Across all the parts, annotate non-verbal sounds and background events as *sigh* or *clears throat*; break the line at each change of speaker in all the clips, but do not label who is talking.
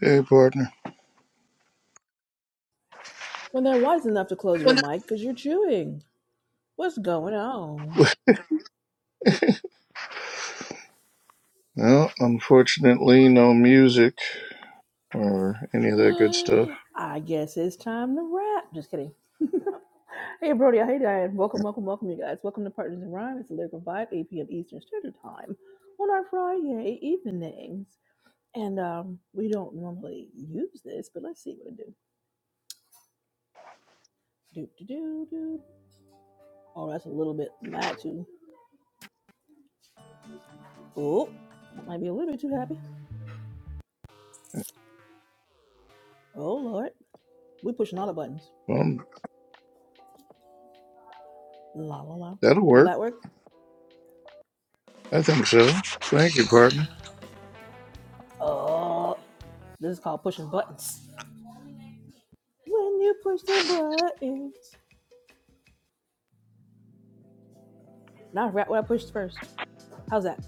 Hey, partner.
When they're wise enough to close your mic because you're chewing. What's going on?
Well, unfortunately, no music or any of that good stuff.
*gasps* I guess it's time to wrap. Just kidding. *laughs* Hey, Brody. Hey, Diane. Welcome, welcome, welcome, you guys. Welcome to Partners in Rhyme. It's a lyrical vibe, 8 p.m. Eastern Standard Time on our Friday evenings. And um, we don't normally use this, but let's see what it do. Do, do, do, do. Oh, that's a little bit mad too. Oh, that might be a little bit too happy. Oh, Lord. we pushing all the buttons.
Um,
La, la, la.
that'll
Will
work.
that work?
I think so. Thank you, partner.
Oh, this is called pushing buttons. When you push the buttons. Now I forgot what I pushed first. How's that?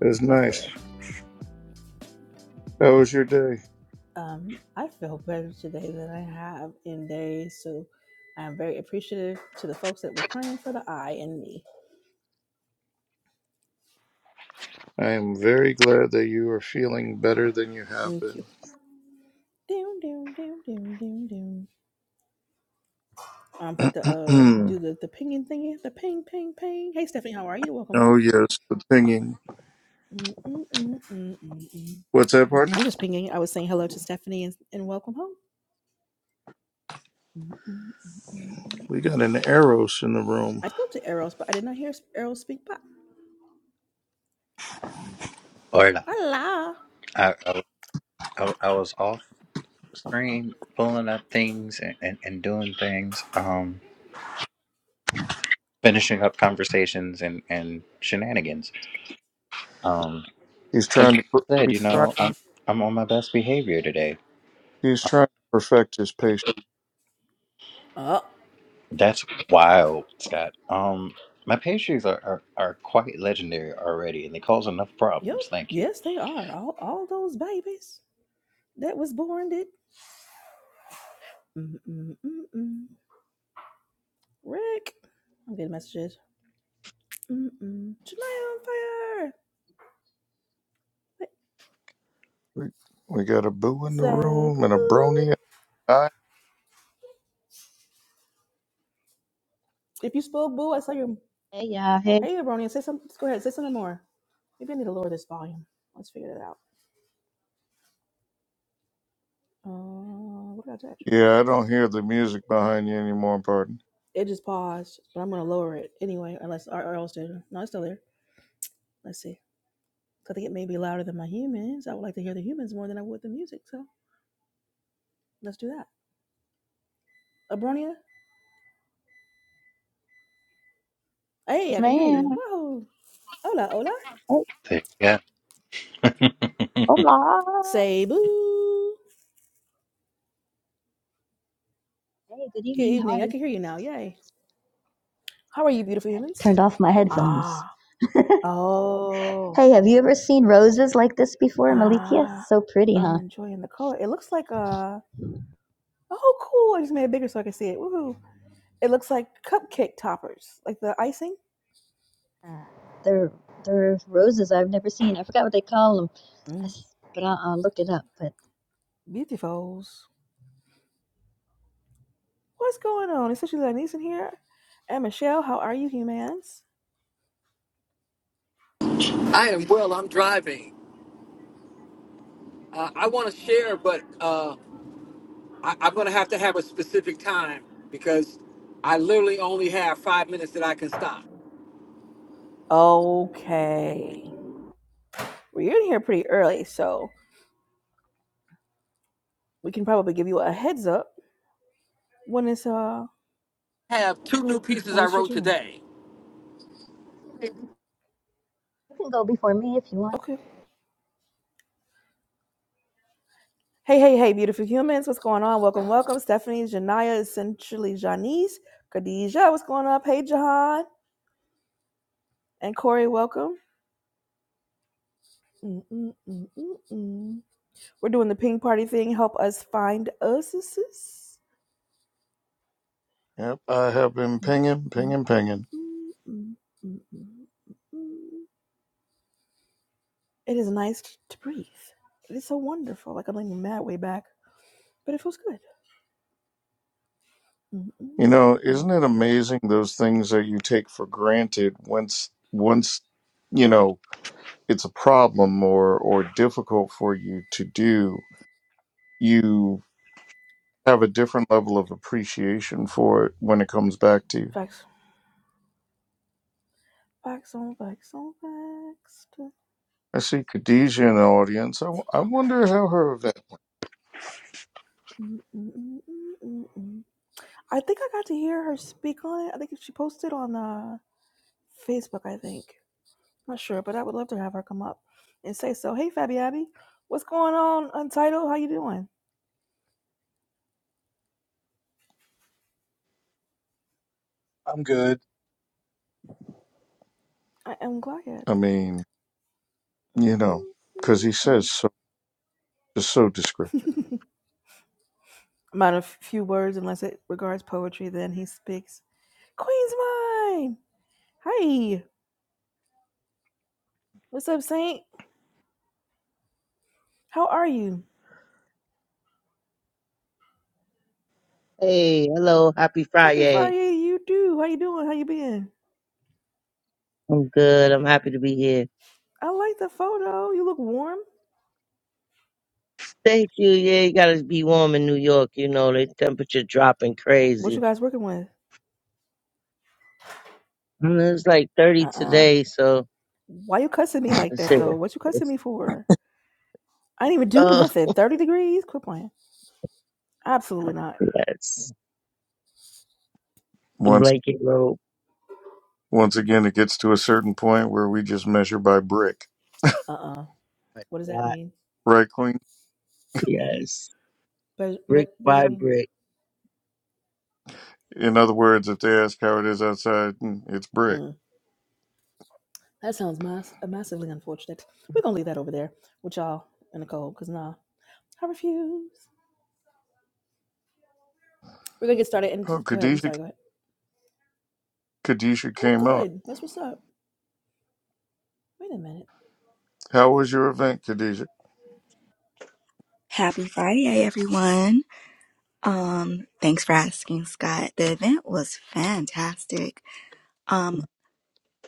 It was
Let's go
nice.
there.
How was your day?
Um, I feel better today than I have in days, so I'm very appreciative to the folks that were praying for the I and me.
I am very glad that you are feeling better than you have
Thank
been.
you.
*clears throat*
Doom, doom, doom, doom, doom, doom. Um, but the uh,
Hmm.
do the the pinging thingy, the ping, ping, ping. Hey, Stephanie, how are you? Welcome,
oh,
welcome.
yes, the pinging.
Mm, mm, mm, mm, mm, mm.
What's that, partner?
I'm just pinging. I was saying hello to Stephanie and, and welcome home. Mm, mm, mm, mm, mm,
We
mm.
got an Eros in the room.
I spoke to Eros, but I did not hear Eros speak back.
Or I,
Allah.
I, I, I was off screen pulling up things and, and, and doing things, um, finishing up conversations and, and shenanigans. um,
He's
because
trying to. per-
I said,
He's
you
trying,
know, I'm, I'm on my best behavior today.
he's trying to perfect his patience.
Oh,
That's wild, Scott. Um, my pastries are, are, are quite legendary already, and they cause enough
yep.
problems. Thank you.
Yes, they are. All, all those babies that was born did. Mm, mm, mm, mm. Rick. I'm getting messages. Mm, mm. Janae on fire. Hey,
We, we got a boo in the
Say
room and a
boo.
brony.
If you spoke boo, I saw your.
Hey y'all, hey
Hey, Abronia, say something. Go ahead, say something more. Maybe I need to lower this volume. Let's figure it out. Uh, what did I touch?
Yeah, I don't hear the music behind you anymore, pardon.
It just paused, but I'm gonna lower it anyway, unless or, or else did. No, it's still there. Let's see. see. I think it may be louder than my humans. I would like to hear the humans more than I would the music, so let's do that. Abronia? Hey,
yes,
I can hear
ma'am.
you. Whoa. Hola, hola.
Hey,
Yeah. *laughs*
hola.
Say boo.
Hey, good
Good
evening. How
evening.
are
I
you?
can hear you now. Yay. How are you, beautiful humans?
Turned off my headphones.
Ah. Oh.
Hey, have you ever seen roses like this before, Malikia?
Ah.
So pretty,
I'm
huh?
enjoying the color. It looks like a. oh cool. I just made it bigger so I can see it. Woohoo. It looks like cupcake toppers. Like the icing.
Uh, they're they're roses I've never seen. I forgot what they call them, I,
Mm.
s- but I'll, I'll look it up. But
Beautifuls. What's going on? Essentially Lanisen here. And Michelle, how are you humans?
I am well. I'm driving. Uh, I want to share, but uh, I, I'm going to have to have a specific time because I literally only have five minutes that I can stop.
Okay. Well, you're in here pretty early, so we can probably give you a heads up when it's uh
I have two new pieces
when
I
it's your
wrote
turn.
today.
you can go before me if you want.
Okay. okay. Hey, hey, hey, beautiful humans, what's going on? Welcome, welcome. Stephanie, Janaya, essentially Janice, Khadija, what's going up? Hey, Jahan. And Corey, welcome. Mm, mm, mm, mm, mm. We're doing the ping party thing. Help us find us.
Yep, I have been pinging,
It
pinging, pinging.
is nice to breathe. It is so wonderful. Like I'm leaning mad way back, but it feels good.
You know, isn't it amazing those things that you take for granted once once you know it's a problem or or difficult for you to do, you have a different level of appreciation for it when it comes back to you.
Facts. Facts on facts on facts.
I see Khadijah in the audience. I, w- I wonder how her event.
I think I got to hear her speak on it. I think she posted on uh, Facebook, I think. Not sure, but I would love to have her come up and say so. Hey, Fabby Abby, what's going on, Untitled? How you doing?
I'm good.
I am glad.
I mean, you know, because he says so, just so descriptive.
*laughs* Amount of few words, unless it regards poetry, then he speaks. Queen's mine. Hi, what's up, Saint? How are you?
Hey, hello, happy
Happy
Friday.
Friday, to you do. How you doing? How you been?
I'm good. I'm happy to be here.
I like the photo. You look warm.
Thank you. Yeah, you gotta be warm in New York. You know, the temperature dropping
What you
crazy.
guys working with?
Mm, It's like 30
Uh uh
today, so
Why you cussing me like
let's
that
see.
though? What you cussing
It's,
me for? I didn't even do
oh,
nothing. Thirty degrees? Quit playing. Absolutely not.
*laughs* yes. A blanket robe.
Once again, it gets to a certain point where we just measure by brick,
Uh uh
My
What does that
God.
mean?
right, Queen?
Yes.
Be-
Brick
What does that
by
mean?
brick.
In other words, if they ask how it is outside, mm, it's brick.
Mm. That sounds mass- uh, massively unfortunate. We're gonna leave that over there with y'all in the cold. cause nah, I refuse. We're gonna get started and
Oh,
just go ahead. I'm
Khadijah,
sorry. Go ahead.
Khadijah
Oh,
came up.
good. That's what's up. Wait a minute,
How was your event, Khadijah?
Happy Friday, everyone. Um, thanks for asking, Scott. The event was fantastic. Um,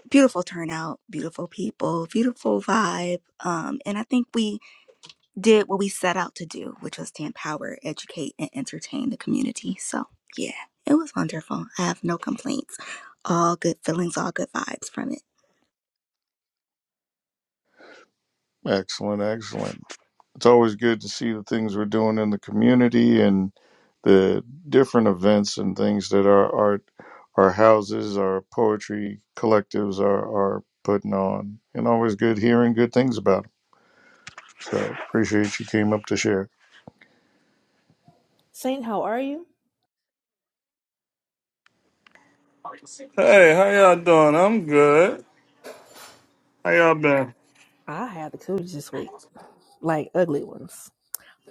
beautiful turnout, beautiful people, beautiful vibe. Um, and I think we did what we set out to do, which was to empower, educate, and entertain the community. So, yeah, it was wonderful. I have no complaints. All good feelings, all good vibes from it.
Excellent, excellent. It's always good to see the things we're doing in the community and the different events and things that our art, our houses, our poetry collectives are, are putting on. And always good hearing good things about them. So appreciate you came up to share.
Saint. How are you?
Hey, how y'all doing? I'm good. How y'all been?
I had the cooties this week, like ugly ones,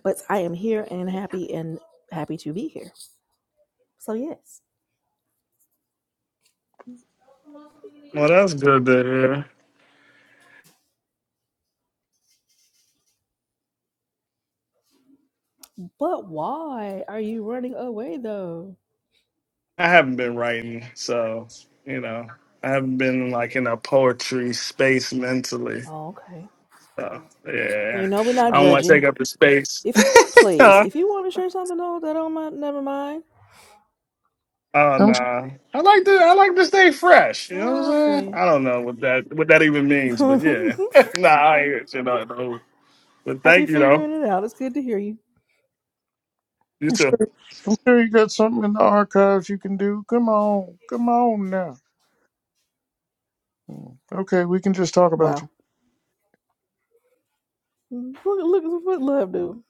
but I am here and happy and happy to be here. So yes.
Well, that's good to hear.
But why are you running away though?
I haven't been writing, so you know, I haven't been like in a poetry space mentally.
Oh, okay.
So yeah,
You know we're not
I don't want to take
judgy.
up the space. *laughs*
If you want, please.
oh
If you want to share something though, that don't mind. Never mind.
I'm
no, I like to I like to stay fresh. You know what I'm
I
saying?
feel
I don't know what that what that even means, but
you.
yeah,
*laughs*
*laughs* nah, I ain't, you know. no. But
Happy
thank you though.
figuring it out. It's good to hear you.
You too.
I'm sure you got something in the archives you can do. Come on, come on now. Okay, we can just talk about
Wow.
you.
Look, look what love do.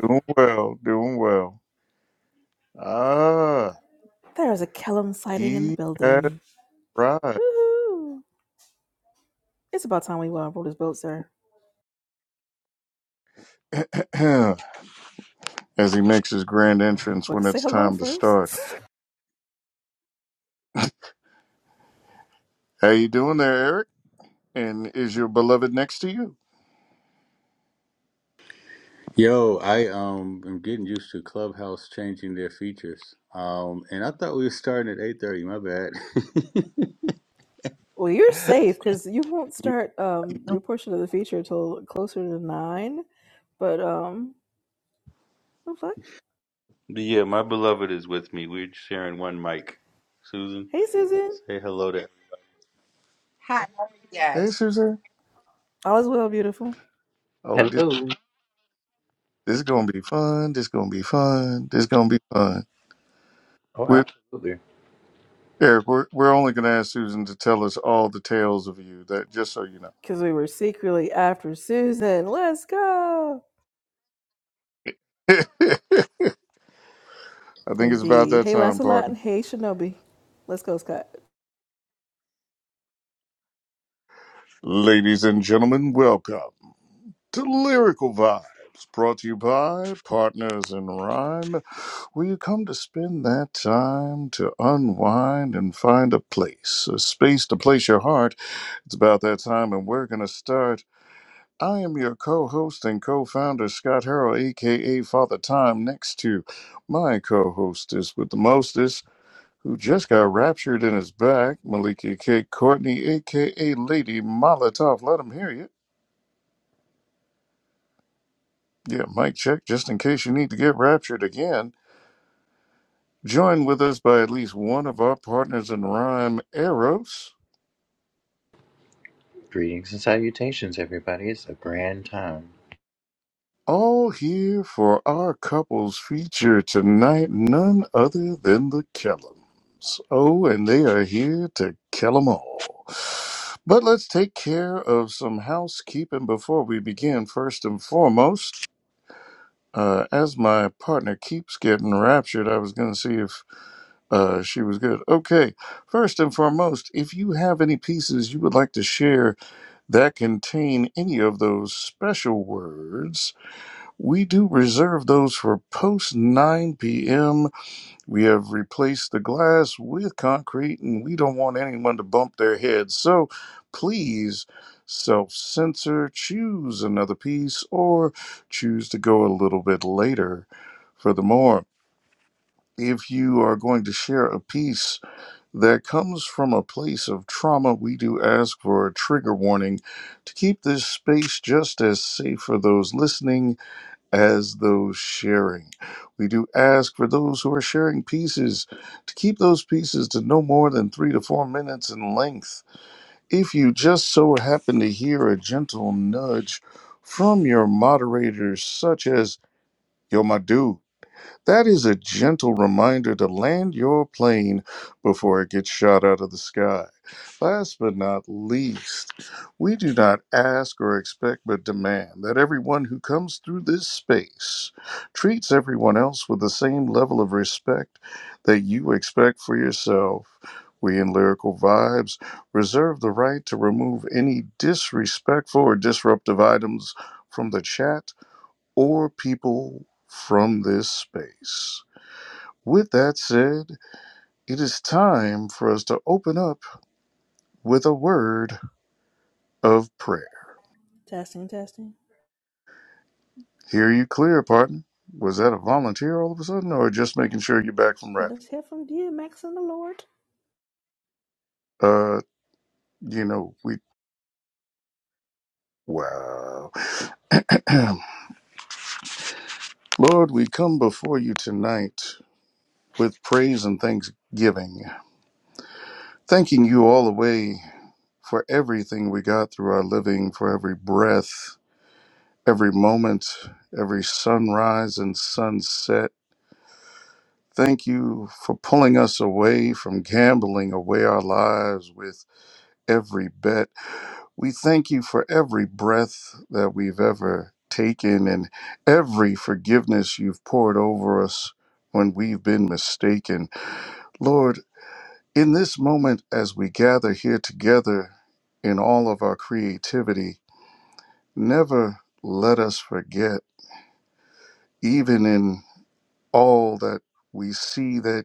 Doing well, doing well. Ah,
There is a Kellum sighting in the
he has
building.
right.
Woohoo. It's about time we uh, rode his boat, sir.
*clears throat* As he makes his grand entrance
But
when
say
it's
hello
time to
first.
start. How you doing there, Eric? And is your beloved next to you?
Yo, I um am getting used to Clubhouse changing their features. Um, and I thought we were starting at eight thirty. My bad. *laughs*
*laughs* well, you're safe because you won't start um, your portion of the feature until closer to nine. But, um, I'm fine.
But yeah, my beloved is with me. We're sharing one mic. Susan,
hey, Susan.
say hello to. Hi, how are you
Hey,
guys?
Suzanne.
All is well, beautiful.
Oh, this
Hello.
this is gonna be fun. This is gonna be fun. This is gonna be fun.
Oh,
We're,
absolutely.
Eric, we're we're only gonna ask Susan to tell us all the tales of you. That just so you know.
Because we were secretly after Susan. Let's go.
*laughs* I think it's about
Indeed.
that
Hey,
time,
Lancelot,
partner.
and hey, Shinobi. Let's go, Scott.
Ladies and gentlemen, welcome to Lyrical Vibes, brought to you by Partners in Rhyme, where you come to spend that time to unwind and find a place, a space to place your heart. It's about that time, and we're going to start. I am your co host and co founder, Scott Harrell, aka Father Time, next to my co hostess with the mostest. who just got raptured in his back. Malika K. Courtney, aka Lady Molotov. Let him hear you. Yeah, mic check, just in case you need to get raptured again. Joined with us by at least one of our partners in rhyme, Eros.
Greetings and salutations, everybody. It's a grand time.
All here for our couples feature tonight, none other than the Kellums. Oh, and they are here to kill 'em all. But let's take care of some housekeeping before we begin. First and foremost, Uh, as my partner keeps getting raptured, I was going to see if uh, she was good. Okay, first and foremost, if you have any pieces you would like to share that contain any of those special words, we do reserve those for post 9 p.m. We have replaced the glass with concrete, and we don't want anyone to bump their heads. So please self censor, choose another piece, or choose to go a little bit later. Furthermore, if you are going to share a piece that comes from a place of trauma, we do ask for a trigger warning to keep this space just as safe for those listening as those sharing. We do ask for those who are sharing pieces to keep those pieces to no more than three to four minutes in length. If you just so happen to hear a gentle nudge from your moderators, such as Yo, my dude. That is a gentle reminder to land your plane before it gets shot out of the sky. Last but not least, we do not ask or expect but demand that everyone who comes through this space treats everyone else with the same level of respect that you expect for yourself. We in Lyrical Vibes reserve the right to remove any disrespectful or disruptive items from the chat or people from this space. With that said, it is time for us to open up with a word of prayer.
Testing, testing.
Hear you clear, partner. Was that a volunteer all of a sudden, or just making sure you're back from rap?
Let's hear from DMX and the Lord.
Uh, you know, we, wow. *clears throat* Lord, we come before you tonight with praise and thanksgiving, thanking you all the way for everything we got through our living, for every breath, every moment, every sunrise and sunset. Thank you for pulling us away from gambling away our lives with every bet. We thank you for every breath that we've ever taken and every forgiveness you've poured over us when we've been mistaken. Lord, in this moment, as we gather here together in all of our creativity, never let us forget, even in all that we see that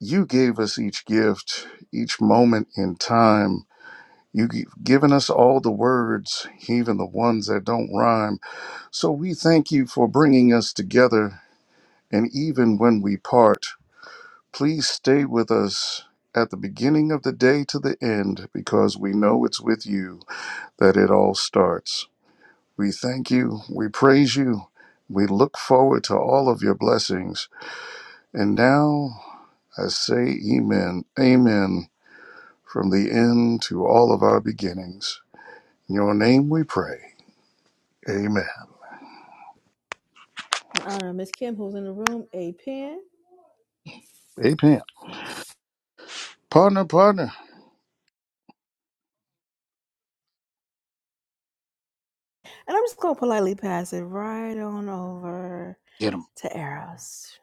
you gave us each gift, each moment in time. You've given us all the words, even the ones that don't rhyme. So we thank you for bringing us together. And even when we part, please stay with us at the beginning of the day to the end, because we know it's with you that it all starts. We thank you. We praise you. We look forward to all of your blessings. And now, I say amen, amen from the end to all of our beginnings. In your name we pray. Amen.
In honor of Miss Kim, who's in the room, a pen.
Amen. Partner, partner.
And I'm just going to politely pass it right on over
Get him.
to Eros.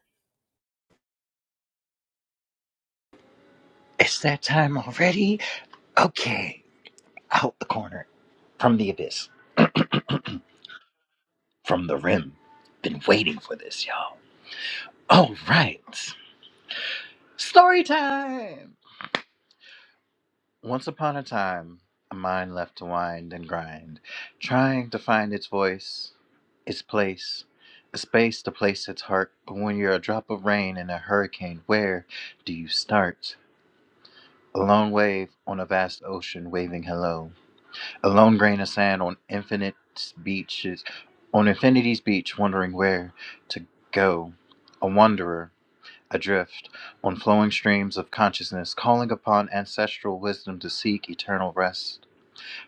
It's that time already? Okay, out the corner, from the abyss, from the rim. Been waiting for this, y'all. All right, story time! Once upon a time, a mind left to wind and grind, trying to find its voice, its place, a space to place its heart. But when you're a drop of rain in a hurricane, where do you start? A lone wave on a vast ocean waving hello. A lone grain of sand on infinite's beaches, on infinity's beach, wondering where to go. A wanderer, adrift, on flowing streams of consciousness, calling upon ancestral wisdom to seek eternal rest.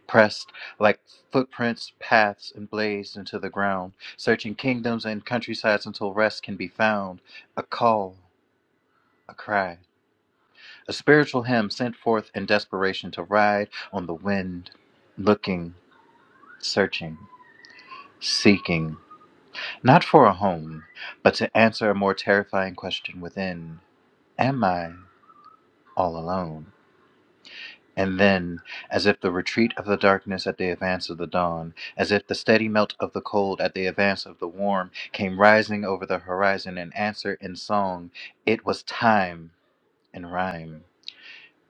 Pressed like footprints, paths, and blazed into the ground, searching kingdoms and countrysides until rest can be found. A call, a cry, a spiritual hymn sent forth in desperation to ride on the wind, looking, searching. seeking not for a home, but to answer a more terrifying question within Am I all alone? And then, as if the retreat of the darkness at the advance of the dawn, as if the steady melt of the cold at the advance of the warm came rising over the horizon in answer in song, it was time in rhyme,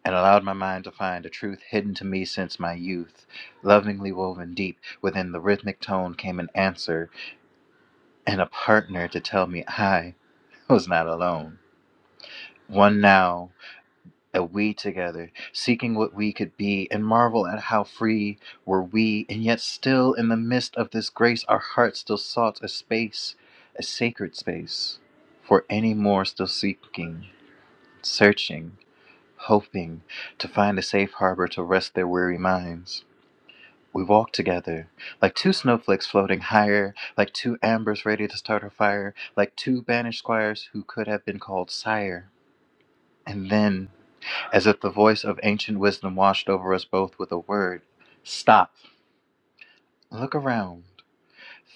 and allowed my mind to find a truth hidden to me since my youth. Lovingly woven deep within the rhythmic tone came an answer and a partner to tell me "I." I was not alone. One now, and we together, seeking what we could be, and marvel at how free were we, and yet still in the midst of this grace, our hearts still sought a space, a sacred space, for any more still seeking, searching, hoping to find a safe harbor to rest their weary minds. We walked together, like two snowflakes floating higher, like two ambers ready to start a fire, like two banished squires who could have been called sire. And then As if the voice of ancient wisdom washed over us both with a word Stop. Look around.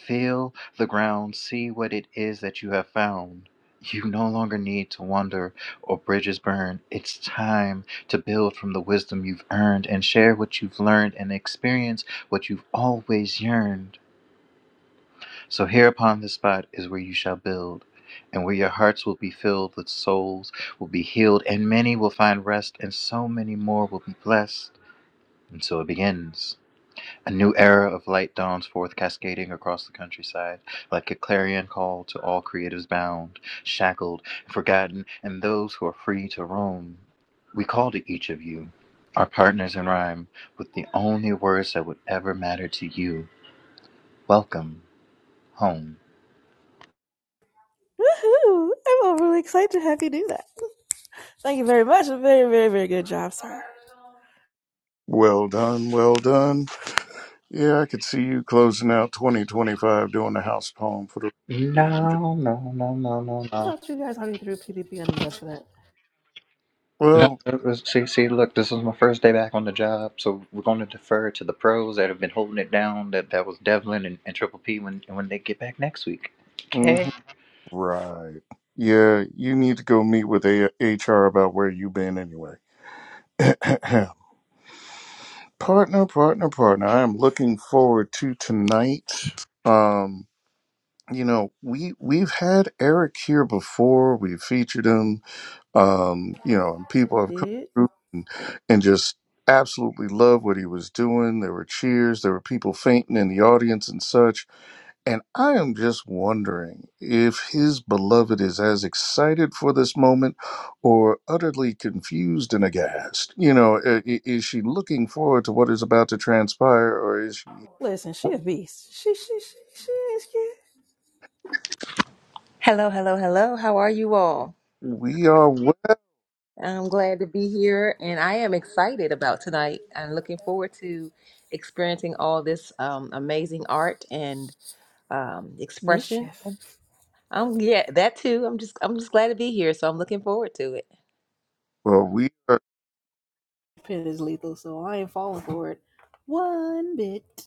Feel the ground. See what it is that you have found. You no longer need to wander or bridges burn. It's time to build from the wisdom you've earned and share what you've learned and experience what you've always yearned. So, here upon this spot is where you shall build, and where your hearts will be filled with souls will be healed, and many will find rest, and so many more will be blessed. And so it begins. A new era of light dawns forth, cascading across the countryside, like a clarion call to all creatives bound, shackled, forgotten, and those who are free to roam. We call to each of you, our partners in rhyme, with the only words that would ever matter to you. Welcome home.
Woohoo! I'm overly excited to have you do that. Thank you very much. A very, very, very good job, sir.
Well done, well done. Yeah, I could see you closing out 2025 doing the house poem for the year. I'm
No,
just,
no, no, no, no,
I
no,
thought you guys already threw PPP under the bus for that.
No,
well,
it was- see, see, look, this is my first day back on the job, so we're going to defer to the pros that have been holding it down. That that was Devlin and, and Triple P when when they get back next week. Okay.
mhm, right. Yeah, you need to go meet with A- HR about where you've been anyway. *clears throat* partner, partner, partner. I am looking forward to tonight. Um, you know we we've had Eric here before. We've featured him. Um, you know, and people have come
Did?
through and, and just absolutely loved what he was doing. There were cheers. There were people fainting in the audience and such. And I am just wondering if his beloved is as excited for this moment or utterly confused and aghast. You know, i- i- is she looking forward to what is about to transpire, or is she?
Listen, she a beast. She, she, she, she ain't scared.
Hello, hello, hello. How are you all?
We are well.
I'm glad to be here and I am excited about tonight. I'm looking forward to experiencing all this um, amazing art and um, expression.
Mischief.
I'm yeah, that too. I'm just I'm just glad to be here, so I'm looking forward to it.
We are.
Pen is lethal, so I ain't falling for it one bit.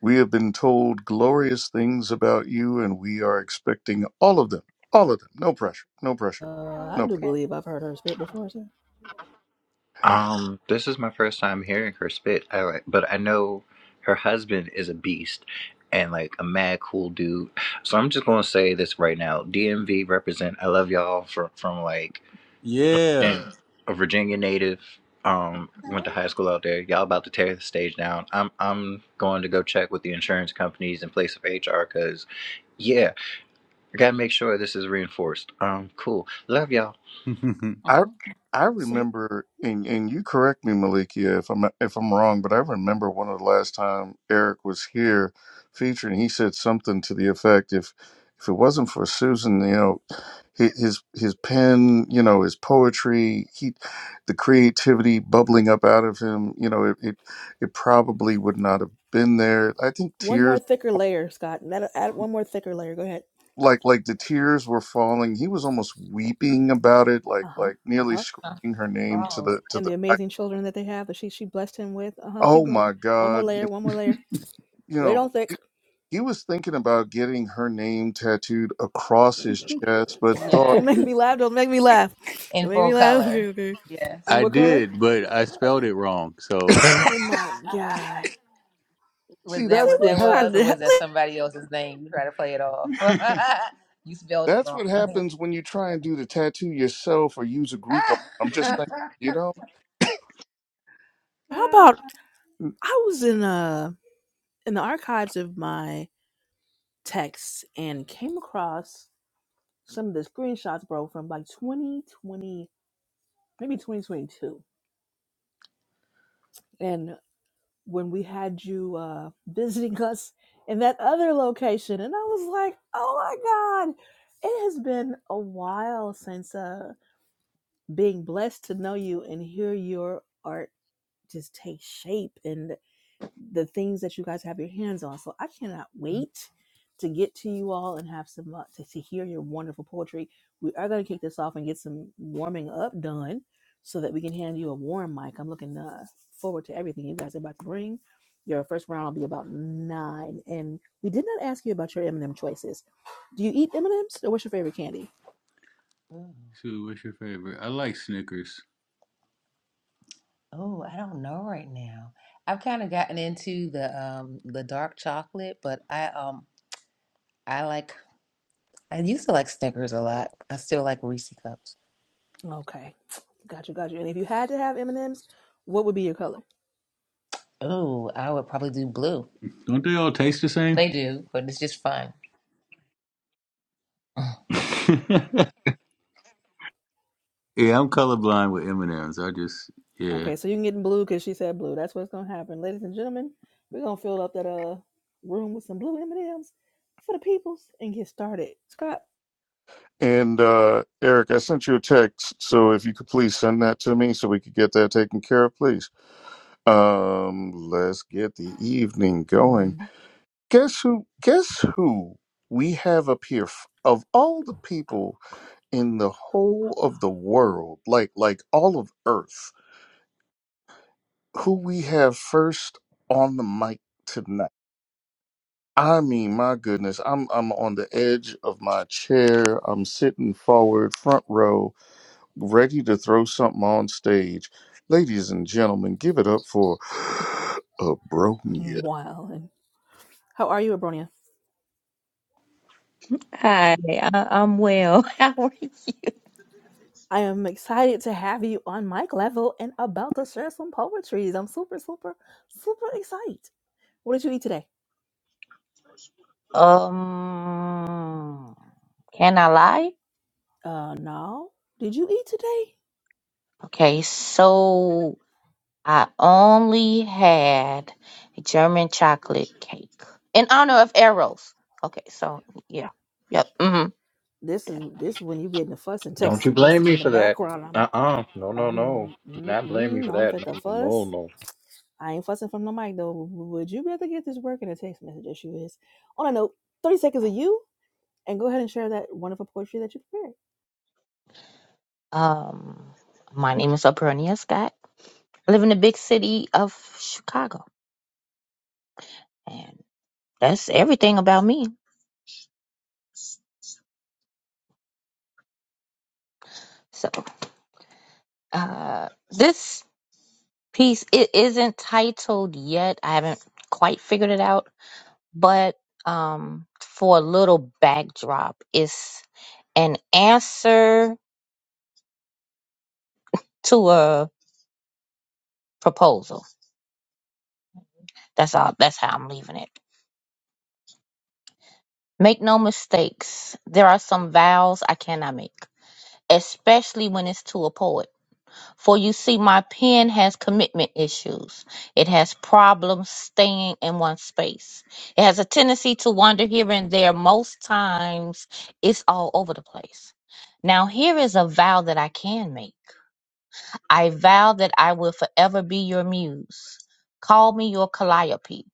We have been told glorious things about you, and we are expecting all of them. All of them. No pressure. No pressure at all.
Uh, I
Oh,
No pressure.
do
okay.
believe I've heard her spit before, sir.
Um, this is my first time hearing her spit. I like, but I know her husband is a beast and like a mad cool dude. So I'm just gonna say this right now. DMV represent. I love y'all for from like
Yeah.
and a Virginia native. Um, went to
All
high school out there. Y'all about to tear the stage down. I'm I'm going to go check with the insurance companies in place of HR because, yeah, I gotta make sure this is reinforced. Um, cool. Love y'all.
I I
So
remember, and, and you correct me, Malikia, if I'm if I'm wrong, but I remember one of the last time Eric was here, featuring, he said something to the effect, if if it wasn't for Susan, you know, hi- his his pen, you know, his poetry, he, the creativity bubbling up out of him, you know, it it, it probably would not have been there. I think
one more
tears.
thicker layer, Scott. Add, add one more thicker layer. Go ahead.
Like like the tears were falling. He was almost weeping about it, like
Uh huh.
like
Uh
nearly
huh.
*laughs*
screaming her
right.
name to
Oh,
the to
And the
the
amazing children that they have that she she blessed him with. Uh huh. Keep
Oh
going.
my
One more
God.
layer.
You,
One more layer.
you
Lay it
know,
on thick.
he,
*laughs*
he was thinking about getting her name tattooed across his chest, but thought,
Don't
yes.
make me laugh. Don't make me laugh.
In
Don't make
full
me laugh.
color.
Okay, okay.
Yes.
And
I
what
yeah.
color?
did, but I spelled it wrong. So
*coughs*
Oh my God.
*laughs* was
see,
that
See,
that's
what
we
what
that was,
tried
happened.
or
to. *laughs*
was that somebody else's name? You try to play it off. *laughs* you spelled it
That's
wrong.
what happens when you try and do the tattoo yourself or use a group. I'm just
*laughs*
saying, you know?
How about? I was in uh in the archives of my texts and came across some of the screenshots, bro, from like 2020, maybe 2022, and when we had you uh *laughs* visiting us in that other location, and I was like, oh my god. It has been a while since uh, being blessed to know you and hear your art just take shape and. the things that you guys have your hands on. So I cannot wait to get to you all and have some uh, to, to hear your wonderful poetry. We are going to kick this off and get some warming up done so that we can hand you a warm mic. I'm looking uh, forward to everything you guys are about to bring. Your first round will be about nine, and we did not ask you about your M&M choices. Do you eat M&Ms, or what's your favorite candy?
So what's your favorite? I like Snickers. oh, I don't know right now. I've kind of gotten into the um the dark chocolate, but I um I like I used to like Snickers a lot. I still like Reese cups.
Okay, got you, got you. And if you had to have M&Ms, what would be your color?
Oh, I would probably do blue. Don't they all taste the same? They do, but it's just fun. *laughs* yeah, I'm colorblind with M&Ms. I just yeah.
Okay, so you can get in blue because she said blue. That's what's gonna happen, ladies and gentlemen. We're gonna fill up that uh room with some blue M and M's for the peoples and get started. Scott,
And uh, Eric, I sent you a text, so if you could please send that to me so we could get that taken care of, please. Um, let's get the evening going.
mm,
Guess who? Guess who we have up here f- of all the people in the whole of the world, like like all of Earth, who we have first on the mic tonight. I mean, my goodness, I'm I'm on the edge of my chair. I'm sitting forward, front row, ready to throw something on stage. Ladies and gentlemen, give it up for *gasps* *sighs* Abronia.
wow, and how are you, Abronia?
Hi, I, I'm well. *laughs* How are you?
I am excited to have you on mic level and about to share some poetries. I'm super, super, super excited. What did you eat today?
Um, can I lie?
Uh, no. Did you eat today?
Okay, so I only had German chocolate cake in honor of Eros. Okay, so yeah, yep. hmm
This is this is when you get in a fuss and
Don't
text
you blame
message
me
in the
for that.
background. I'm.
Uh uh No no no.
Um,
Do not blame me
mm-mm,
for
I'm
that.
fit to
No no
fuss.
no
I ain't fussing from the mic though. Would you better get this work in a text message issue is? On a note, 30 seconds of you, and go ahead and share that wonderful poetry that you prepared.
Um, my name is Apernia Scott. I live in the big city of Chicago, and that's everything about me. So, uh, this. piece it isn't titled yet i haven't quite figured it out but um for a little backdrop it's an answer to a proposal that's all that's how i'm leaving it make no mistakes there are some vows i cannot make especially when it's to a poet For you see, my pen has commitment issues. It has problems staying in one space. It has a tendency to wander here and there. Most times, it's all over the place. Now, here is a vow that I can make I vow that I will forever be your muse. Call me your Calliope,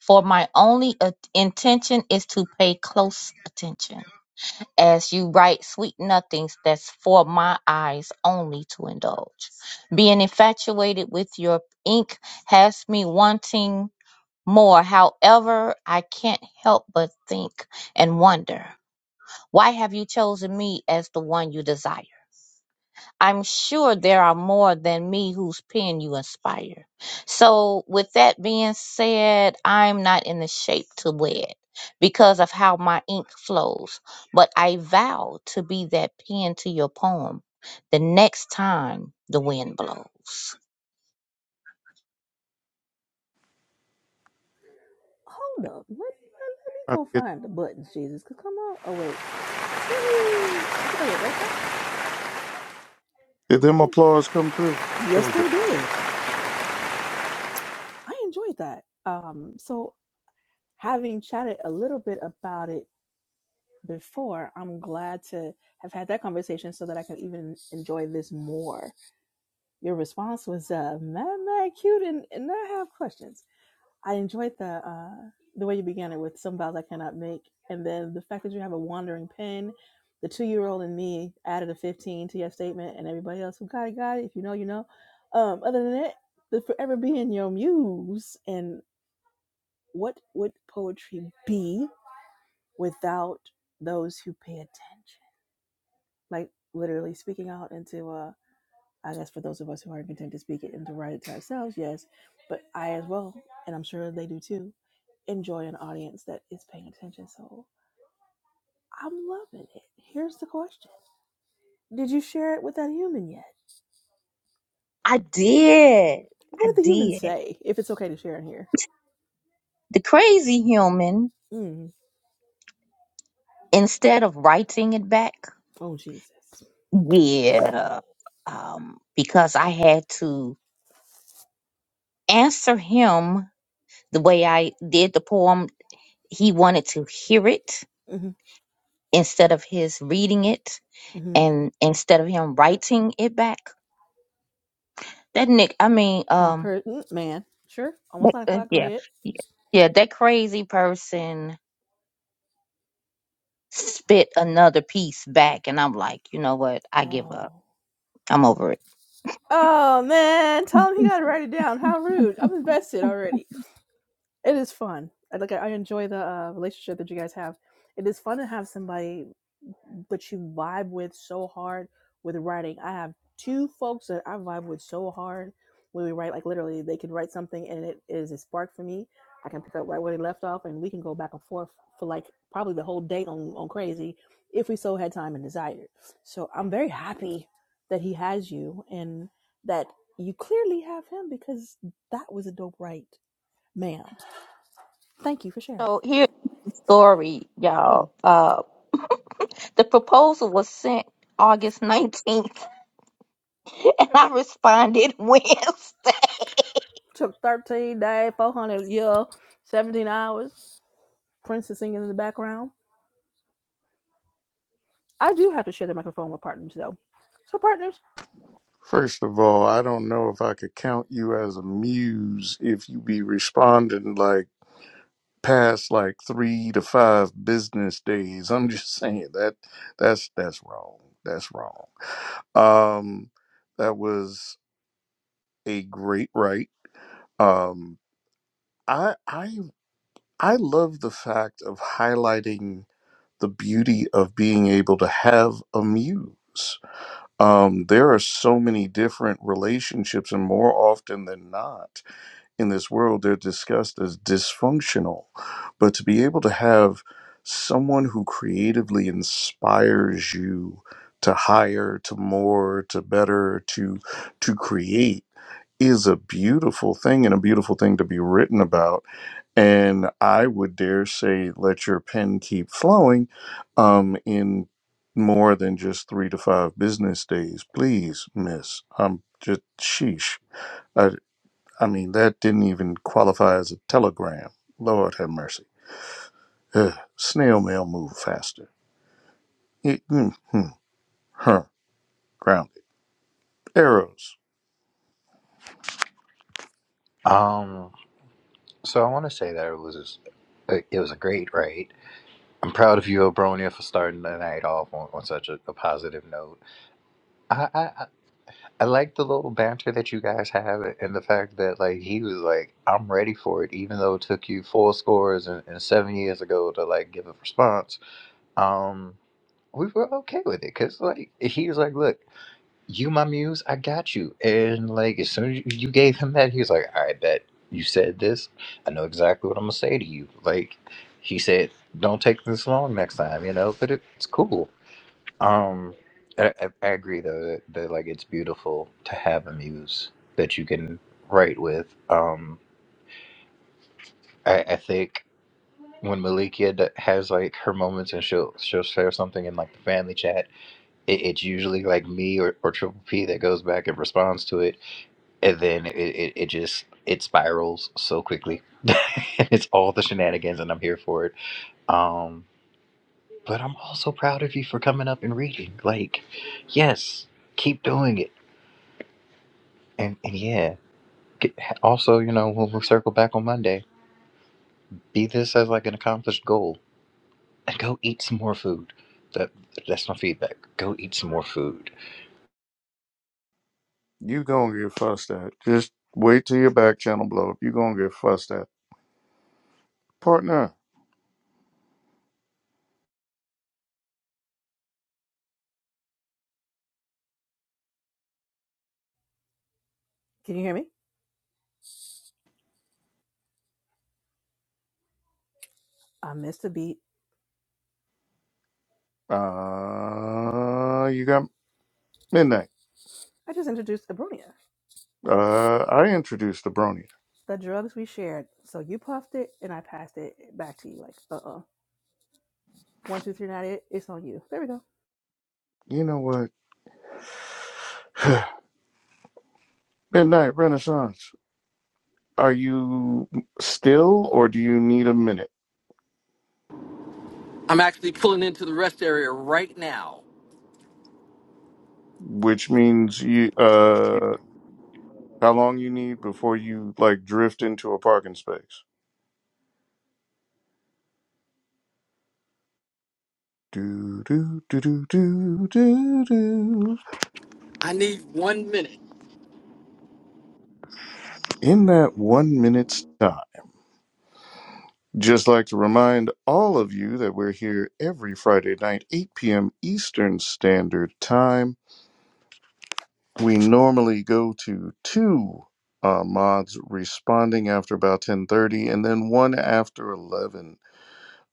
for my only uh, intention is to pay close attention as you write sweet nothings that's for my eyes only to indulge. Being infatuated with your ink has me wanting more. However, I can't help but think and wonder why have you chosen me as the one you desire? I'm sure there are more than me whose pen you inspire. So, with that being said, I'm not in the shape to wed because of how my ink flows, but I vow to be that pen to your poem the next time the wind blows.
Hold up. Let, let, let me
I-
go
Did
find the buttons, Jesus. Because come on. Oh, wait. Woohoo. I think I went right past him.
did
I
them
ain't
applause come through? There
Yes,
we go.
they did. I enjoyed that. Um, so, having chatted a little bit about it before, I'm glad to have had that conversation so that I can even enjoy this more. Your response was uh, mad, mad cute, and, and I have questions. I enjoyed the uh, the way you began it with some vows I cannot make, and then the fact that you have a wandering pen. The two year old and me added a 15 to your statement, and everybody else who got it, got it. If you know, you know. Um, other than that, the forever being your muse and what would poetry be without those who pay attention? Like literally speaking out into uh I guess for those of us who aren't content to speak it and to write it to ourselves, yes, but I as well, and I'm sure they do too, enjoy an audience that is paying attention. So I'm loving it. Here's the question. Did you share it with that human yet?
I did. I
What did the human
did.
say? If it's okay to share in here.
The crazy human,
Mm.
instead of writing it back,
Oh Jesus.
yeah, um, because I had to answer him the way I did the poem, he wanted to hear it
Mm-hmm.
instead of his reading it
Mm-hmm.
and instead of him writing it back. That Nick, I mean,
Mm,
um,
Per- mm, man. Sure. Almost
that-
nine
uh,
o'clock. Go
yeah,
ahead.
yeah, yeah, that crazy person spit another piece back, and I'm like, you know what? I give up.
Oh.
I'm over it.
Oh man, tell him he gotta write it down. How rude! I'm invested already. It is fun. I like. I enjoy the uh, relationship that you guys have. It is fun to have somebody but you vibe with so hard with writing. I have two folks that I vibe with so hard when we write, like literally, they can write something and it is a spark for me. I can pick up right where they left off and we can go back and forth for like probably the whole day on, on crazy if we so had time and desire. So I'm very happy that he has you and that you clearly have him because that was a dope write, ma'am. Thank you for sharing.
So here's the story,
Mm.
y'all. Uh, *laughs* the proposal was sent August 19th, *laughs* and I responded *laughs* Wednesday.
Took 13 days, 400 year, 17 hours. Prince is singing in the background. I do have to share the microphone with partners though. So partners,
First of all, I don't know if I could count you as a muse if you be responding like past like three to five business days. I'm just *laughs* saying that that's that's wrong. That's wrong. Um, that was a great write. Um, I I I love the fact of highlighting the beauty of being able to have a muse. Um, there are so many different relationships, and more often than not. in this world, they're discussed as dysfunctional. But to be able to have someone who creatively inspires you to higher, to more, to better, to to create is a beautiful thing and a beautiful thing to be written about. And I would dare say, let your pen keep flowing um, in more than just three to five business days, please, Miss. I'm just sheesh. I mean, that didn't even qualify as a telegram. Lord have mercy. Ugh, snail mail move faster. It, mm, hmm, huh, grounded. Arrows.
no. Um. So I want to say that it was it was a great ride. I'm proud of you, Abronia, for starting the night off on, on such a, a positive note. I. I, I like the little banter that you guys have and the fact that like he was like, I'm ready for it, even though it took you four scores and, and seven years ago to like give a response. Um, we were okay with it because like he was like, Look, you my muse, I got you. And like as soon as you you gave him that, he was like, I bet you said this. I know exactly what I'm gonna say to you. Like he said, Don't take this long next time, you know, but it, it's cool. Um, I, I I agree though that, that like it's beautiful to have a muse that you can write with. Um, I, I think when Malikia d- has like her moments and she'll she'll share something in like the family chat, it, it's usually like me or, or Triple P that goes back and responds to it, and then it, it, it just it spirals so quickly. *laughs* it's all the shenanigans, and I'm here for it. Um, but I'm also proud of you for coming up and reading. Like, yes, keep doing it And, and yeah, get, also, you know, when we circle back on Monday, be this as like an accomplished goal and go eat some more food. That That's my feedback. Go eat some more food.
You gonna get fussed at. Just wait till your back channel blow up. You gonna get fussed at. Partner.
can you hear me? I missed a beat.
Uh, you got midnight.
I just introduced Abronia.
Uh, I introduced the Bronia.
The drugs we shared. So you puffed it and I passed it back to you. Like, uh-uh. One, two, three, not it. It's on you. There we go.
You know what? Midnight Renaissance. Are you still, or do you need a minute?
I'm actually pulling into the rest area right now.
Which means you. Uh, How long you need before you like drift into a parking space? Do do do do do do do.
I need one minute.
In that one minute stop, just like to remind all of you that we're here every Friday night, 8 p.m. Eastern Standard Time. We normally go to two uh, mods responding after about 10:30, and then one after 11.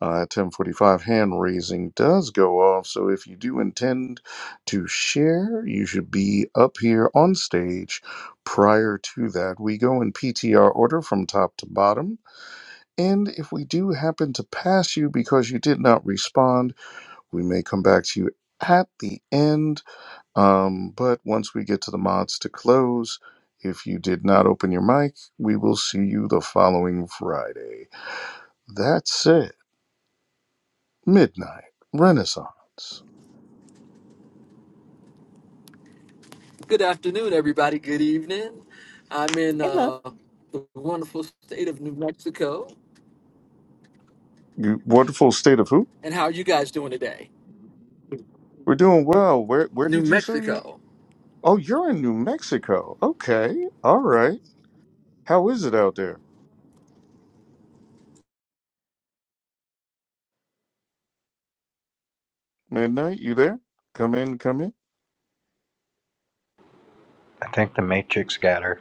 Uh, at 10:45, hand raising does go off. So if you do intend to share, you should be up here on stage prior to that. We go in PTR order from top to bottom. And if we do happen to pass you because you did not respond, we may come back to you at the end. Um, but once we get to the mods to close, if you did not open your mic, we will see you the following Friday. That's it. Midnight Renaissance.
Good afternoon, everybody. Good evening. I'm in
Hey love.
uh, the wonderful state of New Mexico.
You wonderful state of who?
And how are you guys doing today?
We're doing well. Where where
New
did you say you were?
Mexico.
Oh, you're in New Mexico. Okay. All right. How is it out there? Midnight, you there? Come in, come in.
I think the Matrix got her.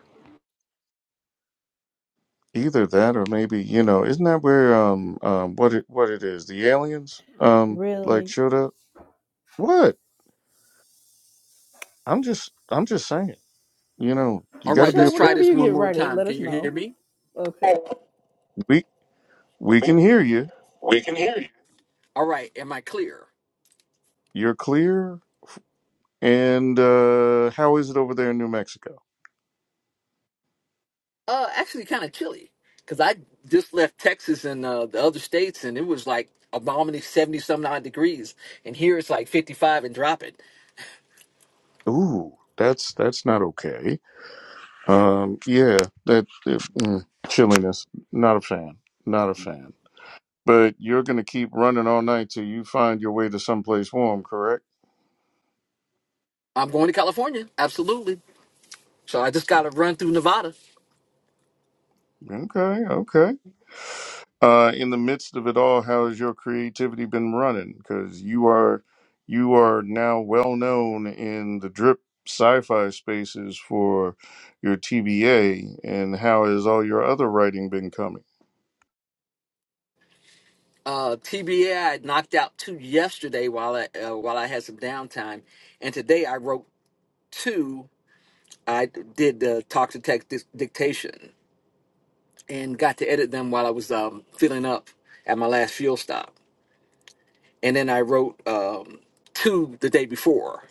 Either that or maybe, you know, isn't that where um um what it what it is? The aliens um like
Really?
showed up? What? I'm just I'm just saying. You know, you
All
gotta
right,
be
Michelle,
let's
aware.
try
whenever
this
you
one
get
more
ready,
time.
let
Can
us
you hear
know.
me?
Okay.
We we can hear you.
We can hear you. All right, am I clear?
You're clear. And uh how is it over there in New Mexico?
Uh, actually, kind of chilly because I just left Texas and uh, the other states, and it was like a balmy seventy some odd degrees, and here it's like fifty five and dropping.
Ooh, that's that's not okay. Um, yeah, that if, mm, chilliness. Not a fan. Not a fan. But you're gonna keep running all night till you find your way to someplace warm, correct?
I'm going to California, absolutely. So I just got to run through Nevada.
Okay, okay. Uh, in the midst of it all, how has your creativity been running? Because you are you are now well known in the drip sci-fi spaces for your TBA, and how has all your other writing been coming?
Uh, TBA, I knocked out two yesterday while I uh, while I had some downtime, and today I wrote two. I did the talk to text dic- dictation and got to edit them while I was um, filling up at my last fuel stop. and then I wrote um, two the day before.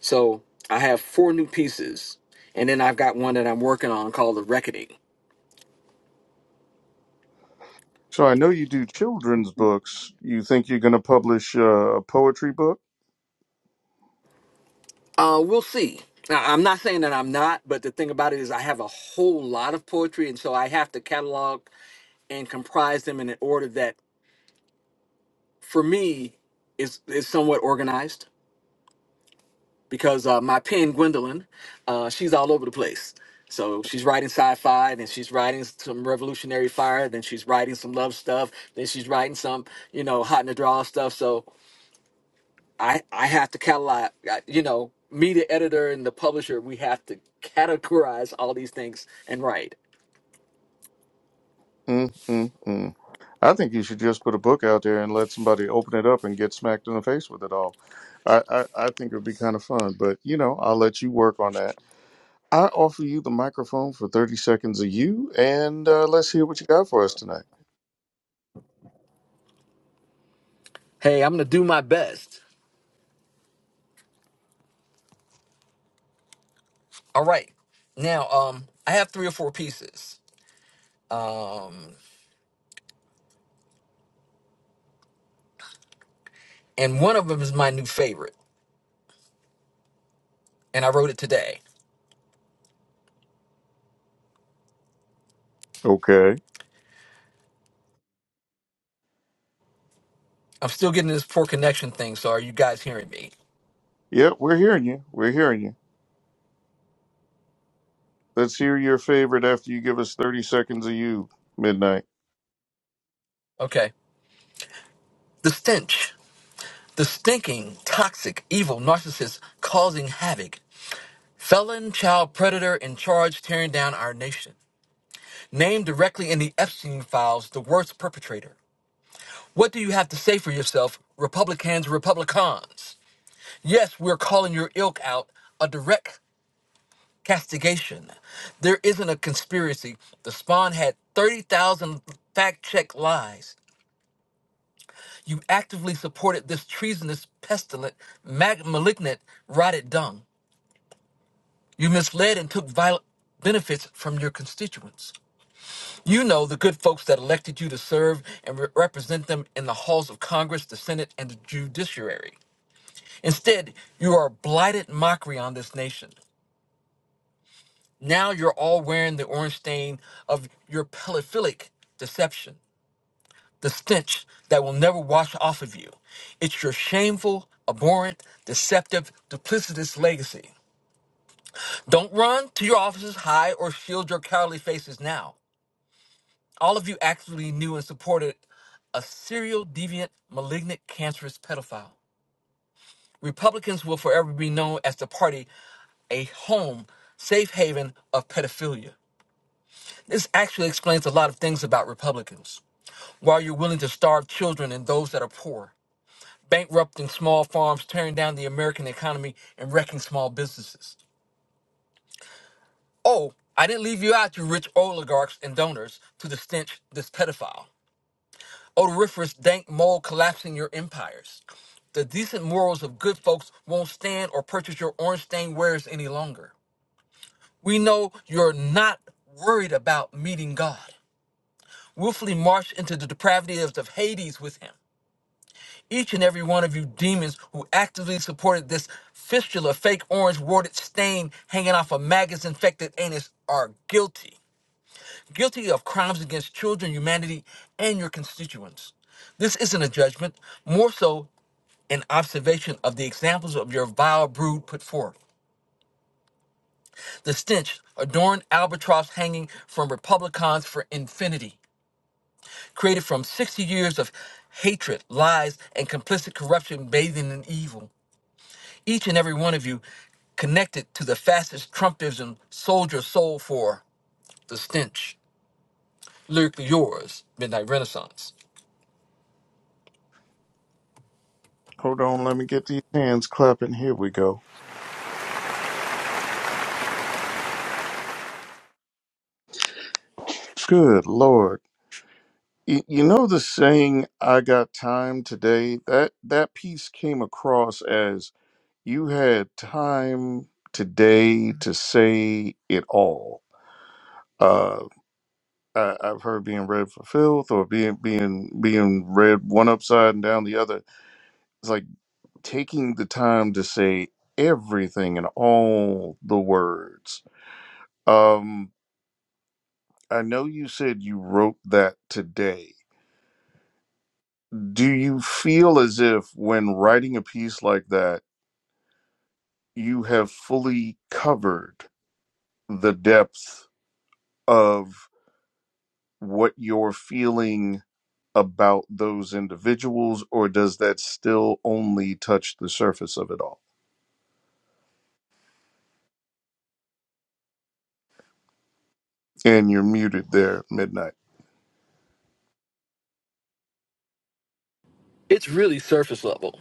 So I have four new pieces, and then I've got one that I'm working on called The Reckoning.
So I know you do children's books. You think you're going to publish uh, a poetry book?
Uh, we'll see. Now, I'm not saying that I'm not, but the thing about it is I have a whole lot of poetry, and so I have to catalog and comprise them in an order that, for me, is is somewhat organized. because uh, my pen Gwendolyn, uh, she's all over the place. So she's writing sci-fi, then she's writing some revolutionary fire, then she's writing some love stuff, then she's writing some you know hot in the draw stuff. So I I have to catalog, I- you know, me the editor and the publisher, we have to categorize all these things and write.
Mm, mm, mm. I think you should just put a book out there and let somebody open it up and get smacked in the face with it all. I, I, I think it would be kind of fun, but you know, I'll let you work on that. I offer you the microphone for 30 seconds of you, and uh, let's hear what you got for us tonight.
Hey, I'm gonna do my best. All right, now um I have three or four pieces, and one of them is my new favorite, and I wrote it today.
Okay.
I'm still getting this poor connection thing, so are you guys hearing me?
Yeah, we're hearing you. We're hearing you. Let's hear your favorite after you give us 30 seconds of you, midnight.
Okay. The stench. The stinking, toxic, evil narcissist causing havoc. Felon child predator in charge tearing down our nation. Named directly in the Epstein files, the worst perpetrator. What do you have to say for yourself, Republicans, Republicans? Yes, we're calling your ilk out a direct castigation. There isn't a conspiracy. The Spawn had 30,000 fact check lies. You actively supported this treasonous, pestilent, mag- malignant, rotted dung. You misled and took violent benefits from your constituents. You know the good folks that elected you to serve and re- represent them in the halls of Congress, the Senate, and the judiciary. Instead, you are a blighted mockery on this nation. Now you're all wearing the orange stain of your pedophilic deception. the stench that will never wash off of you. It's your shameful, abhorrent, deceptive, duplicitous legacy. Don't run to your offices, hide, or shield your cowardly faces now. All of you actively knew and supported a serial, deviant, malignant, cancerous pedophile. Republicans will forever be known as the party, a home, safe haven of pedophilia. This actually explains a lot of things about Republicans. Why you're willing to starve children and those that are poor, bankrupting small farms, tearing down the American economy, and wrecking small businesses. Oh, I didn't leave you out, you rich oligarchs and donors, to the stench this pedophile. Odoriferous dank mold collapsing your empires. The decent morals of good folks won't stand or purchase your orange stained wares any longer. We know you're not worried about meeting God. Willfully march into the depravities of Hades with him. each and every one of you demons who actively supported this fistula, fake orange warded stain hanging off a maggot's infected anus are guilty. Guilty of crimes against children, humanity, and your constituents. This isn't a judgment, more so an observation of the examples of your vile brood put forth. The stench, adorned albatross hanging from Republicans for infinity, created from 60 years of hatred, lies, and complicit corruption bathing in evil. Each and every one of you connected to the fastest Trumpism soldier soul for the stench. Lyrically yours, Midnight Renaissance.
Hold on, let me get these hands clapping. Here we go. Good Lord. Y- You know the saying I got time today? That that piece came across as you had time today to say it all. Uh I, I've heard being read for filth or being being being read one upside and down the other. It's like taking the time to say everything and all the words. Um I know you said you wrote that today do you feel as if when writing a piece like that you have fully covered the depth of what you're feeling about those individuals or does that still only touch the surface of it all and you're muted there midnight
It's really surface level.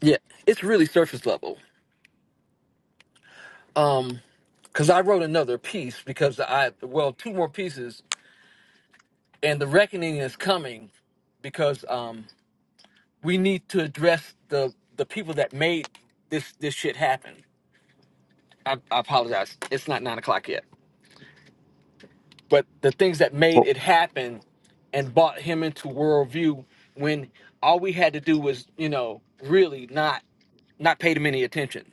Yeah, it's really surface level. Um, cause I wrote another piece because I well two more pieces, and the reckoning is coming because um we need to address the the people that made this this shit happen. I, I apologize. It's not nine o'clock yet. but the things that made
well
it happen and brought him into worldview when all we had to do was you know really not not pay him any attention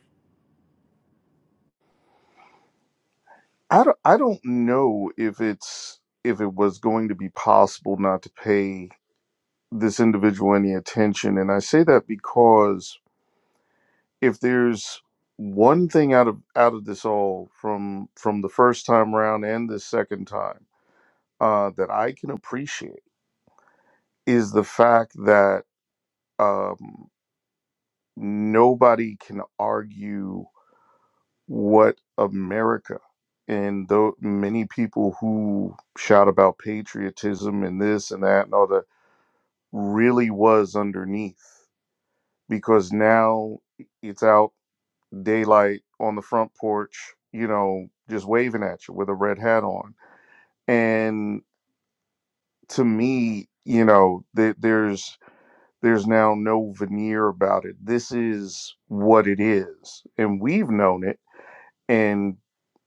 i don't, I don't know if it's if it was going to be possible not to pay this individual any attention and i say that because if there's one thing out of out of this all from from the first time round and this second time uh, that I can appreciate is the fact that um, nobody can argue what America and though many people who shout about patriotism and this and that and all that really was underneath because now it's out daylight on the front porch, you know, just waving at you with a red hat on. And to me, you know, th- there's there's now no veneer about it. This is what it is, and we've known it. And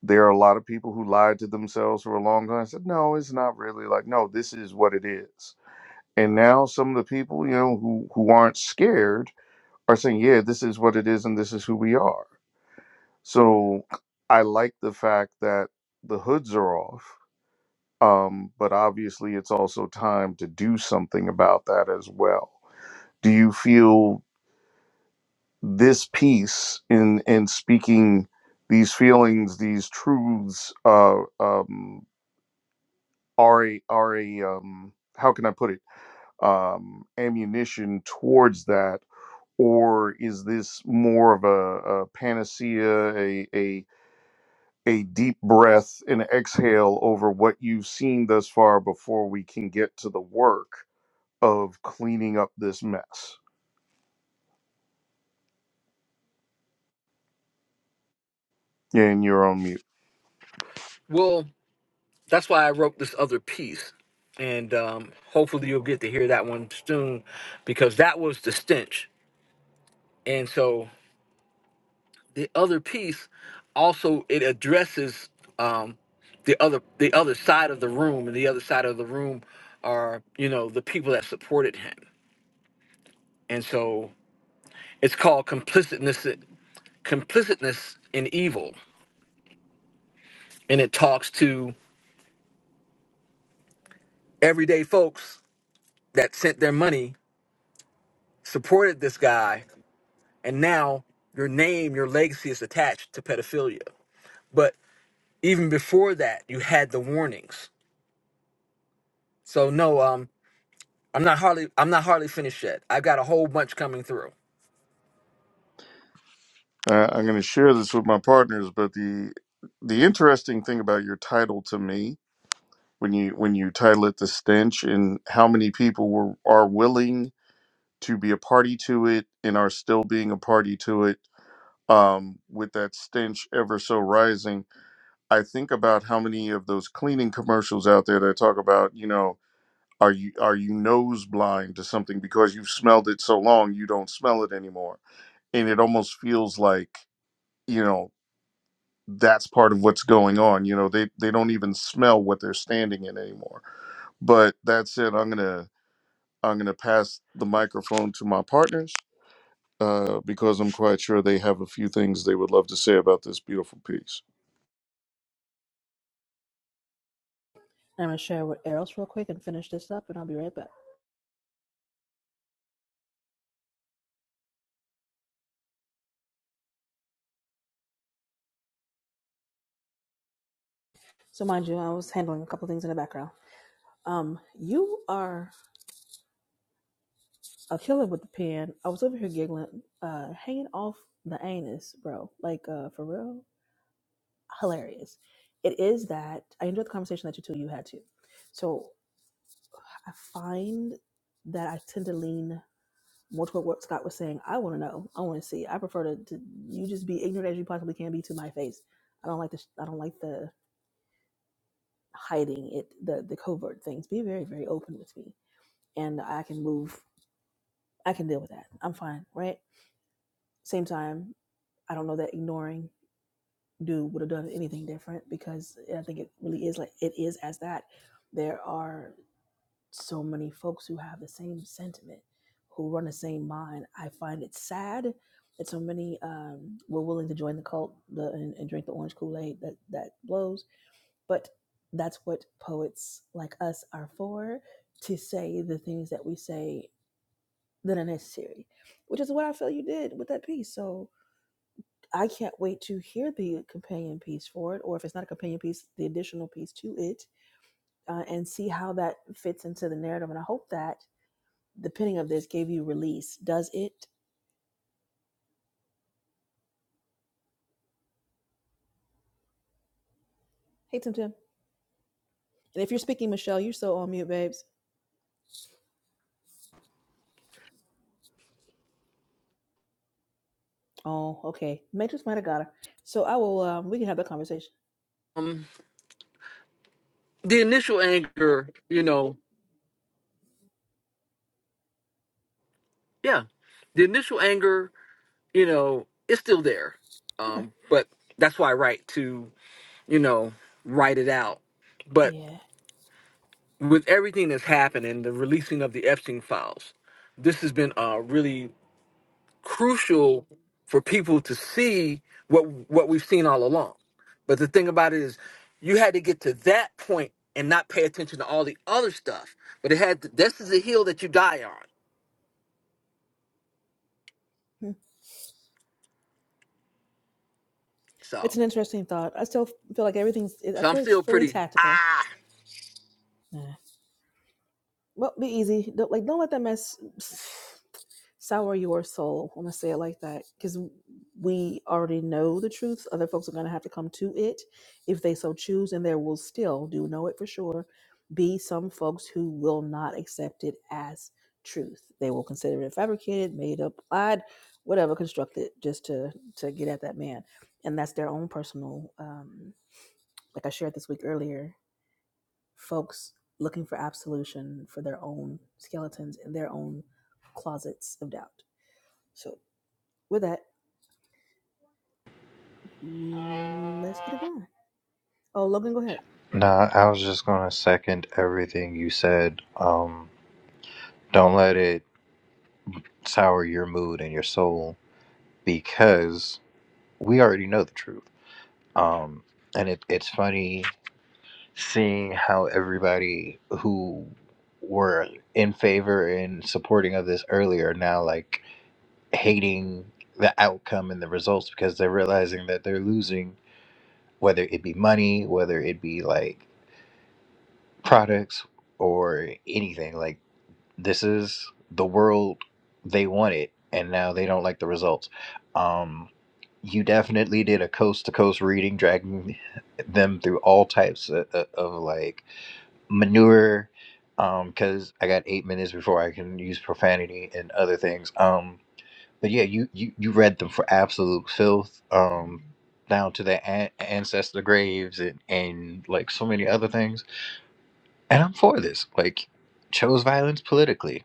there are a lot of people who lied to themselves for a long time. I Said, no, it's not really like no. This is what it is. And now some of the people, you know, who who aren't scared are saying, yeah, this is what it is, and this is who we are So I like the fact that the hoods are off, um, but obviously it's also time to do something about that as well. Do you feel this piece in in speaking these feelings, these truths, uh, um, are a, are a um, how can I put it um, ammunition towards that, or is this more of a, a panacea, a a a deep breath and exhale over what you've seen thus far before we can get to the work of cleaning up this mess. And you're on mute.
well that's why i wrote this other piece and um, hopefully you'll get to hear that one soon because that was the stench and so the other piece also it addresses um, the other the other side of the room and the other side of the room are you know the people that supported him and so It's called complicitness complicitness in evil. And it talks to everyday folks that sent their money, supported this guy, and now your name, your legacy is attached to pedophilia. But even before that, you had the warnings. So no, um, I'm not hardly I'm not hardly finished yet. I've got a whole bunch coming through.
I, I'm going to share this with my partners, but the the interesting thing about your title to me when you when you title it the stench and how many people were are willing to be a party to it and are still being a party to it um, with that stench ever so rising I think about how many of those cleaning commercials out there that talk about, you know, are you are you nose blind to something because you've smelled it so long you don't smell it anymore. And it almost feels like, you know, that's part of what's going on. You know, they they don't even smell what they're standing in anymore. But that said, I'm gonna I'm gonna pass the microphone to my partners uh, because I'm quite sure they have a few things they would love to say about this beautiful piece.
I'm gonna share with Eros real quick and finish this up and I'll be right back. So mind you, I was handling a couple things in the background. Um, you are a killer with the pen. I was over here giggling, uh, hanging off the anus, bro. Like, uh, for real, hilarious. It is that I enjoyed the conversation that you two you had too. So I find that I tend to lean more toward what Scott was saying. I want to know. I want to see. I prefer to, to you just be ignorant as you possibly can be to my face. I don't like the sh- I don't like the hiding it the the covert things. Be very very open with me, and I can move. I can deal with that. I'm fine, right? Same time, I don't know that ignoring do would have done anything different because eh, I think it really is like it is as that. There are so many folks who have the same sentiment, who run the same mind. I find it sad that so many um, were willing to join the cult the, and, and drink the orange Kool Aid that that blows. But that's what poets like us are for to say the things that we say that are necessary, which is what I feel you did with that piece. So I can't wait to hear the companion piece for it, or if it's not a companion piece, the additional piece to it, uh, and see how that fits into the narrative. And I hope that the penning of this gave you release. Does it? Hey, Tim Tim. And if you're speaking, Michelle, you're so on mute, babes. Oh, okay. Matrix might have got her. So I will, um, we can have that conversation.
Um, the initial anger, you know, yeah, the initial anger, you know, is still there.
Okay.
Um, but that's why I write to. you know, write it out. But
Yeah.
with everything that's happened and the releasing of the Epstein files, this has been uh, really crucial for people to see what what we've seen all along. But the thing about it is, you had to get to that point and not pay attention to all the other stuff. But it had to, this is the hill that you die on.
Hmm.
So,
It's an interesting thought. I still feel like everything's. I
so I'm
feel it's
still
fully
pretty
tactical.
ah.
Nah. Well, be easy. Don't, like, don't let that mess *sighs* sour your soul. I'm gonna say it like that because we already know the truth. Other folks are gonna have to come to it if they so choose, and there will still do know it for sure. Be some folks who will not accept it as truth. They will consider it fabricated, made up, lied, whatever, constructed, just to to get at that man, and that's their own personal. Um, like I shared this week earlier, folks looking for absolution for their own skeletons in their own closets of doubt. So, with that, let's get it done. Oh, Logan, go ahead.
Nah, I was just going to second everything you said. Um, don't let it sour your mood and your soul because we already know the truth. Um, and it, it's funny seeing how everybody who were in favor and supporting of this earlier now like hating the outcome and the results because they're realizing that they're losing whether it be money whether it be like products or anything like this is the world they wanted and now they don't like the results um you definitely did a coast to coast reading dragging them through all types of, of, of like manure um because i got eight minutes before i can use profanity and other things um but yeah you you, you read them for absolute filth um down to their an- ancestor graves and and like so many other things and i'm for this like chose violence politically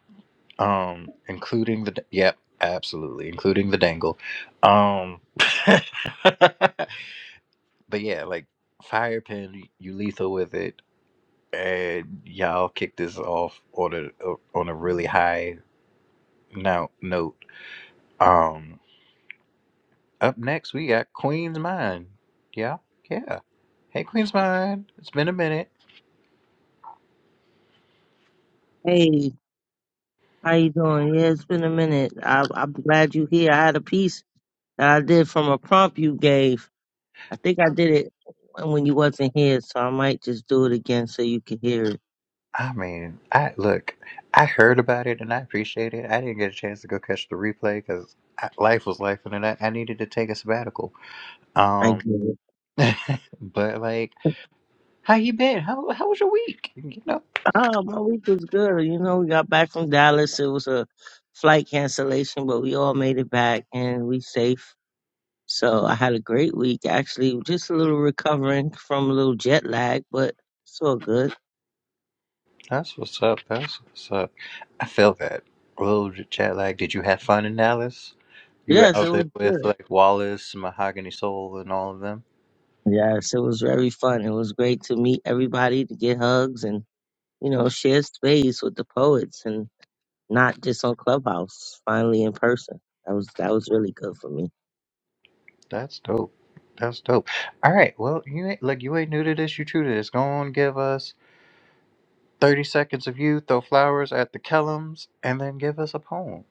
um including the yep absolutely including the dangle um *laughs* but yeah like fire pin you lethal with it and y'all kicked this off on a uh, on a really high now note. Um, up next we got Queen's Mind. Yeah, yeah. Hey, Queen's Mind. It's been a minute.
Hey, how you doing? Yeah, it's been a minute. I, I'm glad you're here. I had a piece that I did from a prompt you gave. I think I did it when you wasn't here, so I might just do it again so you can hear it.
I mean, I look. I heard about it and I appreciate it. I didn't get a chance to go catch the replay because life was life, and then I, I needed to take a sabbatical.
I
Um,
get it.
but like, how you been? How how was your week? You know.
Oh, my week was good. You know, we got back from Dallas. It was a flight cancellation, but we all made it back and we safe. So I had a great week. Actually, just a little recovering from a little jet lag, but it's all good.
That's what's up. That's what's up. I feel that. A little chat like, did you have fun in Dallas? You were
Yes, it
out there
was
with
good.
like Wallace, Mahogany Soul, and all of them.
Yes, it was very fun. It was great to meet everybody, to get hugs, and you know, share space with the poets. not just on Clubhouse, finally in person. That was that was really good for me.
That's dope. That's dope. All right. Well, you ain't like you ain't new to this. You true to this. Go on, give us thirty seconds of you. Throw flowers at the Kellums, and then give us a poem.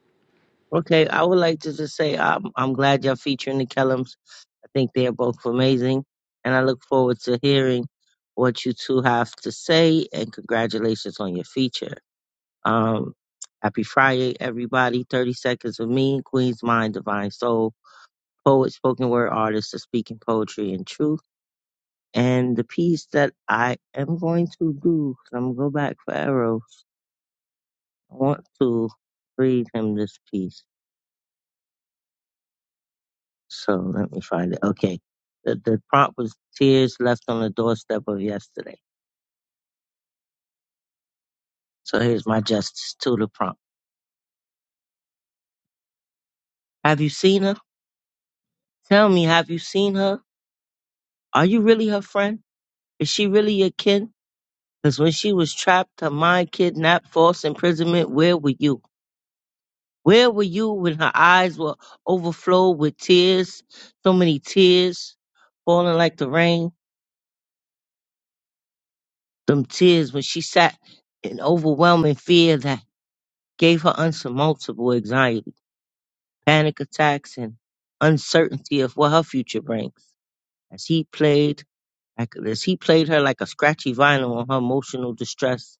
Okay, I would like to just say I'm I'm glad you're featuring the Kellums. I think they are both amazing, and I look forward to hearing what you two have to say. And congratulations on your feature. Um, happy Friday, everybody. Thirty seconds of me, Queen's Mind, Divine Soul, poet, spoken word artist, of speaking poetry and truth. And the piece that I am going to do, 'cause I'm gonna go back for arrows I want to read him this piece. So let me find it. Okay. The, the prompt was tears left on the doorstep of yesterday. So here's my justice to the prompt. Have you seen her? Tell me, have you seen her? Are you really her friend? Is she really your kin? Because when she was trapped, her mind kidnapped, false imprisonment, where were you? Where were you when her eyes were overflowed with tears? So many tears falling like the rain. them tears when she sat in overwhelming fear that gave her unsurmountable anxiety, panic attacks, and uncertainty of what her future brings. As he played, like- as he played her like a scratchy vinyl on her emotional distress,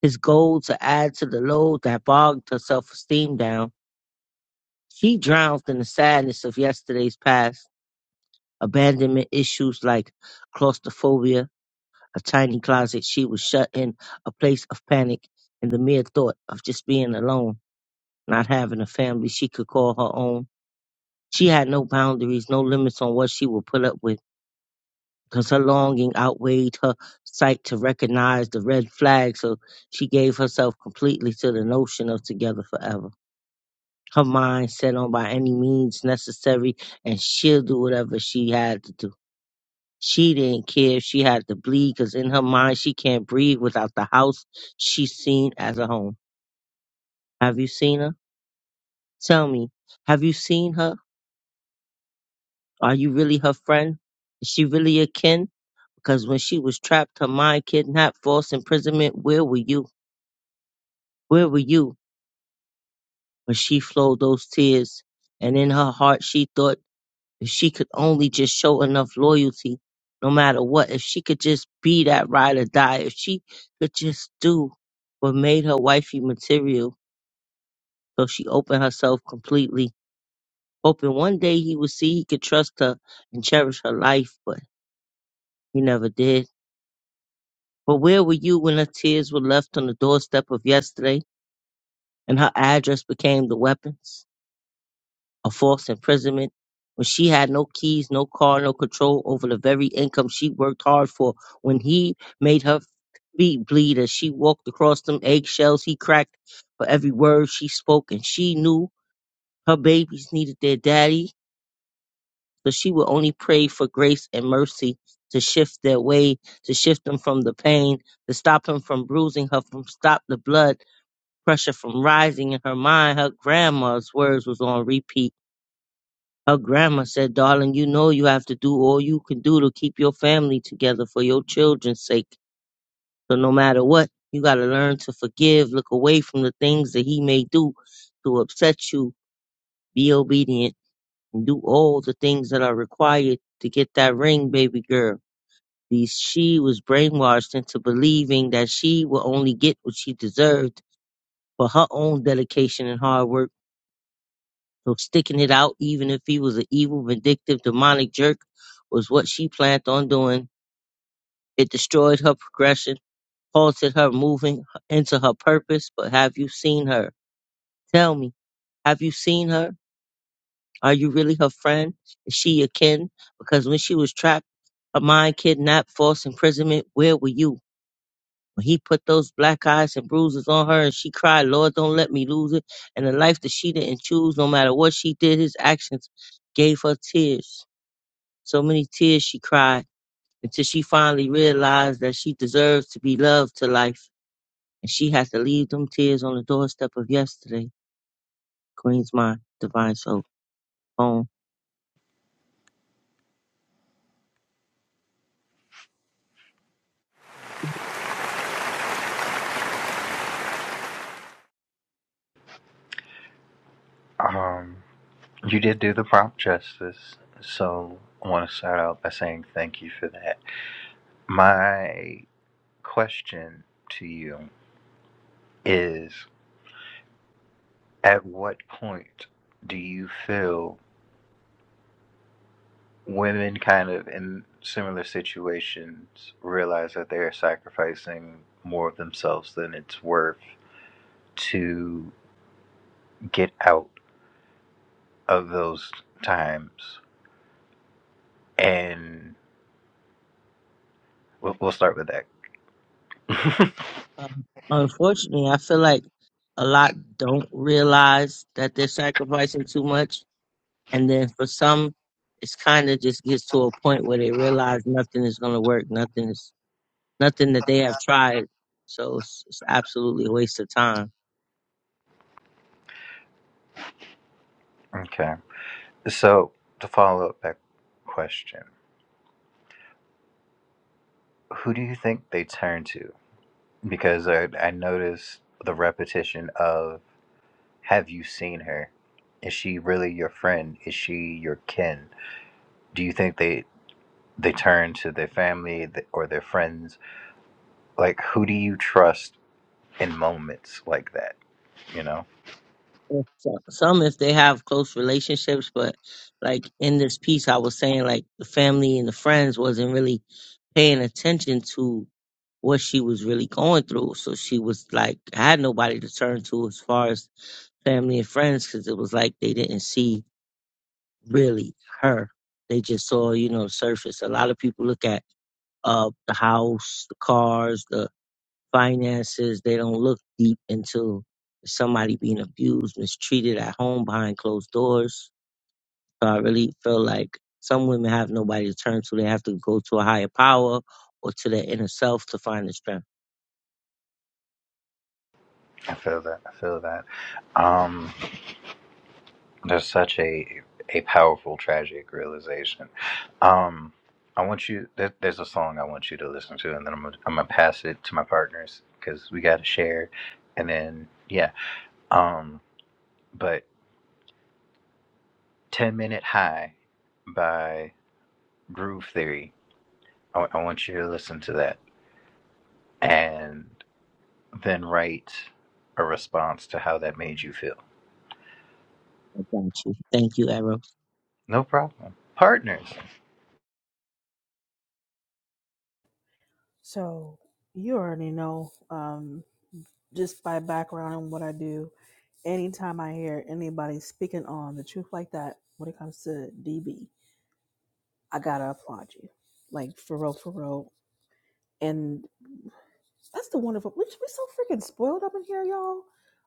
his goal to add to the load that bogged her self-esteem down, she drowned in the sadness of yesterday's past, abandonment issues like claustrophobia a tiny closet she was shut in a place of panic and the mere thought of just being alone not having a family she could call her own she had no boundaries no limits on what she would put up with because her longing outweighed her sight to recognize the red flag so she gave herself completely to the notion of together forever her mind set on by any means necessary and she'll do whatever she had to do She didn't care if she had to bleed because in her mind she can't breathe without the house she's seen as a home. Have you seen her? Tell me, have you seen her? Are you really her friend? Is she really your kin? Because when she was trapped, her mind kidnapped, false imprisonment, where were you? Where were you? But she flowed those tears, and in her heart she thought If she could only just show enough loyalty, no matter what, if she could just be that ride or die, if she could just do what made her wifey material, so she opened herself completely, hoping one day he would see he could trust her and cherish her life, but he never did. But where were you when her tears were left on the doorstep of yesterday and her address became the weapons? of false imprisonment, when she had no keys, no car, no control over the very income she worked hard for, when he made her feet bleed as she walked across them eggshells he cracked for every word she spoke, and she knew her babies needed their daddy, so she would only pray for grace and mercy to shift their way, to shift them from the pain, to stop him from bruising her, from stop the blood pressure from rising in her mind. Her grandma's words was on repeat her grandma said, Darling, you know you have to do all you can do to keep your family together for your children's sake. So no matter what, you got to learn to forgive, look away from the things that he may do to upset you, be obedient, and do all the things that are required to get that ring, baby girl. These she was brainwashed into believing that she would only get what she deserved for her own dedication and hard work So sticking it out, even if he was an evil, vindictive, demonic jerk, was what she planned on doing. It destroyed her progression, halted her moving into her purpose. But have you seen her? Tell me, have you seen her? Are you really her friend? Is she your kin? Because when she was trapped, her mind kidnapped, false imprisonment, where were you? When he put those black eyes and bruises on her and she cried, Lord, don't let me lose it. And the life that she didn't choose, no matter what she did, his actions gave her tears So many tears she cried until she finally realized that she deserves to be loved to life, and she has to leave them tears on the doorstep of yesterday. Queen's Mind, Divine Soul, home.
Um, you did do the prompt justice, so I want to start out by saying thank you for that. My question to you is At what point do you feel women kind of in similar situations realize that they are sacrificing more of themselves than it's worth to get out of those times? And we'll, we'll start with that. *laughs*
Um, unfortunately, I feel like a lot don't realize that they're sacrificing too much, and then for some, it's kind of just gets to a point where they realize nothing is going to work, nothing is nothing that they have tried, so it's, it's absolutely a waste of time
Okay. So, to follow up that question, who do you think they turn to? Because I, I noticed the repetition of Have you seen her? Is she really your friend? Is she your kin? Do you think they they turn to their family or their friends? Like who do you trust in moments like that? You know,
If So- Some if they have close relationships, but like in this piece, I was saying like the family and the friends wasn't really paying attention to what she was really going through. So she was like, had nobody to turn to as far as family and friends because it was like they didn't see really her. They just saw, you know, surface. A lot of people look at uh the house, the cars, the finances. They don't look deep into somebody being abused, mistreated at home behind closed doors. So I really feel like some women have nobody to turn to. They have to go to a higher power or to their inner self to find the strength.
I feel that. I feel that. Um, there's such a a powerful tragic realization. Um, I want you. There, there's a song I want you to listen to, and then I'm gonna, I'm gonna pass it to my partners because we got to share, and then yeah. Um, but 10 Minute High by Groove Theory. I, I want you to listen to that and then write a response to how that made you feel.
I got you. Thank you, Arrow.
No problem. Partners.
So, you already know, um, just by background and what I do, anytime I hear anybody speaking on the truth like that when it comes to DB, I gotta applaud you. Like, for real, for real. And That's the wonderful. We we so freaking spoiled up in here, y'all.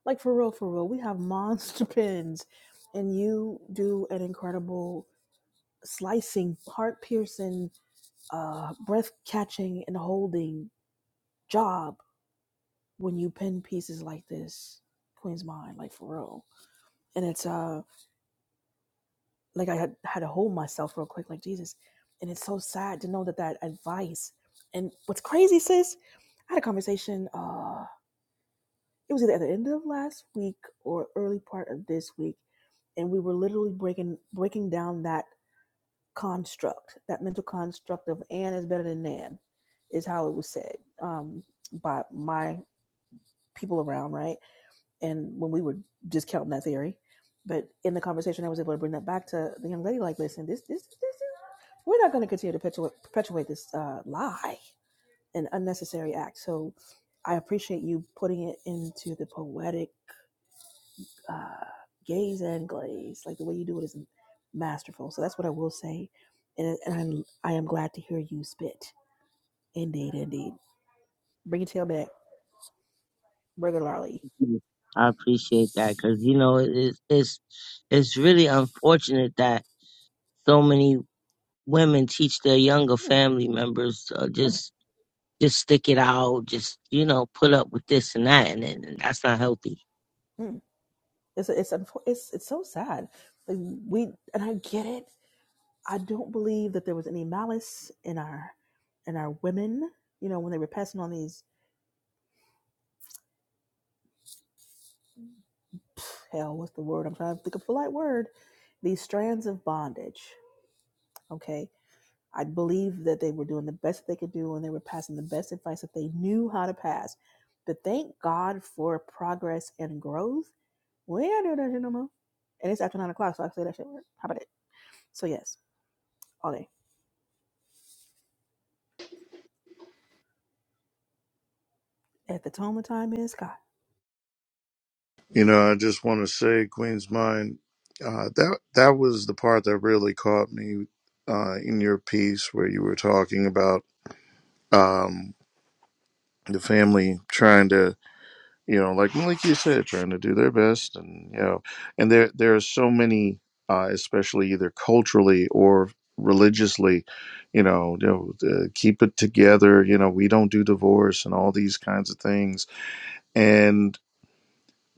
Like for real, for real. We have monster *laughs* pins, and you do an incredible slicing, heart piercing, uh, breath catching, and holding job when you pin pieces like this. Queen's mind, like for real. And it's uh, like I had had to hold myself real quick, like Jesus. And it's so sad to know that that advice. And what's crazy, sis? I had a conversation. Uh, it was either at the end of last week or early part of this week and we were literally breaking breaking down that construct that mental construct of Ann is better than nan is how it was said um, by my people around right and when we were discounting that theory but in the conversation i was able to bring that back to the young lady like listen this this this is we're not going to continue to perpetuate, perpetuate this uh, lie an unnecessary act so i appreciate you putting it into the poetic uh, gaze and glaze. Like the way you do it is masterful. So that's what I will say. And, and I'm, I am glad to hear you spit. Indeed, indeed. Bring your tail back, Burger Lolly.
I appreciate that because you know it, it's it's it's really unfortunate that so many women teach their younger
Mm,
family members uh, just just stick it out, just you know, put up with this and that, and, and that's not healthy.
mm. It's it's it's it's so sad. Like we and I get it. I don't believe that there was any malice in our in our women. You know when they were passing on these hell, what's the word? I'm trying to think of a polite word. These strands of bondage. Okay, I believe that they were doing the best they could do and they were passing the best advice that they knew how to pass. But thank God for progress and growth. We ain't doing that shit no more. And it's after nine o'clock, so I can say that shit. How about it? So yes, all day. At the tone of time is God.
You know, I just want to say, Queen's Mind, uh, that that was the part that really caught me uh, in your piece where you were talking about um, the family trying to, you know, like well, like you said, trying to do their best, and you know, and there there are so many, uh, especially either culturally or religiously, you know, you know, uh, keep it together. You know, we don't do divorce and all these kinds of things,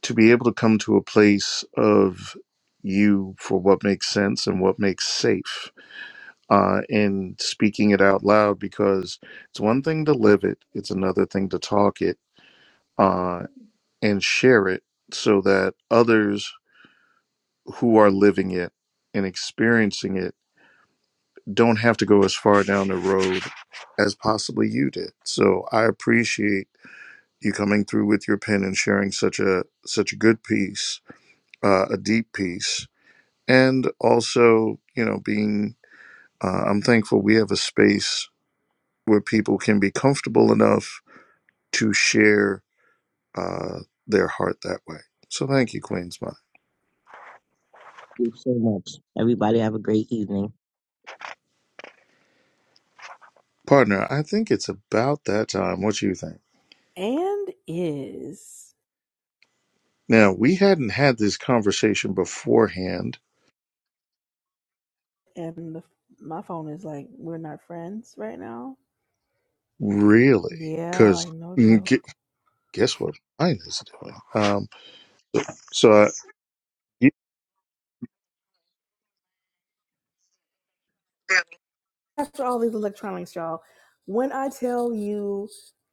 to be able to come to a place of you for what makes sense and what makes safe uh, and speaking it out loud because it's one thing to live it it's another thing to talk it uh, and share it so that others who are living it and experiencing it don't have to go as far down the road as possibly you did so i appreciate you coming through with your pen and sharing such a such a good piece uh, a deep piece and also you know being uh, i'm thankful we have a space where people can be comfortable enough to share uh, their heart that way so thank you queen's mind
you so much. Everybody have a great evening.
partner i think it's about that time what do you think
And is.
now we hadn't had this conversation beforehand
And the, my phone is like, we're not friends right now.
really
Yeah,
because
like no joke.
guess what mine is doing um so I, y-
after all these electronics, y'all. When I tell you,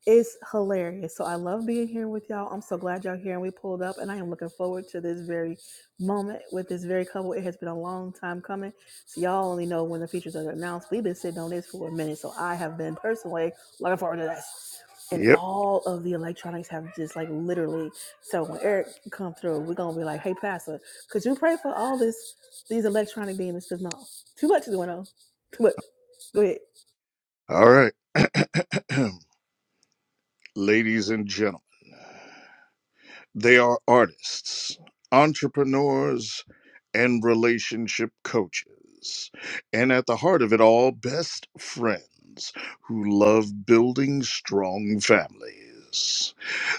it's hilarious. So I love being here with y'all. I'm so glad y'all here and we pulled up, and I am looking forward to this very moment with this very couple. It has been a long time coming. So y'all only know when the features are announced. We've been sitting on this for a minute, so I have been personally looking forward to this. And
yep
all of the electronics have just like literally. So when Eric come through, we're gonna be like, "Hey, Pastor, could you pray for all this, these electronic demons? Because no, too much is going on. Too much. Go ahead.
all right *clears throat* ladies and gentlemen They are artists, entrepreneurs, and relationship coaches. And at the heart of it all, best friends who love building strong families.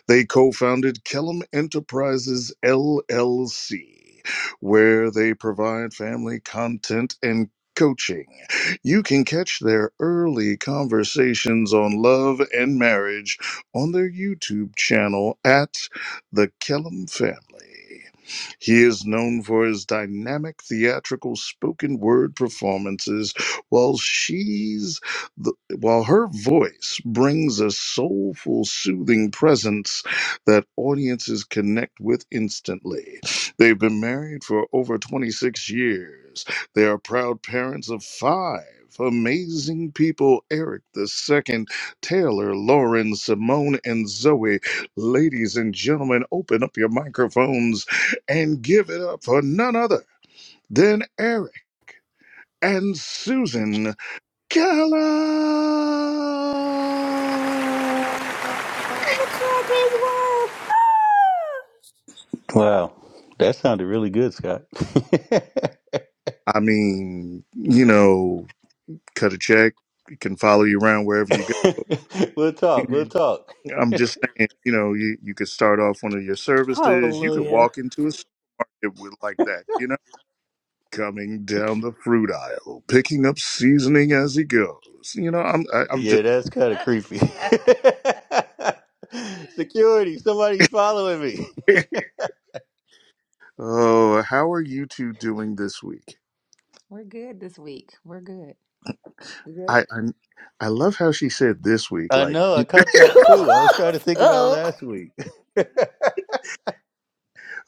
They co founded Kellum Enterprises LLC, where they provide family content and coaching. You can catch their early conversations on love and marriage on their YouTube channel at The Kellum Family. He is known for his dynamic theatrical spoken word performances, while she's the, while her voice brings a soulful, soothing presence that audiences connect with instantly. They've been married for over 26 years. They are proud parents of five amazing people Eric the Second, Taylor, Lauren, Simone, and Zoe. Ladies and gentlemen, open up your microphones and give it up for none other than Eric and Susan. Gala.
the crowd goes wild. Ah!
Wow, that sounded really good, Scott. *laughs*
I mean, you know, cut a check. You can follow you around wherever you go.
we'll talk. We'll
Mhm.
talk.
I'm just saying, you know, you, you could start off one of your services. You could
Hallelujah.
walk into a supermarket with like that, you know, coming down the fruit aisle, picking up seasoning as he goes. You know, I'm I, I'm
Yeah,
just.
that's kind of creepy. *laughs* Security, somebody's following me.
*laughs* oh, how are you two doing this week?
We're good this week. We're good. You good?
I, I I love how she said this week,
I
like,
know. I caught that too. I was
*laughs*
trying to think about
oh.
last week. *laughs*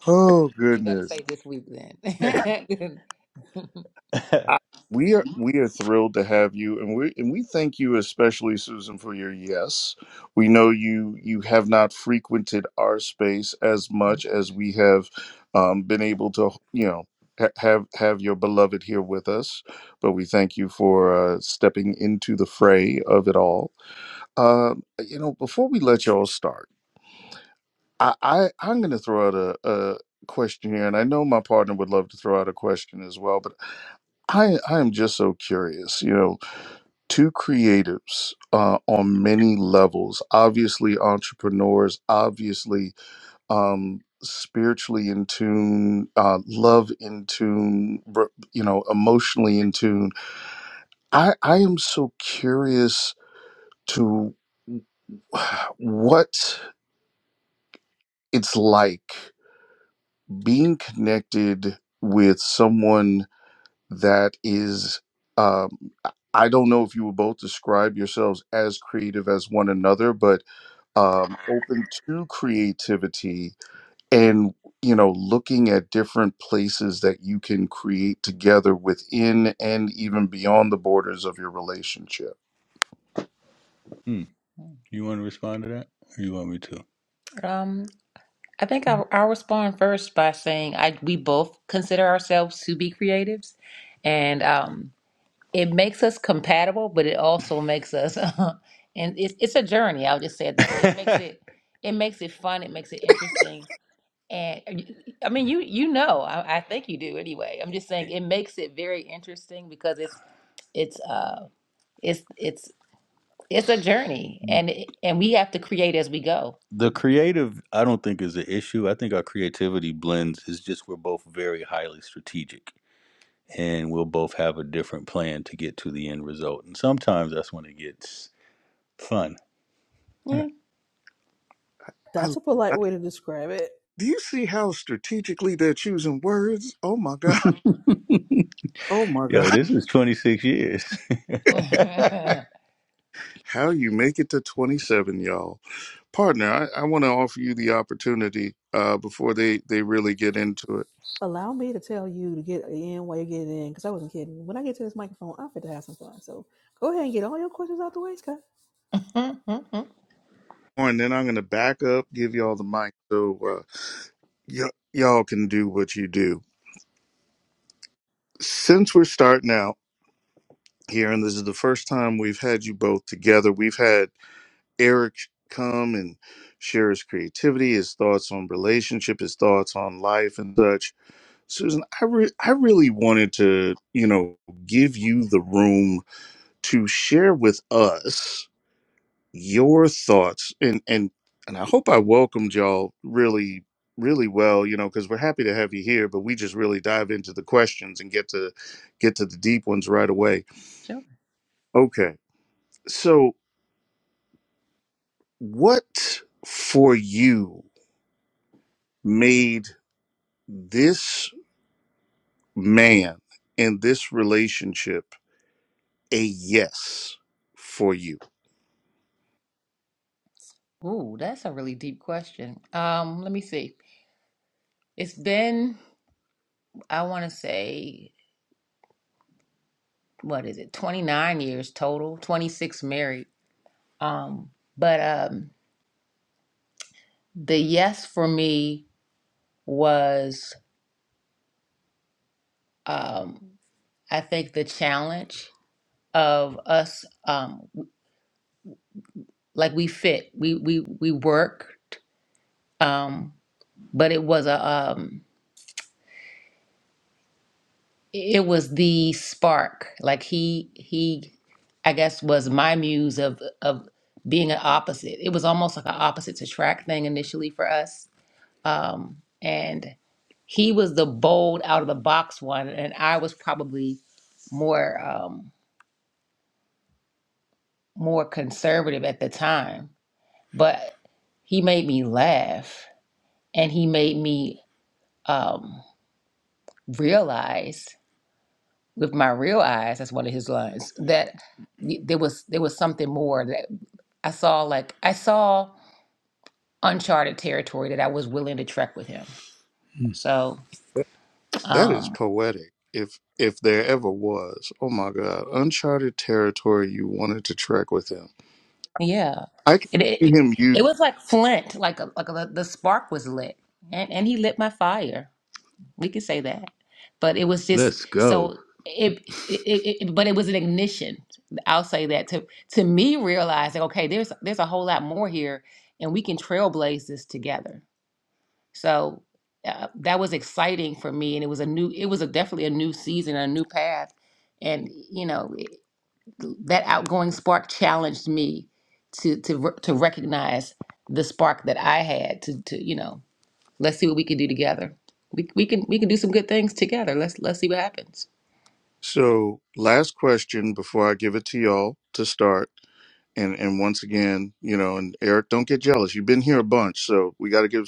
oh
You better
goodness.
say this week then.
I-
*laughs*
We are we are thrilled to have you, and we and we thank you especially, Susan, for your yes. We know you you have not frequented our space as much as we have um, been able to, you know, ha- have have your beloved here with us. But we thank you for uh, stepping into the fray of it all. Um, you know, before we let y'all start, I, I I'm going to throw out a, a question here, and I know my partner would love to throw out a question as well, but. I, I am just so curious. You know, two creatives uh, on many levels, obviously entrepreneurs, obviously um, spiritually in tune, uh, love in tune, r- you know, emotionally in tune. I, I am so curious to *sighs* what it's like being connected with someone that is um I don't know if you would both describe yourselves as creative as one another, but um, open to creativity and you know looking at different places that you can create together within and even beyond the borders of your relationship.
hmm. You want to respond to that, or you want me to? um, I think I'll, I'll respond first by saying I we both consider ourselves to be creatives, and um, it makes us compatible, but it also makes us, *laughs* and it's it's a journey. I'll just say it that way. It makes *laughs* it it makes it fun. It makes it interesting. And uh, y- I mean, you you know, I, I think you do anyway. I'm just saying it makes it very interesting because it's it's uh it's it's it's a journey and it, and we have to create as we go. The creative, I don't think is an issue. I think our creativity blends. It's just we're both very highly strategic, and we'll both have a different plan to get to the end result. And sometimes that's when it gets fun. Yeah. *laughs*
I,
That's a polite
I
way to describe it.
do you see how strategically they're choosing words? Oh my god! *laughs* Oh my
Yo,
god!
this is 26 years. *laughs* *laughs*
How you make it to twenty seven, y'all? partner, I, I want to offer you the opportunity uh, before they, they really get into it.
Allow me to tell you to get in while you get in, because I wasn't kidding. When I get to this microphone, I'm fit to have some fun. So go ahead and get all your questions out the way, Scott.
Mhm.
Oh, And then I'm going to back up, give y'all the mic so uh, y- y'all can do what you do. Since we're starting out here, and this is the first time we've had you both together, we've had Eric come and share his creativity, his thoughts on relationship, his thoughts on life and such. Susan, I, re- I really wanted to, you know, give you the room to share with us your thoughts and and and I hope I welcomed y'all really really well you know because we're happy to have you here but we just really dive into the questions and get to get to the deep ones right away
Sure.
okay so what for you made this man and this relationship a yes for you
Ooh, that's a really deep question. Um, let me see. It's been, I want to say, what is it, 29 years total, 26 married. Um, but um, the yes for me was, um, I think, the challenge of us, um, like we fit, we we we worked, um, but it was a um, it was the spark like he he i guess was my muse of of being an opposite it was almost like an opposite to track thing initially for us um and he was the bold out of the box one and i was probably more um more conservative at the time but he made me laugh and he made me um realize with my real eyes, that's one of his lines, that y- there was there was something more that I saw like I saw uncharted territory that I was willing to trek with him. Mm. So
Th- that is
um
poetic if if there ever was oh my god uncharted territory you wanted to trek with him
yeah.
I can
It
see
it,
him use.
it was like flint, like a, like a, the spark was lit. And and he lit my fire. We could say that. But it was just Let's go. so it, it, it, it but it was an ignition. I'll say that to to me realizing okay, there's there's a whole lot more here and we can trailblaze this together. So uh, that was exciting for me, and it was a new, it was a definitely a new season, a new path, and you know it, that outgoing spark challenged me to to re- to recognize the spark that I had to to you know let's see what we can do together. We we can we can do some good things together. Let's let's see what happens.
So, last question before I give it to y'all to start. And and once again, you know, and Eric, don't get jealous. You've been here a bunch, so we got to give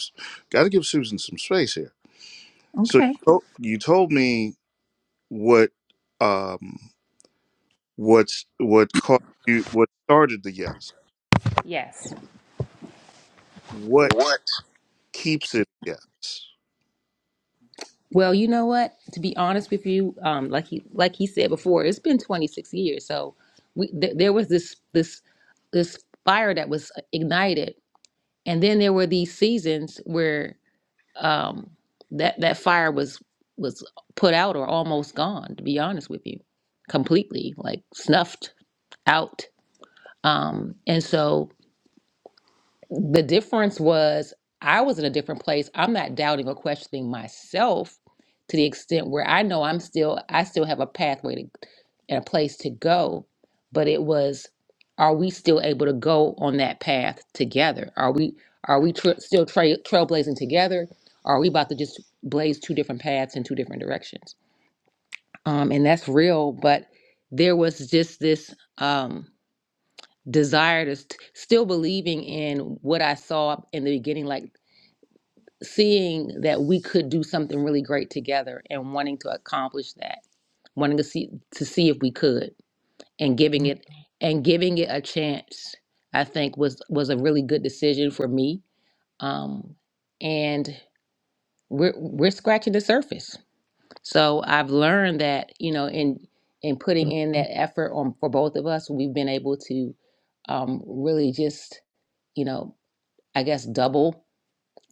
got to give Susan some space here. So you
Okay.
to- you told me what um what's what caused you what started the yes.
Yes.
What keeps it a yes?
Well, you know what? To be honest with you, um, like he like he said before, it's been 26 years. So we th- there was this this this fire that was ignited, and then there were these seasons where um, that that fire was was put out or almost gone. To be honest with you, completely like snuffed out. Um, and so the difference was I was in a different place. I'm not doubting or questioning myself to the extent where I know I'm still I still have a pathway to, and a place to go, but it was are we still able to go on that path together? Are we are we tra- still tra- trailblazing together? Or are we about to just blaze two different paths in two different directions? Um, and that's real, but there was just this. Um, desire to st- still believing in what I saw in the beginning, like seeing that we could do something really great together and wanting to accomplish that, wanting to see to see if we could, and giving it and giving it a chance. I think was was a really good decision for me, um, and we're we're scratching the surface. So I've learned that you know in in putting in that effort on for both of us, we've been able to um, really just you know I guess double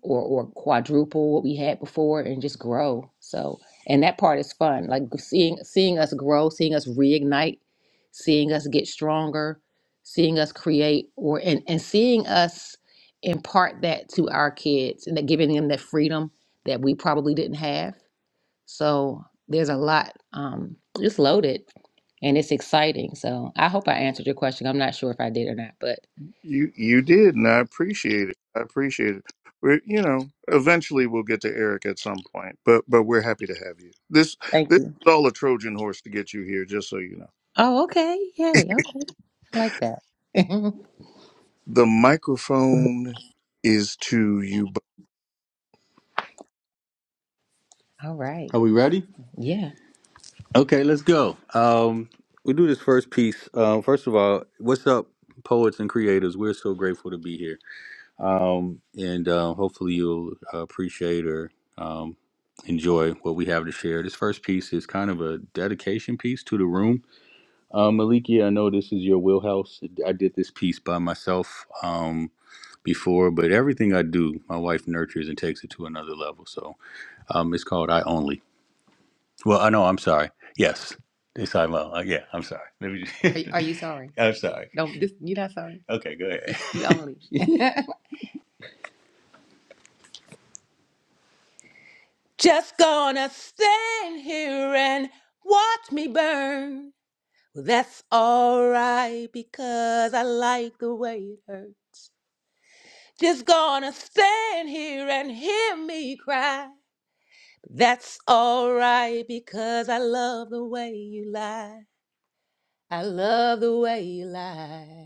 or or quadruple what we had before and just grow. So and that part is fun. Like seeing seeing us grow, seeing us reignite, seeing us get stronger, seeing us create or and, and seeing us impart that to our kids and that giving them that freedom that we probably didn't have. So there's a lot um it's loaded and it's exciting. So I hope I answered your question. I'm not sure if I did or not, but
You you did, and I appreciate it. I appreciate it. We, you know, eventually we'll get to Eric at some point, but but we're happy to have you. This
thank
this
you.
is all a Trojan horse to get you here, just so you know.
Oh, okay. Yay. Okay. I like that. *laughs*
The microphone is to you. bu-
All right. Are we ready? Yeah. Okay, let's go. Um, we do this first piece. Um, first of all, what's up, poets and creators? We're so grateful to be here, um, and uh, hopefully you'll appreciate or um, enjoy what we have to share. This first piece is kind of a dedication piece to the room. Um, Malikia, I know this is your wheelhouse. I did this piece by myself. Um. before, but everything I do, my wife nurtures and takes it to another level. So um, it's called I Only. Well, I know, I'm sorry. Yes, it's I Love. Uh, yeah, I'm sorry. Let me Are you, are you sorry? *laughs* I'm sorry. No, this, you're not sorry. Okay, go ahead. You only. *laughs* Just gonna stand here and watch me burn. Well, that's alright because I like the way it hurts. Just gonna stand here and hear me cry. That's all right because I love the way you lie. I love the way you lie.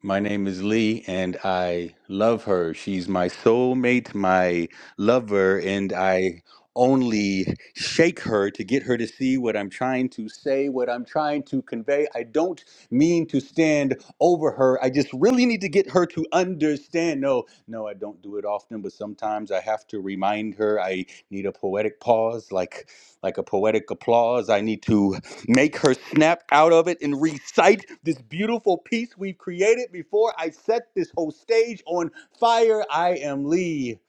My name is Lee, and I love her. She's my soulmate, my lover, and I only shake her to get her to see what I'm trying to say, what I'm trying to convey. I don't mean to stand over her. I just really need to get her to understand. No, no, I don't do it often, but sometimes I have to remind her. I need a poetic pause, like like a poetic applause. I need to Make her snap out of it and recite this beautiful piece we've created before I set this whole stage on fire. I am Lee.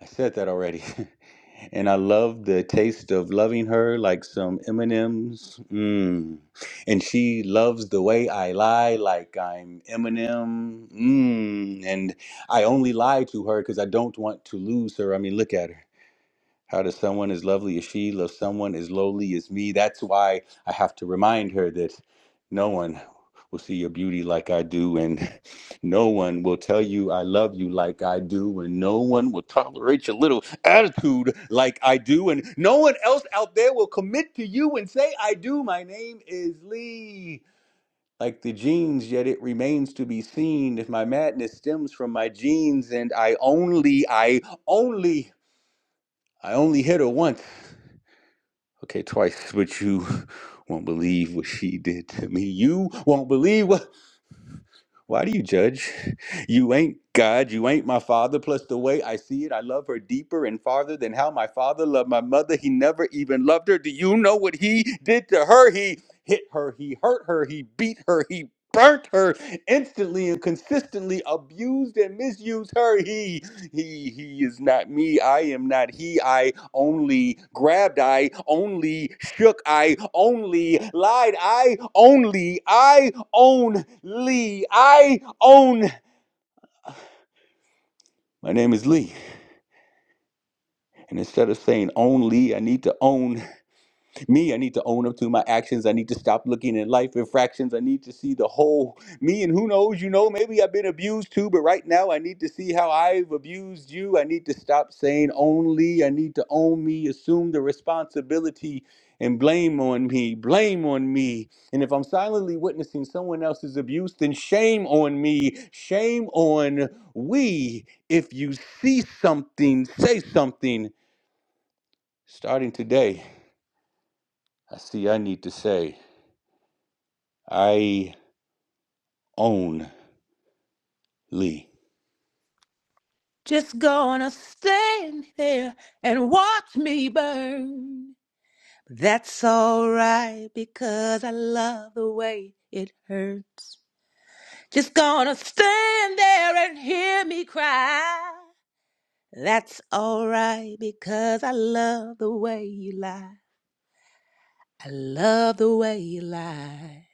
I said that already. *laughs* and I love the taste of loving her like some M&Ms. Mm. And she loves the way I lie like I'm Eminem. Mm. And I only lie to her because I don't want to lose her. I mean, look at her. How does someone as lovely as she love someone as lowly as me? That's why I have to remind her that no one will see your beauty like I do, and *laughs* no one will tell you I love you like I do, and no one will tolerate your little attitude like I do, and no one else out there will commit to you and say I do. My name is Lee. Like the genes, yet it remains to be seen if my madness stems from my genes, and I only, I only I only hit her once. Okay, twice, *laughs* but you won't believe what she did to me. You won't believe what. Why do you judge? You ain't God. You ain't my father. Plus, the way I see it, I love her deeper and farther than how my father loved my mother. He never even loved her. Do you know what he did to her? He hit her. He hurt her. He beat her. He burnt her instantly and consistently abused and misused her. He he he is not me i am not he i only grabbed i only shook i only lied i only i own lee i own my name is lee and instead of saying only i need to own Me, I need to own up to my actions. I need to stop looking at life in fractions. I need to see the whole me. And who knows, you know, maybe I've been abused too, but right now I need to see how I've abused you. I need to stop saying only. I need to own me, assume the responsibility, and blame on me. Blame on me. And if I'm silently witnessing someone else's abuse, then shame on me. Shame on we. If you see something, say something. Starting today, I see I need to say. I only Just gonna stand there and watch me burn. That's alright because I love the way it hurts. Just gonna stand there and hear me cry. That's alright because I love the way you lie. I love the way you lie.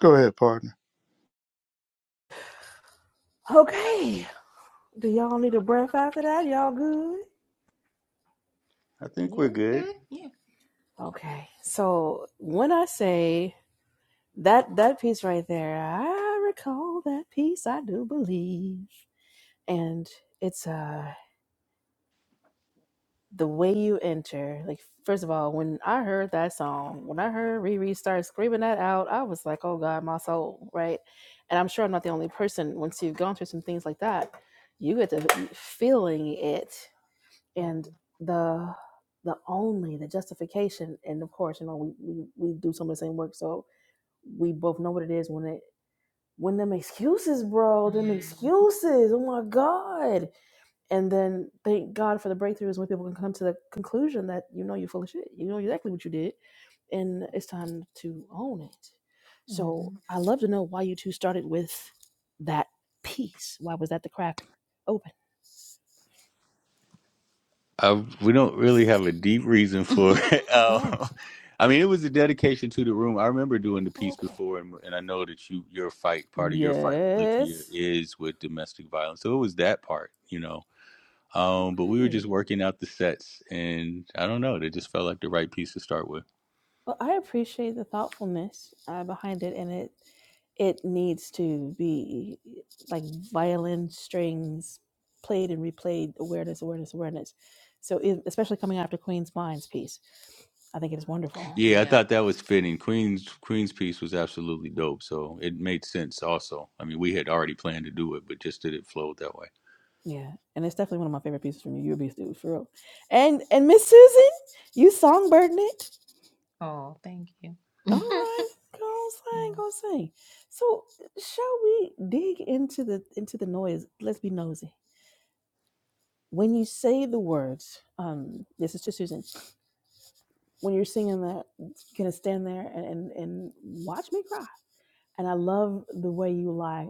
Go ahead, partner.
Okay. Do y'all need a breath after that? Y'all good?
I think Yeah, we're good. good. Yeah.
Okay. So when I say that that piece right there, I recall that piece. I do believe, and it's uh the way you enter, like first of all, when I heard that song, when I heard Riri start screaming that out, I was like, "Oh God, my soul!" Right, and I'm sure I'm not the only person. Once you've gone through some things like that, you get to feeling it,
Mm-hmm.
and the the only the justification, and of course, you know, we we, we do some of the same work, so we both know what it is when it when them excuses, bro, them
Mm-hmm.
excuses. Oh my God, and then thank God for the breakthroughs when people can come to the conclusion that you know you're full of shit. You know exactly what you did, and it's time to own it.
Mm-hmm.
So I love to know why you two started with that piece. Why was that the crack open?
Uh, we don't really have a deep reason for *laughs* it.
Oh,
Um, I mean, it was a dedication to the room. I remember doing the
oh,
piece
okay,
before, and, and I know that you your fight, part of your fight with Likia
Yes.
is with domestic violence. So it was that part, you know. Um, but we were just
okay.
working out the sets, and I don't know, they just felt like the right piece to start with.
Well, I appreciate the thoughtfulness uh, behind it, and it it needs to be like violin strings played and replayed, awareness, awareness, awareness. So, e- especially coming after Queen's Minds piece, I think it is wonderful.
Yeah, I Yeah. thought that was fitting. Queen's Queen's piece was absolutely dope, so it made sense. Also, I mean, we had already planned to do it, but just did it flow that way.
Yeah, and it's definitely one of my favorite pieces from you. You'll be through for real. And and Miss Susan, you songbirding it.
Oh, thank you.
All right, go sing, go
*laughs*
sing. So, shall we dig into the into the noise? Let's be nosy. when you say the words, um, this is to Susan, when you're singing that, gonna stand there and, and, and watch me cry. And I love the way you lie.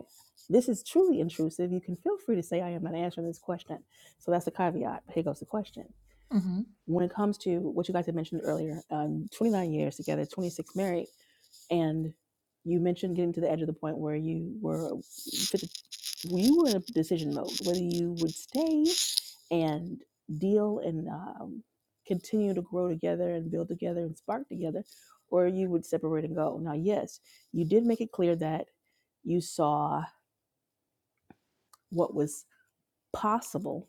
This is truly intrusive. You can feel free to say, I am not answering this question. So that's the caveat. Here goes the question.
yeah.
When it comes to what you guys had mentioned earlier, um, 29 years together, 26 married, and you mentioned getting to the edge of the point where you were you were in a decision mode, whether you would stay and deal and um, continue to grow together and build together and spark together, or you would separate and go. Now, yes, you did make it clear that you saw what was possible,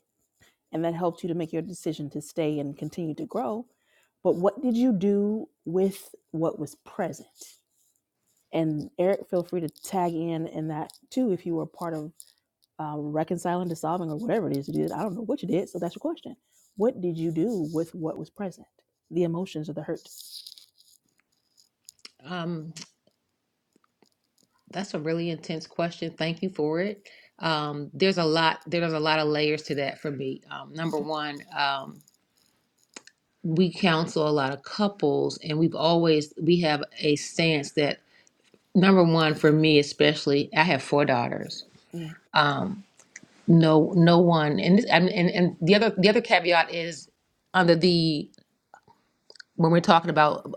and that helped you to make your decision to stay and continue to grow. But what did you do with what was present? And Eric, feel free to tag in in that too if you were part of um, reconciling, dissolving, or whatever it is you did. I don't know what you did. So that's your question. What did you do with what was present? The emotions or the hurt?
Um, that's a really intense question. Thank you for it. Um, there's a lot, there's a lot of layers to that for me. Um, number
Okay.
one, um, we counsel a lot of couples and we've always, we have a stance that number one, for me, especially, I have four daughters.
Mm,
Um, no, no one, and, this, and, and, and the other, the other caveat is under the, when we're talking about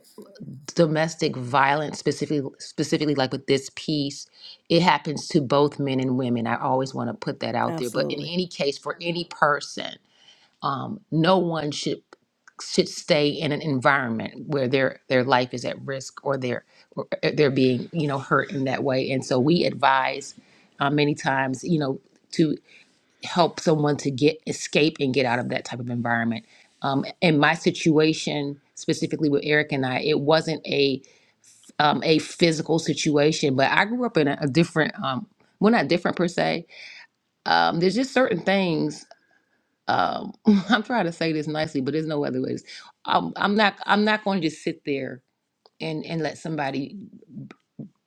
domestic violence specifically specifically like with this piece it happens to both men and women i always want to put that out there but in
absolutely.
any case for any person um, no one should should stay in an environment where their their life is at risk or they're or uh, they're being you know hurt in that way and so we advise uh, many times you know to help someone to get escape and get out of that type of environment um, in my situation specifically with eric and i it wasn't a um, a physical situation, but I grew up in a, a different, um, well, not different per se. Um, there's just certain things. Um, *laughs* I'm trying to say this nicely, but there's no other ways. I'm, I'm not. I'm not going to just sit there and and let somebody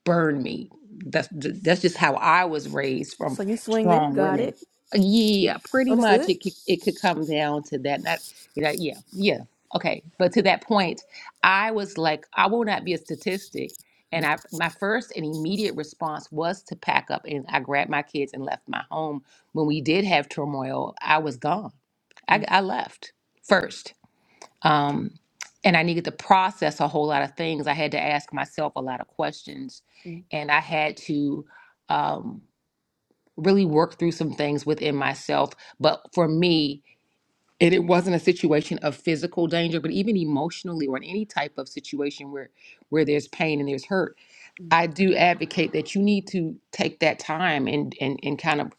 burn me. That's that's just how I was raised from
So you swinging.
strong
Got
women.
it.
Uh, Yeah, pretty much.
Understood.
It could it could come down to that. Not you know. Yeah, yeah. Okay, but to that point, I was like, I will not be a statistic. And
Mm,
I, my first and immediate response was to pack up, and I grabbed my kids and left my home. When we did have turmoil, I was gone. I,
mm,
I left first um, and I needed to process a whole lot of things. I had to ask myself a lot of questions,
mm,
and I had to um, really work through some things within myself. But for me, and it wasn't a situation of physical danger, but even emotionally or in any type of situation where where there's pain and there's hurt,
mm.
I do advocate that you need to take that time and and and kind of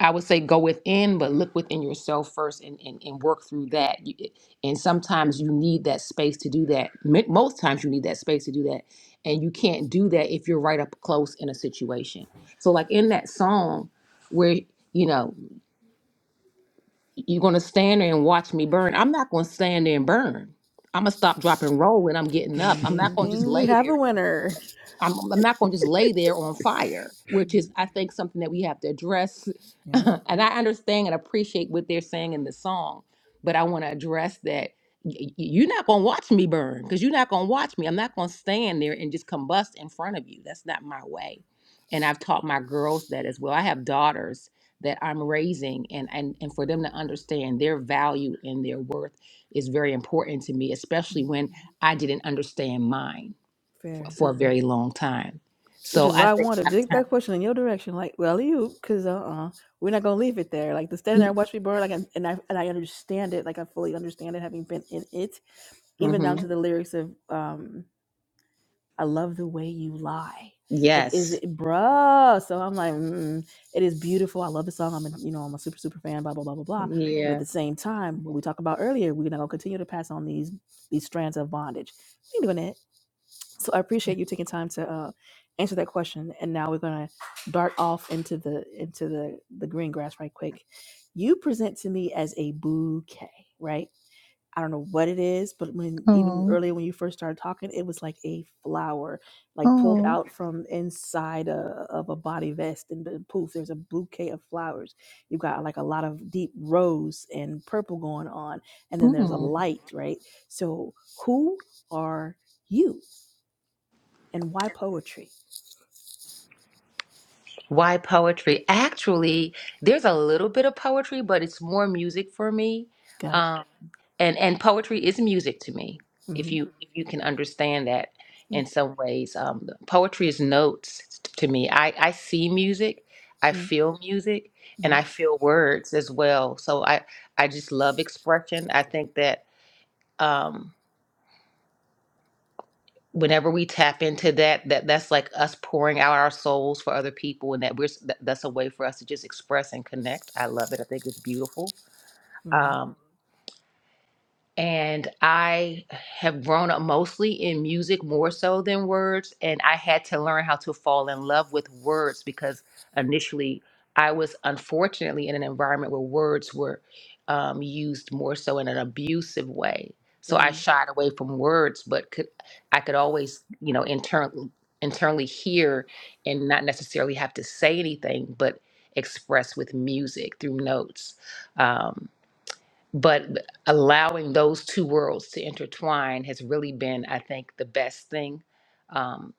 I would say go within, but look within yourself first and, and, and work through that. You- it- And sometimes you need that space to do that. Mo- Most times you need that space to do that. And you can't do that if you're right up close in a situation. So, like in that song where, you know, you're going to stand there and watch me burn, I'm not going to stand there and burn. I'm going to stop, drop, and roll when I'm getting up.
Ding,
I'm not
ding,
going to just
ding.
lay
We
*laughs*
have a
there
winner.
I'm, I'm not going to just lay there on fire, which is,
Mm,
I think, something that we have to address. *laughs*
yeah.
and I understand and appreciate what they're saying in the song, but I want to address that y- y- you're not going to watch me burn because you're not going to watch me. I'm not going to stand there and just combust in front of you. That's not my way. And I've taught my girls that as well. I have daughters that I'm raising, and, and, and for them to understand their value and their worth is very important to me, especially
mm,
when I didn't understand mine
Fair.
for a very long time.
Which
So
is why
I
I
think
wanted
a
to
lot
dig that
of
question in your direction. Like, well, you, because uh uh we are not going to leave it there. Like, to stand
time.
there and watch me burn, like, and, and, I, and I understand it. Like, I fully understand it, having been in it, even
hmm
down to the lyrics of, um, I love the way you lie. Like, is
Yes.
it, bruh? So I'm like, mm, it is beautiful. I love the song. I'm, a, you know, I'm a super, super fan. Blah, blah, blah, blah, blah. But at the same time, what we talked about earlier, we're gonna continue to pass on these these strands of bondage. We ain't doing it. So I appreciate you taking time to uh, answer that question. And now we're gonna dart off into the into the the green grass right quick. You present to me as a bouquet, right? I don't know what it is, but when even earlier when you first started talking, it was like a flower, like pulled
Oh,
out from inside a, of a body vest, and then poof, there's a bouquet of flowers. You've got like a lot of deep rose and purple going on, and then there's a
mm.
light, right? So who are you, and why poetry?
Why poetry? Actually, there's a little bit of poetry, but it's more music for me.
Got it.
Um, and and poetry is music to me. If
Mm-hmm.
you if you can understand that in some ways, um, poetry is notes t- to me. I I see music, I feel music, and
Mm-hmm.
I feel words as well. So I I just love expression. I think that. Um, whenever we tap into that that that's like us pouring out our souls for other people and that we're that, that's a way for us to just express and connect i love it i think it's beautiful um and I have grown up mostly in music more so than words. And I had to learn how to fall in love with words because initially I was unfortunately in an environment where words were um, used more so in an abusive way. So I
Mm-hmm.
shied away from words, but could I could always, you know, internally internally hear and not necessarily have to say anything, but express with music through notes. Um, but allowing those two worlds to intertwine has really been i think the best thing um,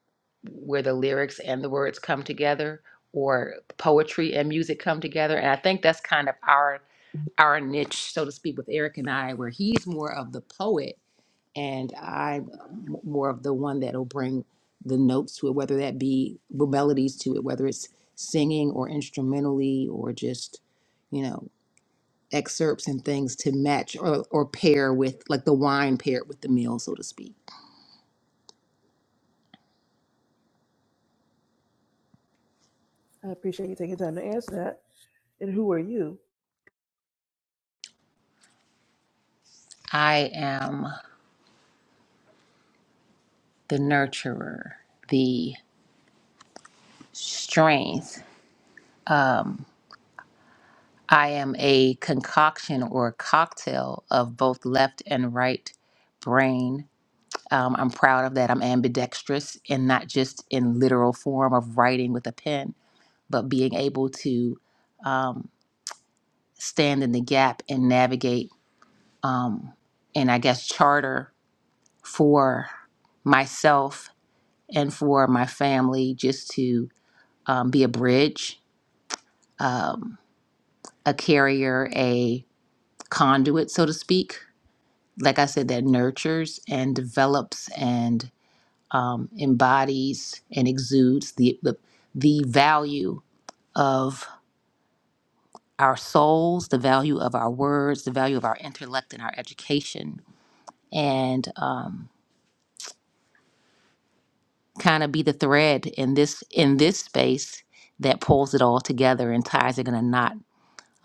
where the lyrics and the words come together or poetry and music come together and i think that's kind of our our niche so to speak with eric and i where he's more of the poet and i'm more of the one that'll bring the notes to it whether that be the melodies to it whether it's singing or instrumentally or just you know excerpts and things to match or, or pair with like the wine paired with the meal so to speak
I appreciate you taking time to answer that. And who are you?
I am the nurturer, the strength. Um, I am a concoction or cocktail of both left and right brain. Um, I'm proud of that. I'm ambidextrous and not just in literal form of writing with a pen, but being able to um, stand in the gap and navigate um, and I guess charter. for myself and for my family just to um, be a bridge, um, a carrier, a conduit, so to speak. Like I said, that nurtures and develops and um, embodies and exudes the, the, the value of our souls, the value of our words, the value of our intellect and our education. And um, kind of be the thread in this in this space that pulls it all together and ties it in a knot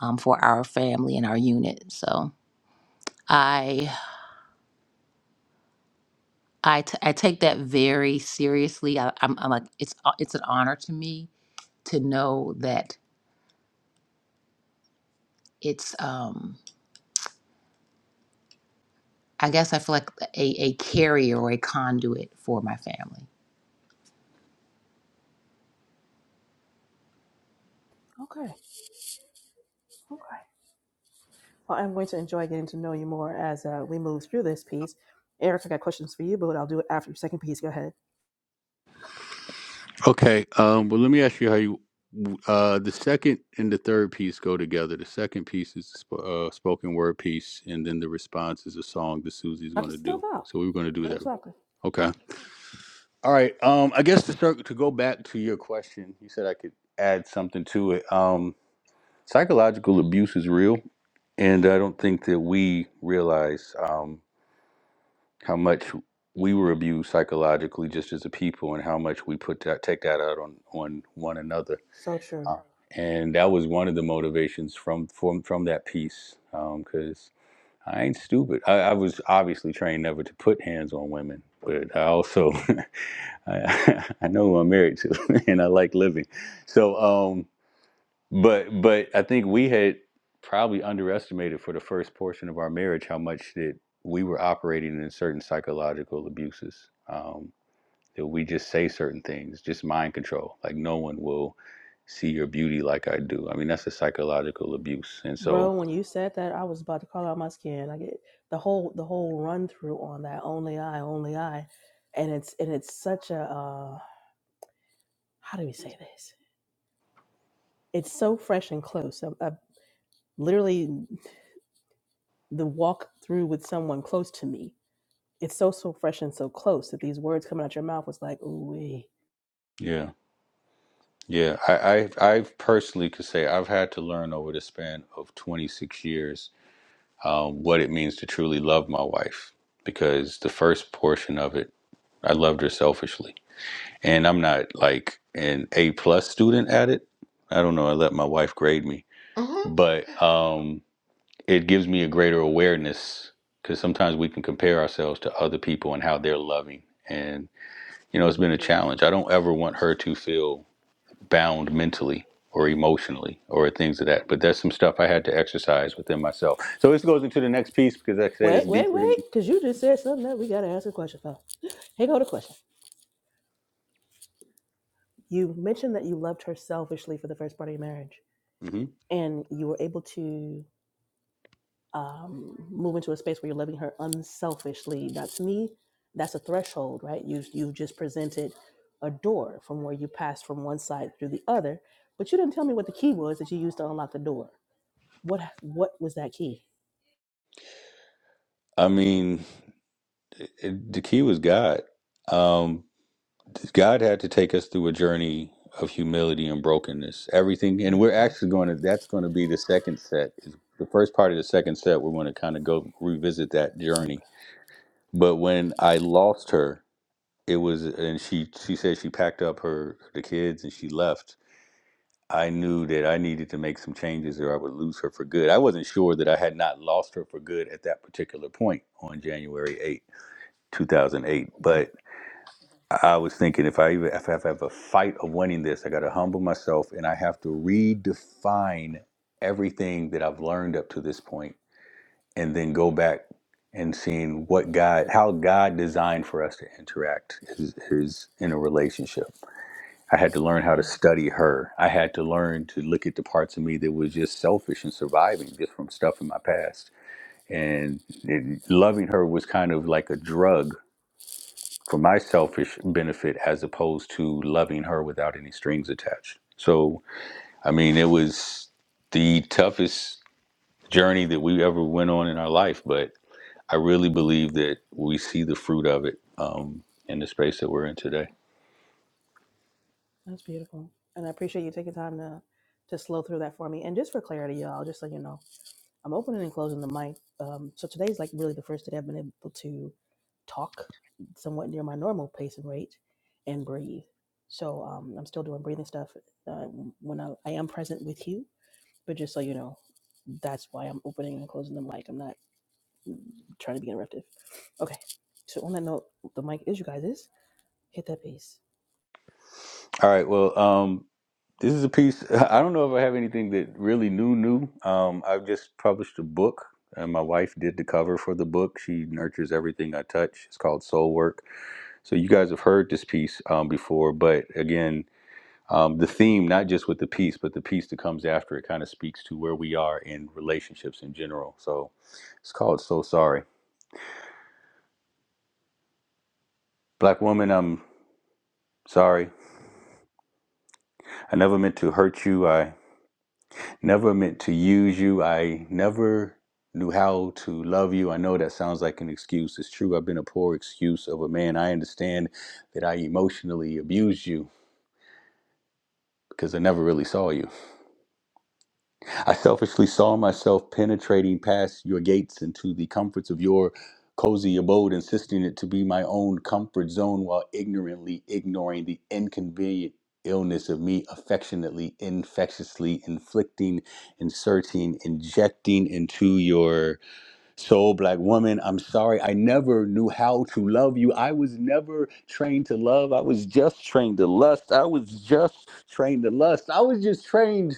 um, for our family and our unit. So I I, t- I take that very seriously. I, I'm, I'm like it's uh, it's an honor to me to know that it's um I guess I feel like a, a carrier or a conduit for my family.
Okay. Well, I'm going to enjoy getting to know you more as uh, we move through this piece. Eric, I got questions for you, but I'll do it after your second piece. Go ahead.
Okay. Um, well, let me ask you how you uh, the second and the third piece go together. The second piece is the sp- uh, spoken word piece, and then the response is a song that Susie's
Knock
going to
yourself
do.
out.
So we were going to do that.
Exactly.
Okay. All right. Um, I guess to start to go back to your question, you said I could add something to it. Um, psychological abuse is real, and I don't think that we realize um, how much we were abused psychologically just as a people, and how much we put that take that out on on one another
So true.
uh, and that was one of the motivations from from from that piece because I ain't stupid. I, I was obviously trained never to put hands on women, but I also *laughs* I, *laughs* I know who I'm married to, *laughs* and I like living. So, um, but but I think we had probably underestimated for the first portion of our marriage how much that we were operating in certain psychological abuses. Um, that we just say certain things, just mind control. Like no one will see your beauty like I do. I mean, that's a psychological abuse. And so,
Bro, when you said that, I was about to call out my skin. I get the whole the whole run through on that only I, only I. And it's and it's such a uh how do we say this? It's so fresh and close. I, I literally the walk through with someone close to me. It's so so fresh and so close that these words coming out your mouth was like, ooh wee.
yeah, yeah, I, I, I personally could say I've had to learn over the span of 26 years um, what it means to truly love my wife because the first portion of it, I loved her selfishly, and I'm not like an A plus student at it. I don't know. I let my wife grade me, *laughs* but. um, it gives me a greater awareness because sometimes we can compare ourselves to other people and how they're loving. And, you know, it's
Right,
been a challenge. I don't ever want her to feel bound mentally or
right.
emotionally or things of that. But that's some stuff I had to exercise within myself. So this goes into the next piece because, like I said, it's
Wait, wait,
deeper than
wait, because you just said something that we got to ask a question for. Here go the question. You mentioned that you loved her selfishly for the first part of your marriage,
me. hmm
and you were able to um, move into a space where you're loving her unselfishly. Now, to me, that's a threshold, right? You you just presented a door from where you passed from one side through the other, but you didn't tell me what the key was that you used to unlock the door. What what was that key?
I mean, it, it- the key was God. Um, God had to take us through a journey of humility and brokenness. Everything, and we're
Okay,
actually going to, that's going to be the second set. is The first part of the second set, we're going to kind of go revisit that
okay,
journey. But when I lost her, it was, and she, she said she packed up her, the kids and she left. I knew that I needed to make some changes or I would lose her for good. I wasn't sure that I had not lost her for good at that particular point on January eighth, two 2008.
mhm,
But I was thinking if I even if I have a fight of winning this, I got to humble myself and I have to redefine everything that I've learned up to this point, and then go back and seeing what God, how God designed for us to interact is, is in a relationship. I had to learn how to
okay.
study her. I had to learn to look at the parts of me that was just selfish and surviving just from stuff in my past. And it, loving her was kind of like a drug for my selfish benefit as opposed to loving her without any strings attached. So, I mean, it was the toughest journey that we ever went on in our life, but I really believe that we see the fruit of it um, in the space that we're in today.
That's beautiful. And I appreciate you taking time to to slow through that for me. And just for clarity, y'all, just so you know, I'm opening and closing the mic. Um, so today's like really the first day I've been able to talk somewhat near my normal pace and rate and breathe. So um, I'm still doing breathing stuff uh, when I, I am present with you. But just so you know, that's why I'm opening and closing the mic. I'm not mm, trying to be interruptive. Okay. So on that note, the mic is you guys' is hit that piece
All right. Well, um, This is a piece. *laughs* I don't know if I have anything that really new, new. Um, I've just published a book, and my wife did the cover for the book. She nurtures everything I touch. It's called Soul Work. So you guys have heard this piece um, before, but again, um, the theme, not just with the piece, but the piece that comes after it, kind of speaks to where we are in relationships in general. So it's called So Sorry. Black woman, I'm sorry. I never meant to hurt you. I Never meant to use you. I never knew how to love you. I know that sounds like an excuse. It's true. I've been a poor excuse of a man. I understand that I emotionally abused you because I never really saw you. I selfishly saw myself penetrating past your gates into the comforts of your cozy abode, insisting it to be my own comfort zone while ignorantly ignoring the inconvenient illness of me affectionately, infectiously inflicting, inserting, injecting into your soul, black woman. I'm sorry. I never knew how to love you. I was never trained to love. I was just trained to lust. I was just trained to lust. I was just trained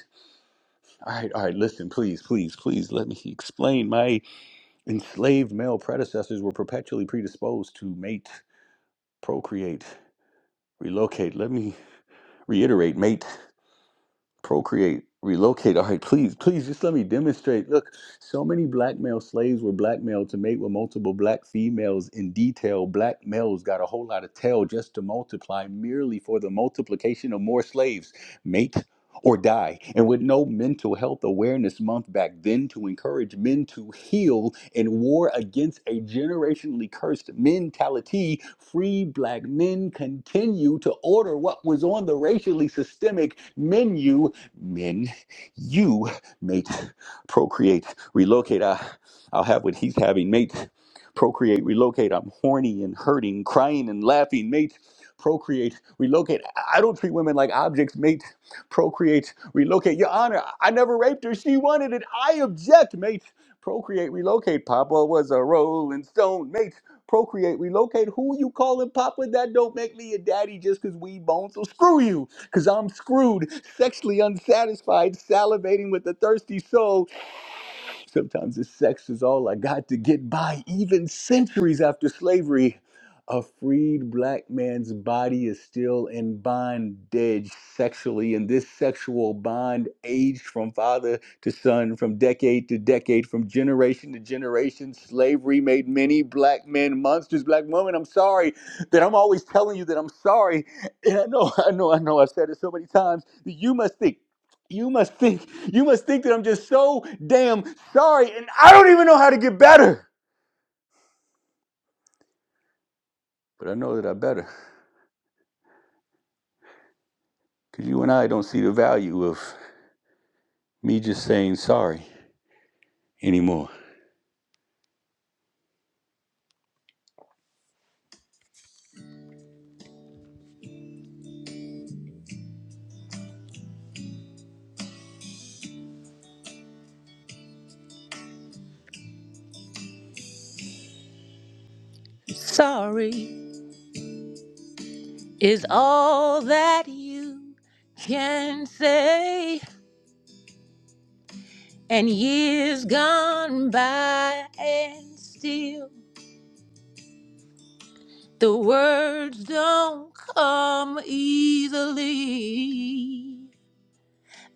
all right, all right, listen, please, please, please let me explain. My enslaved male predecessors were perpetually predisposed to mate, procreate, relocate. Let me reiterate mate procreate, relocate. *laughs* All right, please, please just let me demonstrate. Look, so many black male slaves were blackmailed to mate with multiple black females in detail. Black males got a whole lot of tail just to multiply merely for the multiplication of more slaves. Mate or die. And with no mental health awareness month back then to encourage men to heal in war against a generationally cursed mentality, free black men continue to order what was on the racially systemic menu men, you, mate, procreate, relocate. I, I'll have what he's having, mate, procreate, relocate. I'm horny and hurting, crying and laughing, mate, procreate, relocate. I I don't treat women like objects, mate, procreate, relocate. Your Honor, I I never raped her. She wanted it. I object, mate, procreate, relocate. Papa was a rolling stone, mate. Procreate, relocate. Who you calling Papa? That don't make me a daddy just because we bone. So screw you because I'm screwed, sexually unsatisfied, salivating with a thirsty soul Sometimes this sex is all I got to get by, even centuries after slavery. A freed black man's body is still in bondage sexually, and this sexual bond aged from father to son, from decade to decade, from generation to generation. Slavery made many black men monsters. Black women, I'm sorry that I'm always telling you that I'm sorry. And I know, *laughs* I know, I know, I've said it so many times that you must think. You must think you must think that I'm just so damn sorry and I don't even know how to get better. But I know that I better. Cause you and I don't see the value of me just saying sorry anymore. Sorry is all that you can say. And years gone by, and still the words don't come easily.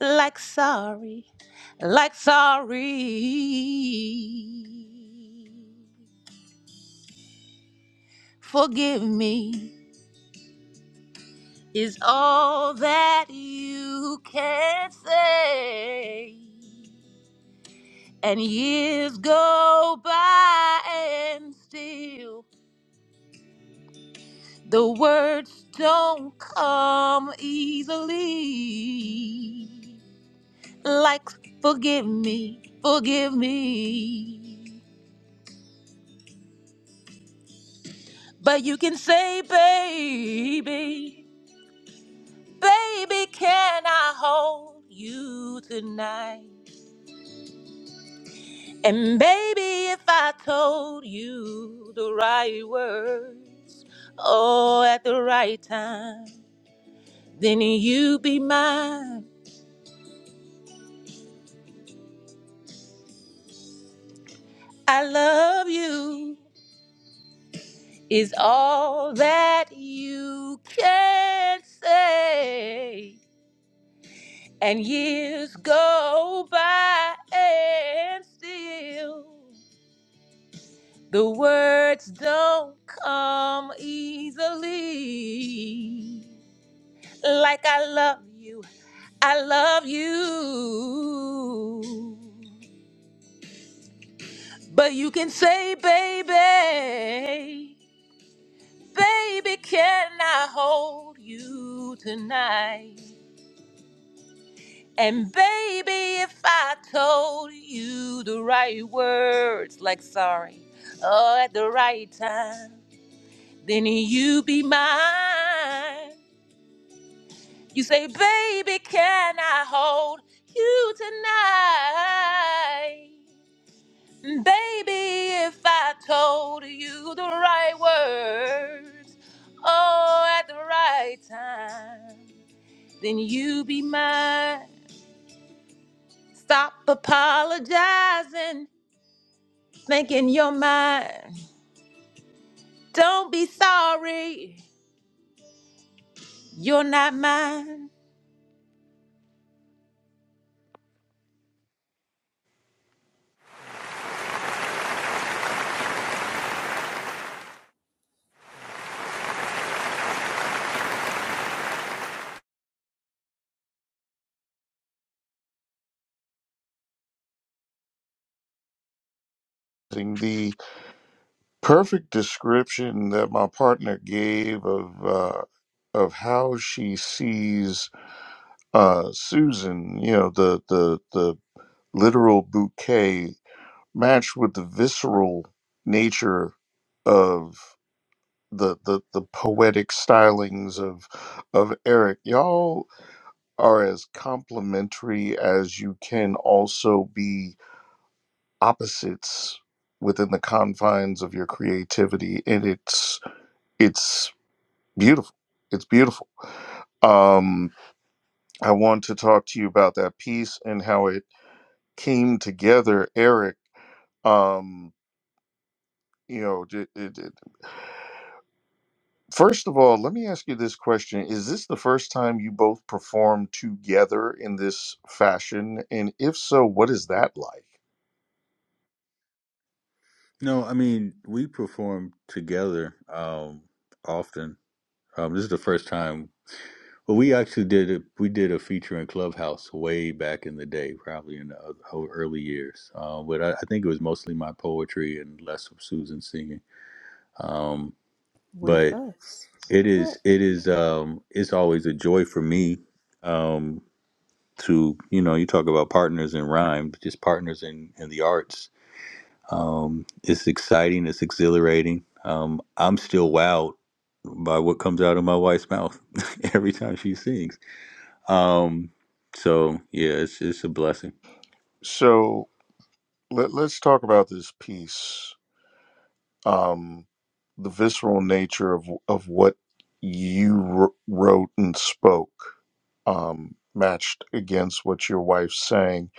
like sorry, like sorry. Forgive me is all that you can say. And years go by and still the words don't come easily. Like forgive me, forgive me. But you can say, baby, baby, can I hold you tonight? And baby, if I told you the right words, oh, at the right time, then you be mine. I love you is all that you can say. And years go by and still. The words don't come easily. Like I love you, I love you. But you can say, baby, baby, can I hold you tonight? And baby, if I told you the right words, like sorry, oh, at the right time, then you be mine. You say, baby, can I hold you tonight? Baby, if I told you the right words, oh, at the right time, then you be mine. Stop apologizing, thinking you're mine. Don't be sorry, you're not mine.
The perfect description that my partner gave of uh, of how she sees uh, Susan, you know, the the the literal bouquet matched with the visceral nature of the the, the poetic stylings of of Eric. Y'all are as complementary as you can also be opposites within the confines of your creativity. And it's it's beautiful. It's beautiful. Um I want to talk to you about that piece and how it came together, Eric. Um, you know, it it. it, First of all, let me ask you this question. Is this the first time you both performed together in this fashion? And if so, what is that like?
No, I mean we perform together um, often. Um, this is the first time. Well, we actually did a, we did a feature in Clubhouse way back in the day, probably in the o- early years. Uh, but I, I think it was mostly my poetry and less of Susan singing. Um,
with
but
us.
it is
Correct.
it is um, it's always a joy for me um, to you know you talk about partners in rhyme, but just partners in in the arts. Um, it's exciting. It's exhilarating. Um, I'm still wowed by what comes out of my wife's mouth *laughs* every time she sings Um, so yeah, it's it's a blessing.
So let, let's talk about this piece um, the visceral nature of, of what you wr- wrote and spoke, um, matched against what your wife's saying.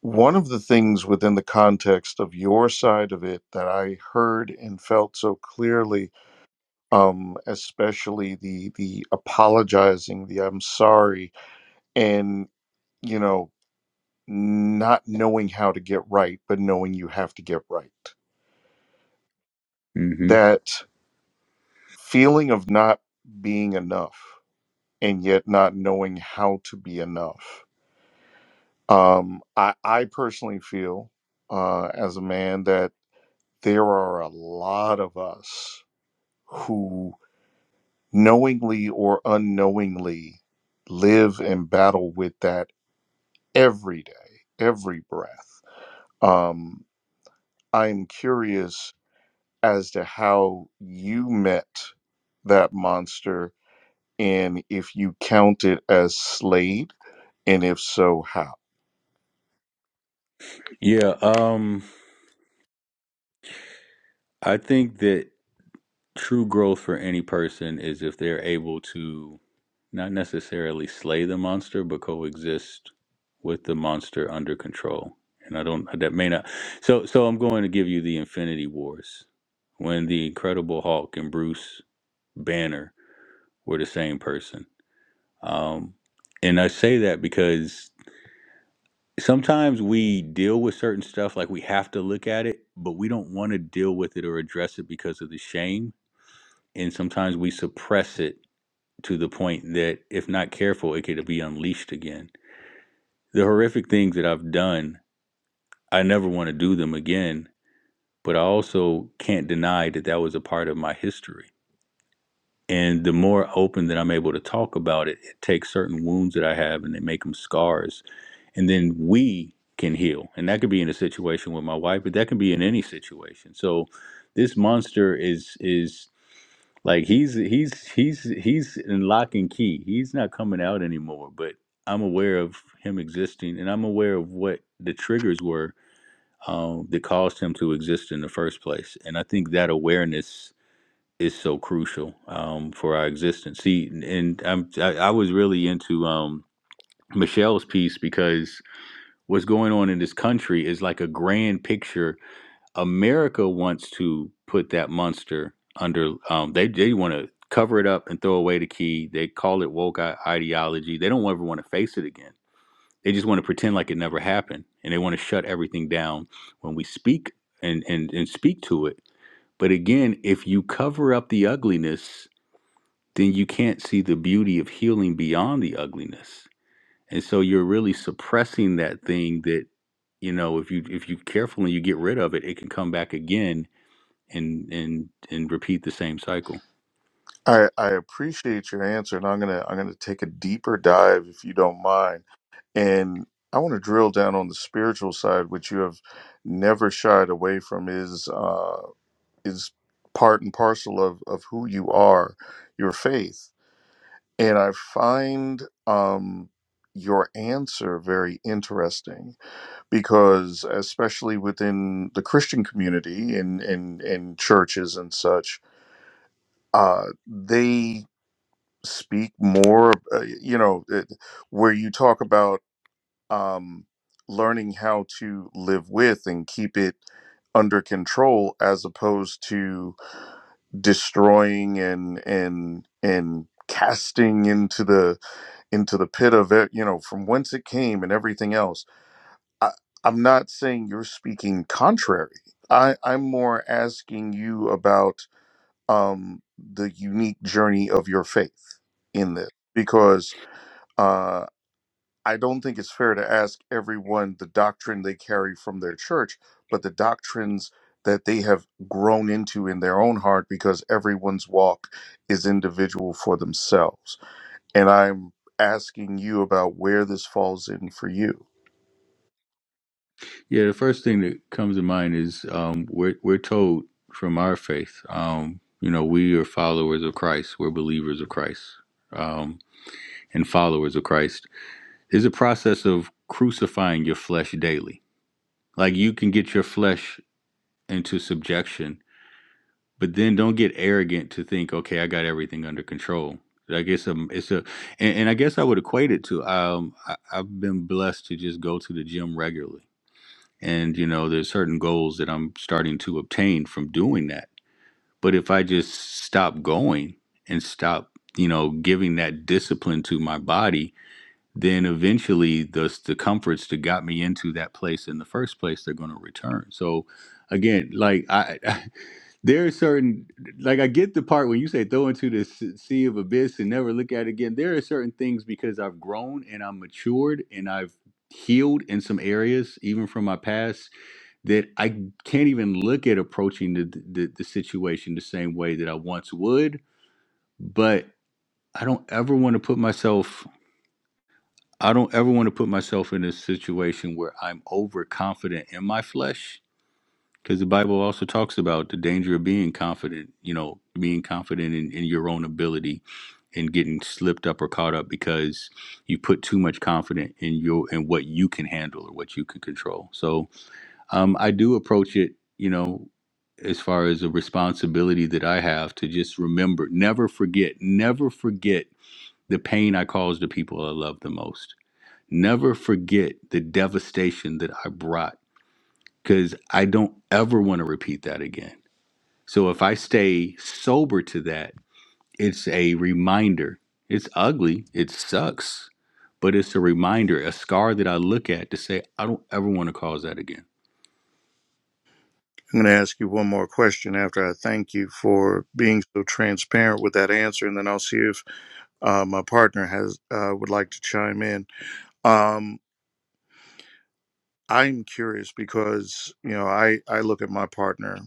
One of the things within the context of your side of it that I heard and felt so clearly um, especially the the apologizing, the I'm sorry, and you know not knowing how to get right, but knowing you have to get right.
hmm
That feeling of not being enough and yet not knowing how to be enough. Um, I I personally feel uh, as a man that there are a lot of us who knowingly or unknowingly live and battle with that every day, every breath. Um, I'm curious as to how you met that monster and if you count it as Slade, and if so, how.
Yeah. Um, I think that true growth for any person is if they're able to not necessarily slay the monster, but coexist with the monster under control. And I don't that may not. So so I'm going to give you the Infinity Wars when the Incredible Hulk and Bruce Banner were the same person. Um, and I say that because sometimes we deal with certain stuff like we have to look at it but we don't want to deal with it or address it because of the shame and sometimes we suppress it to the point that if not careful it could be unleashed again the horrific things that i've done i never want to do them again but i also can't deny that that was a part of my history and the more open that i'm able to talk about it it takes certain wounds that i have and they make them scars and then we can heal. And that could be in a situation with my wife, but that can be in any situation. So this monster is is like he's he's he's he's in lock and key. He's not coming out anymore, but I'm aware of him existing and I'm aware of what the triggers were um, that caused him to exist in the first place. And I think that awareness is so crucial um, for our existence. See, and and I'm, I, I was really into um, Michelle's piece because what's going on in this country is like a grand picture. America wants to put that monster under. Um, they they want to cover it up and throw away the key. They call it woke ideology. They don't ever want to face it again. They just want to pretend like it never happened, and they want to shut everything down when we speak and and and speak to it. But again, if you cover up the ugliness, then you can't see the beauty of healing beyond the ugliness and so you're really suppressing that thing that you know if you if you carefully you get rid of it it can come back again and and and repeat the same cycle
I, I appreciate your answer, and I'm gonna I'm gonna take a deeper dive if you don't mind, and I want to drill down on the spiritual side, which you have never shied away from is uh, is part and parcel of of who you are, your faith And I find um, your answer very interesting because, especially within the Christian community and in, in, in churches and such, uh, they speak more, uh, you know, it- where you talk about um, learning how to live with and keep it under control as opposed to destroying and and and casting into the into the pit of it, you know, from whence it came and everything else. I, I'm not saying you're speaking contrary. I, I'm more asking you about um, the unique journey of your faith in this, because uh, I don't think it's fair to ask everyone the doctrine they carry from their church, but the doctrines that they have grown into in their own heart, because everyone's walk is individual for themselves. And I'm asking you about where this falls in for you.
yeah the first thing that comes to mind is um we're we're told from our faith um you know we are followers of christ we're believers of christ um and followers of christ is a process of crucifying your flesh daily like you can get your flesh into subjection but then don't get arrogant to think, okay, I got everything under control. I guess um, it's a, and, and I guess I would equate it to um, I, I've been blessed to just go to the gym regularly, and you know, there's certain goals that I'm starting to obtain from doing that. But if I just stop going and stop, you know, giving that discipline to my body, then eventually the, the comforts that got me into that place in the first place they're going to return so again like I, *laughs* I there are certain like i get the part when you say throw into the s- sea of abyss and never look at it again there are certain things because i've grown and i'm matured and i've healed in some areas even from my past that i can't even look at approaching the, the, the situation the same way that i once would but i don't ever want to put myself I don't ever want to put myself in a situation where I'm overconfident in my flesh because the Bible also talks about the danger of being confident, you know, being confident in, in your own ability and getting slipped up or caught up because you put too much confidence in your in what you can handle or what you can control. So um, I do approach it, you know, as far as a responsibility that I have to just remember, never forget, never forget the pain I caused the people I love the most Never forget the devastation that I brought because I don't ever want to repeat that again. So if I stay sober to that, it's a reminder. It's ugly, it sucks, but it's a reminder, a scar that I look at to say, I don't ever want to cause that again.
I'm going to ask you one more question after I thank you for being so transparent with that answer, and then I'll see if uh, my partner has uh, would like to chime in. Um, I'm curious because you know I I look at my partner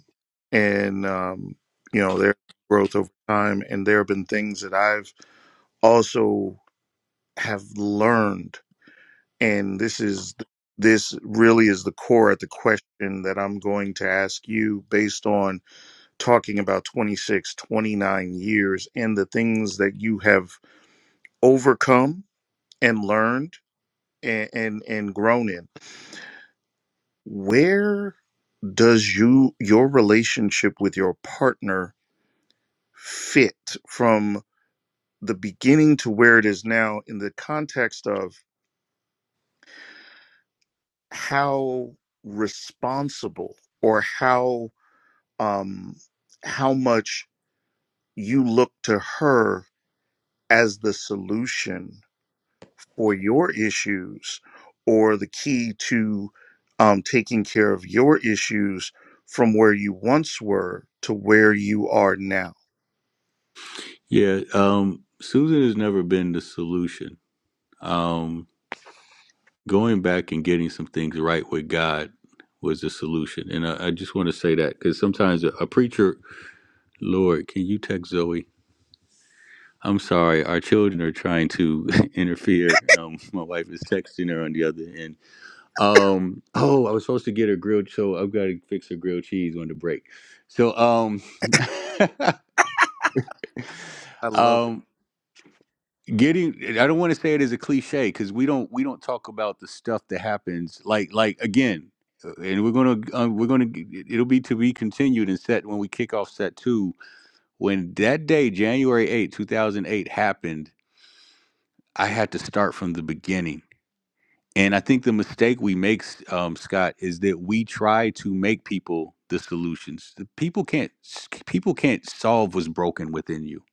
and um, you know their growth over time, and there have been things that I've also have learned And this is this really is the core at the question that I'm going to ask you based on talking about 26, 29 years and the things that you have overcome and learned and and, and grown in. Where does you your relationship with your partner fit from the beginning to where it is now in the context of how responsible or how um, how much you look to her as the solution for your issues or the key to um, taking care of your issues from where you once were to where you are now.
Yeah, um, Susan has never been the solution. Um, going back and getting some things right with God was the solution. And I, I just want to say that because sometimes a, a preacher, Lord, can you text Zoe? I'm sorry, our children are trying to *laughs* interfere. Um, my wife is texting her on the other end. Um, oh, I was supposed to get her grilled, so I've got to fix her grilled cheese on the break. So, um,
I
*laughs*
love it.
um, getting I don't want to say it as a cliche because we don't we don't talk about the stuff that happens like like again, uh, and we're gonna uh, we're gonna g- it'll be to be continued in set when we kick off set two. When that day, January eighth two 2008, happened, I had to start from the beginning And I think the mistake we make, um, Scott, is that we try to make people the solutions. The People can't people can't solve what's broken within you.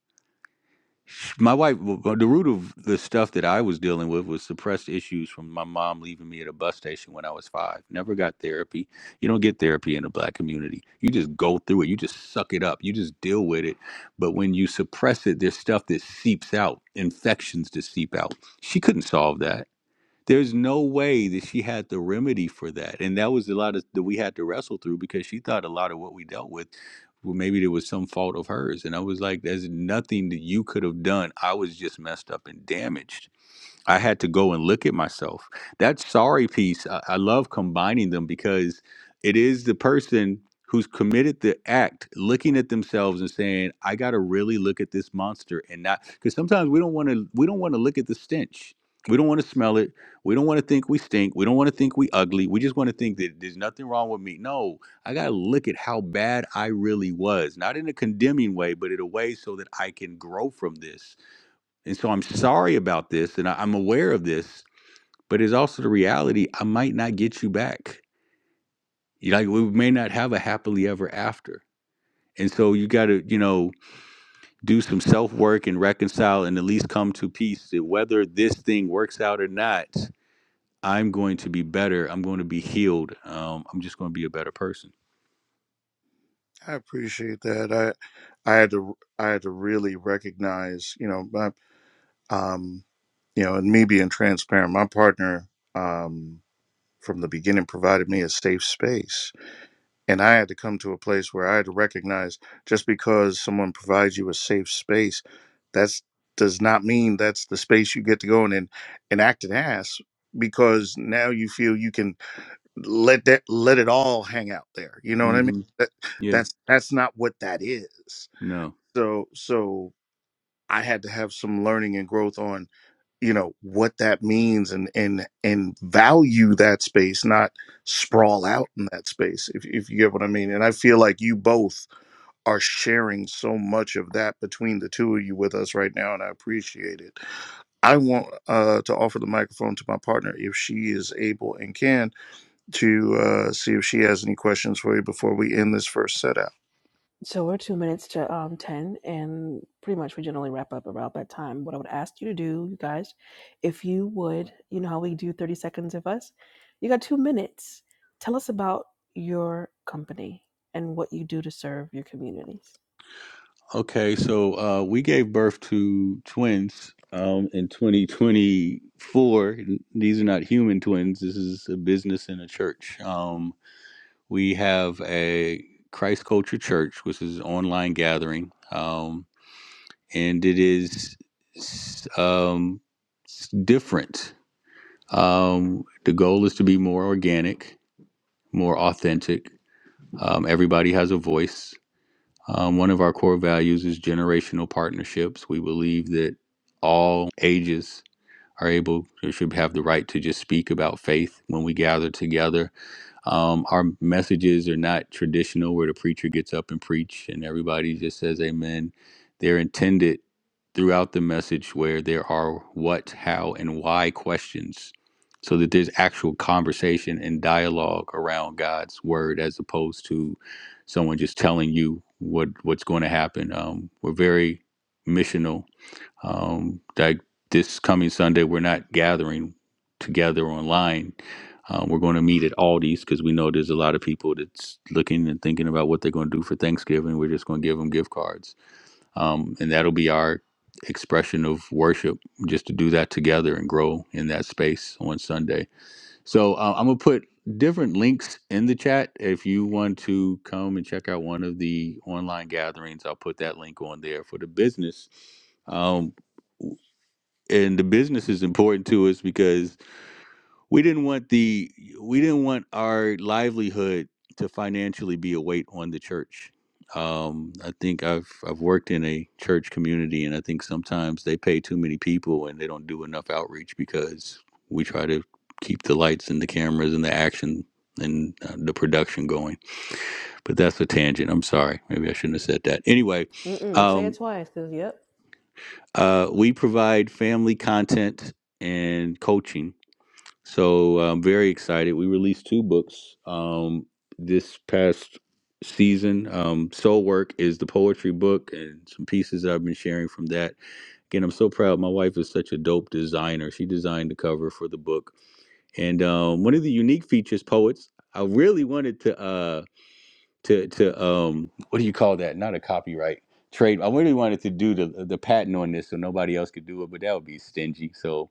My wife, the root of the stuff that I was dealing with was suppressed issues from my mom leaving me at a bus station when I was five. Never got therapy. You don't get therapy in the black community. You just go through it. You just suck it up. You just deal with it. But when you suppress it, there's stuff that seeps out, infections that seep out. She couldn't solve that there's no way that she had the remedy for that. And that was a lot of that we had to wrestle through because she thought a lot of what we dealt with, well, maybe there was some fault of hers. And I was like, there's nothing that you could have done. I was just messed up and damaged I had to go and look at myself. That sorry piece, I, I love combining them because it is the person who's committed the act looking at themselves and saying, I gotta really look at this monster and not because sometimes we don't wanna we don't wanna look at the stench. We don't want to smell it. We don't want to think we stink. We don't want to think we ugly. We just want to think that there's nothing wrong with me. No, I got to look at how bad I really was, not in a condemning way, but in a way so that I can grow from this and so I'm sorry about this and I, I'm aware of this, but it's also the reality I might not get you back. You know, like we may not have a happily ever after. And so you got to, you know, do some self work and reconcile and at least come to peace that whether this thing works out or not, I'm going to be better. I'm going to be healed. Um, I'm just going to be a better person.
I appreciate that. I I had to I had to really recognize, you know, my, um, you know, and me being transparent. My partner um, from the beginning provided me a safe space And I had to come to a place where I had to recognize just because someone provides you a safe space, that's does not mean that's the space you get to go in and, and act an ass because now you feel you can let that let it all hang out there. You know what I mean?
hmm
That,
Yeah.
that's that's not what that is.
No.
So so I had to have some learning and growth on you know what that means and and and value that space not sprawl out in that space if, if you get what i mean and i feel like you both are sharing so much of that between the two of you with us right now and i appreciate it i want uh, to offer the microphone to my partner if she is able and can to uh, see if she has any questions for you before we end this first set out
So we're two minutes to um, 10, and pretty much we generally wrap up about that time. What I would ask you to do, you guys, if you would, you know how we do 30 seconds of us? You got two minutes. Tell us about your company and what you do to serve your communities.
Okay, so uh, we gave birth to twins um, in 2024. These are not human twins. This is a business and a church. Um, we have a Christ Culture Church, which is an online gathering, um, and it is s- um, s- different. Um, the goal is to be more organic, more authentic. Um, everybody has a voice. Um, one of our core values is generational partnerships. We believe that all ages are able or should have the right to just speak about faith when we gather together um, our messages are not traditional where the preacher gets up and preach and everybody just says amen. They're intended throughout the message where there are what, how, and why questions so that there's actual conversation and dialogue around God's word as opposed to someone just telling you what what's going to happen. Um, we're very missional um, like this coming Sunday, we're not gathering together online. Uh, we're going to meet at Aldi's because we know there's a lot of people that's looking and thinking about what they're going to do for Thanksgiving. We're just going to give them gift cards, um, and that'll be our expression of worship, just to do that together and grow in that space on Sunday. So uh, I'm gonna put different links in the chat if you want to come and check out one of the online gatherings. I'll put that link on there for the business. Um, and the business is important to us because we didn't want the we didn't want our livelihood to financially be a weight on the church. Um, I think I've I've worked in a church community, and I think sometimes they pay too many people and they don't do enough outreach because we try to keep the lights and the cameras and the action and uh, the production going. But that's a tangent. I'm sorry. Maybe I shouldn't have said that. Anyway,
Mm-mm, say
um,
it twice, because, yep.
uh, we provide family content and coaching. So uh, I'm very excited. We released two books um, this past season. Um, Soul Work is the poetry book and some pieces that I've been sharing from that. Again, I'm so proud. My wife is such a dope designer. She designed the cover for the book. And um, one of the unique features, poets, I really wanted to. Uh, to to um what do you call that? Not a copyright trade. I really wanted to do the the patent on this so nobody else could do it, but that would be stingy. So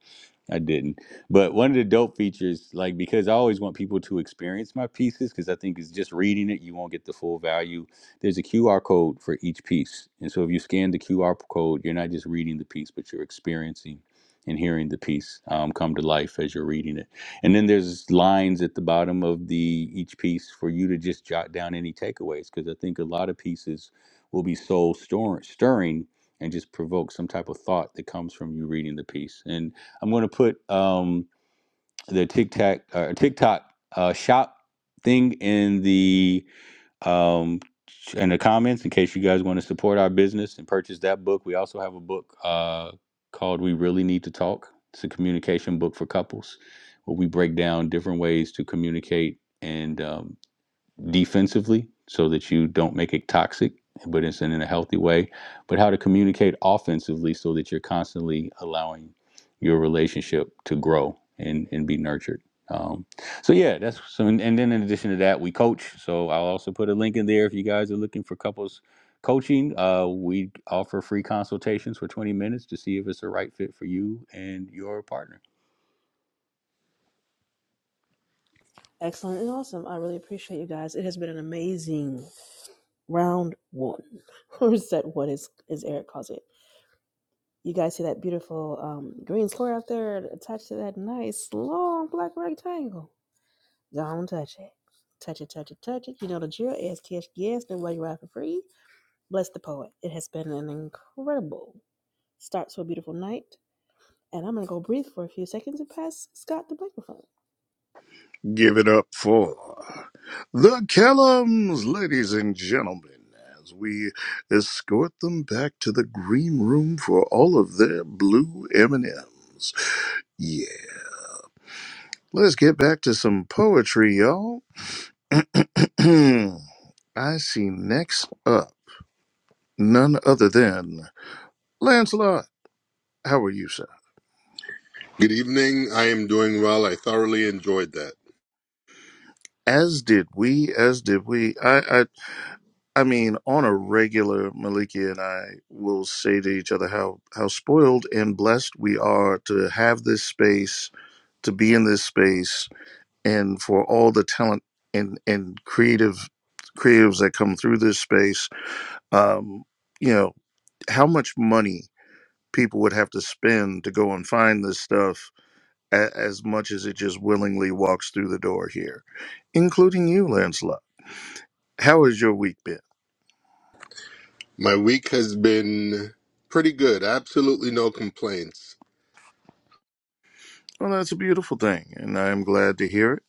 I didn't. But one of the dope features, like because I always want people to experience my pieces, because I think it's just reading it, you won't get the full value. There's a QR code for each piece. And so if you scan the QR code, you're not just reading the piece, but you're experiencing and hearing the piece um, come to life as you're reading it. And then there's lines at the bottom of the each piece for you to just jot down any takeaways because I think a lot of pieces will be soul stor- stirring and just provoke some type of thought that comes from you reading the piece. And I'm going to put um, the TikTok uh, TikTok uh, shop thing in the um, in the comments in case you guys want to support our business and purchase that book. We also have a book uh, called We Really Need to Talk. It's a communication book for couples where we break down different ways to communicate and um, defensively so that you don't make it toxic, but it's in, a healthy way, but how to communicate offensively so that you're constantly allowing your relationship to grow and, and be nurtured. Um, so yeah, that's so. And and then in addition to that, we coach. So I'll also put a link in there if you guys are looking for couples coaching. Uh, we offer free consultations for 20 minutes to see if it's the right fit for you and your partner.
Excellent and awesome. I really appreciate you guys. It has been an amazing round one, *laughs* or set one, as, as Eric calls it. You guys see that beautiful um, green square out there attached to that nice long black rectangle? Don't touch it. Touch it, touch it, touch it. You know the drill. ASTS, yes, the way you ride for free. Bless the poet. It has been an incredible start to a beautiful night. And I'm going to go breathe for a few seconds and pass Scott the microphone.
give it up for the Kellums, ladies and gentlemen, as we escort them back to the green room for all of their blue M&Ms. Yeah, let's get back to some poetry, y'all. *clears throat* I see next up none other than Lancelot. How are you, sir?
Good evening. I am doing well. I thoroughly enjoyed that.
As did we, as did we. I, I I mean, on a regular, Maliki and I will say to each other how how spoiled and blessed we are to have this space, to be in this space, and for all the talent and and creative creatives that come through this space. Um, you know how much money people would have to spend to go and find this stuff, a- as much as it just willingly walks through the door here, including you, Lancelot. How has your week been?
My week has been pretty good. Absolutely no complaints.
Well, that's a beautiful thing, and I am glad to hear it.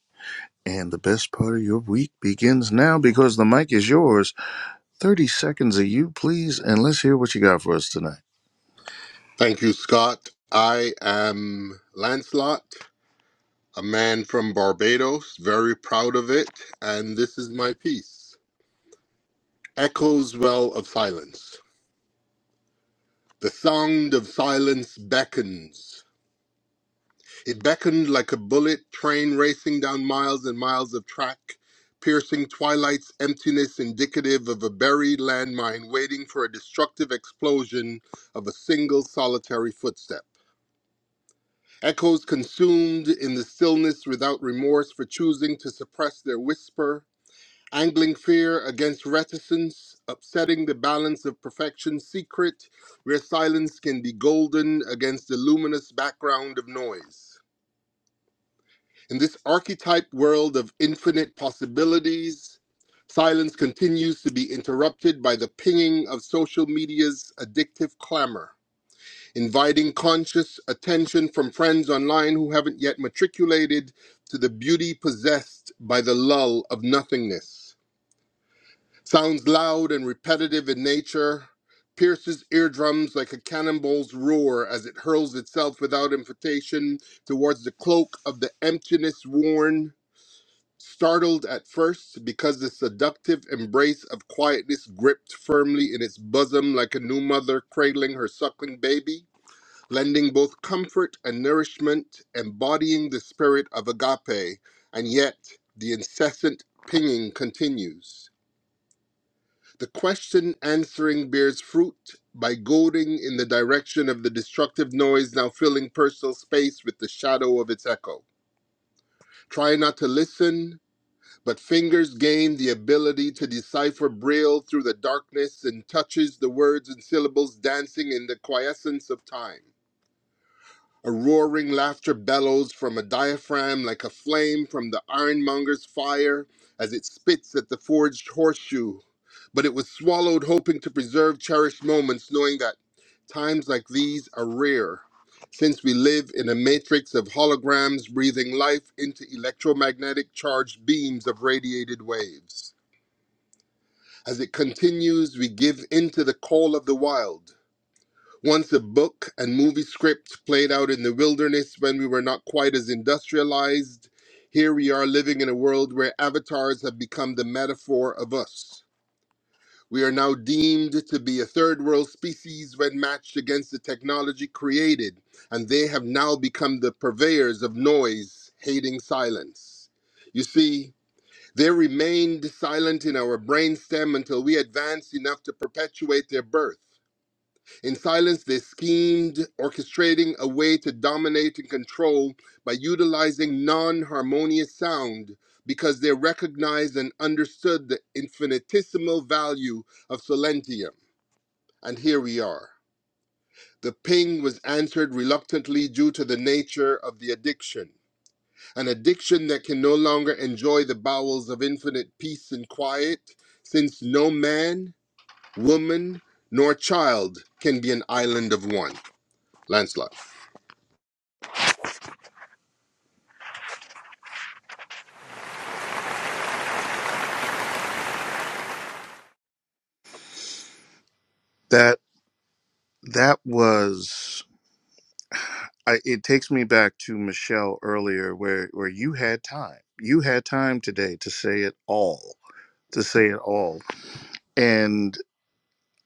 And the best part of your week begins now because the mic is yours. 30 seconds of you, please, and let's hear what you got for us tonight.
Thank you, Scott. I am Lancelot, a man from Barbados, very proud of it, and this is my piece. Echoes well of silence. The sound of silence beckons. It beckoned like a bullet train racing down miles and miles of track, piercing twilight's emptiness indicative of a buried landmine waiting for a destructive explosion of a single solitary footstep. Echoes consumed in the stillness without remorse for choosing to suppress their whisper, angling fear against reticence, upsetting the balance of perfection's secret, where silence can be golden against the luminous background of noise. In this archetype world of infinite possibilities, silence continues to be interrupted by the pinging of social media's addictive clamor, inviting conscious attention from friends online who haven't yet matriculated to the beauty possessed by the lull of nothingness. Sounds loud and repetitive in nature, pierces eardrums like a cannonball's roar as it hurls itself without invitation towards the cloak of the emptiness worn Startled at first because the seductive embrace of quietness gripped firmly in its bosom like a new mother cradling her suckling baby, lending both comfort and nourishment, embodying the spirit of agape, and yet the incessant pinging continues. The question answering bears fruit by goading in the direction of the destructive noise now filling personal space with the shadow of its echo. Try not to listen, But fingers gain the ability to decipher Braille through the darkness and touches the words and syllables dancing in the quiescence of time. A roaring laughter bellows from a diaphragm like a flame from the ironmonger's fire as it spits at the forged horseshoe. But it was swallowed, hoping to preserve cherished moments, knowing that times like these are rare, since we live in a matrix of holograms breathing life into electromagnetic charged beams of radiated waves. As it continues, we give into the call of the wild once a book and movie script played out in the wilderness when we were not quite as industrialized, here we are living in a world where avatars have become the metaphor of us. We are now deemed to be a third world species when matched against the technology created, and they have now become the purveyors of noise, hating silence. You see, they remained silent in our brainstem until we advanced enough to perpetuate their birth. In silence, they schemed, orchestrating a way to dominate and control by utilizing non harmonious sound because they recognized and understood the infinitesimal value of Solentium. And here we are. The ping was answered reluctantly due to the nature of the addiction, an addiction that can no longer enjoy the bowels of infinite peace and quiet, since no man, woman, nor child can be an island of one. Lancelot.
That that was I, it takes me back to Michelle earlier where where you had time. You had time today to say it all, to say it all. And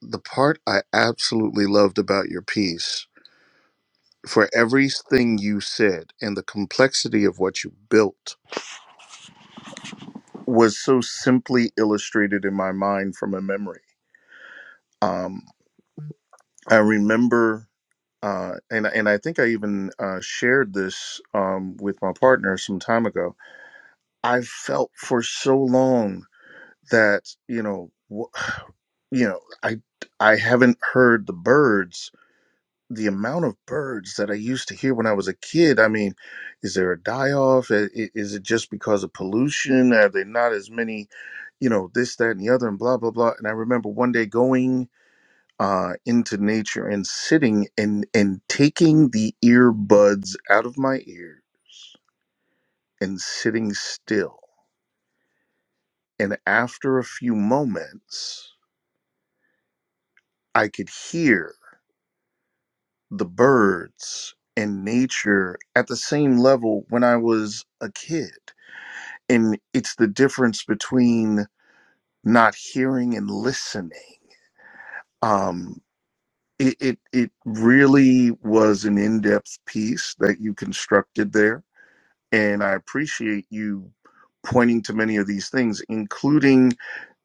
the part I absolutely loved about your piece for everything you said and the complexity of what you built was so simply illustrated in my mind from a memory. Um, I remember, uh, and and I think I even uh, shared this um, with my partner some time ago. I felt for so long that you know, wh- *sighs* you know, I I haven't heard the birds the amount of birds that I used to hear when I was a kid. I mean, is there a die off? Is it just because of pollution? Are there not as many, you know, this, that, and the other, and blah, blah, blah. And I remember one day going uh, into nature and sitting and and taking the earbuds out of my ear and sitting still. And after a few moments, I could hear the birds and nature at the same level when I was a kid and it's the difference between not hearing and listening um it it, it really was an in-depth piece that you constructed there and i appreciate you pointing to many of these things including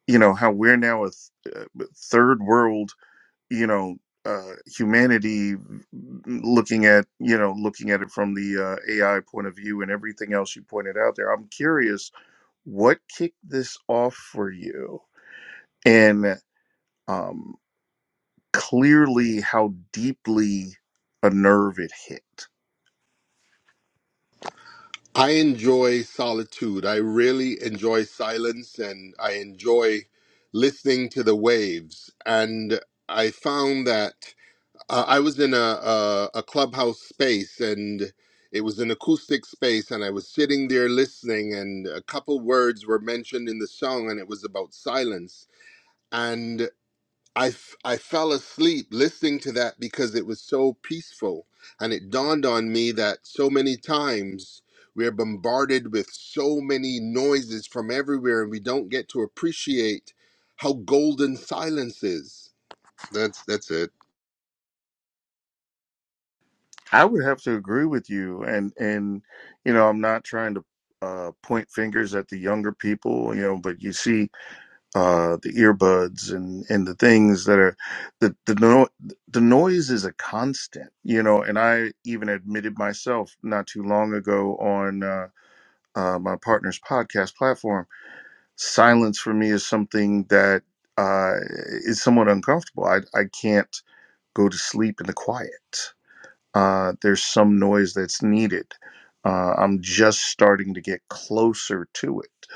you know how we're now a th- uh, third world you know uh, humanity mm, looking at you know looking at it from the uh, ai point of view and everything else you pointed out there i'm curious what kicked this off for you and um, clearly how deeply a nerve it hit.
I enjoy solitude. I really enjoy silence and I enjoy listening to the waves. And I found that uh, I was in a, a, a clubhouse space and it was an acoustic space and I was sitting there listening and a couple words were mentioned in the song and it was about silence. I, f- I fell asleep listening to that because it was so peaceful. And it dawned on me that so many times we're bombarded with so many noises from everywhere and we don't get to appreciate how golden silence is. That's that's it.
I would have to agree with you, and and you know I'm not trying to uh, point fingers at the younger people, you know, but you see uh, the earbuds and and the things that are the the no, the noise is a constant, you know, and I even admitted myself not too long ago on uh, uh, my partner's podcast platform silence for me is something that uh, is somewhat uncomfortable. I, I can't go to sleep in the quiet. Uh, there's some noise that's needed. Uh, I'm just starting to get closer to it.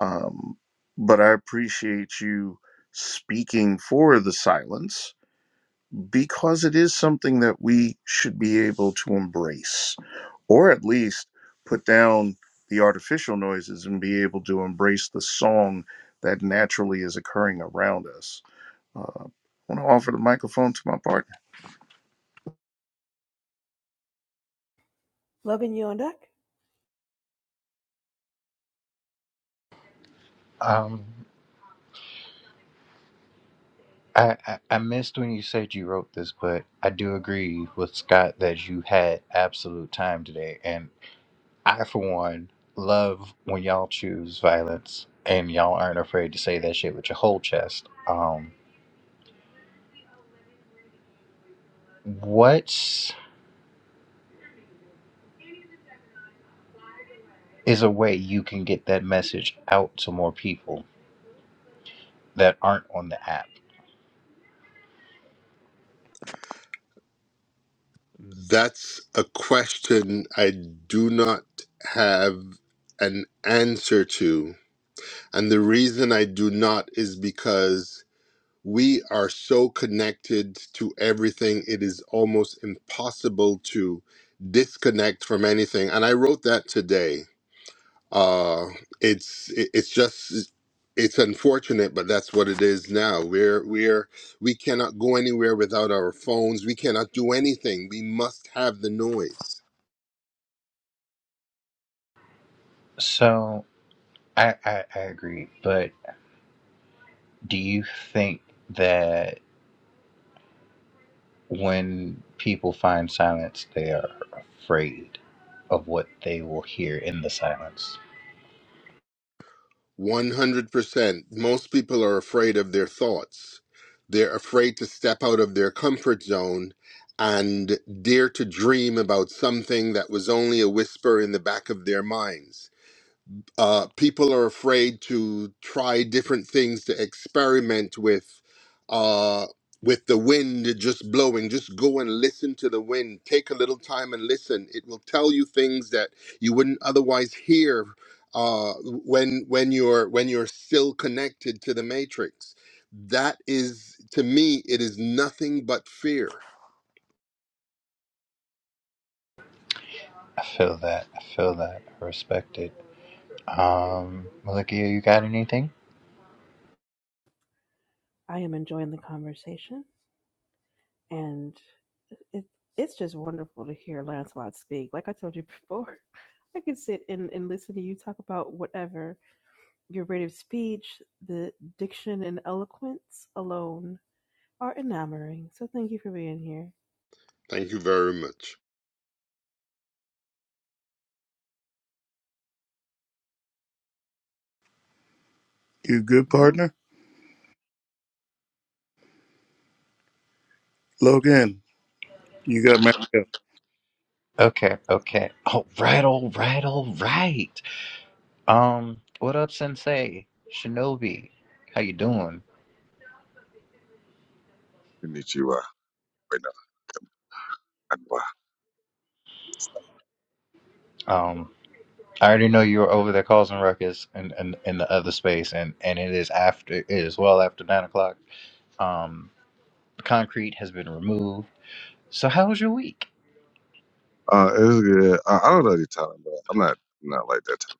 Um, but I appreciate you speaking for the silence because it is something that we should be able to embrace or at least put down the artificial noises and be able to embrace the song that naturally is occurring around us. Uh, I want to offer the microphone to my partner.
Loving you on deck.
Um, I, I, I missed when you said you wrote this, but I do agree with Scott that you had absolute time today. And I, for one, love when y'all choose violence and y'all aren't afraid to say that shit with your whole chest. Um, what's is a way you can get that message out to more people that aren't on the app.
That's a question I do not have an answer to. And the reason I do not is because we are so connected to everything it is almost impossible to disconnect from anything and i wrote that today uh it's it- it's just it's unfortunate but that's what it is now we're we're we cannot go anywhere without our phones we cannot do anything we must have the noise
So I, I, I agree, but do you think that when people find silence, they are afraid of what they will hear in the silence?
100%. Most people are afraid of their thoughts. They're afraid to step out of their comfort zone and dare to dream about something that was only a whisper in the back of their minds uh, people are afraid to try different things to experiment with uh, with the wind just blowing just go and listen to the wind take a little time and listen it will tell you things that you wouldn't otherwise hear uh, when when you're when you're still connected to the matrix that is to me it is nothing but fear
I feel that. I feel that. I respect it. Um, Malikia, you got anything?
I am enjoying the conversation. And it, it's just wonderful to hear Lancelot speak. Like I told you *laughs* before, I could sit and, and listen to you talk about whatever Your rate of speech, the diction and eloquence alone are enamoring. So thank you for being here.
thank you very much
You good
Nope.
partner, Logan? You got Marielle.
Okay, okay. All right, all right, all right. Um, what up, Sensei? Shinobi, how you doing?
Konnichiwa. Wait, no, konniwa.
Um, I already know you were over there causing ruckus in, in, in the other space, and, and it is after it is well after nine o'clock. Um, the concrete has been removed. So how was your week?
Uh, it was good. I, I don't know the time, but I'm not I'm not like that type of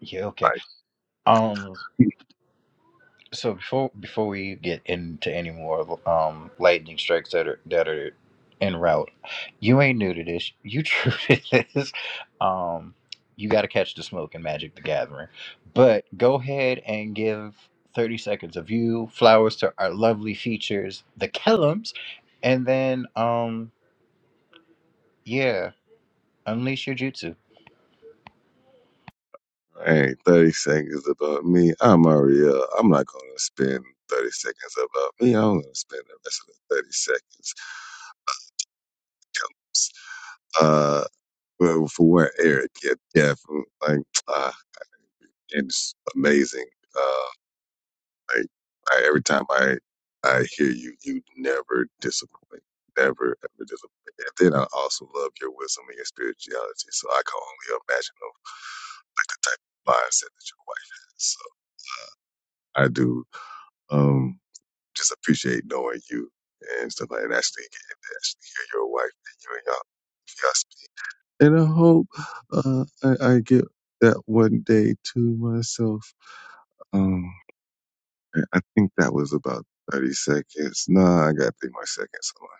Yeah, okay.
guy.
Um. So before before we get into any more um lightning strikes that are that are en route, you ain't new to this. You *laughs* true to this. Um, you got to catch the smoke in Magic the Gathering. But go ahead and give thirty seconds of you flowers to our lovely features, the Kellums, and then um yeah, unleash your jutsu.
*laughs* Ain't thirty seconds about me. I'm Maria. I'm not gonna spend thirty seconds about me. I'm gonna spend the rest of the thirty seconds comes. Uh, well, for where Eric, yeah, yeah, from, like, uh, it's amazing. Uh, Like I, every time I I hear you, you never disappoint. Never ever disappoint. And then I also love your wisdom and your spirituality. So I can only imagine of, like the type of mindset that your wife has. So I do um just appreciate knowing you and stuff like that. And actually getting to actually hear your wife and you and y'all y'all speak. And I hope uh I, I get that one day to myself. Um, I I think that was about 30 seconds. No, I got three more seconds. Hold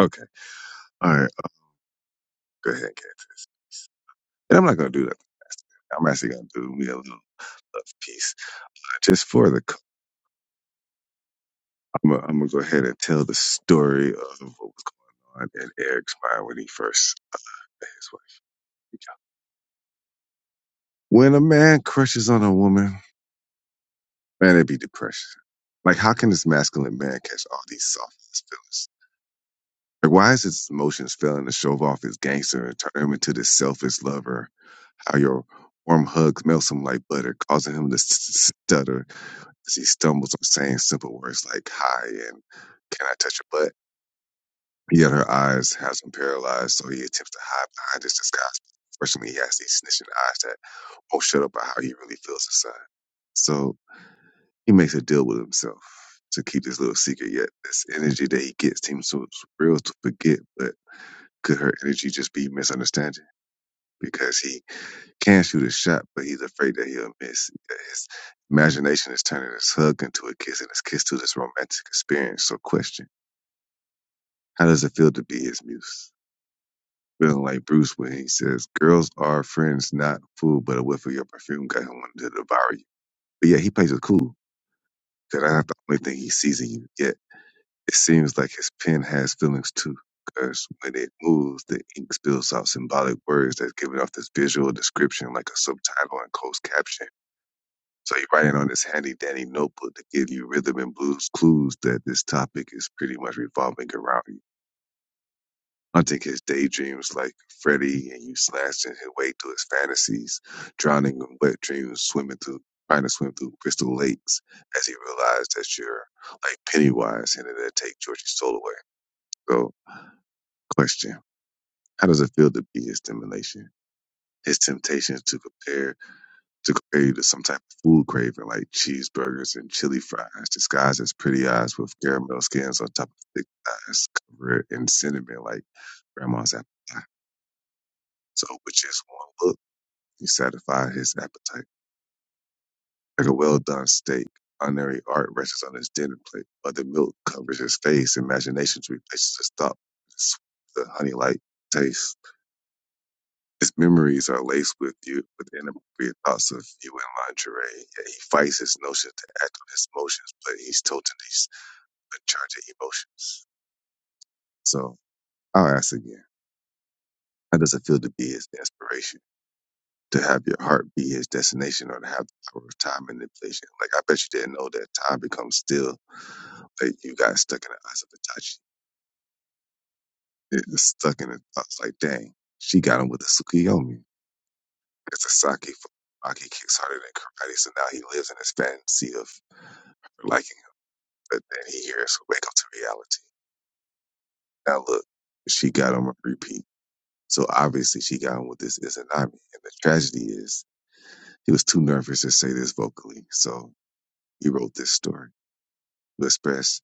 on. Okay. All right. Go ahead and get to this. And I'm not going to do that. I'm actually going to do me a little love piece. Just for the, I'm going I'm to go ahead and tell the story of what was going on in Eric's mind when he first met his wife. Here we go. When a man crushes on a woman, man, it'd be depression. Like, how can this masculine man catch all these soft feelings? Like, why is his emotions failing to show off his gangster and turn him into this selfish lover? How your warm hugs melts him like butter, causing him to s- stutter as he stumbles on saying simple words like hi and can I touch your butt? Yet her eyes has him paralyzed, so he attempts to hide behind his disguise. Fortunately, he has these snitching eyes that won't shut up about how he really feels inside. So he makes a deal with himself to keep this little secret. Yet this energy that he gets seems so real to forget, but could her energy just be misunderstanding? Because he can shoot a shot, but he's afraid that he'll miss. His imagination is turning his hug into a kiss and his kiss to this romantic experience. So, question How does it feel to be his muse? Feeling like Bruce when he says, Girls are friends, not food, but a whiff of your perfume got him wanting to devour you. But yeah, he plays it cool because that's the only thing he sees in you yet. It seems like his pen has feelings too, because when it moves, the ink spills out symbolic words that's giving off this visual description like a subtitle and closed caption. So you're writing on this handy dandy notebook to give you rhythm and blues clues that this topic is pretty much revolving around you. Hunting his daydreams like Freddy and you slashing his way through his fantasies, drowning in wet dreams, swimming through trying to swim through crystal lakes as he realized that you're like Pennywise and it'll take Georgie's soul away. So. Question: How does it feel to be his stimulation? His temptations to compare to compare you to some type of food craving like cheeseburgers and chili fries, disguised as pretty eyes with caramel skins on top of thick eyes covered in cinnamon like grandma's apple pie. So with just one look? He satisfied his appetite. Like a well done steak, culinary art rests on his dinner plate, but the milk covers his face, imagination replaces his thought. It's the honey like taste. His memories are laced with you with inappropriate thoughts of you in lingerie, yet he fights his notion to act on his emotions, but he's totally s- in charge of emotions. So I'll ask again, how does it feel to be his inspiration? To have your heart be his destination or to have the power of time manipulation? Like I bet you didn't know that time becomes still. Like you got stuck in the eyes of Itachi. It's stuck in the thoughts like dang, she got him with a Tsukuyomi There's a Saki Saki kicks harder than karate, so now he lives in his fantasy of liking it, but then he hears wake up to reality. Now look, she got him a repeat. So obviously she got him with this Izanami. And the tragedy is he was too nervous to say this vocally, so he wrote this story to express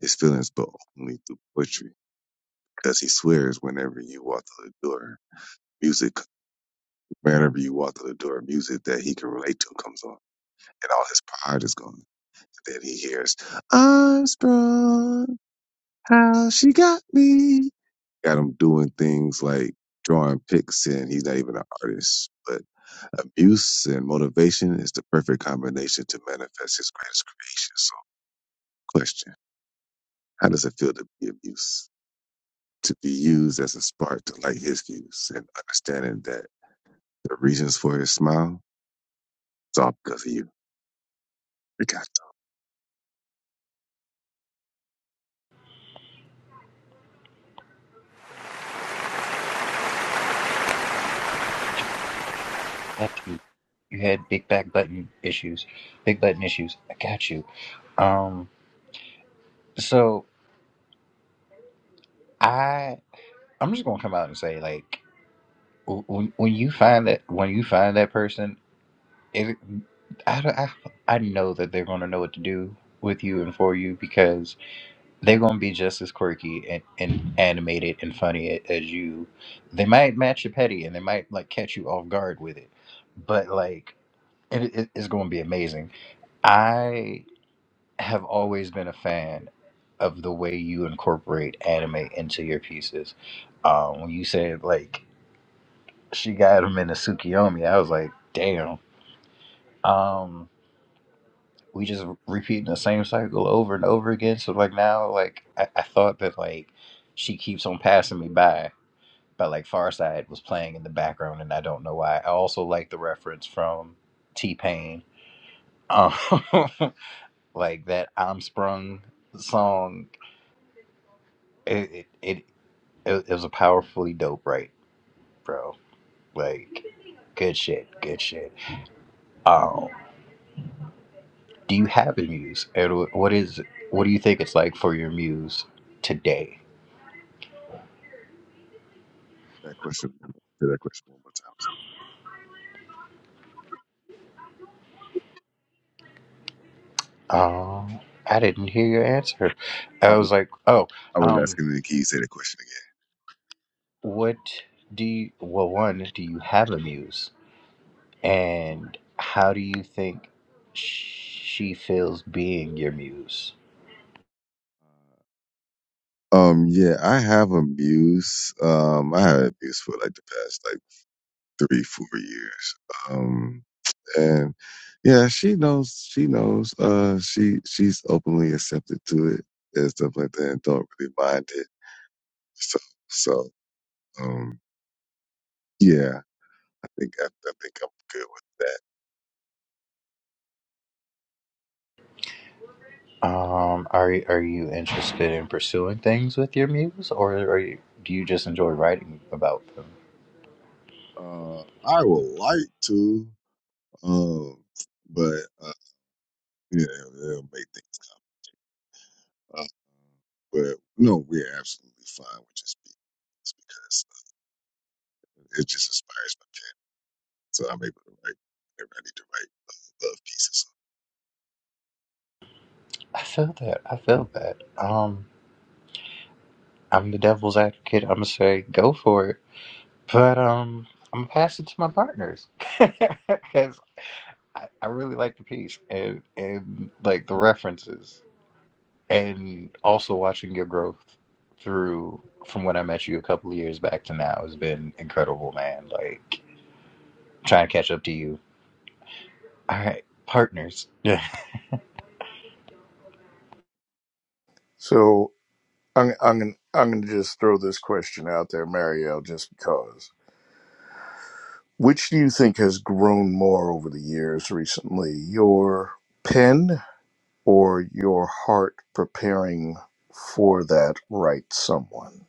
his feelings but only through poetry. Because he swears whenever you walk through the door, music whenever you walk through the door, music that he can relate to comes on and all his pride is gone. Then he hears, I'm sprung, how she got me. Got him doing things like drawing pics, and he's not even an artist. But abuse and motivation is the perfect combination to manifest his greatest creation. So, question How does it feel to be abused? To be used as a spark to light his views and understanding that the reasons for his smile is all because of you. We got
Got you. You had big back button issues, big button issues. I got you. Um, so I. I'm just gonna come out and say like when when you find that when you find that person, it I, I, I know that they're gonna know what to do with you and for you because they're gonna be just as quirky and, and animated and funny a- as you. They might match your petty and they might like catch you off guard with it, but like it, it, it's gonna be amazing. I have always been a fan of the way you incorporate anime into your pieces. Um, when you said like she got him in a Tsukiyomi. I was like, damn. Um, we just repeating the same cycle over and over again. So like now, like I, I thought that like she keeps on passing me by, but like Farside was playing in the background, and I don't know why. I also like the reference from T Pain, um, *laughs* like that "I'm Sprung" song. It it, it it was a powerfully dope, right, bro? Like good shit, good shit. Um, do you have a muse? and what is what do you think it's like for your muse today?
that question. one Say that question one more time. Sir.
Um, I didn't hear your answer.
I
I
was
was like, oh,
I was
um,
asking the can you say the question again?
what do you? Well, one, do you have a muse, and how do you think she feels being your muse?
Uh, Um, yeah, I have abuse. Um, I had abuse for like the past like three, four years. Um and yeah, she knows. She knows. Uh, she she's openly accepted to it and stuff like that, and don't really mind it. So so um, yeah, I think I, I think I'm good with that.
Um, are are you interested in pursuing things with your muse, or are you, do you just enjoy writing about them?
Uh, I would like to, um, but uh, yeah, it'll make things come. Uh, but no, we're absolutely fine with just being this because uh, it just inspires my pen, so I'm able to write. I need to write love pieces.
I feel that. I feel that. Um. I'm the devil's advocate. I'm gonna say go for it, but um, I'm gonna pass it to my partners *laughs* because I, I really like the piece and and like the references and also watching your growth through from when I met you a couple of years back to now has been incredible, man. Like trying to catch up to you. All right, partners. Yeah,
So I'm I'm gonna, I'm going to just throw this question out there, Marielle, just because. Which do you think has grown more over the years recently, your pen or your heart preparing for that right someone?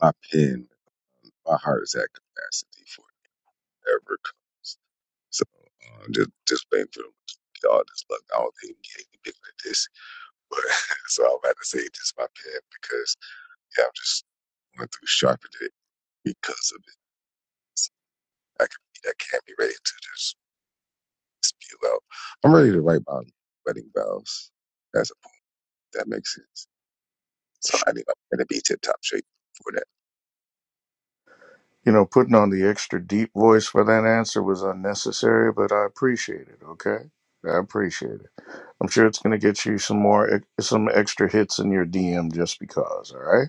My pen my heart is at capacity for whatever comes. So um, just just praying for y'all. Just look, I don't think it can get any bigger than this. But *laughs* so I'm about to say just my pen because yeah, I'm just going through sharpened it because of it. So I can I can't be ready to just spew out. I'm ready to write my wedding vows. That's a, that makes sense. So I need my pen to be tip top shape for that.
You know, putting on the extra deep voice for that answer was unnecessary, but I appreciate it. Okay, I appreciate it. I'm sure it's going to get you some more, e, some extra hits in your DM just because. All right,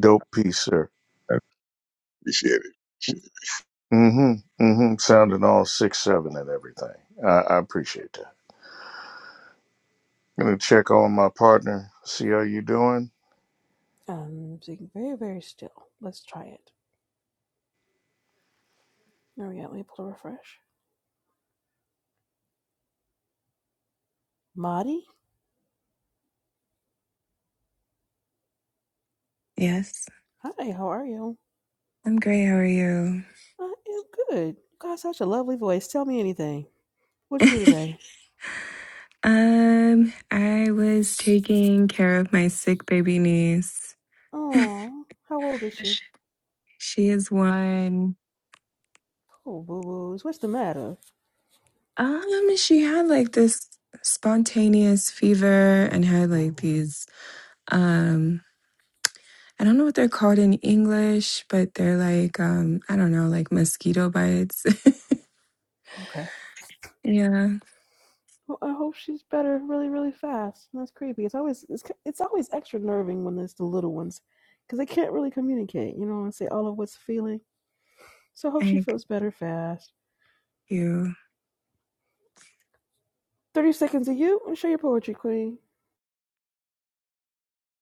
dope piece, sir.
I appreciate it.
Mm-hmm. Mm-hmm. Sounding all six seven and everything. I, I appreciate that. Gonna check on my partner. See how you doing.
I'm sitting very, very still. Let's try it. There we go. Let me pull a refresh. Madi?
Yes,
Hi, how are you?
I'm great. How are you?
I am good. You got such a lovely voice. Tell me anything. What'd you do today?
Um, I was taking care of my sick baby niece.
Oh, how old is she?
Sh- She is one.
Oh, boo boos. What's the matter?
Um, she had like this spontaneous fever and had like
Oh,
these um I don't know what they're called in English, but they're like um I don't know, like mosquito bites.
okay.
*laughs* yeah.
ho- I hope she's better really, really fast. And that's creepy. It's always it's, it's always extra nerving when it's the little ones, because they can't really communicate, you know, and say all of what's feeling. So I hope she
Thank
feels better fast.
you.
Thirty seconds of you and show your poetry, Queen.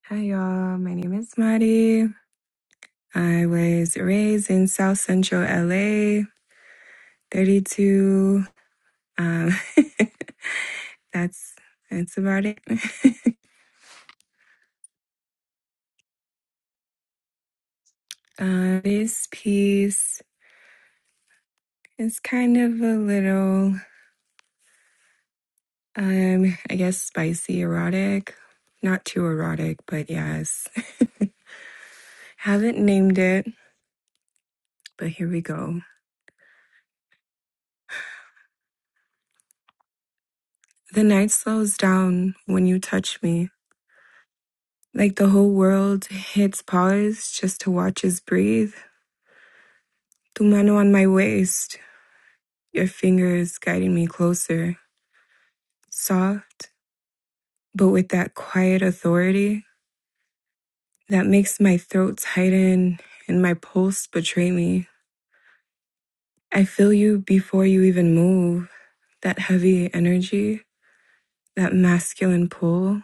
Hi y'all. My name is Mari. I was raised in South Central LA. 32. Um, *laughs* that's that's about it. *laughs* uh, this piece is kind of a little, um, I guess, spicy erotic. Not too erotic, but yes. *laughs* Haven't named it, but here we go. The night slows down when you touch me. Like the whole world hits pause just to watch us breathe. Tu mano on my waist, your fingers guiding me closer. Soft but with that quiet authority that makes my throat tighten and my pulse betray me. I feel you before you even move, that heavy energy, that masculine pull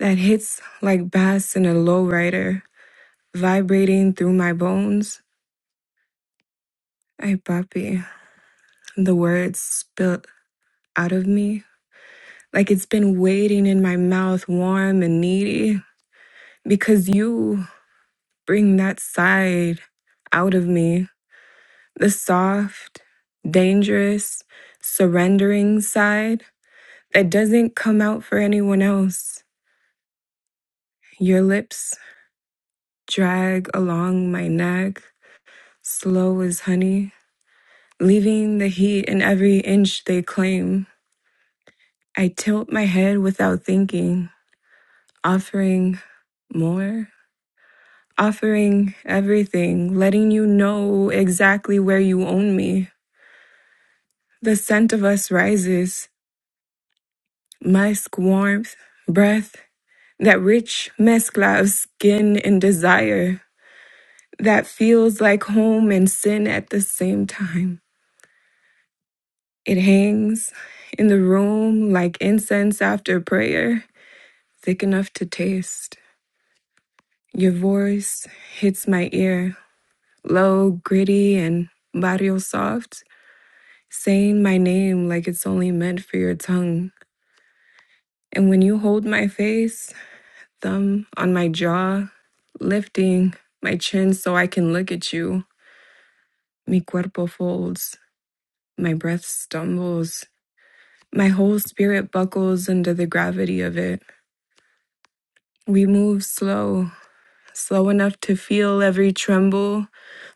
that hits like bass in a lowrider, vibrating through my bones. I papi, the words spilt out of me like it's been waiting in my mouth, warm and needy, because you bring that side out of me the soft, dangerous, surrendering side that doesn't come out for anyone else. Your lips drag along my neck, slow as honey, leaving the heat in every inch they claim. I tilt my head without thinking, offering more, offering everything, letting you know exactly where you own me. The scent of us rises, musk, warmth, breath. that rich mezcla of skin and desire that feels like home and sin at the same time. It hangs in the room like incense after prayer, thick enough to taste. Your voice hits my ear, low, gritty, and barrio soft, saying my name like it's only meant for your tongue. And when you hold my face, thumb on my jaw, lifting my chin so I can look at you, Mi cuerpo folds, my breath stumbles, my whole spirit buckles under the gravity of it. We move slow, slow enough to feel every tremble,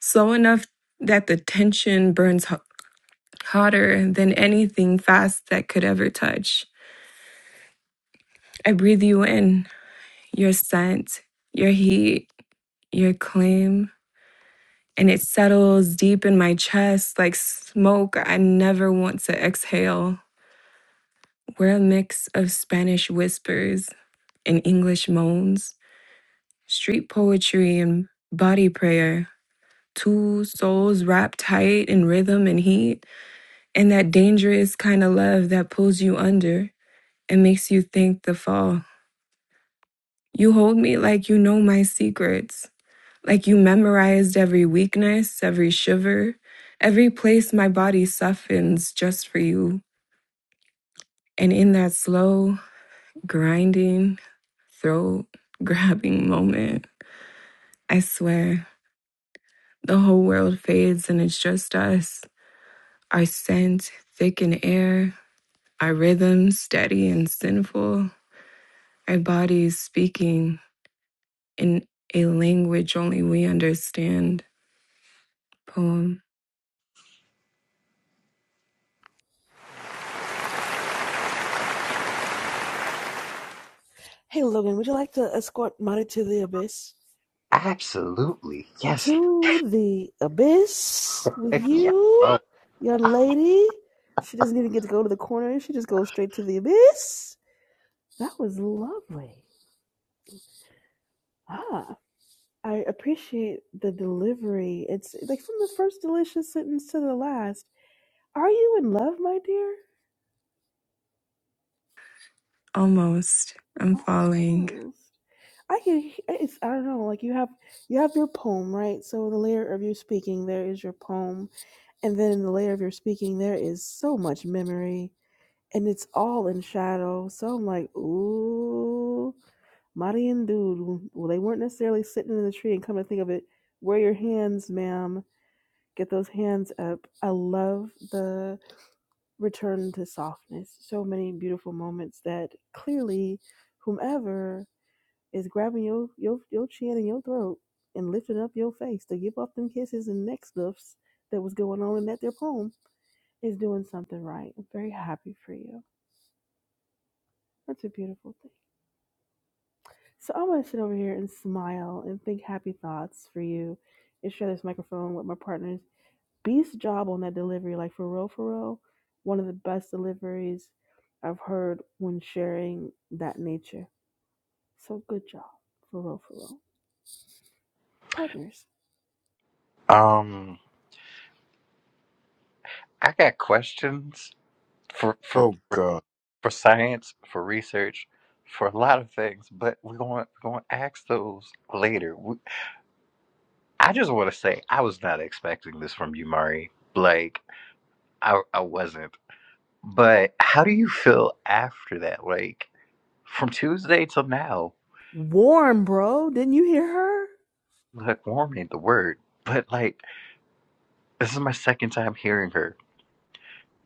slow enough that the tension burns ho- hotter than anything fast that could ever touch. I breathe you in, your scent, your heat, your claim, and it settles deep in my chest like smoke I never want to exhale. We're a mix of Spanish whispers and English moans, street poetry and body prayer, two souls wrapped tight in rhythm and heat, and that dangerous kind of love that pulls you under and makes you think the fall. You hold me like you know my secrets, like you memorized every weakness, every shiver, every place my body softens just for you. And in that slow, grinding, throat grabbing *laughs* moment, I swear, the whole world fades and it's just us. Our scent, thick in air, our rhythms, steady and sinful, our bodies speaking in a language only we understand. Poem.
Hey Logan, would you like to escort Marty to the abyss?
*laughs* absolutely. Yes.
To the abyss with
Heck yeah.
you,
Oh.
young lady. She doesn't even get to go to the corner. She just goes straight to the abyss. That was lovely. Ah. I appreciate the delivery. It's like from the first delicious sentence to the last. Are you in love, my dear?
Almost. I'm falling.
Almost. I can. he- It's. I don't know. Like you have. You have your poem, right? So the layer of your speaking, there is your poem, and then in the layer of your speaking, there is so much memory, and it's all in shadow. So I'm like, ooh, Mari and dude. Well, they weren't necessarily sitting in the tree and come to think of it. Where are your hands, ma'am? get those hands up. I love the return to softness. So many beautiful moments that clearly whomever is grabbing your your your chin and your throat and lifting up your face to give up them kisses and neck stuffs that was going on in that their poem is doing something right. I'm very happy for you. That's a beautiful thing. So I'm gonna sit over here and smile and think happy thoughts for you and share this microphone with my partners Beast job on that delivery, like for real, for real, one of the best deliveries I've heard when sharing that nature. So good job, for real, for real. Partners.
Um, I got questions for for.
Oh God,
for science, for research, for a lot of things, but we're going we're going to ask those later. We, I just want to say I was not expecting this from you, Mari. Like I I wasn't. But how do you feel after that? Like from Tuesday till now,
Warm, bro. Didn't you hear her?
like warm ain't the word, but like this is my second time hearing her.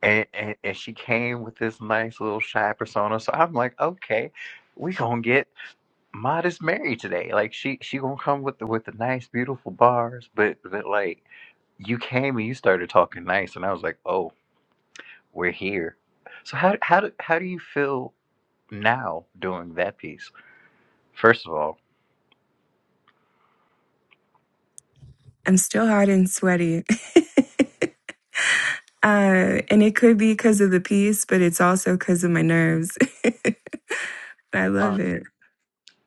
And, and, and she came with this nice little shy persona. So I'm like, okay, we gonna get Mod is married today. Like she she gonna come with the with the nice beautiful bars, but but like you came and you started talking nice, and I was like, oh, we're here. So how how do how do you feel now doing that piece? First of all,
I'm still hot and sweaty. *laughs* uh, and it could be because of the piece, but it's also because of my nerves. *laughs* I love
Uh,
it.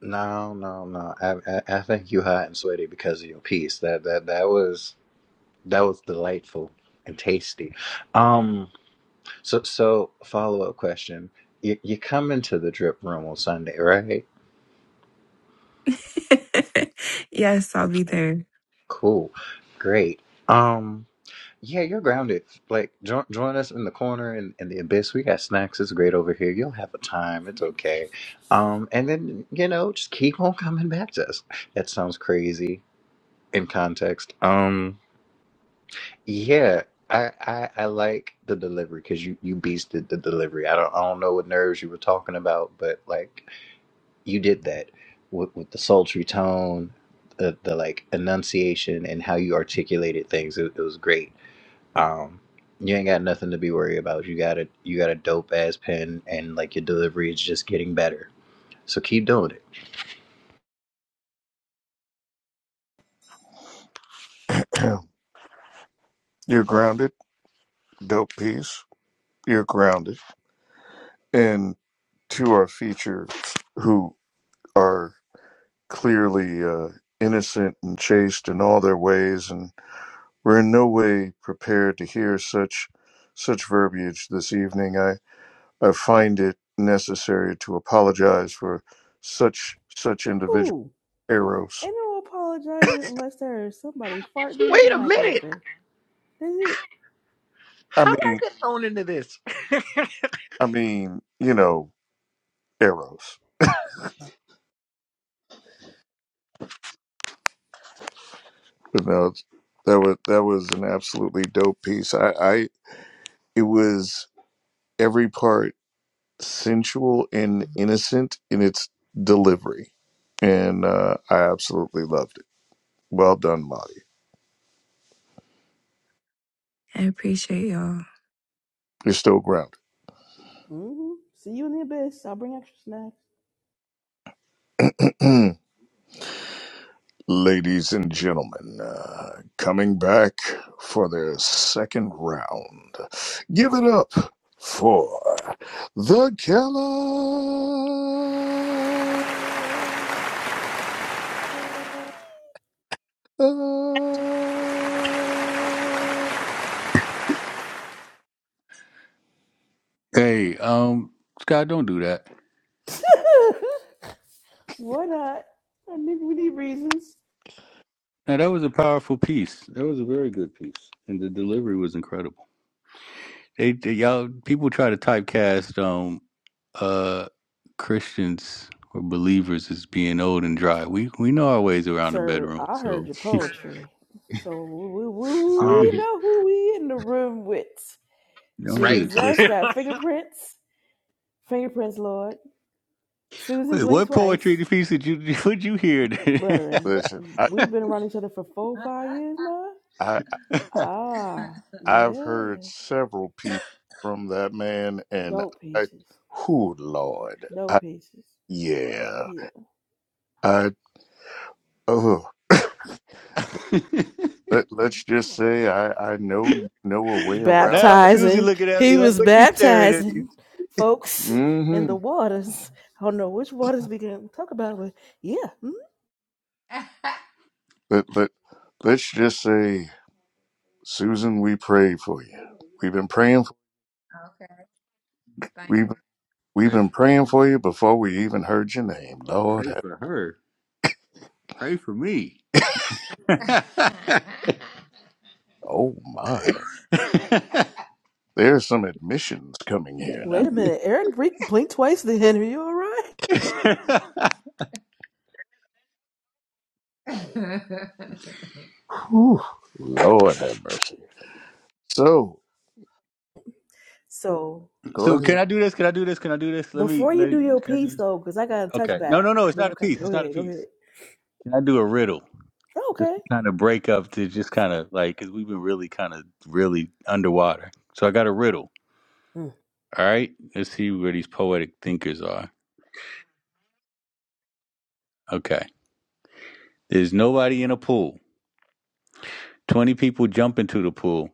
no, no, no. I, I I think you hot and sweaty because of your piece. That that that was that was delightful and tasty. Um. So so follow up question. You you come into the drip room on Sunday, right?
*laughs* yes, I'll be there.
Cool. Great. Um yeah, you're grounded. Like join join us in the corner in, in the abyss. We got snacks. It's great over here. You'll have a time. It's okay. Um and then, you know, just keep on coming back to us. That sounds crazy in context. Um yeah, I I, I like the delivery cuz you you beasted the delivery. I don't I don't know what nerves you were talking about, but like you did that with, with the sultry tone, the, the like enunciation, and how you articulated things. It, it was great. Um, you ain't got nothing to be worried about. You got a you got a dope ass pen, and like your delivery is just getting better. So keep doing it.
*clears throat* you're grounded. Dope piece. You're grounded. And to our feature, who are clearly uh, innocent and chaste in all their ways, and we're in no way prepared to hear such such verbiage this evening. I, I find it necessary to apologize for such such individual
Who?
errors.
Ain't no apologizing unless there's somebody farting with a
Wait a
mic
minute.
open. That's it.
I
How did I
mean,
get thrown into this?
I mean, you know, errors. But no, it's- that was that was an absolutely dope piece. I, I it was every part. sensual and innocent in its delivery. And uh, I absolutely loved it. Well done, Lottie.
I appreciate y'all.
You're still grounded.
hmm See you in the abyss. I'll bring extra
*clears throat* Ladies and gentlemen, uh, coming back for their second round. Give it up for the Keller.
Hey, um, Scott, don't do that.
snacks. *laughs* Why not? I need, we need reasons.
Now that was a powerful piece. That was a very good piece, and the delivery was incredible. They, they y'all people try to typecast um uh Christians or believers as being old and dry. We we know our ways around the
Sir,
bedroom,
I heard
so
your
*laughs*
poetry. So we, we,
don't
Um,
we
get it
know who we in the room with.
don't get it
right.
Jesus
twisted.
got
*laughs*
fingerprints. Fingerprints, Lord. Susan
Wait,
blinked
what poetry
twice.
piece did you *laughs* would you hear? *laughs*
Brethren,
Listen, I,
we've been around each other for four, five years now.
I
Ah,
I've heard
yeah.
several people from that man, and
Dope
I,
pieces.
who Lord,
Dope
I,
pieces.
yeah,
Yeah.
I, oh, let, let's just say I, I know you know a way around a
now
ba-
Susie
Baptizing.
looking at
He
me like,
was
what you staring at? me?"
baptizing folks in
Mm-hmm.
the waters. I don't know which waters we can talk about, but yeah. hmm.
Let, let, let's just say, Susan, we prayed for you. We've been praying, for, we've, we've
Pray
been
for
praying for you before we even heard your name. Lord,
pray
have,
for her. Pray for me. *laughs*
oh my,
*laughs*
there's some admissions coming here now.
Wait a minute, Eric blink, blink twice then. Are you all right?
Whew, Lord have mercy. So,
So
go
so
ahead.
can I do this? Can I do this? Can I do this? Let me.
before you
Let,
do your
can I do
piece
this?
though, because I got a
Okay. No,
touchback.
no, no. It's
But
not a
okay,
piece.
go
It's not a
ahead, go
piece.
ahead.
Can I do a riddle?
Oh,
Just
Okay.
to kind of break up to just kind of like because we've been really kind of really underwater. So I got a riddle.
Mm.
All right. Let's see where these poetic thinkers are. Okay. There's nobody in a pool. Twenty people jump into the pool.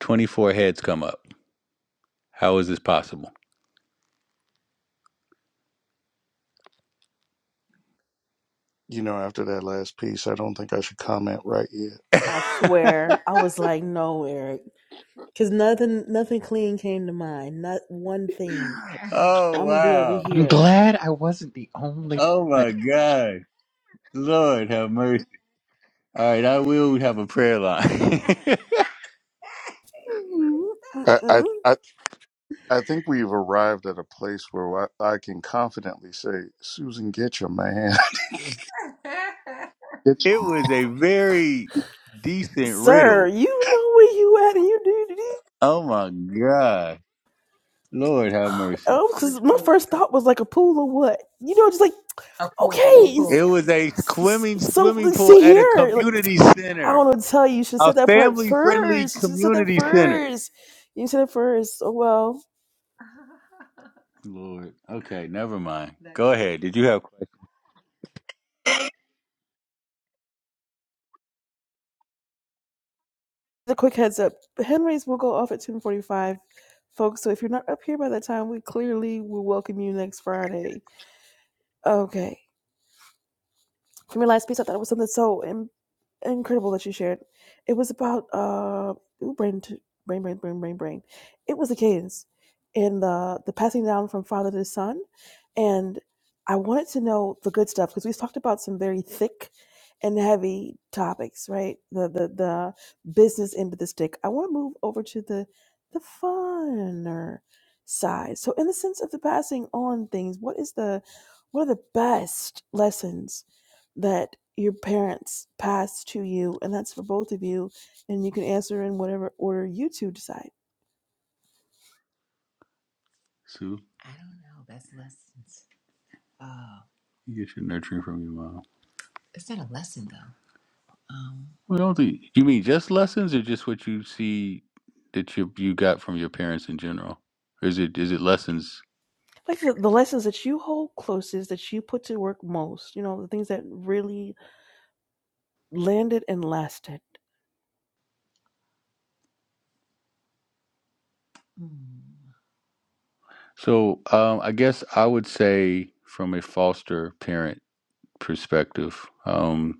Twenty-four heads come up. How is this possible?
you know, after that last piece, I don't think I should comment right yet.
*laughs*
I swear, I was like, no, Eric, because nothing, nothing clean came to mind. Not one thing.
oh
I'm gonna be over
wow!
I'm
here.
glad I wasn't the only
Oh
one.
my god! Lord have mercy. All right, I will have a prayer line. *laughs*
Mm-mm.
I, I,
mm-mm.
I I think we've arrived at a place where I, I can confidently say, Susan, get your man. *laughs* Get
it was a very decent
Sir,
riddle.
you know where you at, and you do do-
Oh my God. Lord have mercy.
Oh,
Which
because my
pool are we
first
talking?
thought was like a pool or what? You know, just like
A pool. What
okay,
pool? It
s-
was a
s-
swimming
so
swimming pool
see
at a
here, like.
community
I
center.
don't know what to tell you. You should have
Oh, A
said that part
family friendly
first. You should have said that
community center.
first. You said it first. Oh well.
Lord. Okay, never mind. Go ahead. Did you have questions?
The quick heads up. The hand raise will go off at 1045, folks. So if you're not up here by that time, we clearly will welcome you next Friday. Okay. from your last piece, I thought it was something so in- incredible that you shared. It was about uh, ooh, brain, to, brain, brain, brain, brain, brain. It was the cadence and the the passing down from father to son, and I wanted to know the good stuff because we've talked about some very thick and heavy topics, right? The the the business end of the stick. I want to move over to the the funner side. So, in the sense of the passing on things, what is the what are the best lessons that your parents pass to you, and that's for both of you, and you can answer in whatever order you two decide.
Sue? I don't know. That's lessons. You get your nurturing from your mom. It's not a lesson though. Um, well, do you mean just lessons, or just what you see that you you got from your parents in general? Or is it is it lessons?
Like the, the lessons that you hold closest, that you put to work most, you know, the things that really landed and lasted.
So um, I guess I would say from a foster parent perspective, because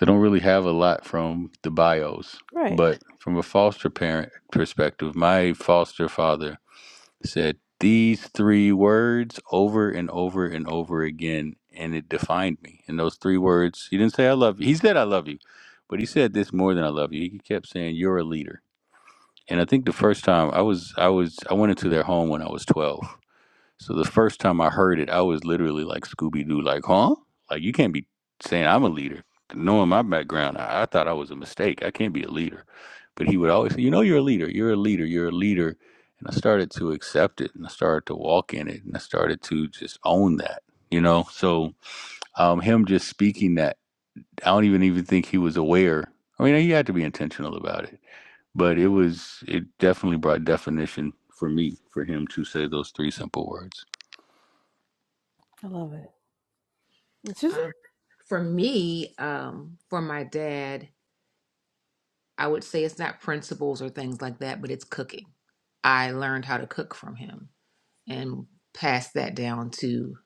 I don't really have a lot from the bios,
Right.
but from a foster parent perspective, my foster father. said these three words over and over and over again and it defined me and those three words he didn't say i love you he said i love you but he said this more than i love you he kept saying you're a leader and i think the first time i was i was i went into their home when i was 12 so the first time I heard it, I was literally like Scooby Doo, like, huh? Like, you can't be saying I'm a leader. Knowing my background, I, I thought I was a mistake. I can't be a leader. But he would always say, You know, you're a leader. You're a leader. You're a leader. And I started to accept it and I started to walk in it and I started to just own that, you know? So um, him just speaking that, I don't even even think he was aware. I mean, he had to be intentional about it, but it was, it definitely brought definition for me, for him to say those three simple words.
I love it. Susan.
For me, um, for my dad, I would say it's not principles or things like that, but it's cooking. I learned how to cook from him and passed that down to,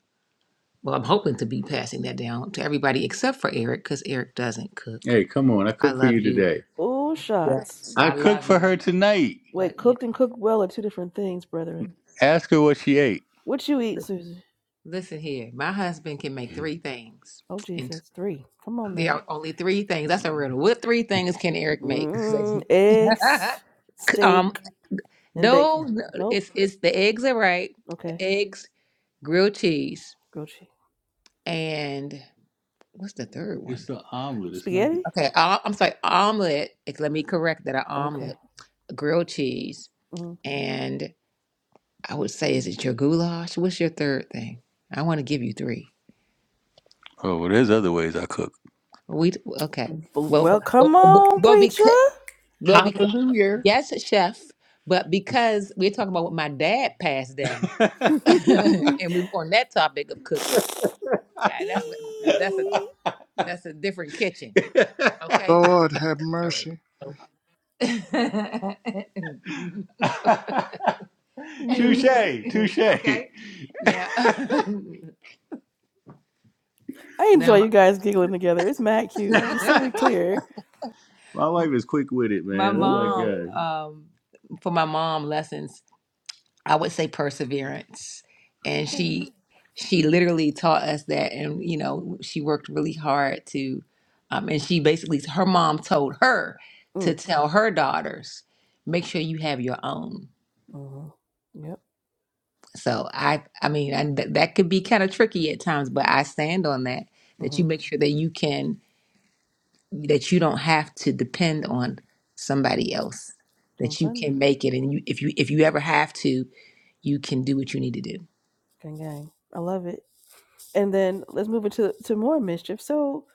well, I'm hoping to be passing that down to everybody except for Eric because Eric doesn't cook. Hey, come on. I I cooked for love you you. today.
Oh,
Yes.
shots.
I I cooked love for you. her tonight. But
Wait,
yeah.
cooked and cooked well are two different things, brethren.
Ask her what she ate.
What you eat, Susie?
Listen here, my husband can make three things,
Oh,
and t-
Jesus. Three. Come on
there
now.
are only three things. That's a riddle. What three things can Eric make?
Mm, eggs,
*laughs* um,
steak, and
No,
bacon.
no,
Nope.
it's it's the eggs are right.
Okay.
Eggs, grilled cheese,
Grilled cheese.
and what's the third one? It's the omelet. It's not the
Spaghetti?
Okay, i I'm sorry, omelet. ex- Let me correct that. An
Okay.
omelet, grilled cheese,
Mm.
and I would say, is it your goulash? What's your third thing? I want to give you three. Oh, well, there's other ways I cook. We okay.
Well,
Well,
well,
well,
come on,
well
preacher.
because well because
Hallelujah.
yes, chef, but because we're talking about what my dad passed down, *laughs* and we were on that topic of cooking.
*laughs*
Okay, that's that's
Eee.
a that's a different kitchen.
your-
Okay,
Lord have
all right.
mercy.
*laughs*
Beautiful.
touche, touche. okay, now
I
*laughs* now
enjoy
my
you guys giggling together. It's mad cute, just so we
*laughs*
clear.
My wife is quick with it, my man. Oh my
Mm.
mom god. um for my mom lessons I would say perseverance. And
Okay.
she she literally taught us that and you know, she worked really hard to um and she basically her mom told her to
Mm.
tell her daughters, make sure you have your own.
Mm-hmm. Yep.
So I I mean, and th- that could be kind of tricky at times, but I stand on that that
Mm-hmm.
you make sure that you can that you don't have to depend on somebody else.
Don't
That you
blend
can make it and you if you if you ever have to, you can do what you need to do.
Gang gang. I love it. And then let's move into to more mischief. So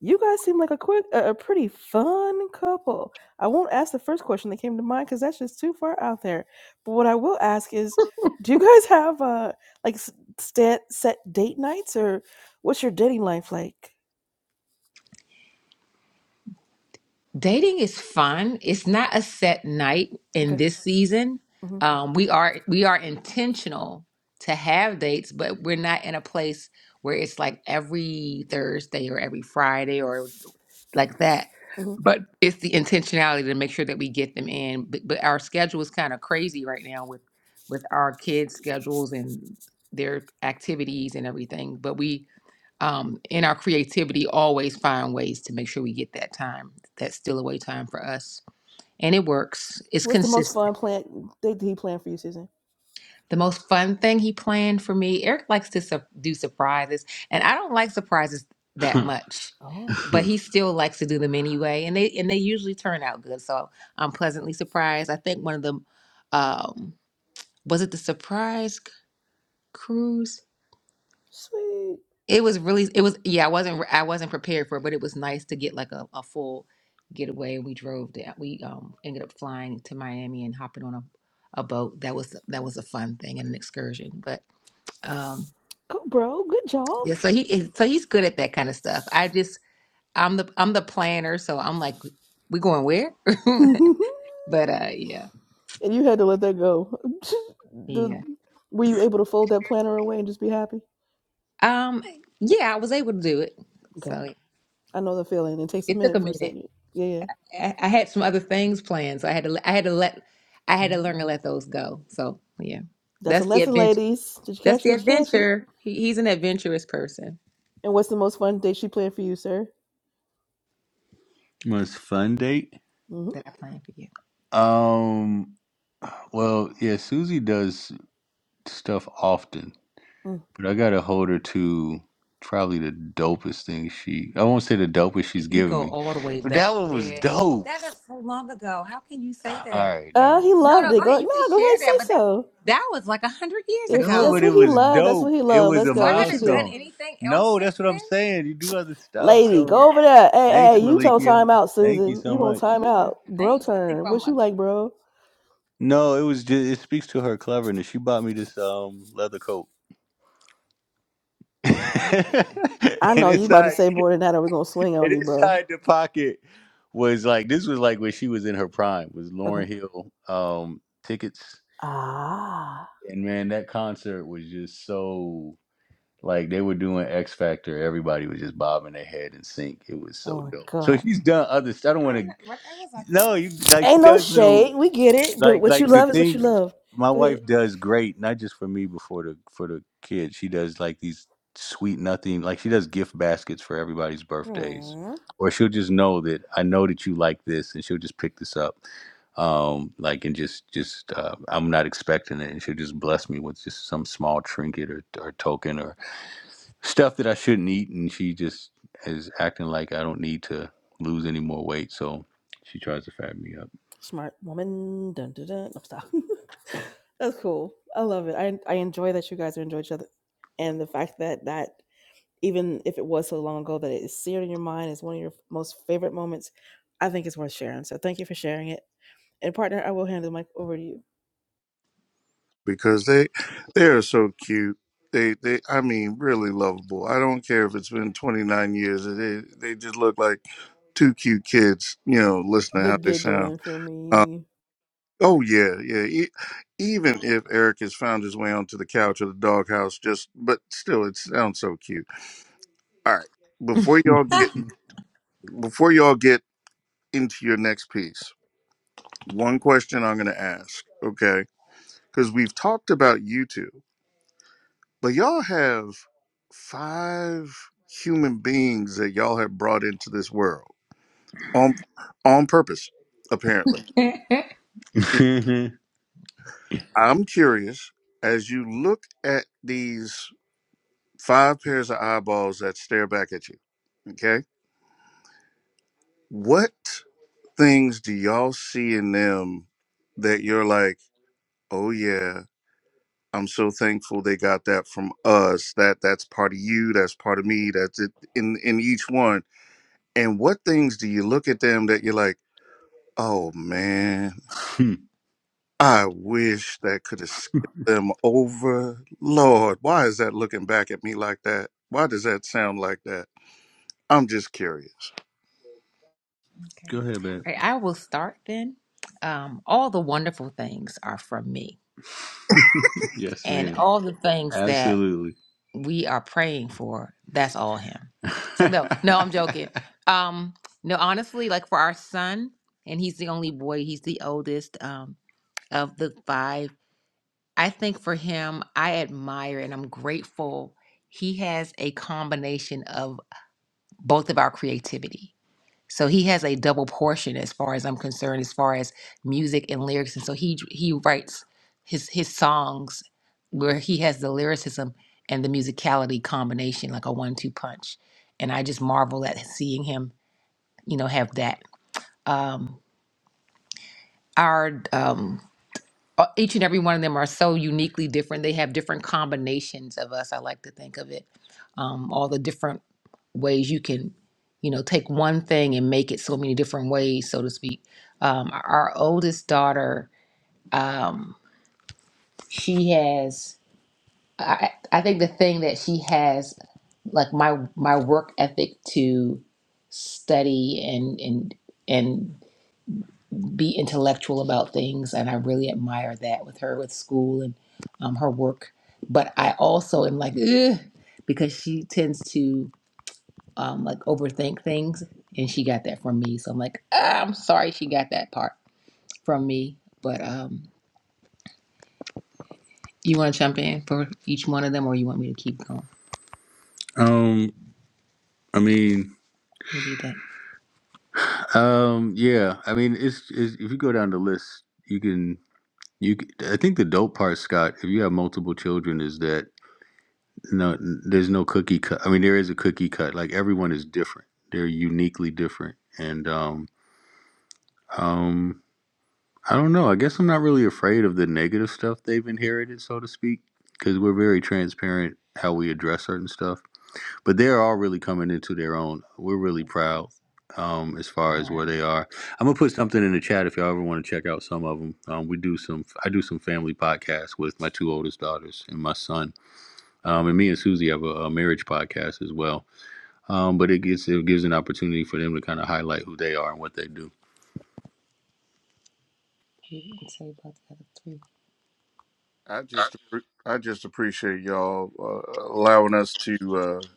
you guys seem like a quick a, a pretty fun couple. I won't ask the first question that came to mind because that's just too far out there. But what I will ask is, do you *laughs* guys have uh like s- set set date nights or what's your dating life like?
Dating is fun. It's not a set night in
Okay.
this season.
hmm
Um, we are we are intentional to have dates, but we're not in a place where it's like every Thursday or every Friday or like that.
hmm
But it's the intentionality to make sure that we get them in. But, but our schedule is kind of crazy right now with with our kids' schedules and their activities and everything. But we um, in our creativity, always find ways to make sure we get that time, that still away time for us. And it works. It's
What's the most
consistent.
fun plan date that he planned for you, Susan?
The most fun thing he planned for me, Eric likes to su- do surprises, and I don't like surprises that *laughs* much,
Oh,
but he still likes to do them anyway, and they and they usually turn out good. So I'm pleasantly surprised. I think one of them um, was it the surprise c- cruise
sweet.
It was really, it was, yeah, I wasn't, I wasn't prepared for it, but it was nice to get like a, a full getaway. We drove down, we um ended up flying to Miami and hopping on a, a boat. That was, that was a fun thing and an excursion. But um,
Go, bro. Good job.
yeah, so he, is- so he's good at that kind of stuff. I just, I'm the, I'm the planner, so I'm like, we going where? *laughs*
*laughs*
But uh, yeah,
and you had to let that go. *laughs* the,
yeah.
were you able to fold that planner away and just be happy?
Um, yeah, I was able to do it.
Okay,
So
I know the feeling. It takes a
it took a
minute for a
minute.
second. Yeah, yeah.
I, I had some other things planned, so I had to I had to let I had to
Mhm.
learn to let those go. So yeah,
That's a
that's the
lesson,
adventure.
ladies. Did you
That's
catch it?
the
Did you catch it?
adventure. He, he's an adventurous person
And what's the most fun date she planned for you, sir?
Most fun date? that
Mm-hmm.
I plan for you. Um. Well, yeah. Susie does stuff often.
Mm.
But I gotta hold her to probably the dopest thing she. I won't say the dopest she's You given go me, all the way but back. that one was Yeah, dope. that is so long ago. How can you say All that? right, never
Uh,
No,
he
mind.
loved
no, go
it.
ahead.
Go
You can
no, go ahead
share
and
that, but
say
that
so.
that was like a hundred years No,
If
ago.
that's
but
what
it
he
was
loved, that's
dope.
what he
It
loved.
was
Let's
a So I
go. What she
haven't done
do?
milestone. anything else No, since that's what I'm then. saying. You do other Oh stuff. my
Lady,
So god,
go over there. Hey, hey,
thanks,
you don't
Malikia.
time out,
Thank you
Susan.
so
You gonna
much.
time
you just
out. Bro
named something
turn.
from
What
a
you like, bro?
No, it was just it speaks to her cleverness. She bought me this um leather coat. *laughs*
I
and
know you about to
inside
say more than that or we're gonna swing on
and
you, bro.
inside the pocket was like this was like when she was in her prime was
Okay.
Lauren Hill um tickets
Ah,
and man that concert was just so like they were doing X Factor everybody was just bobbing their head in sync it was so
oh my
dope so
God.
she's done other stuff I don't want to no you like she
Ain't no
does little
shade. We get it. But
like
what you
like the
love is what you
thing
love.
my
Go ahead.
wife does great not just for me but for the for the kids she does like these sweet nothing like she does gift baskets for everybody's birthdays
Aww,
or she'll just know that i know that you like this and she'll just pick this up um like and just just uh, i'm not expecting it and she'll just bless me with just some small trinket or, or token or stuff that i shouldn't eat and she just is acting like i don't need to lose any more weight so she tries to fat me
smart woman. Dun, dun, dun. No, stop. *laughs* That's cool. I love it. I, I enjoy that you guys enjoy each other. And the fact that that, even if it was so long ago, that it is seared in your mind is one of your most favorite moments, I think it's worth sharing. So thank you for sharing it. And partner, I will hand the mic over to you.
Because they they are so cute. They they I mean really lovable. I don't care if it's been twenty nine years. They they just look like two cute kids, you know, listening to
The
how they sound.
giggling for me.
Oh yeah, yeah. E- even if Eric has found his way onto the couch of the doghouse, just but still, it sounds so cute. All right, before y'all get before y'all get into your next piece, one question I'm going to ask, okay? Because we've talked about you two, but y'all have five human beings that y'all have brought into this world on on purpose, apparently. I'm curious as you look at these. five pairs of eyeballs that stare back at you. Okay. What things do y'all see in them that you're like, oh yeah, I'm so thankful they got that from us. That that's part of you. That's part of me. That's it in in each one. And what things do you look at them that you're like, oh man,
up *laughs*
I wish that could have skipped them over. Lord, why is that looking back at me like that? Why does that sound like that? I'm just curious.
Go ahead, man. All right, I will start then. Um, all the wonderful things are from me, *laughs* yes, and ma'am. all the things that Absolutely. we are praying for That *laughs* So no, joking. Um, no, honestly, like for our son, and he's the only boy. He's the oldest um, of the five. I think for him, I admire and I'm grateful. He has a combination of both of our creativity. So he has a double portion as far as I'm concerned, as far as music and lyrics. And so he he writes his his songs where he has the lyricism and the musicality combination, like a one-two punch. And I just marvel at seeing him, you know, have that. Um, our um, uh, each and every one of them are so uniquely different. They have different combinations of us. I like to think of it, um, all the different ways you can, you know, take one thing and make it so many different ways, so to speak. Um, our oldest daughter, um, she has. I, I think the thing that she has, like my my work ethic to study and and and be intellectual about things, and I really admire that with her with school and um, her work. But I also am like, Ugh, because she tends to um, like overthink things, and she got that from me. So I'm like, ah, I'm sorry she got that part from me. But um, you want to jump in for each one of them, or you want me to keep going? Um, I mean, What do you think? um, yeah, I mean, it's, it's if you go down the list, you can you. c- I think the dope part, Scott, if you have multiple children, is that no there's no cookie cut i mean there is a cookie cut like everyone is different they're uniquely different and um um i don't know i guess i'm not really afraid of the negative stuff they've inherited so to speak because we're very transparent how we address certain stuff but they're all really coming into their own we're really proud um as far as where they are i'm gonna put something in the chat if y'all ever want to check out some of them um we do some i do some family podcasts with my two oldest daughters and my son um and me and susie have a, a marriage podcast as well um, but it gives it gives an opportunity for them to kind of highlight who they are and what they do. You can say about the other three.
I just appre- I just appreciate y'all uh, allowing us to uh,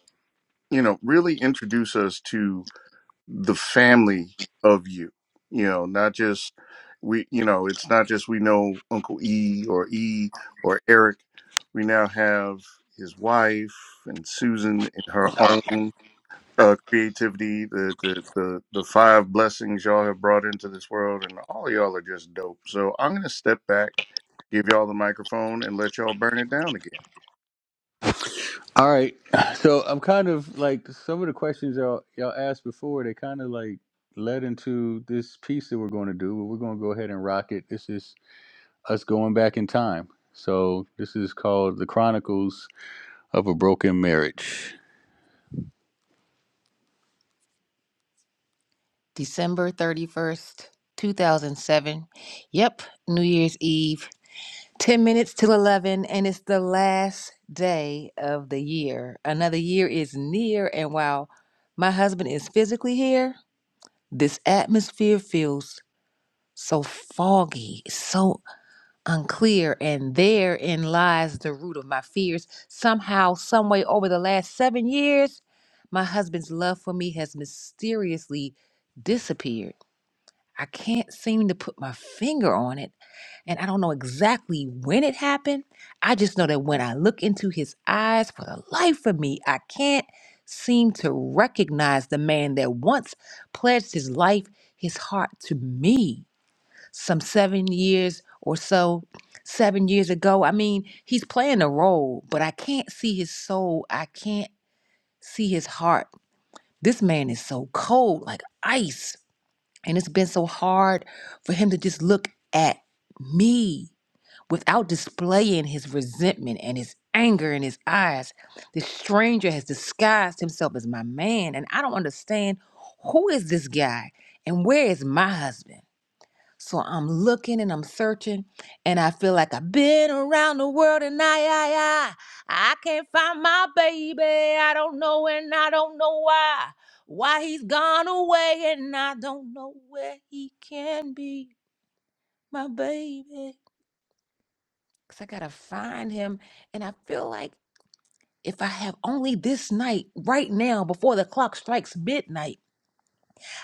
you know really introduce us to the family of you. You know, not just we you know it's not just we know Uncle E or E or Eric. We now have his wife and Susan and her own uh, creativity. The, the the the five blessings y'all have brought into this world, and all y'all are just dope. So I'm gonna step back give y'all the microphone and let y'all burn it down again.
All right, *sighs* so I'm kind of like some of the questions y'all y'all asked before. They kind of like led into this piece that we're going to do. But we're going to go ahead and rock it. This is us going back in time. So this is called the Chronicles of a Broken Marriage. December 31st, 2007. Yep, New Year's Eve. 10 minutes till 11, and it's the last day of the year. Another year is near, and while my husband is physically here, this atmosphere feels so foggy, so unclear, and therein lies the root of my fears. Somehow, someway, over the last seven years, my husband's love for me has mysteriously disappeared. I can't seem to put my finger on it and I don't know exactly when it happened. I just know that when I look into his eyes, for the life of me, I can't seem to recognize the man that once pledged his life, his heart to me some seven years or so, seven years ago. I mean, he's playing a role, but I can't see his soul. I can't see his heart. This man is so cold, like ice. And it's been so hard for him to just look at me Without displaying his resentment and his anger in his eyes, the stranger has disguised himself as my man, and I don't understand who is this guy and where is my husband. So I'm looking and I'm searching, and I feel like I've been around the world and I, I, I, I can't find my baby. I don't know and I don't know why. Why he's gone away and I don't know where he can be, my baby. Cause I gotta find him. And I feel like if I have only this night, right now, before the clock strikes midnight,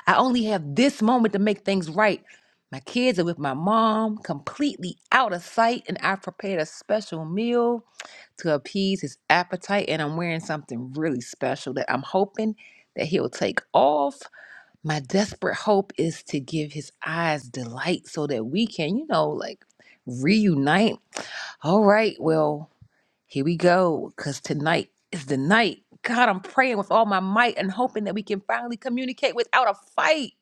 I only have this moment to make things right. My kids are with my mom, completely out of sight, and I prepared a special meal to appease his appetite. And I'm wearing something really special that I'm hoping that he'll take off. My desperate hope is to give his eyes delight so that we can, you know, like reunite. All right, well. Here we go, because tonight is the night. God, I'm praying with all my might and hoping that we can finally communicate without a fight.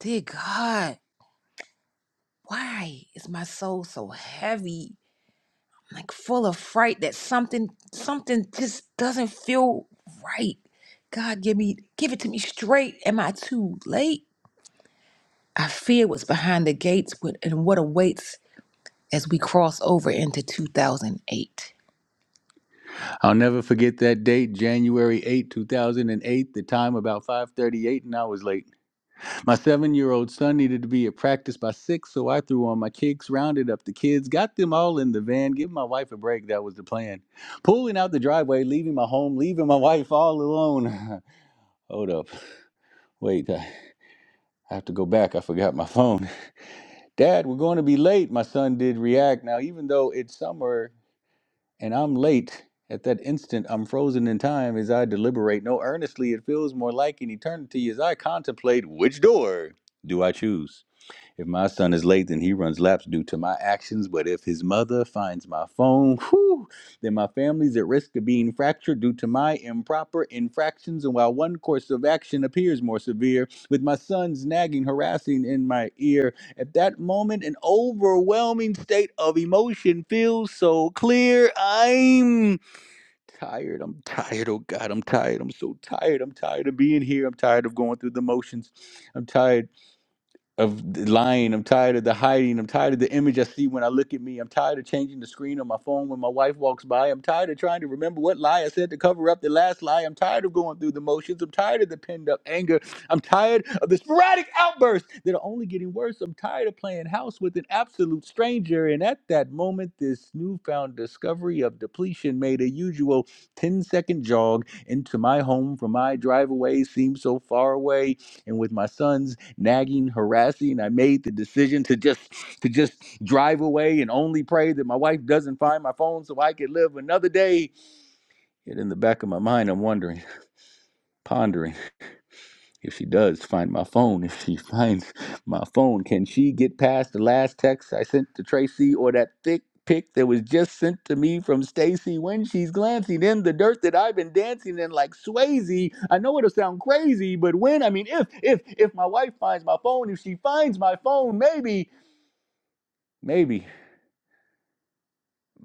Dear God, why is my soul so heavy? Like full of fright that something something just doesn't feel right. God, give me give it to me straight. Am I too late? I fear what's behind the gates with- and what awaits as we cross over into 2008. I'll never forget that date, January eighth, two thousand 8, 2008, the time about 5:38 and I was late. My 7-year-old son needed to be at practice by 6, so I threw on my kicks, rounded up the kids, got them all in the van, give my wife a break, that was the plan. Pulling out the driveway, leaving my home, leaving my wife all alone. *laughs* Hold up. Wait, I I have to go back. I forgot my phone. *laughs* Dad, we're going to be late. My son did react. Now, even though it's summer and I'm late. At that instant, I'm frozen in time as I deliberate. No, earnestly, it feels more like an eternity as I contemplate which door do I choose. If my son is late, then he runs laps due to my actions. But if his mother finds my phone, whew, then my family's at risk of being fractured due to my improper infractions. And while one course of action appears more severe, with my son's nagging, harassing in my ear, at that moment, an overwhelming state of emotion feels so clear. I'm tired. I'm tired. Oh God, I'm tired. I'm so tired. I'm tired of being here. I'm tired of going through the motions. I'm tired of the lying. I'm tired of the hiding. I'm tired of the image I see when I look at me. I'm tired of changing the screen on my phone when my wife walks by. I'm tired of trying to remember what lie I said to cover up the last lie. I'm tired of going through the motions. I'm tired of the pinned up anger. I'm tired of the sporadic outbursts that are only getting worse. I'm tired of playing house with an absolute stranger. And at that moment, this newfound discovery of depletion made a usual 10 second jog into my home from my driveway seemed so far away. And with my sons nagging, harassing. I made the decision to just to just drive away and only pray that my wife doesn't find my phone so I could live another day. Yet in the back of my mind, I'm wondering, pondering. If she does find my phone, *laughs* if she finds my phone, can she get past the last text I sent to Tracy or that thick pic that was just sent to me from Stacy when she's glancing in the dirt that I've been dancing in like Swayze? I know it'll sound crazy, but when I mean if if if my wife finds my phone, if she finds my phone, maybe, maybe,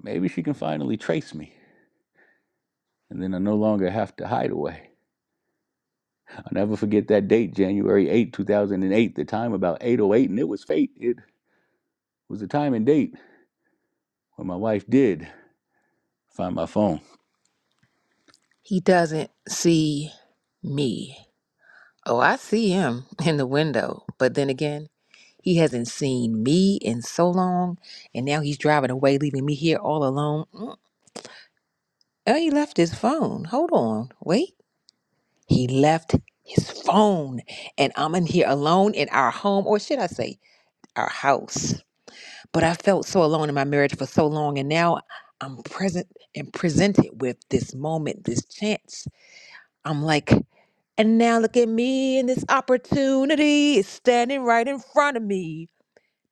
maybe she can finally trace me. And then I no longer have to hide away. I'll never forget that date, January eighth, two 2008, the time about 808, and it was fate. It. was the time and date when my wife did find my phone. He doesn't see me. Oh, I see him *laughs* in the window. But then again, he hasn't seen me in so long. And now he's driving away, leaving me here all alone. Mm, Oh, he left his phone. Hold on. Wait. He left his phone. And I'm in here alone in our home, or should I say, our house. But I felt so alone in my marriage for so long, and now I'm present and presented with this moment, this chance. I'm like, and now look at me, and this opportunity is standing right in front of me.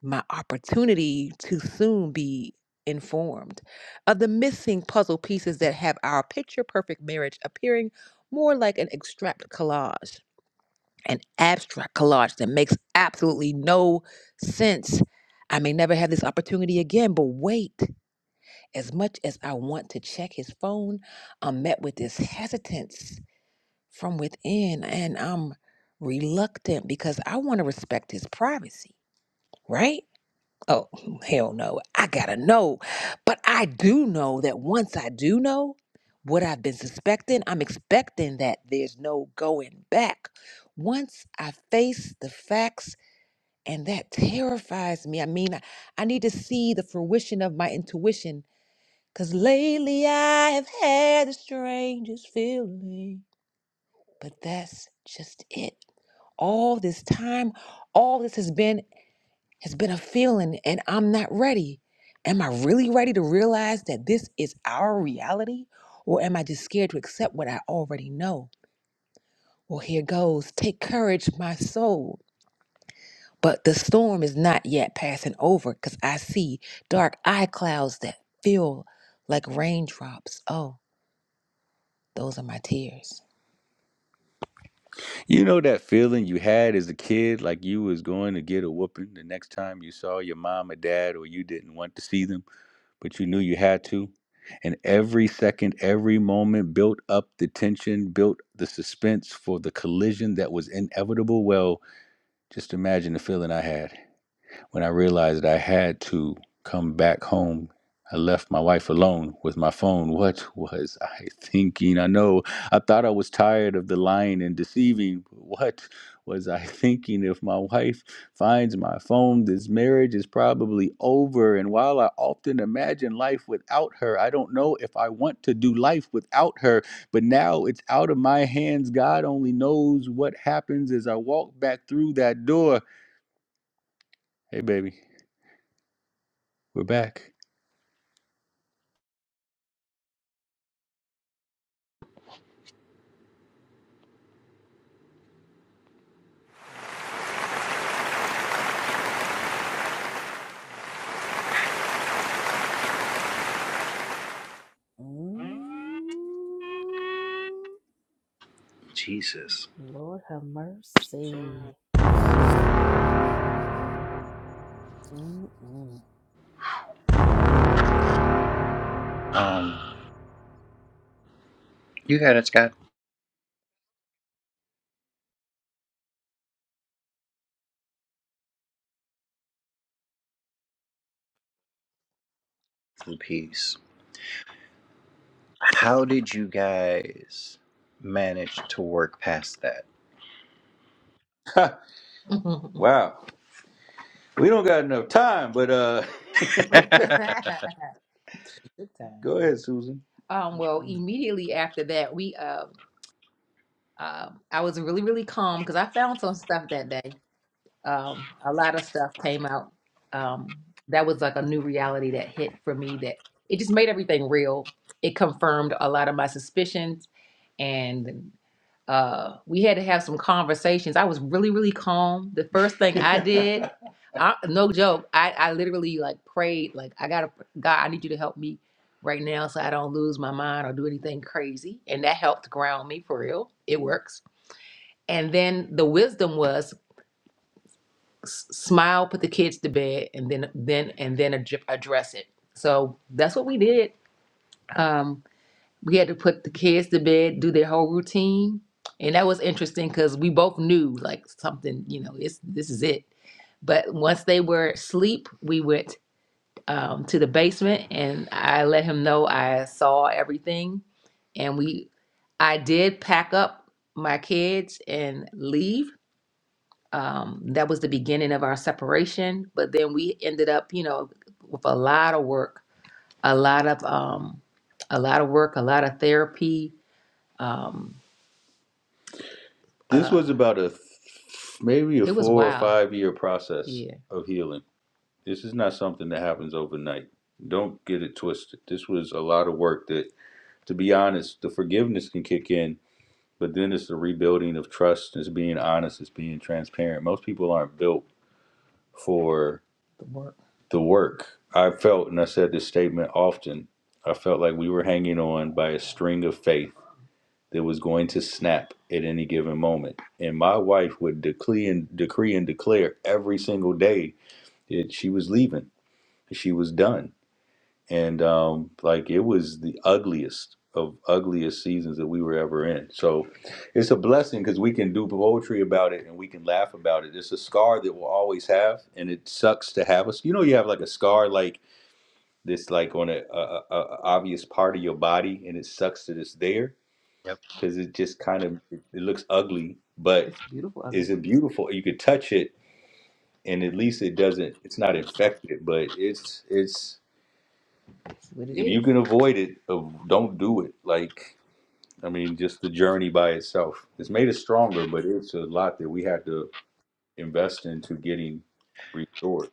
My opportunity to soon be informed of the missing puzzle pieces that have our picture perfect marriage appearing more like an extract collage an abstract collage that makes absolutely no sense. I may never have this opportunity again, but wait. As much as I want to check his phone, I'm met with this hesitance from within, and I'm reluctant because I want to respect his privacy, right? Oh, hell no. I gotta know. But I do know that once I do know what I've been suspecting, I'm expecting that there's no going back. Once I face the facts, and that terrifies me. I mean, I, I need to see the fruition of my intuition. Cause lately I have had the strangest feeling. But that's just it all this time all this has been it's been a feeling, and I'm not ready. Am I really ready to realize that this is our reality? Or am I just scared to accept what I already know? Well, here goes. Take courage, my soul. But the storm is not yet passing over because I see dark eye clouds that feel like raindrops. Oh, those are my tears. You know that feeling you had as a kid, like you was going to get a whooping the next time you saw your mom or dad, or you didn't want to see them? but you knew you had to. And every second, every moment built up the tension, built the suspense for the collision that was inevitable. Well, just imagine the feeling I had. When I realized I had to come back home, I left my wife alone with my phone. What *laughs* was I thinking? I know I thought I was tired of the lying and deceiving. What was I *laughs* thinking? If my wife finds my phone, this marriage is probably over. And while I often imagine life without her, I don't know if I want to do life without her but now it's out of my hands. God only knows what happens as I walk back through that door. Hey, baby, we're back.
Mm.
Jesus.
Lord have mercy. Mm-mm.
Um, you got it, Scott. Peace. How did you guys manage to work past
Ha, wow. We don't got enough time, but uh *laughs* *laughs* Good
that?
time. go ahead, Susan. Um, well, immediately after that, we uh, uh, I was really really calm because I found some stuff that day. Um, a lot of stuff came out. Um, that was like a new reality that hit for me. That it just made everything real. It confirmed a lot of my suspicions, and. uh, we had to have some conversations. I was really, really calm. The first thing I did, *laughs* I, no joke, I, I literally like prayed, like, I gotta, God, I need you to help me right now so I don't lose my mind or do anything crazy. And that helped ground me for real. It works. And then the wisdom was s- smile, put the kids to bed, and then, then, and then ad- address it. So that's what we did. Um, we had to put the kids to bed, do their whole routine. And that was interesting because we both knew like something, you know, it's this is it. But once they were asleep, we went um, to the basement and I let him know I saw everything. And we I did pack up my kids and leave. Um, that was the beginning of our separation. But then we ended up, you know, with a lot of work, a lot of um, a lot of work, a lot of therapy. Um, This Uh, was about a th- maybe a it was four or wild. five year process Yeah. of healing. This is not something that happens overnight. Don't get it twisted. This was a lot of work that, to be honest, the forgiveness can kick in, but then it's the rebuilding of trust, it's being honest, it's being transparent. Most people aren't built for the work. I felt, and I said this statement often, I felt like we were hanging on by a string of faith that was going to snap at any given moment. And my wife would decree and decree and declare every single day that she was leaving, she was done. And um, like it was the ugliest of ugliest seasons that we were ever in. So it's a blessing because we can do poetry about it and we can laugh about it. It's a scar that we'll always have, and it sucks to have us. You know, you have like a scar like this, like on a, a, a a obvious part of your body, and it sucks that it's there
*laughs* yep.
because it just kind of it looks ugly, but is it beautiful? You could touch it, and at least it doesn't. It's not infected, but it's it's What it if you is. can avoid it, uh, don't do it. Like I mean, just the journey by itself. It's made us stronger, but it's a lot that we had to invest into getting restored.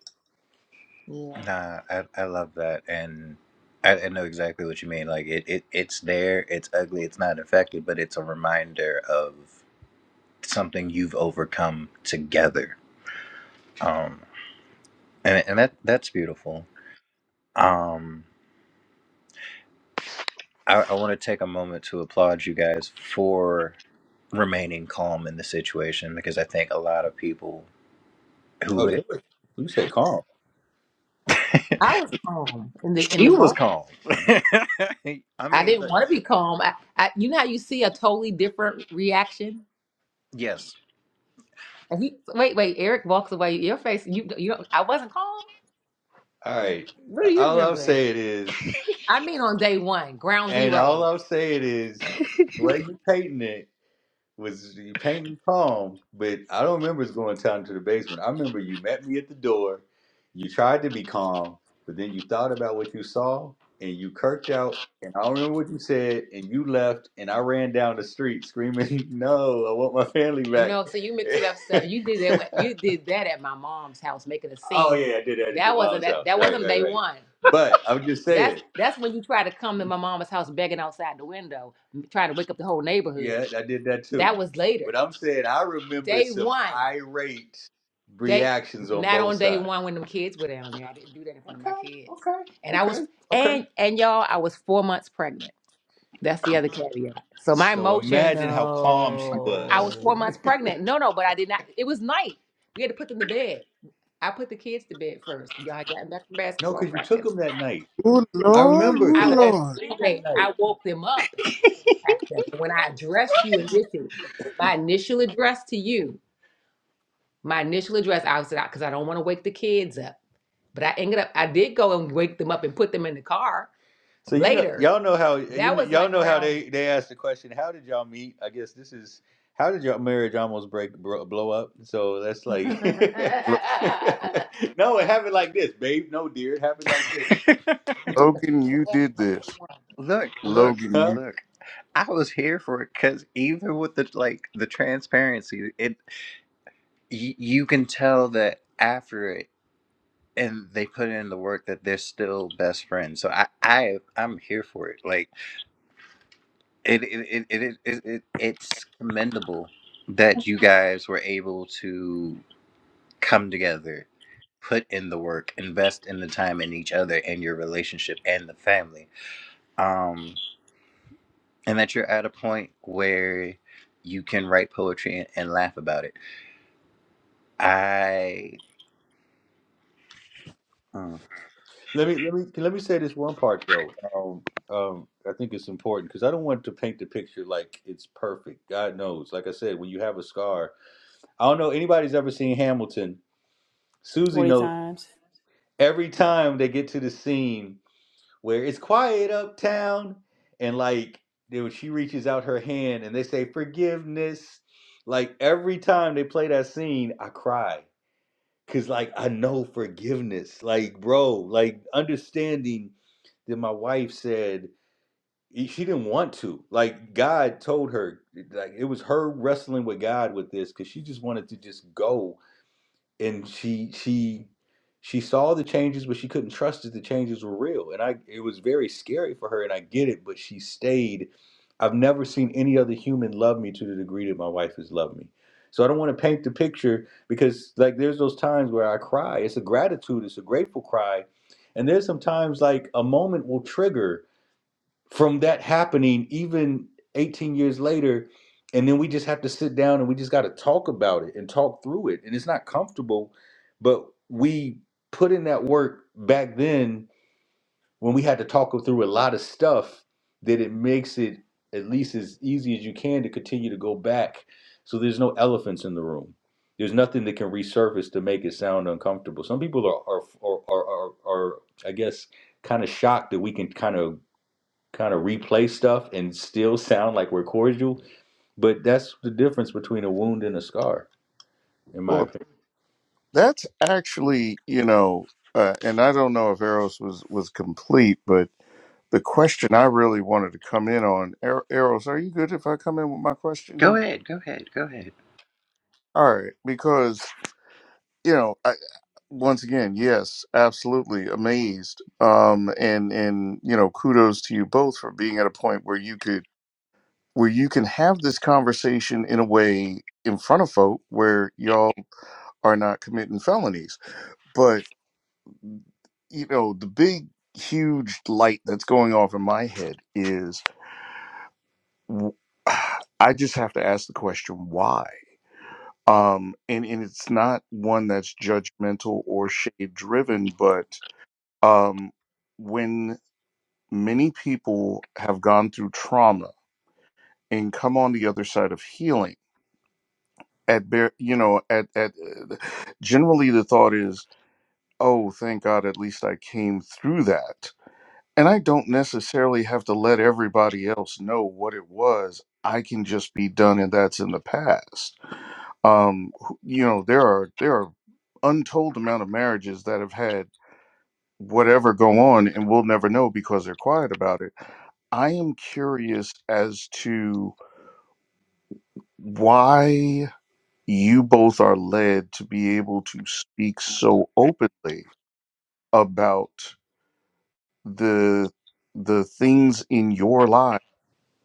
Yeah.
Nah, I, I love that, and I, I know exactly what you mean. Like it, it, it's there. It's ugly. It's not effective, but it's a reminder of something you've overcome together. Um, and and that that's beautiful. Um, I, I want to take a moment to applaud you guys for remaining calm in the situation because I think a lot of people. who.
Oh,
had
there was, you said calm. I was calm in the in
She
the
was
moment.
calm. *laughs* I
I
mean,
didn't
look.
want to be calm. I, I you know how you see a totally different reaction?
Yes.
And he wait, wait. Eric walks away. Your face. You you don't. I wasn't calm. All right. What are you All I'm remembering? saying is, I mean, on day one, ground and all zero. I'm saying is, the way you painting it was you painting palm, but I don't remember us going down to the basement. I remember you met me at the door, you tried to be calm, but then you thought about what you saw and you kirked out. And I don't remember what you said, and you left, and I ran down the street screaming, *laughs* "No, I want my family back!" No, so you mixed it up, sir. You did *laughs* that. You did that at my mom's house, making a scene. oh yeah, I did that at That your wasn't mom's that. house, That right, wasn't right, day right. one. But I'm just That's saying, that's when you try to come to my mama's house begging outside the window trying to wake up the whole neighborhood. Yeah, I did that too. That was later. But I'm saying I remember Day some one. irate Day reactions day, on not both on day sides. one when them kids were down there. I didn't do that in front of my Okay, kids. okay, And I was okay, okay. and and y'all, I was four months pregnant. That's the other caveat. So my So emotions imagine how calm she I was was. four
No.
months pregnant. No, no, but I did not. It was night. We had to put them to bed. I put the kids to bed first because y'all had gotten back from No, basketball because you took practice. them that night.
Good
I
Lord,
remember
good
I because I woke. had
Lord.
to leave that Okay, night. I woke them up attack them. But when I address you initially, my initial address to you, my initial address, I was out because I don't want to wake the kids up. But I ended up, I did go and wake them up and put them in the car So you know, later. Know, y'all know how you That know, was y'all like know how around they they asked the question. How did y'all meet? I guess this is how did your marriage almost break bro, blow up. So that's like *laughs* *laughs*
L-
no, it happened like this, babe. No, dear, it happened like
*laughs*
this.
Logan, you did this.
look, look,
Logan,
huh?
you.
look. I was here for it because even with the like the transparency, it y- you can tell that after it and they put in the work that they're still best friends. So I I I'm here for it. Like it it it it, it, it it's commendable that you guys were able to come together put in the work, invest in the time in each other and your relationship and the family. Um, and that you're at a point where you can write poetry and, and laugh about it. I uh,
Let me let me let me say this one part though. Um, um, I think it's important because I don't want to paint the picture like it's perfect. God knows, like I said, when you have a scar, I don't know anybody's ever seen Hamilton. Susie
40
knows
times.
every time they get to the scene where it's quiet uptown, and like dude, she reaches out her hand and they say forgiveness. Like every time they play that scene, I cry. Cause like I know forgiveness, like bro, like understanding that my wife said e- she didn't want to. Like God told her, like it was her wrestling with God with this, cause she just wanted to just go and she she she saw the changes but she couldn't trust that the changes were real and i it was very scary for her and i get it but she stayed i've never seen any other human love me to the degree that my wife has loved me so i don't want to paint the picture because like there's those times where i cry it's a gratitude it's a grateful cry and there's sometimes like a moment will trigger from that happening even 18 years later and then we just have to sit down and we just got to talk about it and talk through it and it's not comfortable but we put in that work back then when we had to talk through a lot of stuff that it makes it at least as easy as you can to continue to go back so there's no elephants in the room there's nothing that can resurface to make it sound uncomfortable some people are are are are, are, are i guess kind of shocked that we can kind of kind of replay stuff and still sound like we're cordial. But that's the difference between a wound and a scar, in my
Well,
opinion.
that's actually, you know, uh, and I don't know if Eros was was complete, but the question I really wanted to come in on, Er- Eros, are you good if I come in with my question
go
here?
ahead, go ahead, go ahead.
All right, because you know, I, once again, yes, absolutely amazed, um, and and you know, kudos to you both for being at a point where you could where you can have this conversation in a way in front of folk where y'all are not committing felonies. But, you know, the big, huge light that's going off in my head is w- *sighs* I just have to ask the question, why? Um, and, and it's not one that's judgmental or shade driven, but um, when many people have gone through trauma and come on the other side of healing, at bare you know at at uh, generally the thought is oh thank god at least i came through that and i don't necessarily have to let everybody else know what it was i can just be done and that's in the past um who- you know there are there are untold amount of marriages that have had whatever go on and we'll never know because they're quiet about it i am curious as to why you both are led to be able to speak so openly about the the things in your life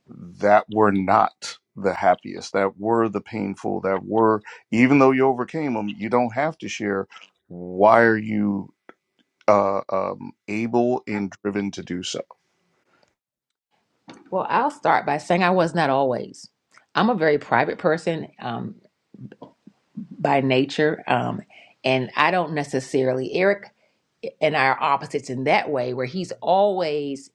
that were not the happiest that were the painful that were even though you overcame them you don't have to share why are you uh, um, able and driven to do so
Well, I'll start by saying I was not always. I'm a very private person um, by nature, um, and I don't necessarily Eric and I are opposites in that way, where he's always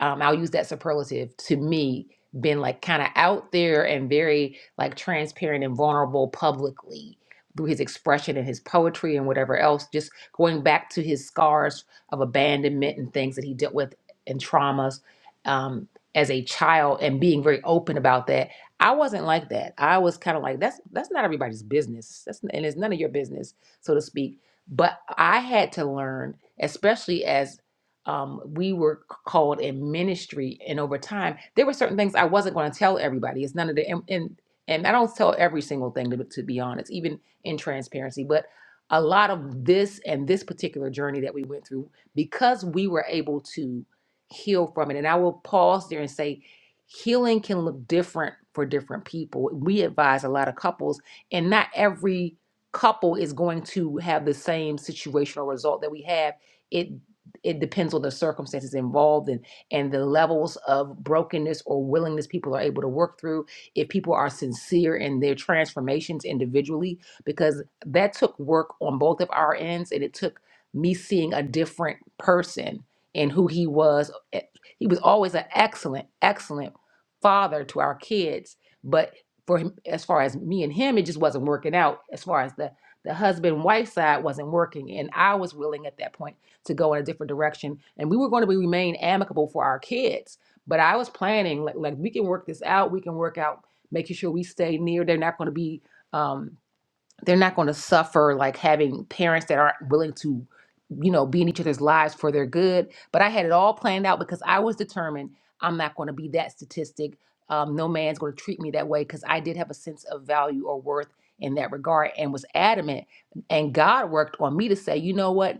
um, I'll use that superlative to me, been like kind of out there and very like transparent and vulnerable publicly through his expression and his poetry and whatever else, just going back to his scars of abandonment and things that he dealt with and traumas um, as a child and being very open about that. I wasn't like that. I was kind of like that's that's not everybody's business. That's and it's none of your business, so to speak. But I had to learn, especially as um, we were called in ministry and over time there were certain things i wasn't going to tell everybody it's none of the and, and and i don't tell every single thing to, be- to be honest even in transparency but a lot of this and this particular journey that we went through because we were able to heal from it and i will pause there and say healing can look different for different people we advise a lot of couples and not every couple is going to have the same situational result that we have It it depends on the circumstances involved and and the levels of brokenness or willingness people are able to work through if people are sincere in their transformations individually because that took work on both of our ends and it took me seeing a different person and who he was eh, he was always an excellent excellent father to our kids but for him as far as me and him it just wasn't working out as far as the the husband wife side wasn't working and i was willing at that point to go in a different direction and we were going to be, remain amicable for our kids but i was planning like, like we can work this out we can work out making sure we stay near they're not going to be um, they're not going to suffer like having parents that aren't willing to you know be in each other's lives for their good but i had it all planned out because i was determined i'm not going to be that statistic um, no man's going to treat me that way because i did have a sense of value or worth in that regard and was adamant and god worked on me to say you know what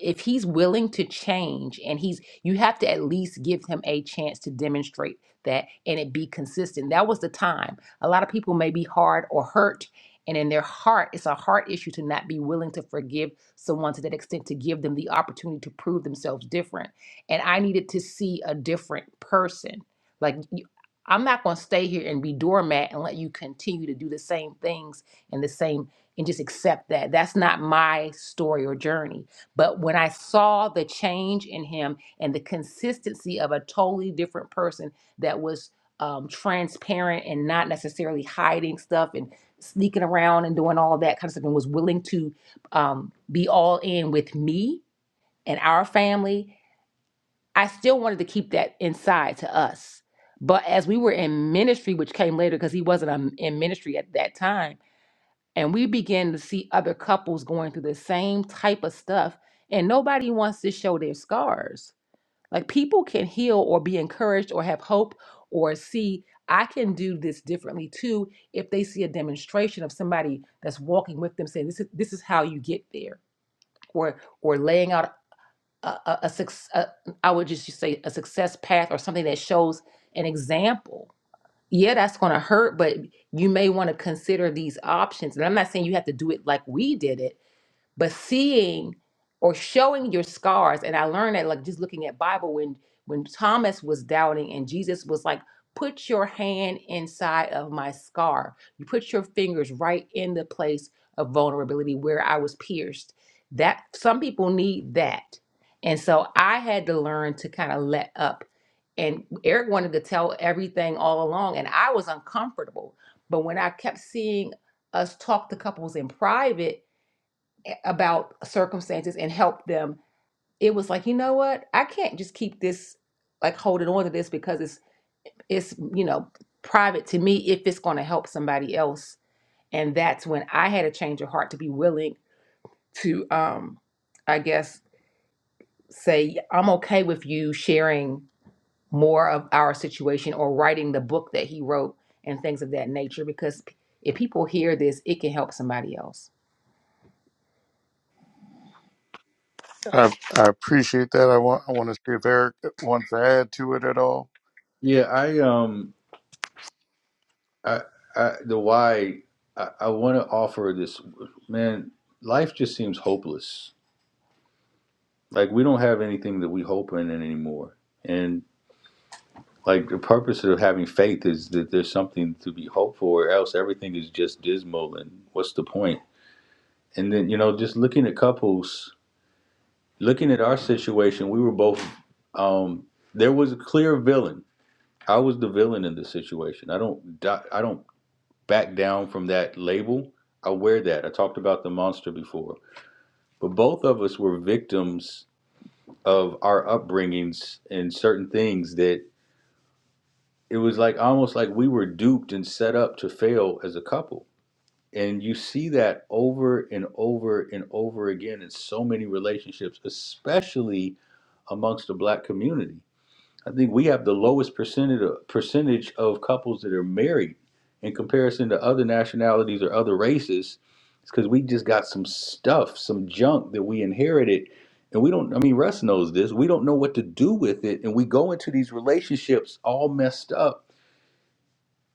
if he's willing to change and he's you have to at least give him a chance to demonstrate that and it be consistent that was the time a lot of people may be hard or hurt and in their heart it's a heart issue to not be willing to forgive someone to that extent to give them the opportunity to prove themselves different and i needed to see a different person like you, i'm not going to stay here and be doormat and let you continue to do the same things and the same and just accept that that's not my story or journey but when I saw the change in him and the consistency of a totally different person that was um, transparent and not necessarily hiding stuff and sneaking around and doing all of that kind of stuff and was willing to um, be all in with me and our family, I still wanted to keep that inside to us. But as we were in ministry, which came later because he wasn't um, in ministry at that time, and we begin to see other couples going through the same type of stuff and nobody wants to show their scars like people can heal or be encouraged or have hope or see i can do this differently too if they see a demonstration of somebody that's walking with them saying this is this is how you get there or or laying out a, a, a, suc- a i would just say a success path or something that shows an example yeah, that's going to hurt, but you may want to consider these options. And I'm not saying you have to do it like we did it, but seeing or showing your scars and i learned that like just looking at bible when when thomas was doubting and jesus was like put your hand inside of my scar you put your fingers right in the place of vulnerability where i was pierced that some people need that and so i had to learn to kind of let up and eric wanted to tell everything all along and i was uncomfortable but when i kept seeing us talk to couples in private about circumstances and help them it was like you know what i can't just keep this like holding on to this because it's it's you know private to me if it's going to help somebody else and that's when i had a change of heart to be willing to um i guess say i'm okay with you sharing more of our situation or writing the book that he wrote and things of that nature because if people hear this it can help somebody else
I, I appreciate that. I want I want to see if Eric wants to add to it at all.
Yeah, I um I, I the why I, I want to offer this man. Life just seems hopeless. Like we don't have anything that we hope in it anymore. And like the purpose of having faith is that there's something to be hoped for, or else everything is just dismal. And what's the point? And then you know, just looking at couples, looking at our situation, we were both. Um, there was a clear villain. I was the villain in this situation. I don't. I don't back down from that label. I wear that. I talked about the monster before, but both of us were victims of our upbringings and certain things that it was like almost like we were duped and set up to fail as a couple. And you see that over and over and over again in so many relationships, especially amongst the black community. I think we have the lowest percentage of, percentage of couples that are married in comparison to other nationalities or other races. It's because we just got some stuff, some junk that we inherited, and we don't. I mean, Russ knows this. We don't know what to do with it, and we go into these relationships all messed up,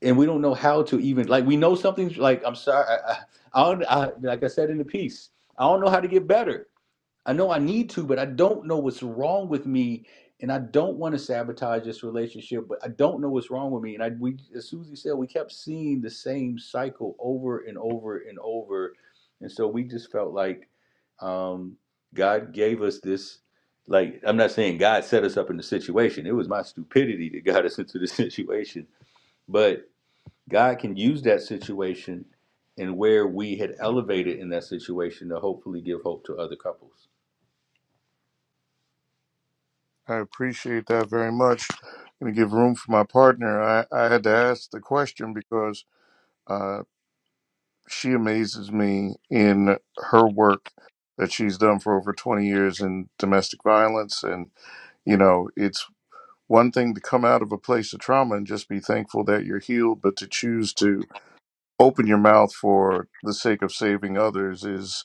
and we don't know how to even like. We know something's like. I'm sorry. I, I, I, don't- I like I said in the piece. I don't know how to get better. I know I need to, but I don't know what's wrong with me, and I don't want to sabotage this relationship. But I don't know what's wrong with me, and I we as Susie said, we kept seeing the same cycle over and over and over, and so we just felt like um, God gave us this. Like I'm not saying God set us up in the situation; it was my stupidity that got *laughs* us into the situation. But God can use that situation and where we had elevated in that situation to hopefully give hope to other couples.
I appreciate that very much. I'm going to give room for my partner. I, I had to ask the question because uh, she amazes me in her work that she's done for over 20 years in domestic violence. And, you know, it's one thing to come out of a place of trauma and just be thankful that you're healed, but to choose to open your mouth for the sake of saving others is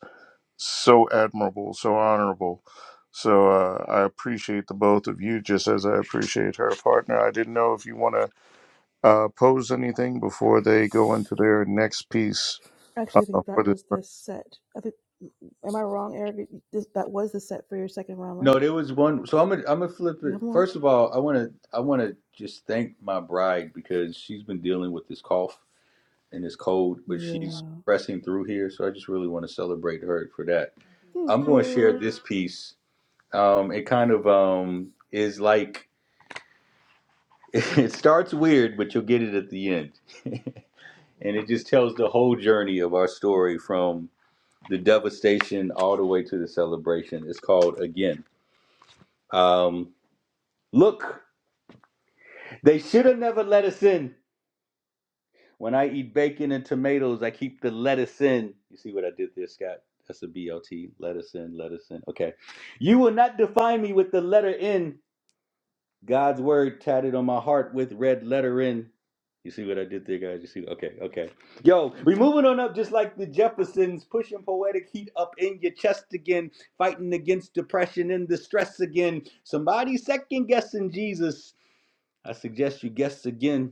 so admirable, so honorable. So uh, I appreciate the both of you, just as I appreciate her partner. I didn't know if you want to uh, pose anything before they go into their next piece
I actually
uh,
think that
for this.
was the set. I think, am I wrong, Eric? This, that was the set for your second round,
No,
right?
there was one. So I'm gonna I'm gonna flip
You
it.
have more?
First of all, I wanna I wanna just thank my bride because she's been dealing with this cough and this cold, but she's
Yeah.
pressing through here. So I just really want to celebrate her for that. I'm
Thank
going to share
you.
this piece. Um, it kind of um is like *laughs* it starts weird, but you'll get it at the end, *laughs* and it just tells the whole journey of our story from the devastation all the way to the celebration. It's called again. Um, look. They should have never let us in. When I eat bacon and tomatoes, I keep the lettuce in. You see what I did there, Scott? That's a BLT. Lettuce in, lettuce in. Okay. You will not define me with the letter N. God's word tatted on my heart with red letter N. You see what I did there, guys? You see? Okay, okay. Yo, we moving on up just like the Jeffersons, pushing poetic heat up in your chest again, fighting against depression and the stress again. Somebody second guessing Jesus. I suggest you guess again.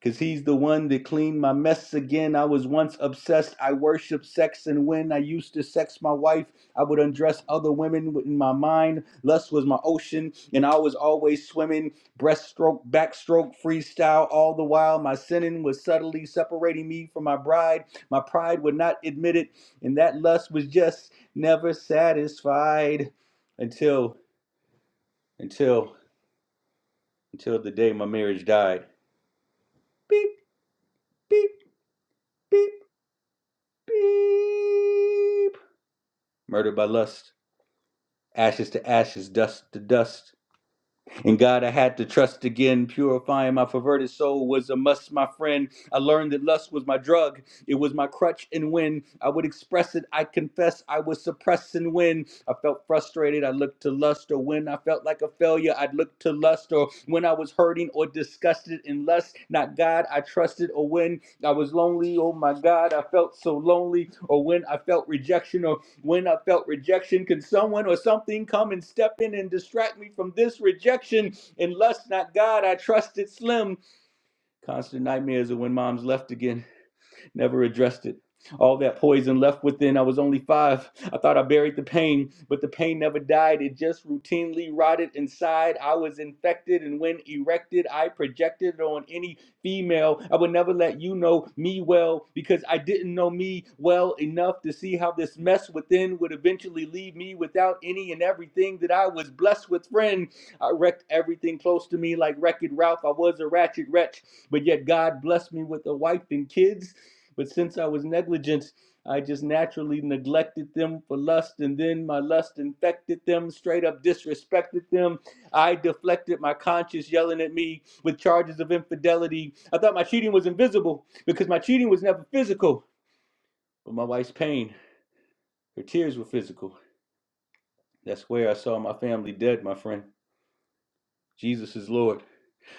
Cause he's the one that cleaned my mess again. I was once obsessed. I worship sex, and when I used to sex my wife, I would undress other women in my mind. Lust was my ocean, and I was always swimming. Breaststroke, backstroke, freestyle, all the while my sinning was subtly separating me from my bride. My pride would not admit it, and that lust was just never satisfied until, until, until the day my marriage died. Beep, beep, beep. Beep. Murdered by lust. Ashes to ashes, dust to dust. In God I had to trust again. Purifying my perverted soul was a must, my friend. I learned that lust was my drug. It was my crutch, and when I would express it, I confess I was suppressing. When I felt frustrated, I looked to lust, or when I felt like a failure, I'd look to lust, or when I was hurting or disgusted in lust, not God, I trusted, or when I was lonely, oh my God, I felt so lonely, or when I felt rejection, or when I felt rejection, could someone or something come and step in and distract me from this rejection? Unless not God, I trusted Slim. Constant nightmares of when mom's left again. Never addressed it. All that poison left within. I was only five. I thought I buried the pain, but the pain never died. It just routinely rotted inside. I was infected, and when erected, I projected on any female. I would never let you know me well because I didn't know me well enough to see how this mess within would eventually leave me without any and everything that I was blessed with, friend. I wrecked everything close to me like Wreck It Ralph. I was a ratchet wretch, but yet God blessed me with a wife and kids but since I was negligent, I just naturally neglected them for lust, and then my lust infected them, straight up disrespected them. I deflected my conscience yelling at me with charges of infidelity. I thought my cheating was invisible because my cheating was never physical. But my wife's pain, her tears were physical. That's where I saw my family dead, my friend. Jesus is Lord.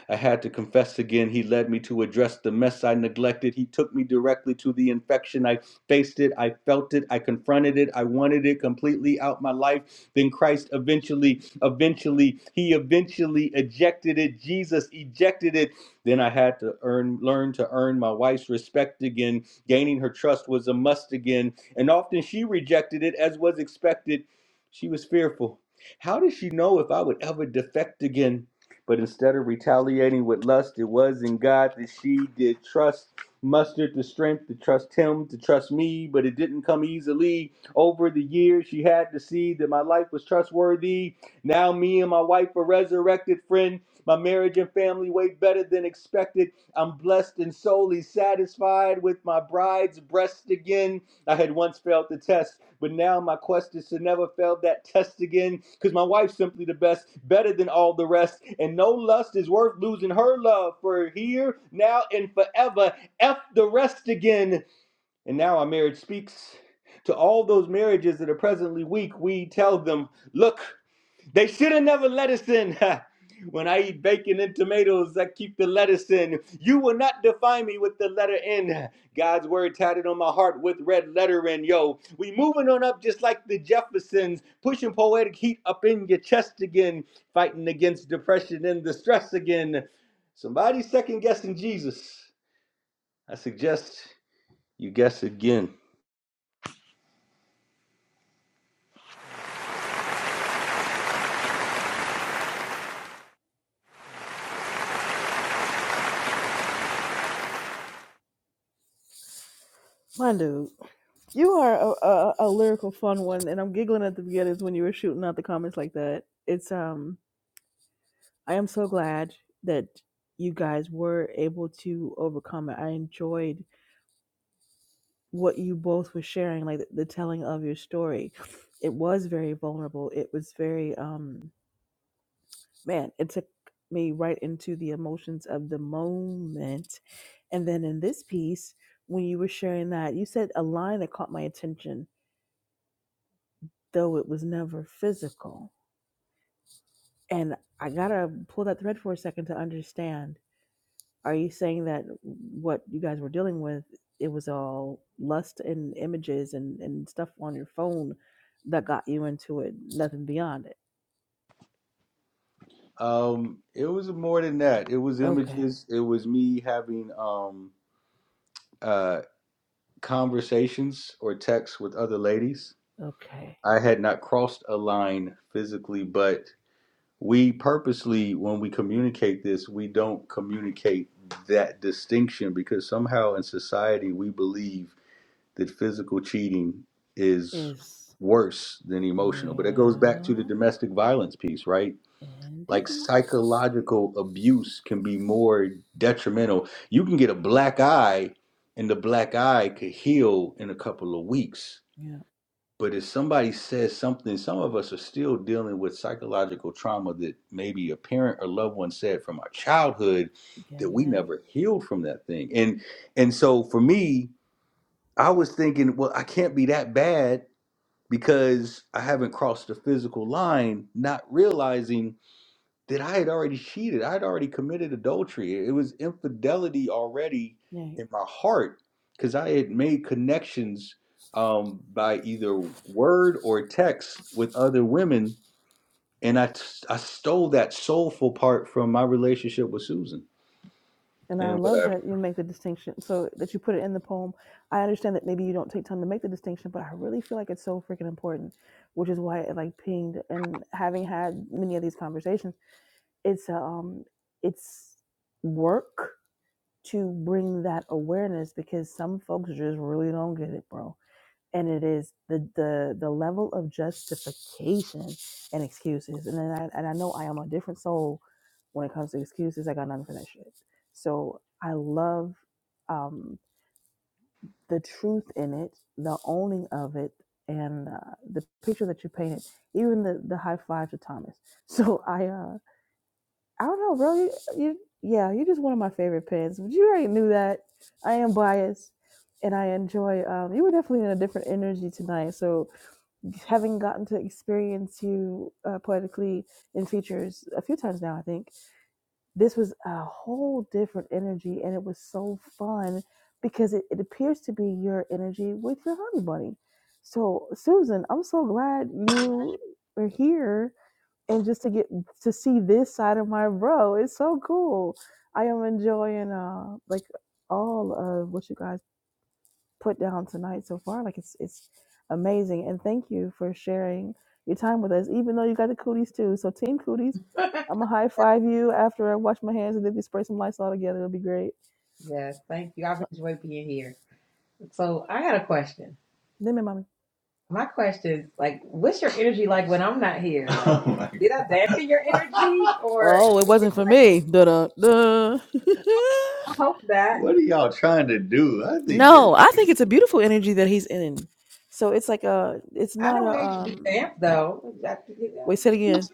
I had to confess again. He led me to address the mess I neglected. He took me directly to the infection. I faced it. I felt it. I confronted it. I wanted it completely out my life. Then Christ eventually, eventually, he eventually ejected it. Jesus ejected it. Then I had to earn, learn to earn my wife's respect again. Gaining her trust was a must again. And often she rejected it as was expected. She was fearful. How did she know if I would ever defect again? But instead of retaliating with lust, it was in God that she did trust, mustered the strength to trust him, to trust me, but it didn't come easily. Over the years, she had to see that my life was trustworthy. Now, me and my wife are resurrected, friend. My marriage and family way better than expected. I'm blessed and solely satisfied with my bride's breast again. I had once failed the test, but now my quest is to never fail that test again. Cause my wife's simply the best, better than all the rest. And no lust is worth losing her love for here, now, and forever. F the rest again. And now our marriage speaks. To all those marriages that are presently weak, we tell them, Look. They should have never let us in. *laughs* when I eat bacon and tomatoes, I keep the lettuce in. You will not define me with the letter N. God's word tatted on my heart with red lettering. Yo, we moving on up just like the Jeffersons, pushing poetic heat up in your chest again, fighting against depression and the stress again. Somebody second guessing Jesus. I suggest you guess again.
My dude, you are a, a, a lyrical fun one, and I'm giggling at the beginnings when you were shooting out the comments like that. It's um, I am so glad that you guys were able to overcome it. I enjoyed what you both were sharing, like the, the telling of your story. It was very vulnerable. It was very um man, it took me right into the emotions of the moment. And then in this piece, when you were sharing that, you said a line that caught my attention, though it was never physical. And I gotta pull that thread for a second to understand Are you saying that what you guys were dealing with, it was all lust and images and, and stuff on your phone that got you into it, nothing beyond it?
Um, it was more than that. It was
Okay.
images. It was me having um Uh, conversations or texts with other ladies.
Okay.
I had not crossed a line physically, but we purposely, when we communicate this, we don't communicate that distinction because somehow in society we believe that physical cheating is
Is,
worse than emotional. But it goes back to the
yeah,
domestic violence piece, right? Like
indeed.
psychological abuse can be more detrimental. You can get a black eye, and the black eye could heal in a couple of weeks.
Yeah.
But if somebody says something, some of us are still dealing with psychological trauma that maybe a parent or loved one said from our childhood that
Gang,
we
gang.
never healed from that thing. And and so for me, I was thinking, well, I can't be that bad because I haven't crossed the physical line, not realizing that I had already cheated. I had already committed adultery. It was infidelity already
Yeah.
in my heart because I had made connections um, by either word or text with other women. And I, t- I stole that soulful part from my relationship with Susan
And I
and
love
whatever.
that you make the distinction. So that you put it in the poem. I understand that maybe you don't take time to make the distinction, but I really feel like it's so freaking important, which is why it like pinged. And having had many of these conversations, it's um it's work to bring that awareness because some folks just really don't get it bro and it is the the the level of justification and excuses and then I, and I know I am a different soul when it comes to excuses I got nothing for that shit so I love um the truth in it the owning of it and uh, the picture that you painted even the the high five to Thomas *laughs* so I uh I don't know, bro. You, you, yeah, you're just one of my favorite pins. But you already knew that. I am biased, and I enjoy. Um, you were definitely in a different energy tonight. So having gotten to experience you uh, poetically in features a few times now, I think this was a whole different energy, and it was so fun because it, it appears to be your energy with your honey bunny. So Susan, I'm so glad you are here and just to get to see this side of my bro it's so cool i am enjoying uh like all of what you guys put down tonight so far like it's it's amazing and thank you for sharing your time with us even though you got the cooties too so team cooties i'm gonna high five you after i wash my hands and then we spray some lights all together it'll be great
Yes, thank you. I've
so
enjoyed being here. So I got a question.
lemon mommy
My question is like, what's your energy like when I'm not here? *laughs* Like, Oh my did I dampen your energy, or
oh it wasn't for me da da da *laughs*
hope not. What are y'all trying to do? I think that
no i think it's a beautiful energy that he's in so it's like a it's
I
not
don't
a
want to be
um
damp though. I think it-
Wait, say
yeah.
it again.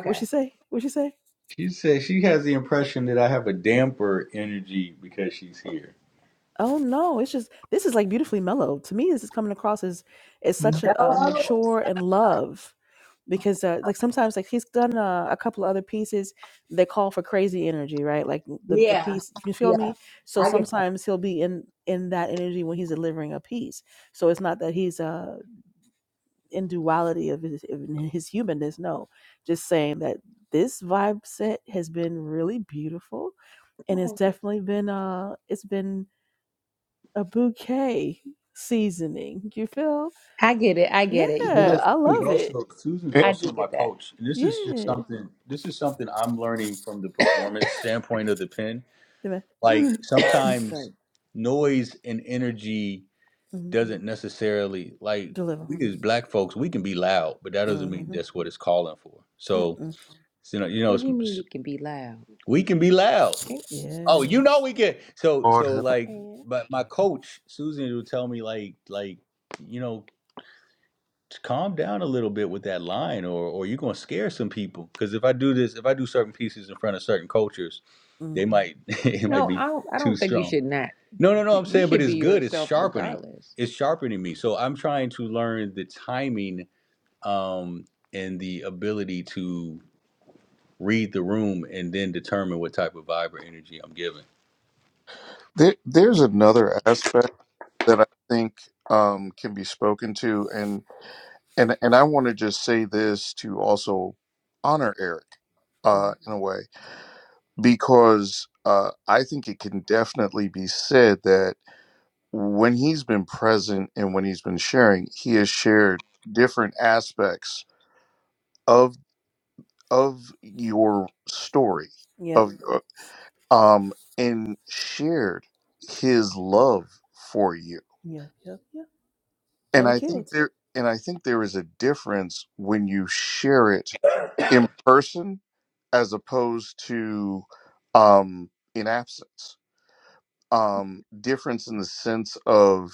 What she say? What she say?
she said she has the impression that I have a damper energy because she's here.
Oh no, it's just this is like beautifully mellow. To me, this is coming across as as such a, a
Hello.
mature and love because uh, like sometimes like he's done uh, a couple of other pieces that call for crazy energy, right? Like the the
Yeah.
piece, you feel
Yeah.
me? So
I get.
sometimes he'll be in in that energy when he's delivering a piece. So it's not that he's uh in duality of his of his humanness. No, just saying that this vibe set has been really beautiful and it's definitely been uh it's been a bouquet seasoning. You feel?
I get it. I
Yeah,
get it. You Yeah. know,
I
Susan's
love it.
also Susan's I
Eh,
do also my get that. coach, and this is just
Yeah.
something. This is something I'm learning from the performance standpoint of the pen.
Deliver.
Like *laughs* *coughs* Sorry. sometimes noise and energy.
hmm
doesn't necessarily like
Deliver.
we as black folks we can be loud, but that doesn't mean
Mm-hmm.
that's what it's calling for. So
Mm-mm.
you know, you know, What do you mean you can be loud? we can be loud. Oh, you know
Yes.
we can. So
Lord
so
have
like, ain't. but my coach Susan will tell me like like you know calm down a little bit with that line, or or you're gonna scare some people. Because if I do this, if I do certain pieces in front of certain cultures
mm
they might *laughs* it might No, be I don't, I too don't think you strong. should not. No, no, no. I'm you saying, but should it's be good. It's yourself sharpening. regardless. It's sharpening me. So I'm trying to learn the timing um, and the ability to read the room and then determine what type of vibe or energy I'm giving.
mercy. There, there's another aspect that I think um, can be spoken to, and and and I want to just say this to also honor Eric
hmm.
uh, in a way because uh, I think it can definitely be said that when he's been present and when he's been sharing, he has shared different aspects of of your story
Yep.
of um and shared his love for you.
Yep. Yep. Yep.
And
And the
I think
kids.
there and I think there is a difference when you share it in person as opposed to um in absence. um, difference in the sense of,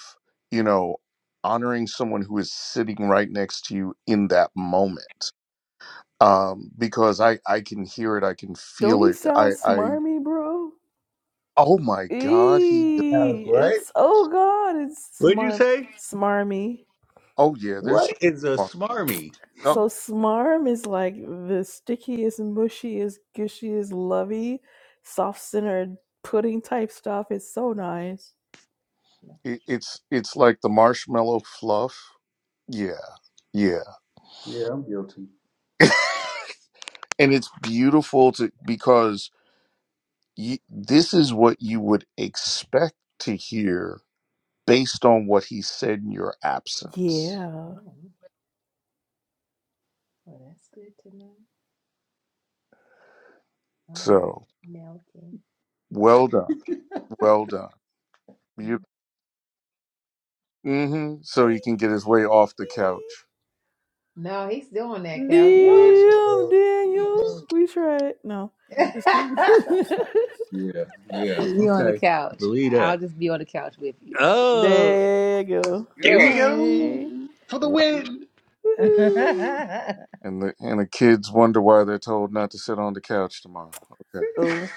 you know, honoring someone who is sitting right next to you in that moment. Um, because I, I can hear it, I can
Don't
feel
he
it. I,
sound
I,
smarmy, bro?
oh my God, he,
Uh,
Eee,
What?
it's oh god, it's
What'd you
smart,
say?
smarmy.
oh yeah, there's
What
so
is a
much.
smarmy?
Oh,
So smarm is like the stickiest, mushiest, gushiest, lovey, soft centered pudding type stuff. It's so nice.
it, it's, it's like the marshmallow fluff. Yeah. Yeah.
Yeah, I'm guilty.
*laughs* and it's beautiful to, because you, this is what you would expect to hear based on what he said in your absence.
Yeah.
Oh, well, that's good to know. Oh,
So
melting.
well done, well done. You, hmm so he can get his way off
*laughs*
the couch.
No, he's doing that couch, y'all.
Damn, Daniel.
What?
We tried. No, just
Uh, *laughs*
kidding.
*laughs* Yeah, yeah. Leave me on the Okay. couch. Believe that. I'll just be on the couch with you.
*laughs*
Oh,
there you go.
There we
go,
go
Yay.
for the
Wow.
win.
*laughs*
Woohoo.
And the and the kids wonder why they're told not to sit on the couch tomorrow. Okay.
Oh,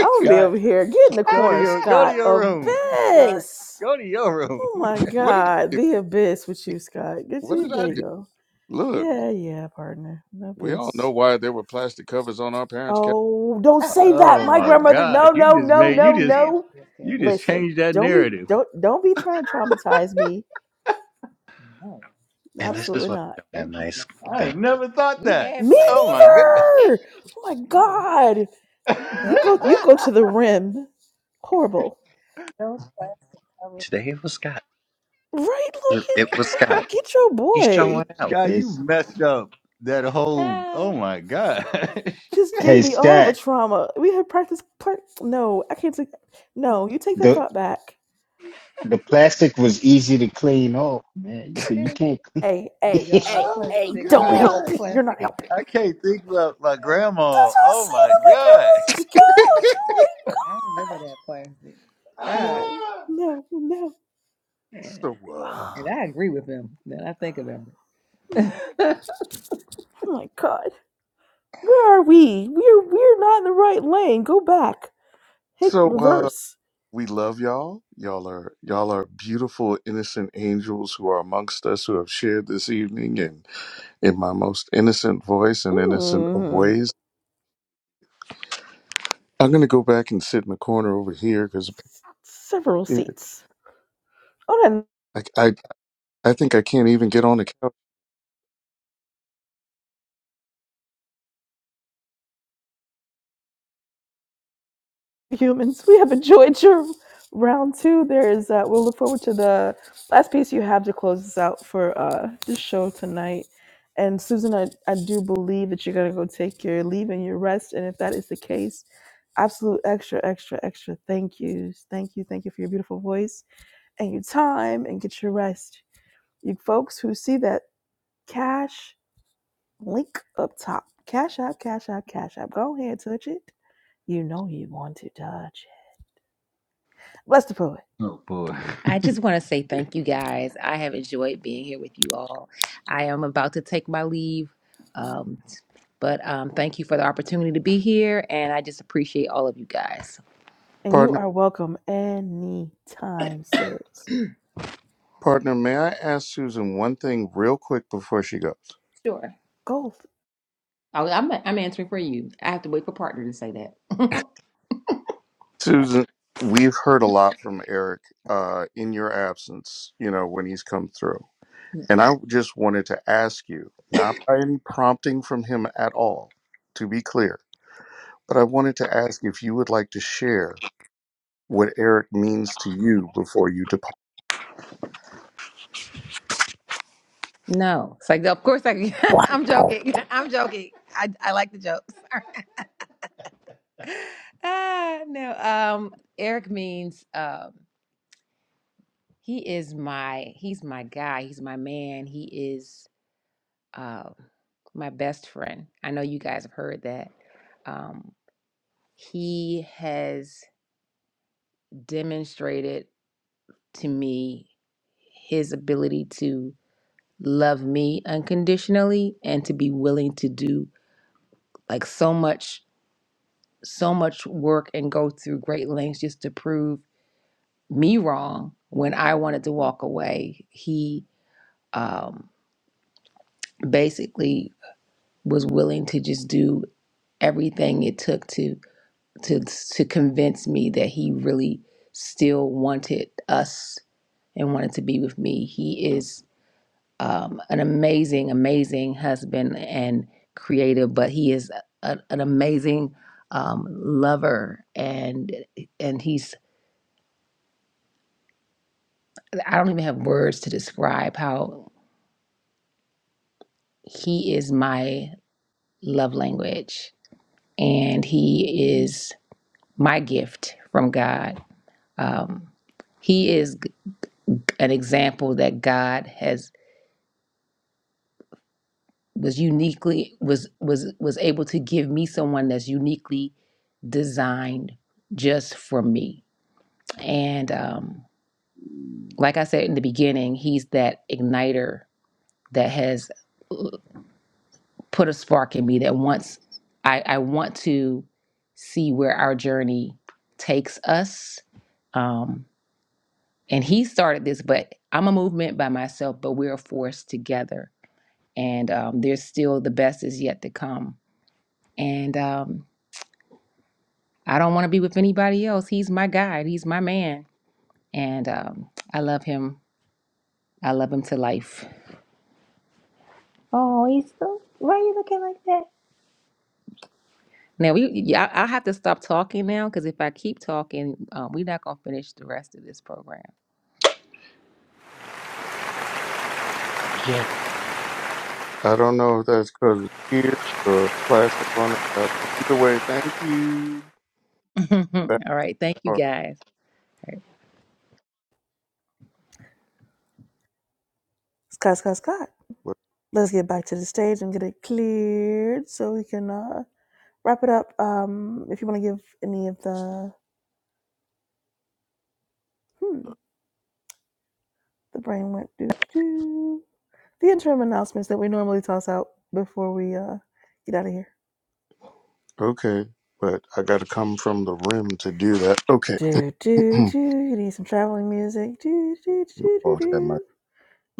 I'm gonna be over
Scott.
here. Get in the
Go to
corner,
your go to
Scott.
your room, *laughs* Scott.
Abyss.
Go to your room.
Oh
*laughs*
my
what did
God,
I
the abyss with
do?
you, Scott. Good to
What
you.
did
There
I
you
do?
go.
Look,
Yeah, yeah, partner. No
we all know
bis.
why there were plastic covers on our parents' couch.
Oh, don't say that.
Oh
My
my
grandmother. No,
God! You
no,
just
no,
made you
no,
just grand
no.
business you kid. just
Listen,
changed that
don't be
narrative.
don't don't be trying to traumatize me.
And this is
Absolutely
why
not.
we don't have nice
I've
things.
never thought We that.
Me
had Oh plastic my on God,
neither. Oh my god.
*laughs* that.
You go you go to the rim. Horrible.
Those plastic covers.
Today it was Scott.
Right,
It,
Logan?
it was Scott.
Get your
He's
boy.
showing out.
Scott, you
It's
messed up that whole. Ah, Oh Ah, my God.
Just gave
hey
me all the
Stat,
trauma. We had practice part no, I can't take no, you take that
the
thought back.
the plastic was easy to clean off, man. You can, you
*laughs*
can't
Hey,
Did
hey,
clean.
y'all have a
hey,
Oh plastic?
hey,
You know
don't
what
*laughs*
God!
help.
a
You're not
plastic in
helping.
I can't think about my grandma.
That's what I was
Oh
saying
my God!
on my grandmother's couch.
I remember that plastic. *laughs* God.
Oh my god.
Ah!
No, no, no. *sighs*
man.
So uh,
And
Ah,
I agree with him now I think about it.
no. Oh my god. Where are we? We're we're not in the right lane. Go back. Hit
so uh,
reverse.
we love y'all. Y'all are y'all are beautiful, innocent angels who are amongst us who have shared this evening and in my most innocent voice and innocent of
Mm.
ways. I'm going to go back and sit in the corner over here because
Several
I,
seats. Oh, All right,
I, I think I can't even get on the couch.
humans. We have enjoyed your round two. There is uh we'll look forward to the last piece you have to close us out for uh this show tonight. And Susan, I, I do believe that you're gonna go take your leave and your rest, and if that is the case, absolute extra, extra, extra thank yous. Thank you. Thank you for your beautiful voice and your time and get your rest. You folks who see that cash link up top, cash app, cash app, cash app, go ahead, touch it. You know you want to touch it. Bless the poet.
Oh boy. *laughs* I just want to say thank you guys. I have enjoyed being here with you all. I am about to take my leave, um, but um, thank you for the opportunity to be here, and I just appreciate all of you guys.
And you
Partner,
are welcome anytime, sis.
partner, may I ask Susan one thing real quick before she goes?
Sure,
Gold.
I, I'm, I'm answering for you. I have to wait for partner to say that.
Susan, we've heard a lot from Eric uh, in your absence, you know, when he's come through. And I just wanted to ask you, not by any prompting from him at all, to be clear, but I wanted to ask if you would like to share what Eric means to you before you depart.
No, it's like, of course I can. *laughs* I'm
Wow.
joking. *laughs* I'm joking. I, I like the jokes. *laughs* Ah, no, um, Eric means um, he is my he's my guy. He's my man. He is um, my best friend. I know you guys have heard that. Um, he has demonstrated to me his ability to love me unconditionally and to be willing to do like so much so much work and go through great lengths just to prove me wrong when I wanted to walk away. He um, basically was willing to just do everything it took to to to convince me that he really still wanted us and wanted to be with me. He is um, an amazing, amazing husband and creative, but he is a, an amazing um, lover and and he's I don't even have words to describe how he is my love language and he is my gift from God. Um, he is an example that God has was uniquely was was was able to give me someone that's uniquely designed just for me. And um, like I said in the beginning, he's that igniter that has uh, put a spark in me that wants I, I want to see where our journey takes us. Um, and he started this, but I'm a movement by myself, but we're a force together. And um, there's still the best is yet to come. And um, I don't want to be with anybody else. He's my guide. He's my man. And um, I love him. I love him to life. Oh, he's so. Why are you looking like that? Now we, yeah, I, I have to stop talking now because if I keep talking, um, we're not gonna finish the rest of this program.
Yeah.
I don't know if that's because of tears or plastic on the couch, but either way, thank you.
*laughs*
That
All right, thank you
part
guys.
Scott, Scott, Scott.
was
Let's get back to the stage and get it cleared so we can uh, wrap it up. Um, if you want to give any of the hmm. The brain went doo doo doo. The interim announcements that we normally toss out before we uh get out of here.
okay, but I got to come from the rim to do that. Okay.
Do
*clears throat*
do do. You need some traveling music. Do do do do
Lord have
do.
mercy.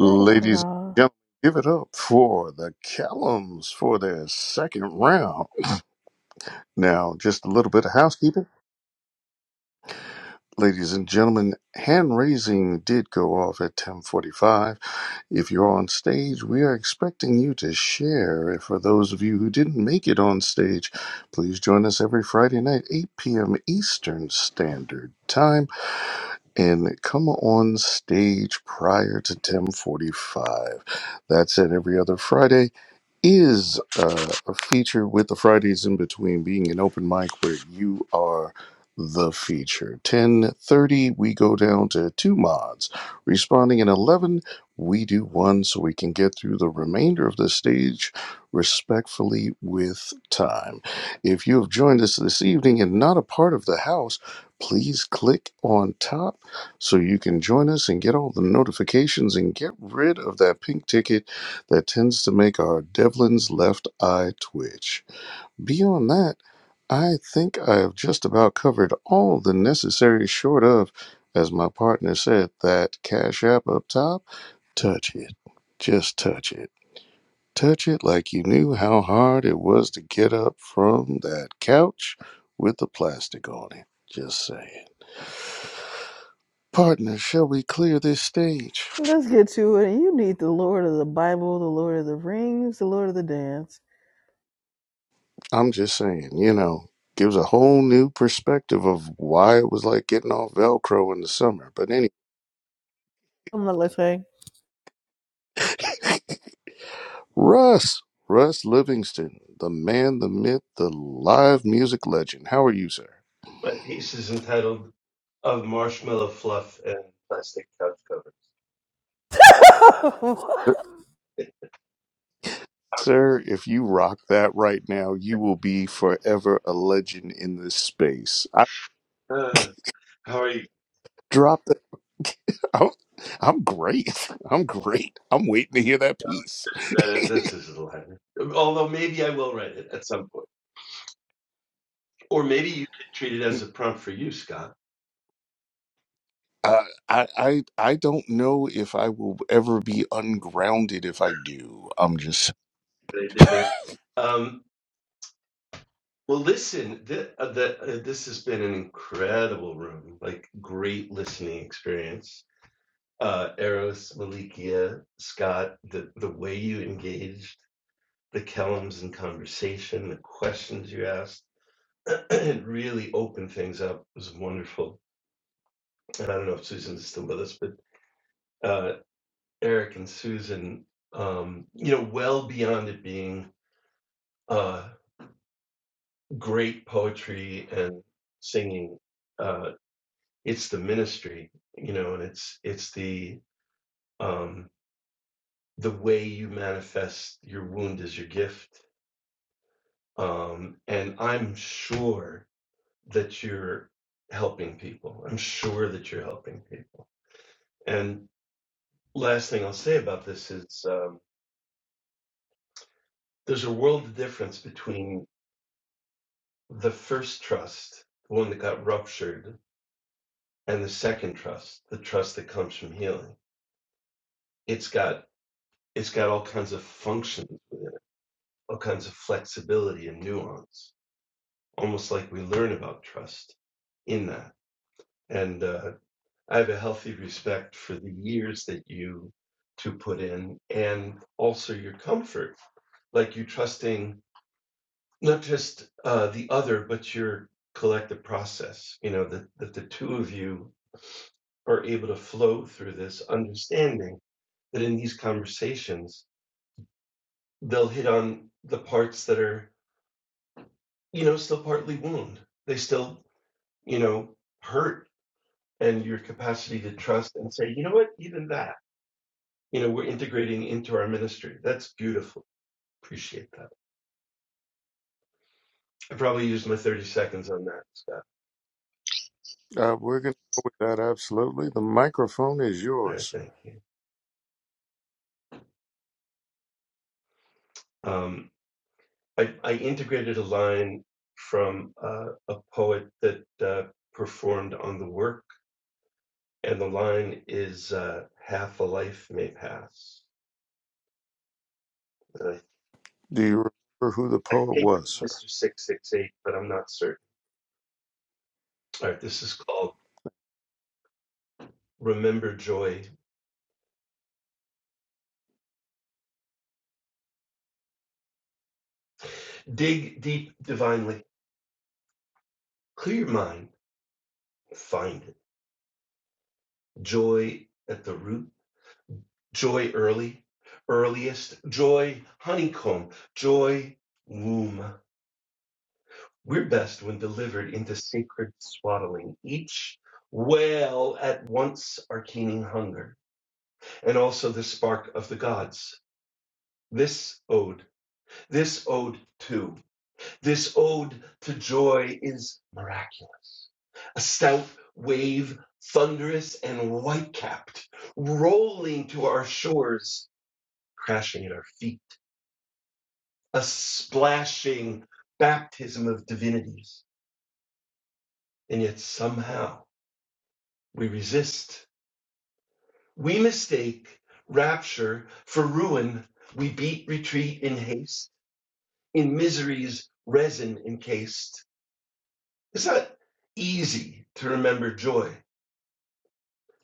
Da da da da
and
da.
gentlemen, give it up for the Callums for their second round. Now, just a little bit of housekeeping. Ladies and gentlemen, hand raising did go off at 1045. If you're on stage, we are expecting you to share. And For those of you who didn't make it on stage, please join us every Friday night, 8 p.m. Eastern Standard Time and come on stage prior to 1045. That's it. Every other Friday is uh, a feature with the Fridays in between being an open mic where you are the feature. 1030, we go down to two mods. Responding in 11, we do one so we can get through the remainder of the stage respectfully with time. If you have joined us this evening and not a part of the house, please click on top so you can join us and get all the notifications and get rid of that pink ticket that tends to make our Devlin's left eye twitch. Beyond that, I think I have just about covered all the necessary short of, as my partner said, that Cash App up top. Touch it. Just touch it. Touch it like you knew how hard it was to get up from that couch with the plastic on it. Just saying. Partner, shall we clear this stage?
Let's get to it. You need the Lord of the Bible, the Lord of the Rings, the Lord of the Dance.
I'm just saying, you know, gives a whole new perspective of why it was like getting off Velcro in the summer. But anyway,
I'm not listening.
*laughs* Russ, Russ Livingston, the man, the myth, the live music legend. How are you, sir?
My piece is entitled "Of Marshmallow Fluff and Plastic Couch Covers."
*laughs* us hang.
Uh, Sir, if you rock that right now, you will be forever a legend in this space. I
Uh, how are you?
dropped it. *laughs* I'm, I'm great. *laughs* I'm great. I'm waiting to hear that piece. *laughs*
That, that's his line. Although maybe I will write it at some point, or maybe you could treat it as a prompt for you, Scott.
Uh, I, I I don't know if I will ever be ungrounded if I do. I'm just
They did there. Um, well, listen. Th- uh, the, uh, this has been an incredible room, like great listening experience. Uh, Eros, Malikia, Scott, the the way you engaged the Kellums in conversation, the questions you asked *clears throat* it really opened things up. It was wonderful. And I don't know if Susan's still with us, but uh, Eric and Susan, um, you know, well beyond it being uh, great poetry and singing, uh, it's the ministry, you know, and it's it's the um, the way you manifest your wound as your gift. Um, and I'm sure that you're helping people. I'm sure that you're helping people. And last thing I'll say about this is um, there's a world of difference between the first trust, the one that got ruptured, and the second trust, the trust that comes from healing. It's got it's got all kinds of functions within it, all kinds of flexibility and nuance, almost like we learn about trust in that. And uh, I have a healthy respect for the years that you two put in, and also your comfort, like you trusting Not just, uh, the other, but your collective process, you know, that that the 2 of you are able to flow through this understanding that in these conversations, they'll hit on the parts that are, you know, still partly wound. They still, you know, hurt, and your capacity to trust and say, "You know what? Even that, you know, we're integrating into our ministry." That's beautiful. Appreciate that. I probably used my 30 seconds on that, Scott.
Uh, we're going to go with that, absolutely. The microphone is
All
yours,
right,
sir.
thank you. Um I, I integrated a line from uh, a poet that uh, performed on the work, and the line is uh, "Half a life may pass." And I,
Do you remember who the
I
poet
think it
was,
was
sir?
Mister Six Six Eight, but I'm not certain. All right, this is called "Remember Joy." Dig deep divinely, clear your mind, find it. Joy at the root, joy early, earliest, joy honeycomb, joy womb, We're best when delivered into sacred swaddling, each wail at once our keening hunger, and also the spark of the gods. This ode, this ode too, this ode to joy is miraculous. A stout wave, thunderous and white capped, rolling to our shores, crashing at our feet, a splashing baptism of divinities. And yet somehow we resist We mistake rapture for ruin. We beat retreat in haste, in misery's resin encased. It's not easy to remember joy.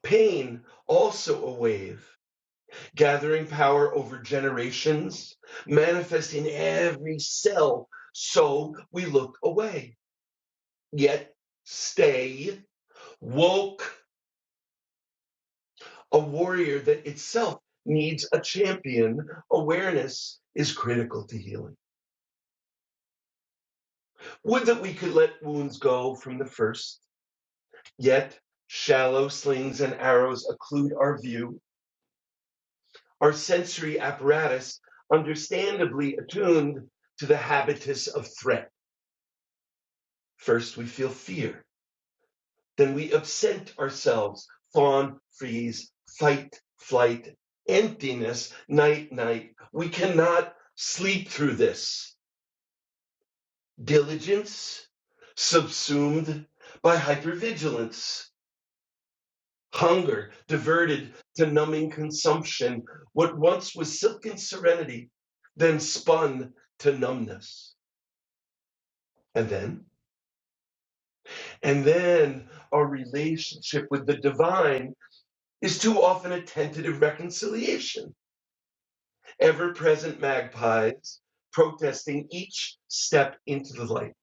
Pain, also a wave, gathering power over generations, manifesting every cell. So we look away, yet stay woke, a warrior that itself needs a champion. Awareness is critical to healing. Would that we could let wounds go from the first, yet shallow slings and arrows occlude our view, our sensory apparatus understandably attuned to the habitus of threat. First we feel fear, then we absent ourselves, fawn, freeze, fight, flight, emptiness, night, night. We cannot sleep through this. Diligence subsumed by hypervigilance Hunger, diverted to numbing consumption, what once was silken serenity, then spun to numbness. And then? And then our relationship with the divine is too often a tentative reconciliation, ever present magpies protesting each step into the light.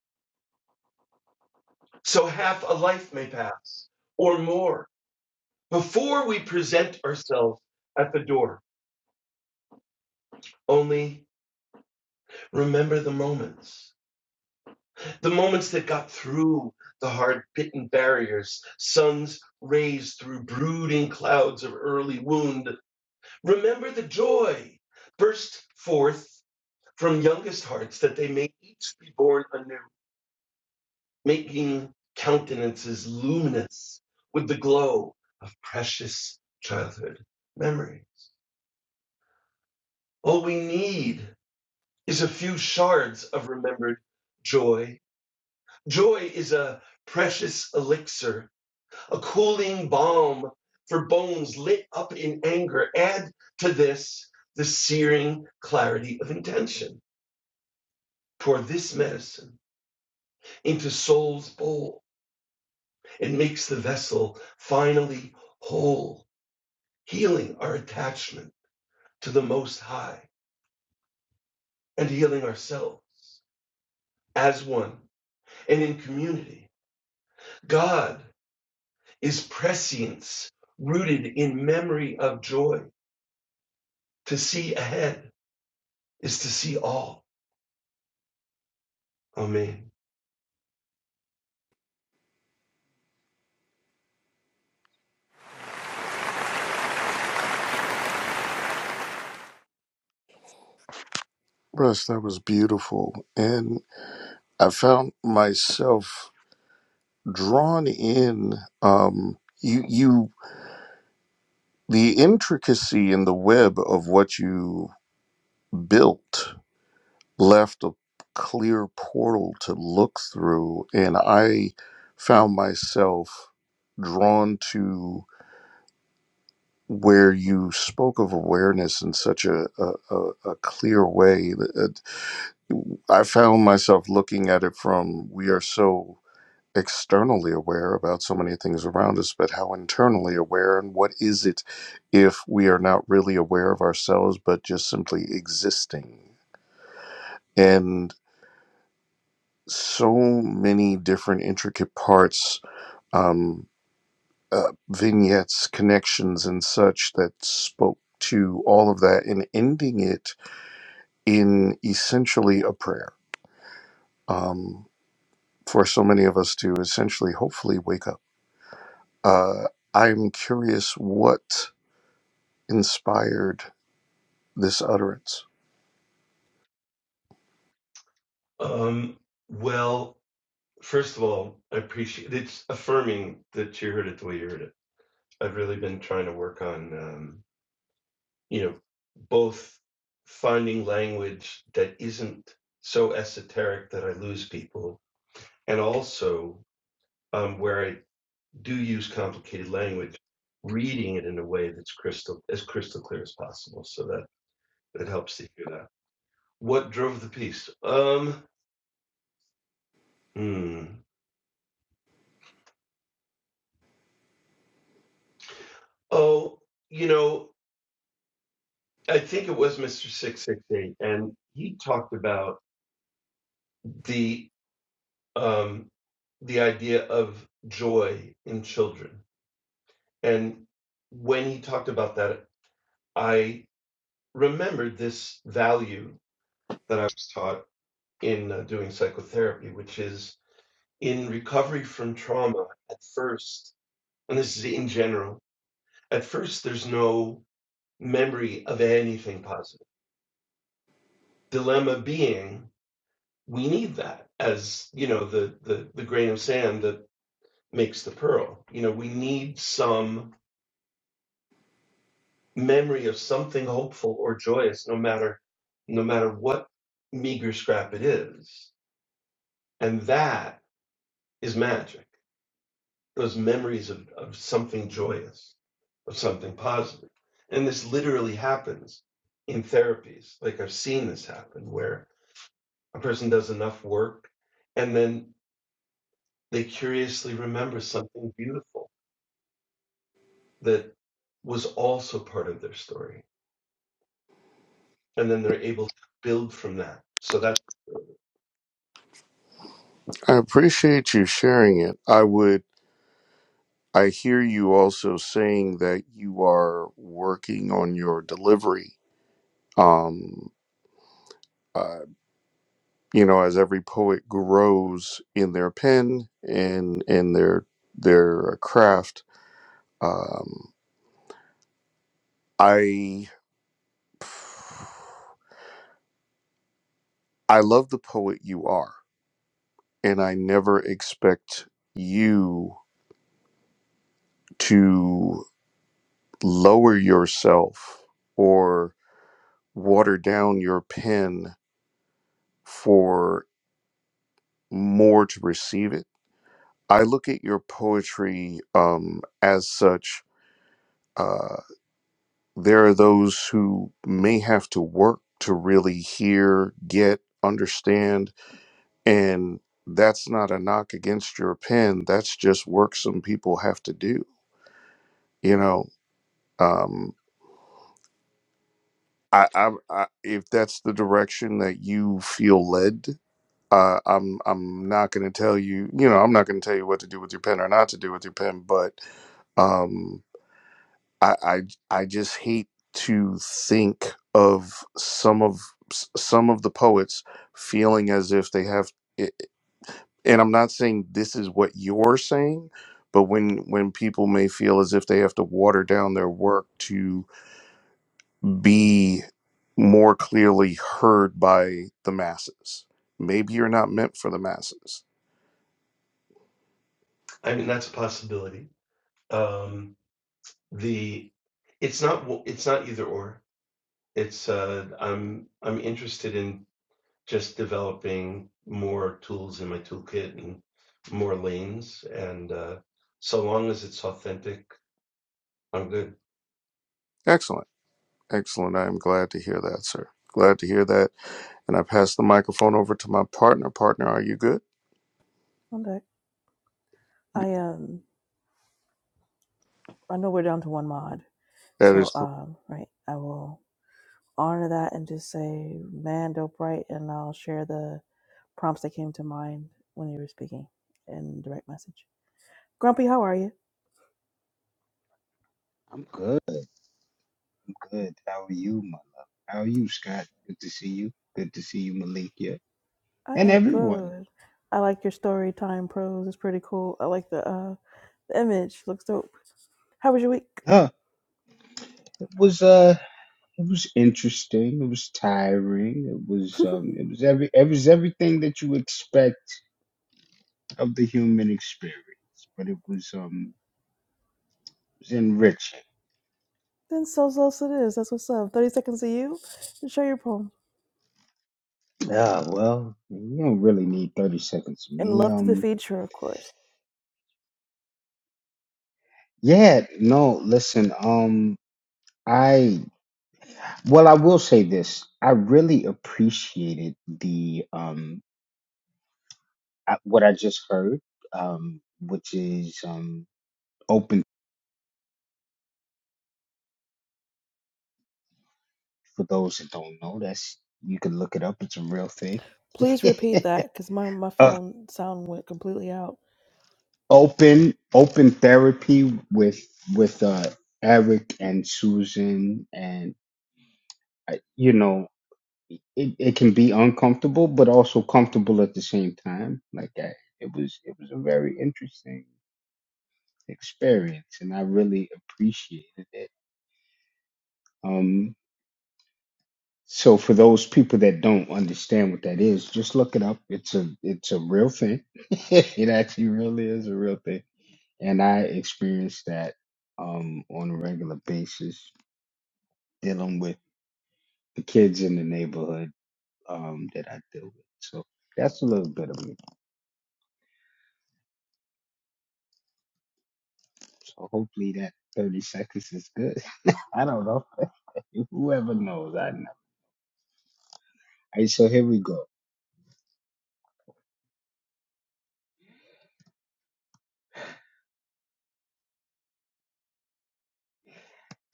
So half a life may pass, or more, before we present ourselves at the door. Only remember the moments The moments that got through the hard bitten barriers, suns raised through brooding clouds of early wound. Remember the joy burst forth from youngest hearts that they may each be born anew, making countenances luminous with the glow of precious childhood memories. All we need is a few shards of remembered joy. Joy is a precious elixir a cooling balm for bones lit up in anger. Add to this the searing clarity of intention. Pour this medicine into soul's bowl. It makes the vessel finally whole, healing our attachment to the Most High and healing ourselves as one and in community. God is prescience rooted in memory of joy. To see ahead is to see all. Amen.
Russ, that was beautiful. And I found myself drawn in. Um, you, you, the intricacy in the web of what you built left a clear portal to look through and i found myself drawn to where you spoke of awareness in such a, a, a, a clear way that uh, i found myself looking at it from we are so externally aware about so many things around us but how internally aware and what is it if we are not really aware of ourselves but just simply existing And so many different intricate parts, um, uh, vignettes, connections, and such that spoke to all of that and ending it in essentially a prayer um, for so many of us to essentially, hopefully, wake up. Uh, I'm curious what inspired this utterance.
Um, well, first of all, I appreciate it's affirming that you heard it the way you heard it. I've really been trying to work on, um, you know, both finding language that isn't so esoteric that I lose people, and also um, where I do use complicated language, reading it in a way that's crystal as crystal clear as possible. So that it helps to hear that. What drove the piece? Um, hmm. Oh, you know. I think it was Mr. 668, and he talked about the um, the idea of joy in children. And when he talked about that, I remembered this value that I was taught in uh, doing psychotherapy, which is in recovery from trauma. At first, and this is in general, at first there's no memory of anything positive. Dilemma being we need that as you know the the the grain of sand that makes the pearl you know we need some memory of something hopeful or joyous no matter no matter what meager scrap it is and that is magic those memories of, of something joyous of something positive positive. and this literally happens in therapies like i've seen this happen where a person does enough work and then they curiously remember something beautiful that was also part of their story and then they're able to build from that so that
I appreciate you sharing it. I would. I hear you also saying that you are working on your delivery. Um, uh, you know, as every poet grows in their pen and in their their uh, craft, um, I I love the poet you are, and I never expect you to lower yourself or water down your pen for more to receive it. I look at your poetry um, as such. Uh, there are those who may have to work to really hear, get, understand, and that's not a knock against your pen. That's just work some people have to do. You know, um, I, I, I if that's the direction that you feel led. Uh, I'm I'm not going to tell you, you know, I'm not going to tell you what to do with your pen or not to do with your pen, but um, I, I I just hate to think of some of some of the poets feeling as if they have and I'm not saying this is what you're saying but when when people may feel as if they have to water down their work to be more clearly heard by the masses maybe you're not meant for the masses
i mean that's a possibility um the it's not it's not either or it's uh i'm i'm interested in just developing more tools in my toolkit and more lanes and uh so long as it's authentic i'm good
excellent excellent I'm glad to hear that sir glad to hear that and I pass the microphone over to my partner partner are you good
One deck. I um. I know we're down to one mod.
That
So
is correct.
um. Right. I will honor that and just say man dope right and I'll share the prompts that came to mind when you were speaking in direct message. Grumpy, how are you?
I'm good. I'm good. How are you, my love? How are you, Scott? Good to see you. Good to see you, Malikia,
I
and
am
everyone.
good. I like your story time prose. It's pretty cool. I like the uh the image. Looks dope. How was your week?
Huh? It was uh, it was interesting. It was tiring. It was um,
*laughs*
it was every it was everything that you expect of the human experience, but it was um, it was enriching.
then so so so it is. That's what's up. Thirty seconds to you to show your poem.
Yeah, well, you don't really need thirty seconds of
And
me.
love to the
Um,
feature, of course.
Yeah, no, listen, um, I, well, I will say this. I really appreciated the, um, I, what I just heard, um, which is, um, open for those that don't know. That's, you can look it up. It's a real thing.
Please
*laughs*
repeat that because my, my
uh,
phone sound went completely out.
open, open therapy with, with, uh, Eric and Susan and, uh, you know, it, it can be uncomfortable but also comfortable at the same time like I, it was it was a very interesting experience and i really appreciated it um so for those people that don't understand what that is just look it up it's a it's a real thing *laughs* it actually really is a real thing and i experienced that um on a regular basis dealing with the kids in the neighborhood um that i deal with so that's a little bit of me So hopefully that 30 seconds is good. *laughs* I don't know. Whoever knows, I don't know. All right, so here we go.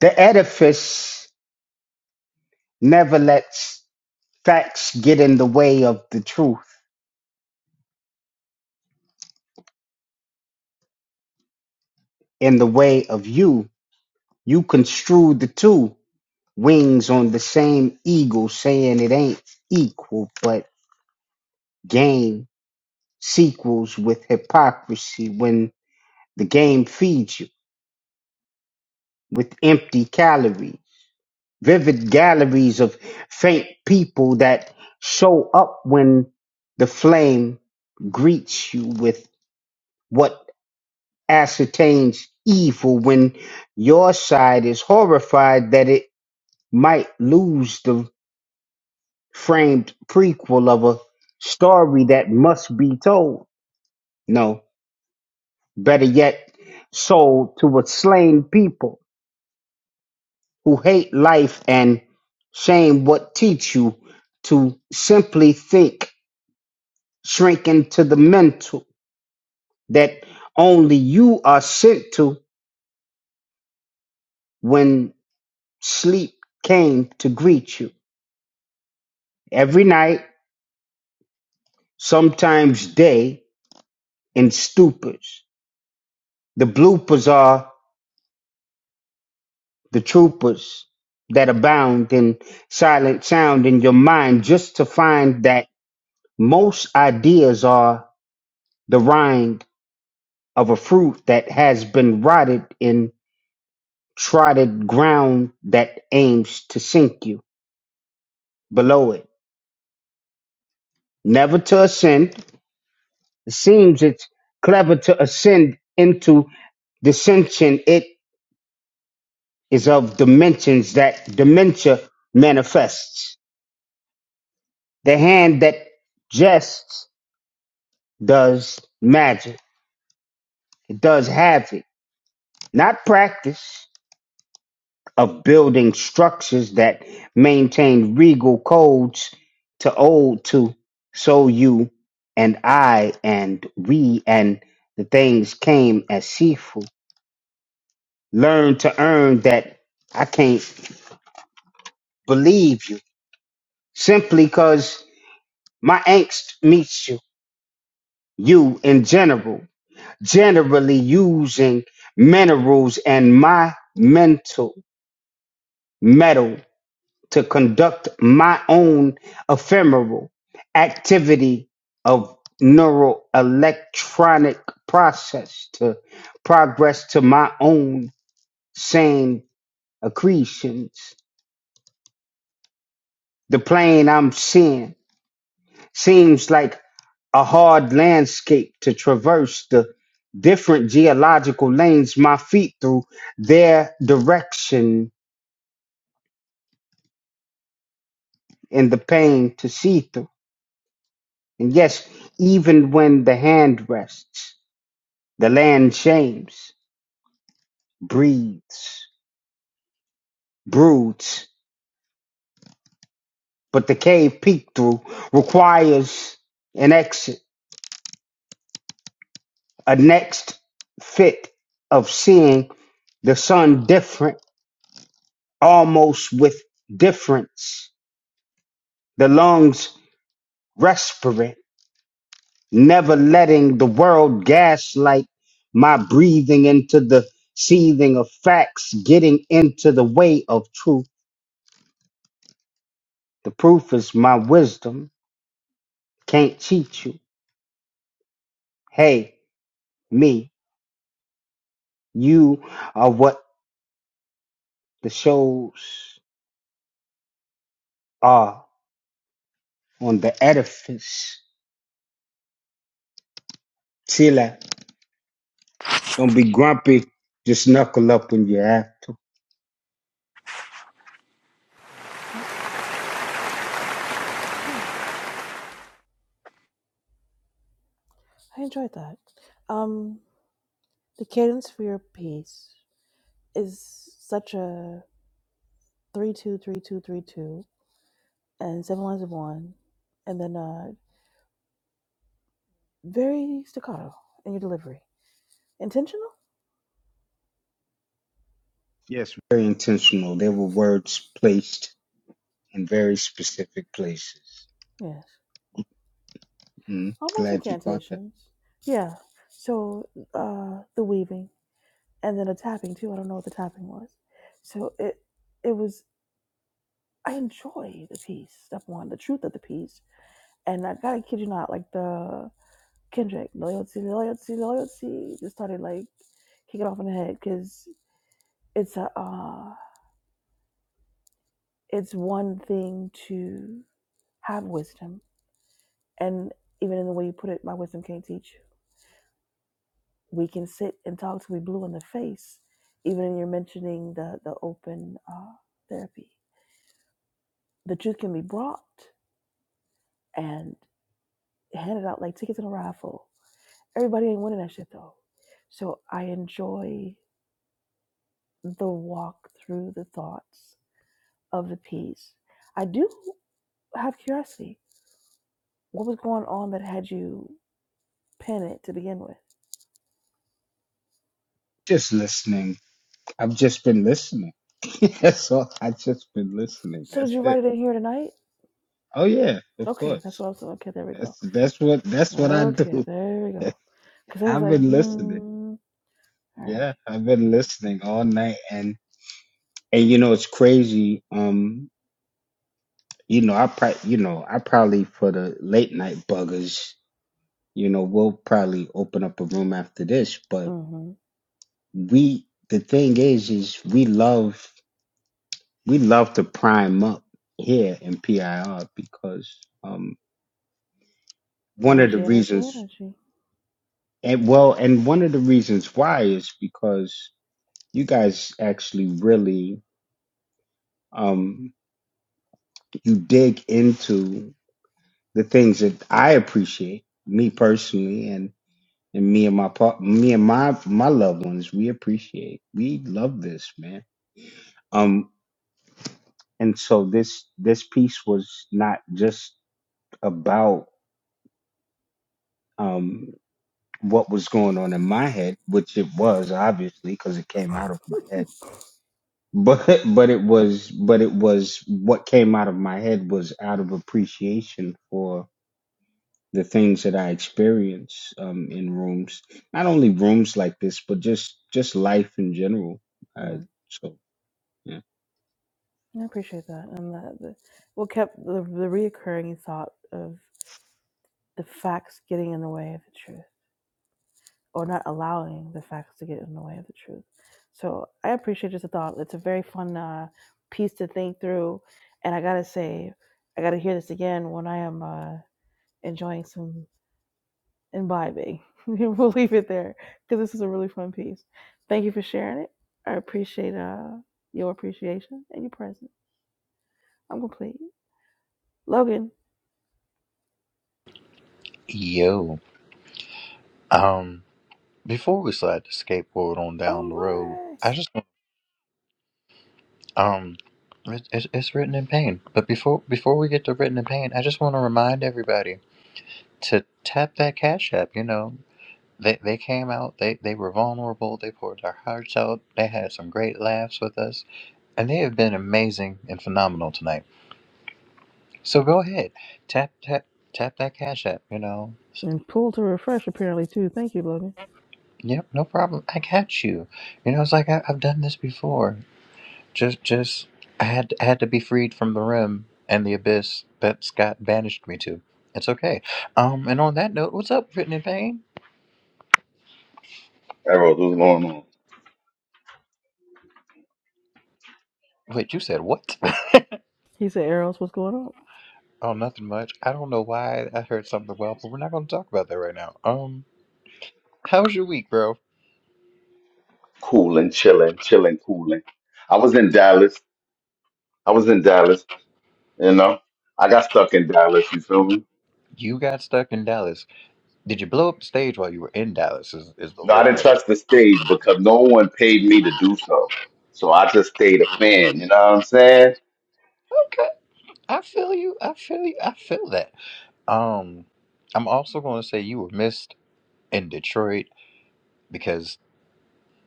The edifice never lets facts get in the way of the truth, in the way of you. You construe the two wings on the same eagle, saying it ain't equal, but game sequels with hypocrisy when the game feeds you with empty calories. vivid galleries of faint people that show up when the flame greets you with what ascertains evil when your side is horrified that it might lose the framed prequel of a story that must be told. No, better yet, sold to a slain people who hate life and shame what teach you to simply think shrinking to the mental that only you are sent to when sleep came to greet you every night, sometimes day, in stupors. The bloopers are the troopers that abound in silent sound in your mind just to find that most ideas are the rind of a fruit that has been rotted in trodden ground that aims to sink you below it never to ascend. It seems it's clever to ascend into dissension. It is of dimensions that dementia manifests. The hand that jests does magic. It does havoc, not practice of building structures that maintain regal codes to old to so you and I and we and the things came as seafood learn to earn that I can't believe you simply because my angst meets you. You in general, generally using minerals and my mental metal to conduct my own ephemeral activity of neural electronic process to progress to my own sane accretions. The plane I'm seeing seems like a hard landscape to traverse the different geological lanes my feet through their direction in the pain to see through. And yes, even when the hand rests, the land shames, breathes, broods, but the cave peek through requires an exit, a next fit of seeing the sun different, almost with difference the lungs respirant, never letting the world gaslight my breathing into the seething of facts, getting into the way of truth. The proof is my wisdom. Can't cheat you. Hey, me, you are what the shows are on the edifice. Chill out. Don't be grumpy. Just knuckle up when you have to.
Okay. Hmm. I enjoyed that. Um, the cadence for your piece is such a three two three two three two and seven lines of one, and then uh very staccato in your delivery. Intentional?
Yes. Very intentional. There were words placed in very specific places.
Yes.
Mm,
Almost
glad you caught that.
incantations. Yeah. So uh the weaving and then a tapping too. I don't know what the tapping was. So it it was I enjoy the piece, step one, the truth of the piece. And I gotta kid you not, like the Kendrick, loyalty, loyalty, loyalty, just started like kicking off in the head because it's a uh, it's one thing to have wisdom and even in the way you put it my wisdom can't teach you we can sit and talk till we blue in the face even in your mentioning the the open uh, therapy the truth can be brought and handed out like tickets in a raffle everybody ain't winning that shit though so i enjoy the walk through the thoughts of the piece i do have curiosity what was going on that had you pen it to begin with
Just listening. I've just been listening. *laughs* That's all. I've just been listening.
So did
That's
you
it.
write it in here tonight?
Oh yeah, of
Okay, that's
course.
what I was. saying. Okay, there we go.
That's that's what that's what I
Okay,
do.
there we
*laughs*
go. Because I was
I've
like,
been listening.
hmm. All
Yeah,
right.
I've been listening all night, and and you know it's crazy. Um, you know I pro- you know I probably for the late night buggers. You know we'll probably open up a room after this, but
Mm-hmm.
we the thing is is we love we love to prime up here in PIR because um one of the
Energy, energy,
reasons and well and one of the reasons why is because you guys actually really um you dig into the things that I appreciate me personally and and me and my par- me and my my loved ones we appreciate we love this man um and so this this piece was not just about um, what was going on in my head, which it was obviously because it came
energy.
out of my head.
*laughs*
But *laughs* but it was but it was what came out of my head was out of appreciation for the things that I experience um, in rooms, not only rooms like this, but just just life in general. Uh,
Mm,
so yeah,
I appreciate that, and that the, what kept the, the reoccurring thought of the facts getting in the way of the truth, or not allowing the facts to get in the way of the truth. So I appreciate just the thought. It's a very fun uh, piece to think through, and I gotta say, I gotta hear this again when I am uh, enjoying some and vibing. *laughs* we'll leave it there because this is a really fun piece. Thank you for sharing it. I appreciate uh, your appreciation and your presence. I'm complete. Logan.
Yo. Um. Before we slide the skateboard on down
Oh,
the
Mare.
road, I just Um, it, it, it's written in pain. But before before we get to written in pain, I just want to remind everybody to tap that cash app. You know, they they came out. They they were vulnerable. They poured their hearts out. They had some great laughs with us, and they have been amazing and phenomenal tonight. So go ahead, tap tap tap that cash app. You know.
And pull to refresh apparently too. Thank you, Logan.
Yep, no problem. I got you. You know, it's like I, I've done this before. Just, just, I had I had to be freed from the rim and the abyss that Scott banished me to. It's okay. Um, and on that note, what's up, written in pain?
Arrows, what's going on?
Wait, you said what?
He said, Eros, what's going on?
*laughs* oh, nothing much. I don't know why I heard something well, but we're not going to talk about that right now. Um, how was your week, bro?
Cooling, chilling, chilling, cooling. I was in Dallas. I was in Dallas, you know. I got stuck in Dallas, you feel me?
You got stuck in Dallas. Did you blow up the stage while you were in Dallas? Is is the
No, I
real
didn't
question?
touch the stage because no one paid me to do so. So I just stayed a fan, you know what I'm saying?
Okay, I feel you. I feel you. I feel that. Um, I'm also going to say you were missed in Detroit because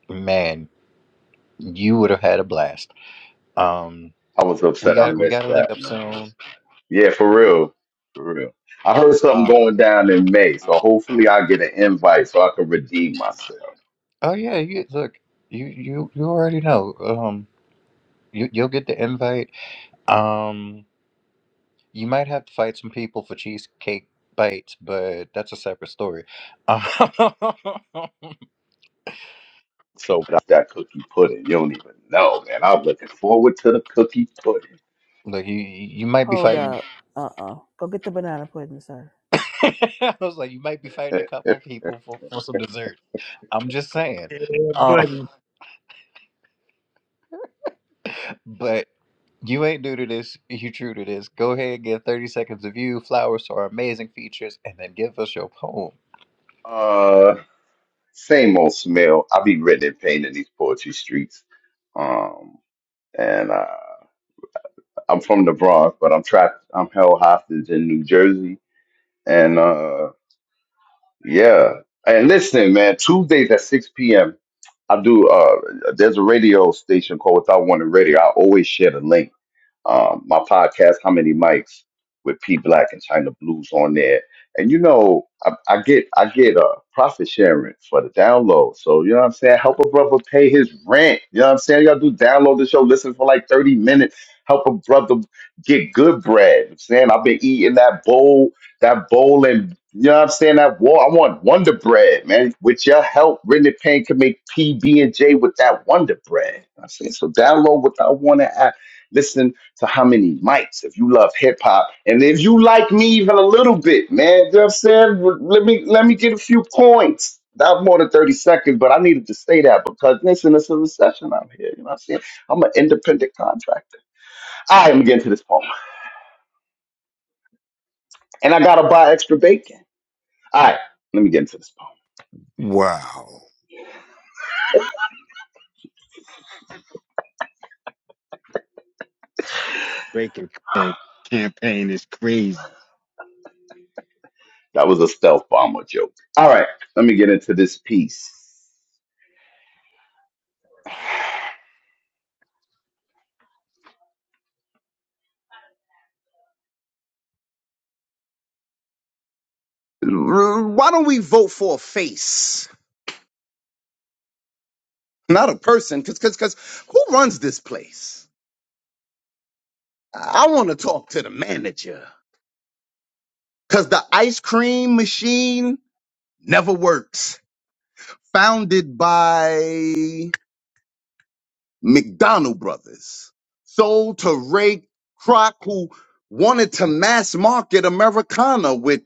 man. You would have had a blast. Um,
I was
we
upset I
got we got
missed
to link
that,
up
man.
soon.
Yeah, for real. For real. I heard something
Uh,
going down in May, so hopefully I get an invite so I can redeem myself.
oh yeah, you look, you you you already know. Um, you you'll get the invite. Um, you might have to fight some people for cheesecake bites, but that's a separate story. Um, *laughs*
So that's that cookie pudding. You don't even know, man. I'm looking forward to the cookie pudding.
Look, you you might be
Hold
fighting.
up. Uh uh Go get the banana pudding, sir.
*laughs* I was like, you might be fighting
*laughs*
a couple of people for for some dessert. I'm just saying.
Yeah,
Um,
buddy.
*laughs* You ain't new to this. You true to this. Go ahead and give 30 seconds of you, flowers or amazing features, and then give us your poem.
uh, same old smell. I be written in pain in these poetry streets. Um, and uh, I'm from the Bronx, but I'm trapped. I'm held hostage in New Jersey. And uh, yeah. And listen, man, Tuesdays at 6 p.m. I do. Uh, there's a radio station called Without Warning Radio. I always share the link um, my podcast, How Many Mics, with P Black and China Blues on there. And you know, I, I get I get a profit sharing for the download. So you know what I'm saying? Help a brother pay his rent. You know what I'm saying? Y'all do download the show, listen for like 30 minutes. Help a brother get good bread. You know what I'm saying I've been eating that bowl, that bowl and you know what I'm saying? That wall. I want Wonder Bread, man. With your help, Rennie Payne can make PB and J with that Wonder Bread. You know what I'm saying so download what I want to add. Listen to how many mics if you love hip hop and if you like me even a little bit, man. Just said, let me let me get a few points. That was more than thirty seconds, but I needed to say that because listen, it's a recession out here. You know what I'm saying? I'm an independent contractor. I am getting to this poem, and I gotta buy extra bacon. All right, let me get into this poem.
Wow.
breaking bad champagne is crazy.
That was a stealth bomber joke. All right, let me get into this piece. Why don't we vote for a face, not a person? Because because because who runs this place? I want to talk to the manager because the ice cream machine never works. Founded by McDonald Brothers, sold to Ray Kroc, who wanted to mass market Americana with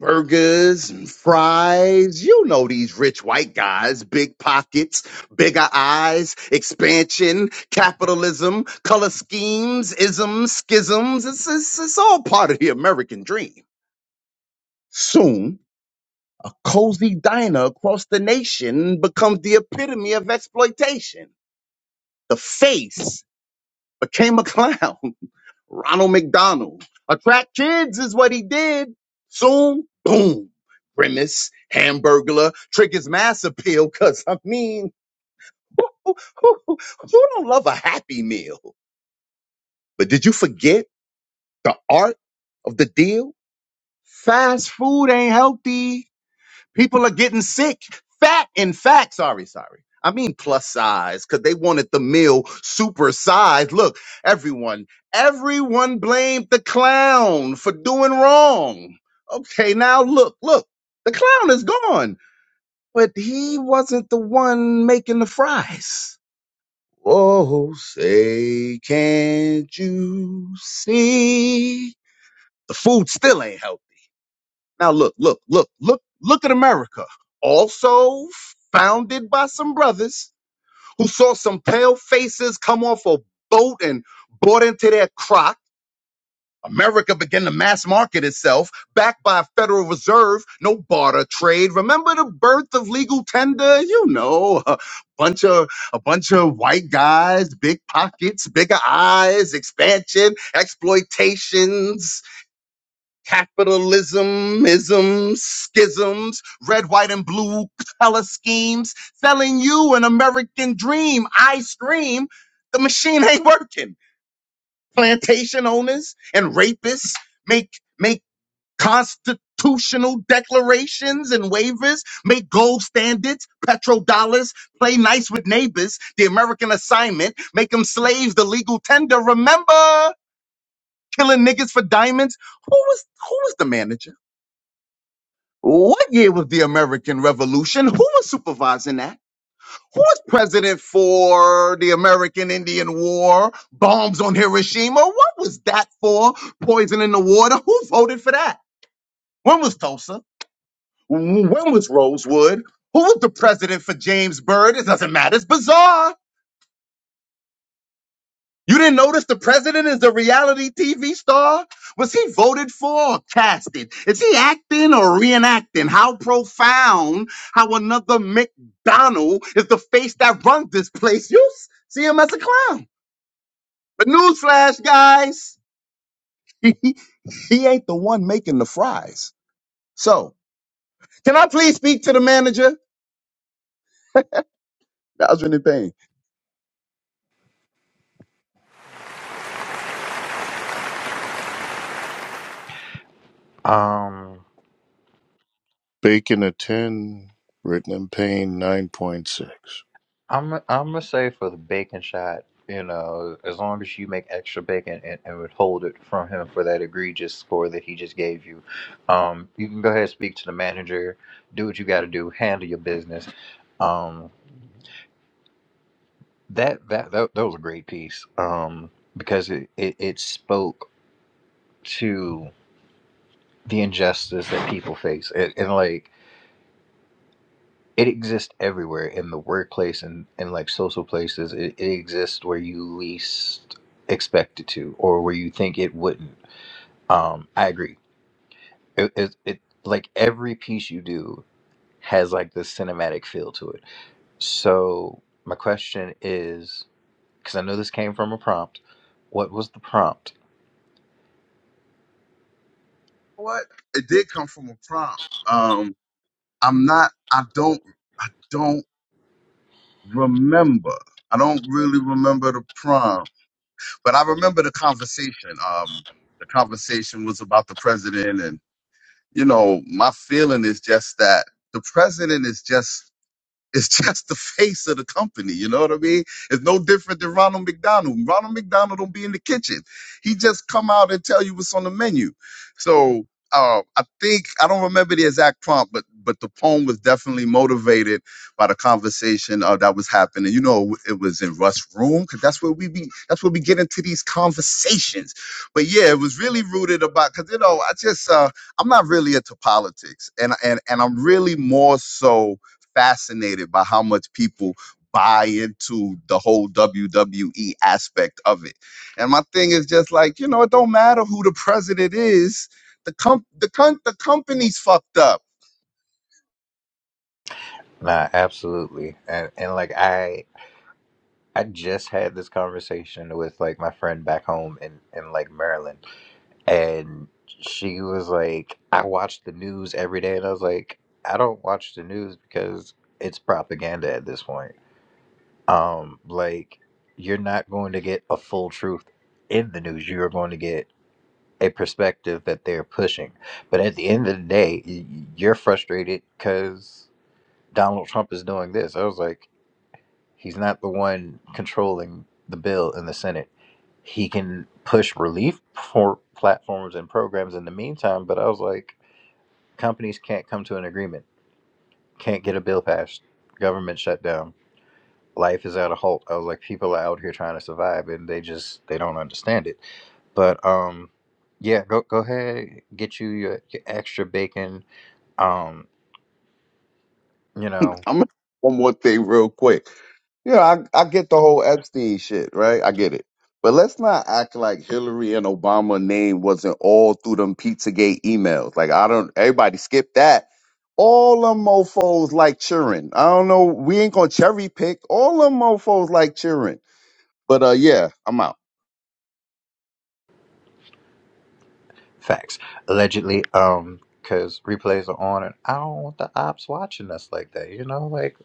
burgers and fries. You know these rich white guys, big pockets, bigger eyes, expansion, capitalism, color schemes, isms, schisms. It's, it's, it's all part of the American dream. Soon, a cozy diner across the nation becomes the epitome of exploitation. The face became a clown. *laughs* Ronald McDonald. Attract kids is what he did. Soon, boom. Grimace, Hamburglar, trick his mass appeal, cause I mean, who, who, who who don't love a happy meal? But did you forget the art of the deal? Fast food ain't healthy People are getting sick, fat. In fact, sorry, sorry. I mean plus size because they wanted the meal super size. Look, everyone, everyone blamed the clown for doing wrong. Okay, now look, look, the clown is gone, but he wasn't the one making the fries. Oh, say, can't you see? The food still ain't healthy. Now look, look, look, look, look at America. Also founded by some brothers who saw some pale faces come off a boat and bought into their crock. America began to mass market itself, backed by a Federal Reserve, no barter trade. Remember the birth of legal tender? You know, a bunch of a bunch of white guys, big pockets, bigger eyes, expansion, exploitations capitalism, isms, schisms, red, white, and blue color schemes, selling you an American dream. I scream, the machine ain't working. Plantation owners and rapists make make constitutional declarations and waivers, make gold standards, petrodollars, play nice with neighbors, the American assignment, make them slaves, the legal tender. Remember killing niggas for diamonds? Who was who was the manager? What year was the American Revolution? Who was supervising that? Who was president for the American Indian War? Bombs on Hiroshima? What was that for? Poison in the water? Who voted for that? When was Tulsa? When was Rosewood? Who was the president for James Byrd? It doesn't matter. It's bizarre. You didn't notice the president is a reality TV star? Was he voted for or casted? Is he acting or reenacting? How profound how another McDonald is the face that runs this place. You s- see him as a clown. But newsflash, guys, *laughs* he, he ain't the one making the fries. So, can I please speak to the manager? That was really pain.
Um,
Bacon a 10, written in pain 9.6.
I'm I'm gonna say for the bacon shot, you know, as long as you make extra bacon and, and withhold it from him for that egregious score that he just gave you, um, you can go ahead and speak to the manager, do what you got to do, handle your business. Um, that that that, that was a great piece um because it, it it spoke to. the injustice that people face it, and like it exists everywhere in the workplace and, and like social places it, it exists where you least expect it to or where you think it wouldn't um i agree it, it, it like every piece you do has like this cinematic feel to it so my question is because i know this came from a prompt what was the prompt
What? It did come from a prompt. Um, I'm not, I don't. I don't remember. I don't really remember the prom, but I remember the conversation. Um, the conversation was about the president, and you know, my feeling is just that the president is just it's *laughs* just the face of the company. You know what I mean? It's no different than Ronald McDonald. Ronald McDonald don't be in the kitchen. He just come out and tell you what's on the menu. So uh, I think I don't remember the exact prompt, but but the poem was definitely motivated by the conversation uh, that was happening. You know, it was in Russ' room because that's where we be. That's where we get into these conversations. But yeah, it was really rooted about because you know I just uh, I'm not really into politics, and and and I'm really more so fascinated by how much people buy into the whole WWE aspect of it. And my thing is just like, you know, it don't matter who the president is. The com the com- the company's fucked up.
nah absolutely and, and like i I just had this conversation with like my friend back home in, in like Maryland and she was like, I watch the news every day and I was like, I don't watch the news because it's propaganda at this point. Um, like you're not going to get a full truth in the news. You are going to get a perspective that they're pushing. But at the end of the day, y- y- you're frustrated because Donald Trump is doing this. I was like, He's not the one controlling the bill in the Senate. He can push relief for platforms and programs in the meantime, but I was like, companies can't come to an agreement, can't get a bill passed, government shut down, life is at a halt. I was like, people are out here trying to survive and they just they don't understand it. But um yeah, go go ahead, get you your, your extra bacon. Um, you know,
I'm gonna one more thing real quick. Yeah, I, I get the whole Epstein shit, right? I get it. But let's not act like Hillary and Obama name wasn't all through them Pizzagate emails. Like I don't everybody skip that. All them mofos like cheering. I don't know. We ain't gonna cherry pick. All them mofos like cheering. But uh yeah, I'm out.
Facts. Allegedly, um, because replays are on, and I don't want the ops watching us like that. You know, like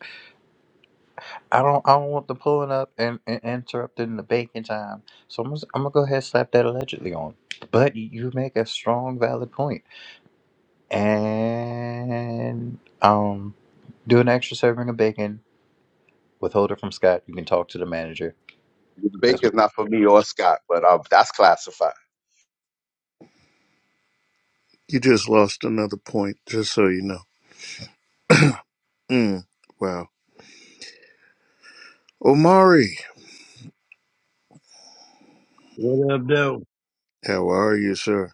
I don't, I don't want them pulling up and, and interrupting the baking time. So I'm, gonna- I'm gonna go ahead and slap that allegedly on. But you make a strong, valid point, and um, do an extra serving of bacon. Withhold it from Scott. You can talk to the manager. That's my-
Bacon's not for me or Scott, but uh, that's classified.
You just lost another point, just so you know. Mm, wow. Omari,
What up, though?
how are you, sir?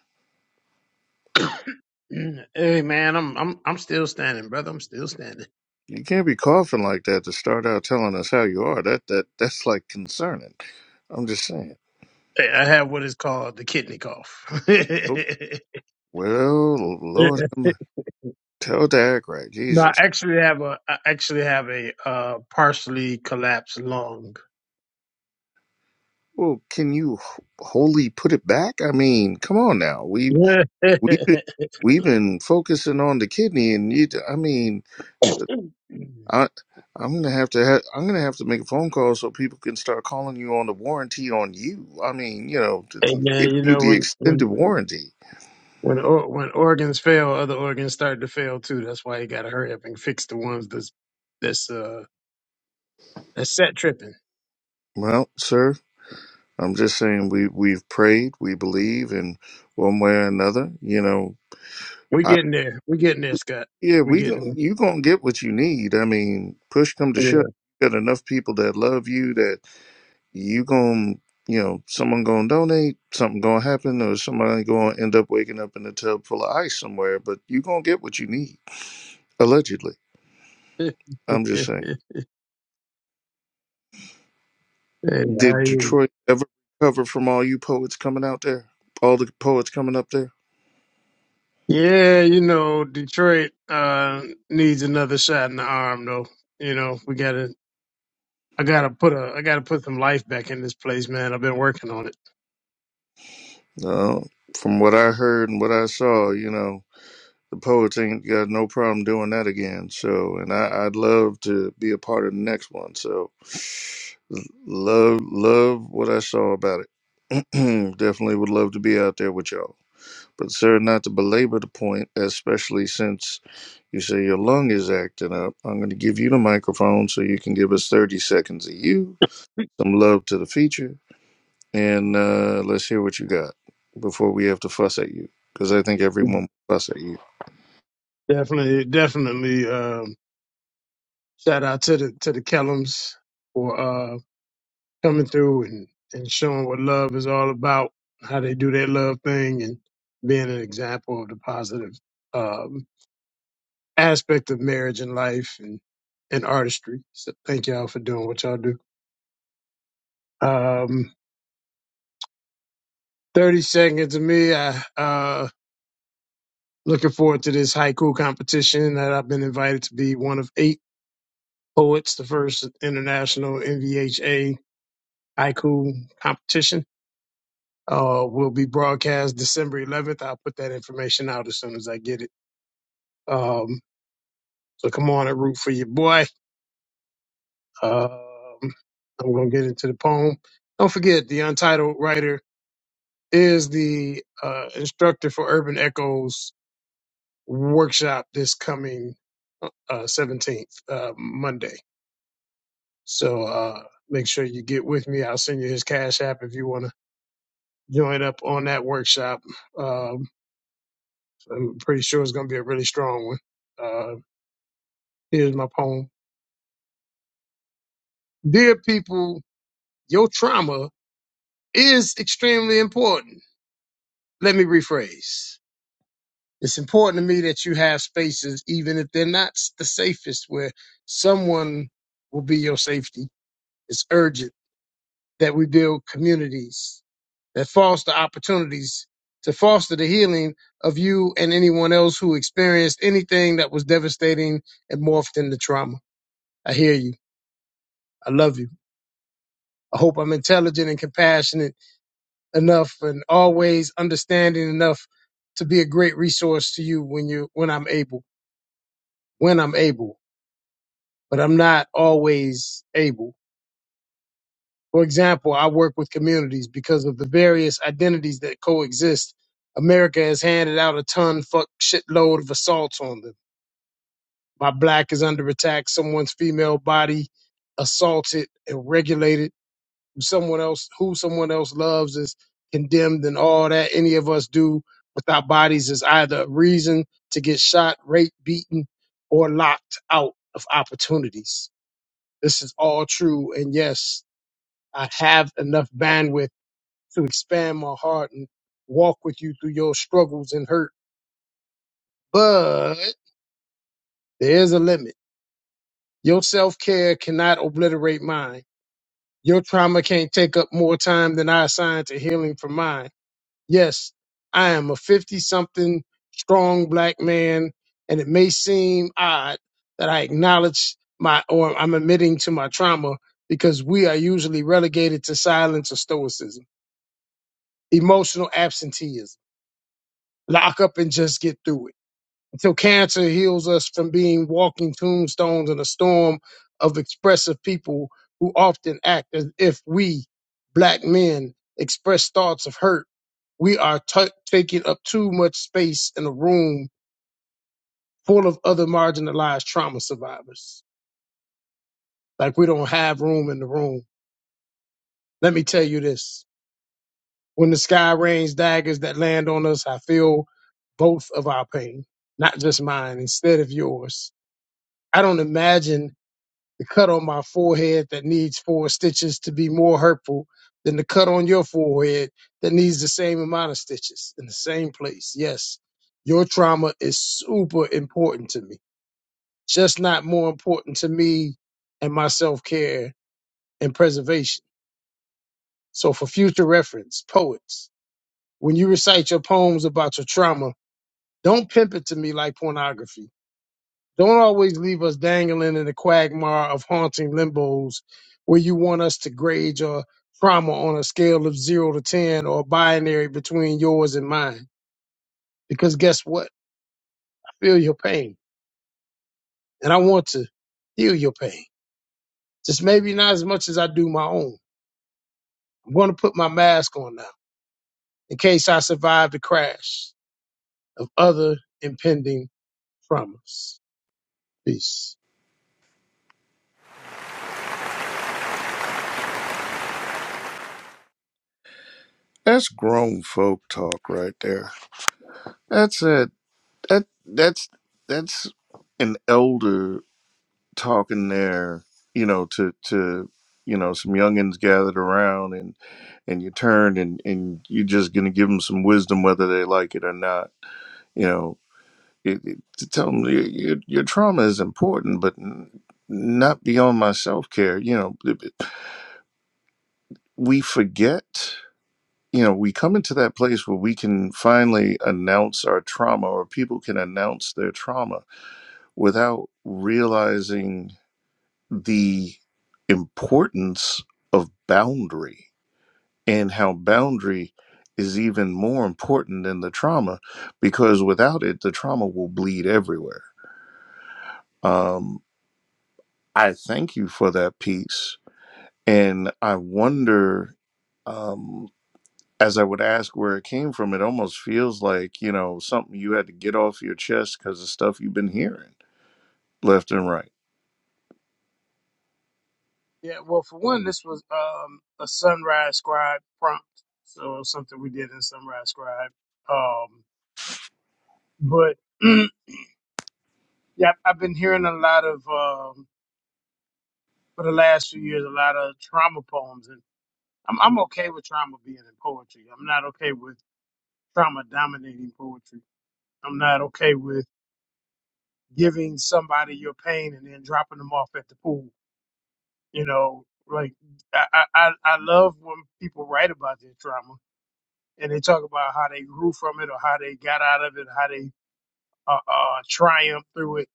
*clears throat* hey, man, I'm I'm I'm still standing, brother. I'm still standing.
You can't be coughing like that to start out telling us how you are. That that that's like concerning. I'm just saying.
Hey, I have what is called the kidney cough. *laughs*
Oh, Well, Lord, um, tell Dak right,
no, I
Jesus.
actually have a I actually have a uh, partially collapsed lung. *laughs*
Well, can you h- wholly put it back? I mean, come on now. we. We've been, we've been focusing on the kidney, and you, I mean,
Yeah.
I, I'm gonna have to, ha- I'm gonna have to make a phone call so people can start calling you on the warranty on you. I mean, you know, to
and then
give
you
you
know
the
when
extended
when
warranty.
when or, when organs fail, other organs start to fail too. That's why you got to hurry up and fix the ones that's that's uh that's set tripping.
Well, sir, I'm just saying we we've prayed, we believe, in one way or another, you know,
We
I
getting there. We getting there, Scott.
yeah,
We
we go,
getting
you gonna get what you need. I mean, push come to
there.
shove, you got enough people that love you you going you know someone gonna donate something gonna happen or somebody gonna end up waking up in a tub full of ice somewhere but you gonna get what you need allegedly
*laughs*
i'm just
Hey,
saying did
I-
detroit ever recover from all you poets coming out there all the poets coming up there
yeah, you know, Detroit uh, needs another shot in the arm, though. You know, we gotta, I gotta put a, I gotta put some life back in this place, man. I've been working on it.
no from what i heard and what i saw you know the poets ain't got no problem doing that again so and I, i'd love to be a part of the next one so love love what i saw about it *clears throat* Definitely would love to be out there with y'all. But, sir, not to belabor the point, especially since you say your lung is acting up, I'm going to give you the microphone so you can give us 30 seconds of you, some love to the feature, and uh, let's hear what you got before we have to fuss at you. Because I think everyone will fuss at you.
Definitely, definitely. Um, shout out to the to the Kellums for uh, coming through and and showing what love is all about, how they do their love thing, and being an example of the positive. um, aspect of marriage and life and, and artistry. So thank y'all for doing what y'all do. Um, 30 seconds of me. I, uh, looking forward to this haiku competition that I've been invited to be one of eight poets, the first international NVHA haiku competition. Uh, will be broadcast December 11th. I'll put that information out as soon as I get it. Um, so come on and root for your boy. Um, I'm going to get into the poem. Don't forget the untitled writer is the uh, instructor for Urban Echoes workshop this coming uh, 17th, uh, Monday. So uh, make sure you get with me. I'll send you his Cash App if you want to join up on that workshop. Um, I'm pretty sure it's going to be a really strong one. Uh, here's my poem Dear people, your trauma is extremely important. Let me rephrase It's important to me that you have spaces, even if they're not s- the safest, where someone will be your safety. It's urgent that we build communities that foster opportunities to foster the healing of you and anyone else who experienced anything that was devastating and morphed into trauma. I hear you. I love you. I hope I'm intelligent and compassionate enough and always understanding enough to be a great resource to you when you when I'm able. When I'm able. but I'm not always able. For example, I work with communities because of the various identities that coexist. America has handed out a ton fuck shitload of assaults on them. My black is under attack, someone's female body assaulted and regulated, someone else who someone else loves is condemned and all that any of us do with our bodies is either a reason to get shot, raped, beaten, or locked out of opportunities. This is all true and yes, I have enough bandwidth to expand my heart and walk with you through your struggles and hurt. But there's a limit. Your self care cannot obliterate mine. Your trauma can't take up more time than I assign to healing from mine. Yes, I am a 50 something strong black man, and it may seem odd that I acknowledge my or I'm admitting to my trauma because we are usually relegated to silence or stoicism, emotional absenteeism lock up and just get through it until cancer heals us from being walking tombstones in a storm of expressive people who often act as if we, black men, express thoughts of hurt. We are t- taking up too much space in a room full of other marginalized trauma survivors. Like we don't have room in the room. Let me tell you this. When the sky rains daggers that land on us, I feel both of our pain, not just mine, instead of yours I don't imagine the cut on my forehead that needs four stitches to be more hurtful than the cut on your forehead that needs the same amount of stitches in the same place. Yes, your trauma is super important to me, just not more important to me and my self care and preservation. So, for future reference, poets, when you recite your poems about your trauma, don't pimp it to me like pornography Don't always leave us dangling in the quagmire of haunting limbos where you want us to grade your trauma on a scale of zero to 10 or binary between yours and mine. Because guess what? I feel your pain and I want to heal your pain. Just maybe not as much as I do my own. I'm going to put my mask on now in case I survive the crash of other impending traumas. Peace.
That's grown folk talk right there. That's a, that, that's, that's an elder talking there, you know, to to you know some youngins gathered around, and and you turned and and you're just gonna give them some wisdom whether they like it or not. You know, it, it, to tell them your, your your trauma is important, but n- not beyond my self care. You know, b- b- we forget. You know, we come into that place where we can finally announce our trauma, or people can announce their trauma without realizing the importance of boundary and how boundary is even more important than the trauma because without it, the trauma will bleed everywhere. Um, I thank you for that piece. And I wonder, um, as I would ask where it came from, it almost feels like, you know, something you had to get off your chest because of stuff you've been hearing left and right.
Yeah, well, for one, this was um, a Sunrise Scribe prompt, so something we did in Sunrise Scribe. Um, but *clears throat* yeah, I've been hearing a lot of um, for the last few years, a lot of trauma poems, and I'm I'm okay with trauma being in poetry. I'm not okay with trauma dominating poetry. I'm not okay with giving somebody your pain and then dropping them off at the pool. You know, like I I I I love when people write about their trauma and they talk about how they grew from it or how they got out of it, how they uh, uh, triumphed through it.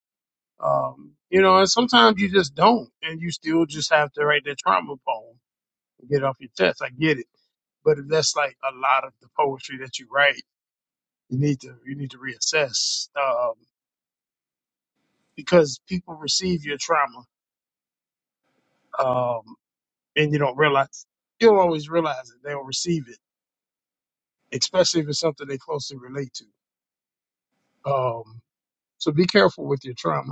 Um, you know, and sometimes you just don't, and you still just have to write that trauma poem and get it off your chest. I get it, but if that's like a lot of the poetry that you write, you need to you need to reassess um, because people receive your trauma, um, and you don't realize you don't always realize it. They don't receive it, especially if it's something they closely relate to. Um, so be careful with your trauma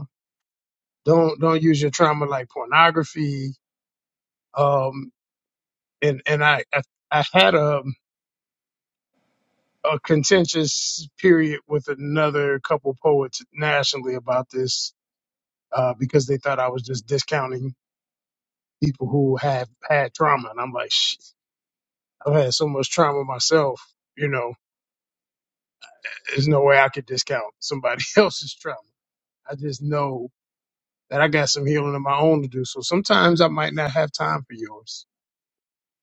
Don't don't use your trauma like pornography. Um, and and I I, I had a a contentious period with another couple poets nationally about this uh, because they thought I was just discounting people who have had trauma, and I'm like, Shit, I've had so much trauma myself. You know, there's no way I could discount somebody *laughs* else's trauma. I just know that I got some healing of my own to do. So sometimes I might not have time for yours,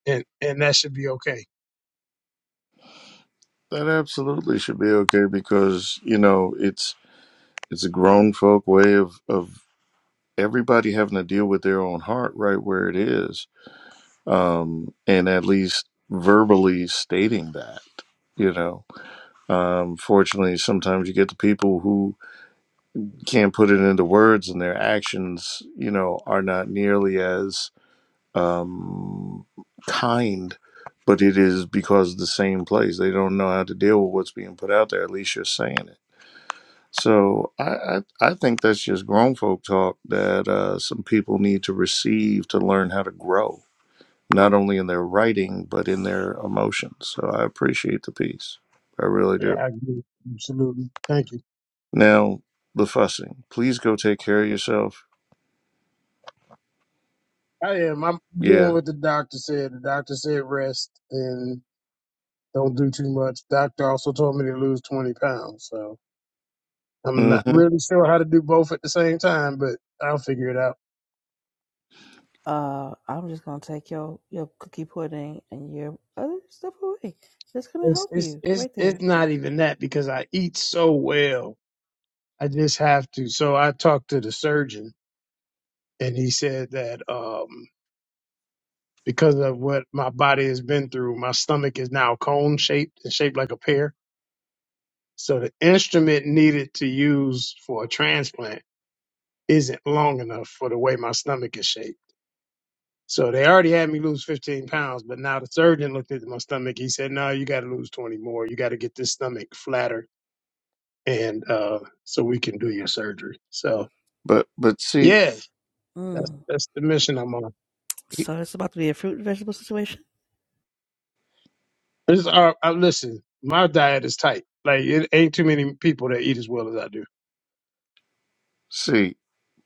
and and that should be okay
That absolutely should be okay because, you know, it's. it's a grown folk way of of everybody having to deal with their own heart right where it is um and at least verbally stating that you know um fortunately sometimes you get the people who can't put it into words and their actions you know are not nearly as um kind but it is because of the same place they don't know how to deal with what's being put out there at least you're saying it So I, I I think that's just grown folk talk that uh, some people need to receive to learn how to grow, not only in their writing but in their emotions. So I appreciate the piece, I really
Yeah,
do.
I agree. Absolutely. Thank you.
Now the fussing, please go take care of yourself.
I am. I'm
Yeah,
doing what the doctor said. The doctor said rest and don't do too much. Doctor also told me to lose 20 pounds. So I'm not
mm-hmm.
really sure how to do both at the same time, but I'll figure it out.
Uh, I'm just gonna take your your cookie pudding and your other stuff away. That's gonna
It's,
help
it's,
you
it's,
right
it's
there.
not even that because I eat so well. I just have to. So I talked to the surgeon and he said that, um, because of what my body has been through, my stomach is now cone shaped and shaped like a pear So the instrument needed to use for a transplant isn't long enough for the way my stomach is shaped. So they already had me lose 15 pounds, but now the surgeon looked at my stomach. He said, "No, you got to lose 20 more. You got to get this stomach flatter, and uh, so we can do your surgery." So
but but see
yeah, that's
Mm.
that's the mission I'm on.
he-
So it's about to be a fruit and vegetable situation.
It's, uh, I, listen, my diet is tight. Like it ain't too many people that eat as well as I do.
see,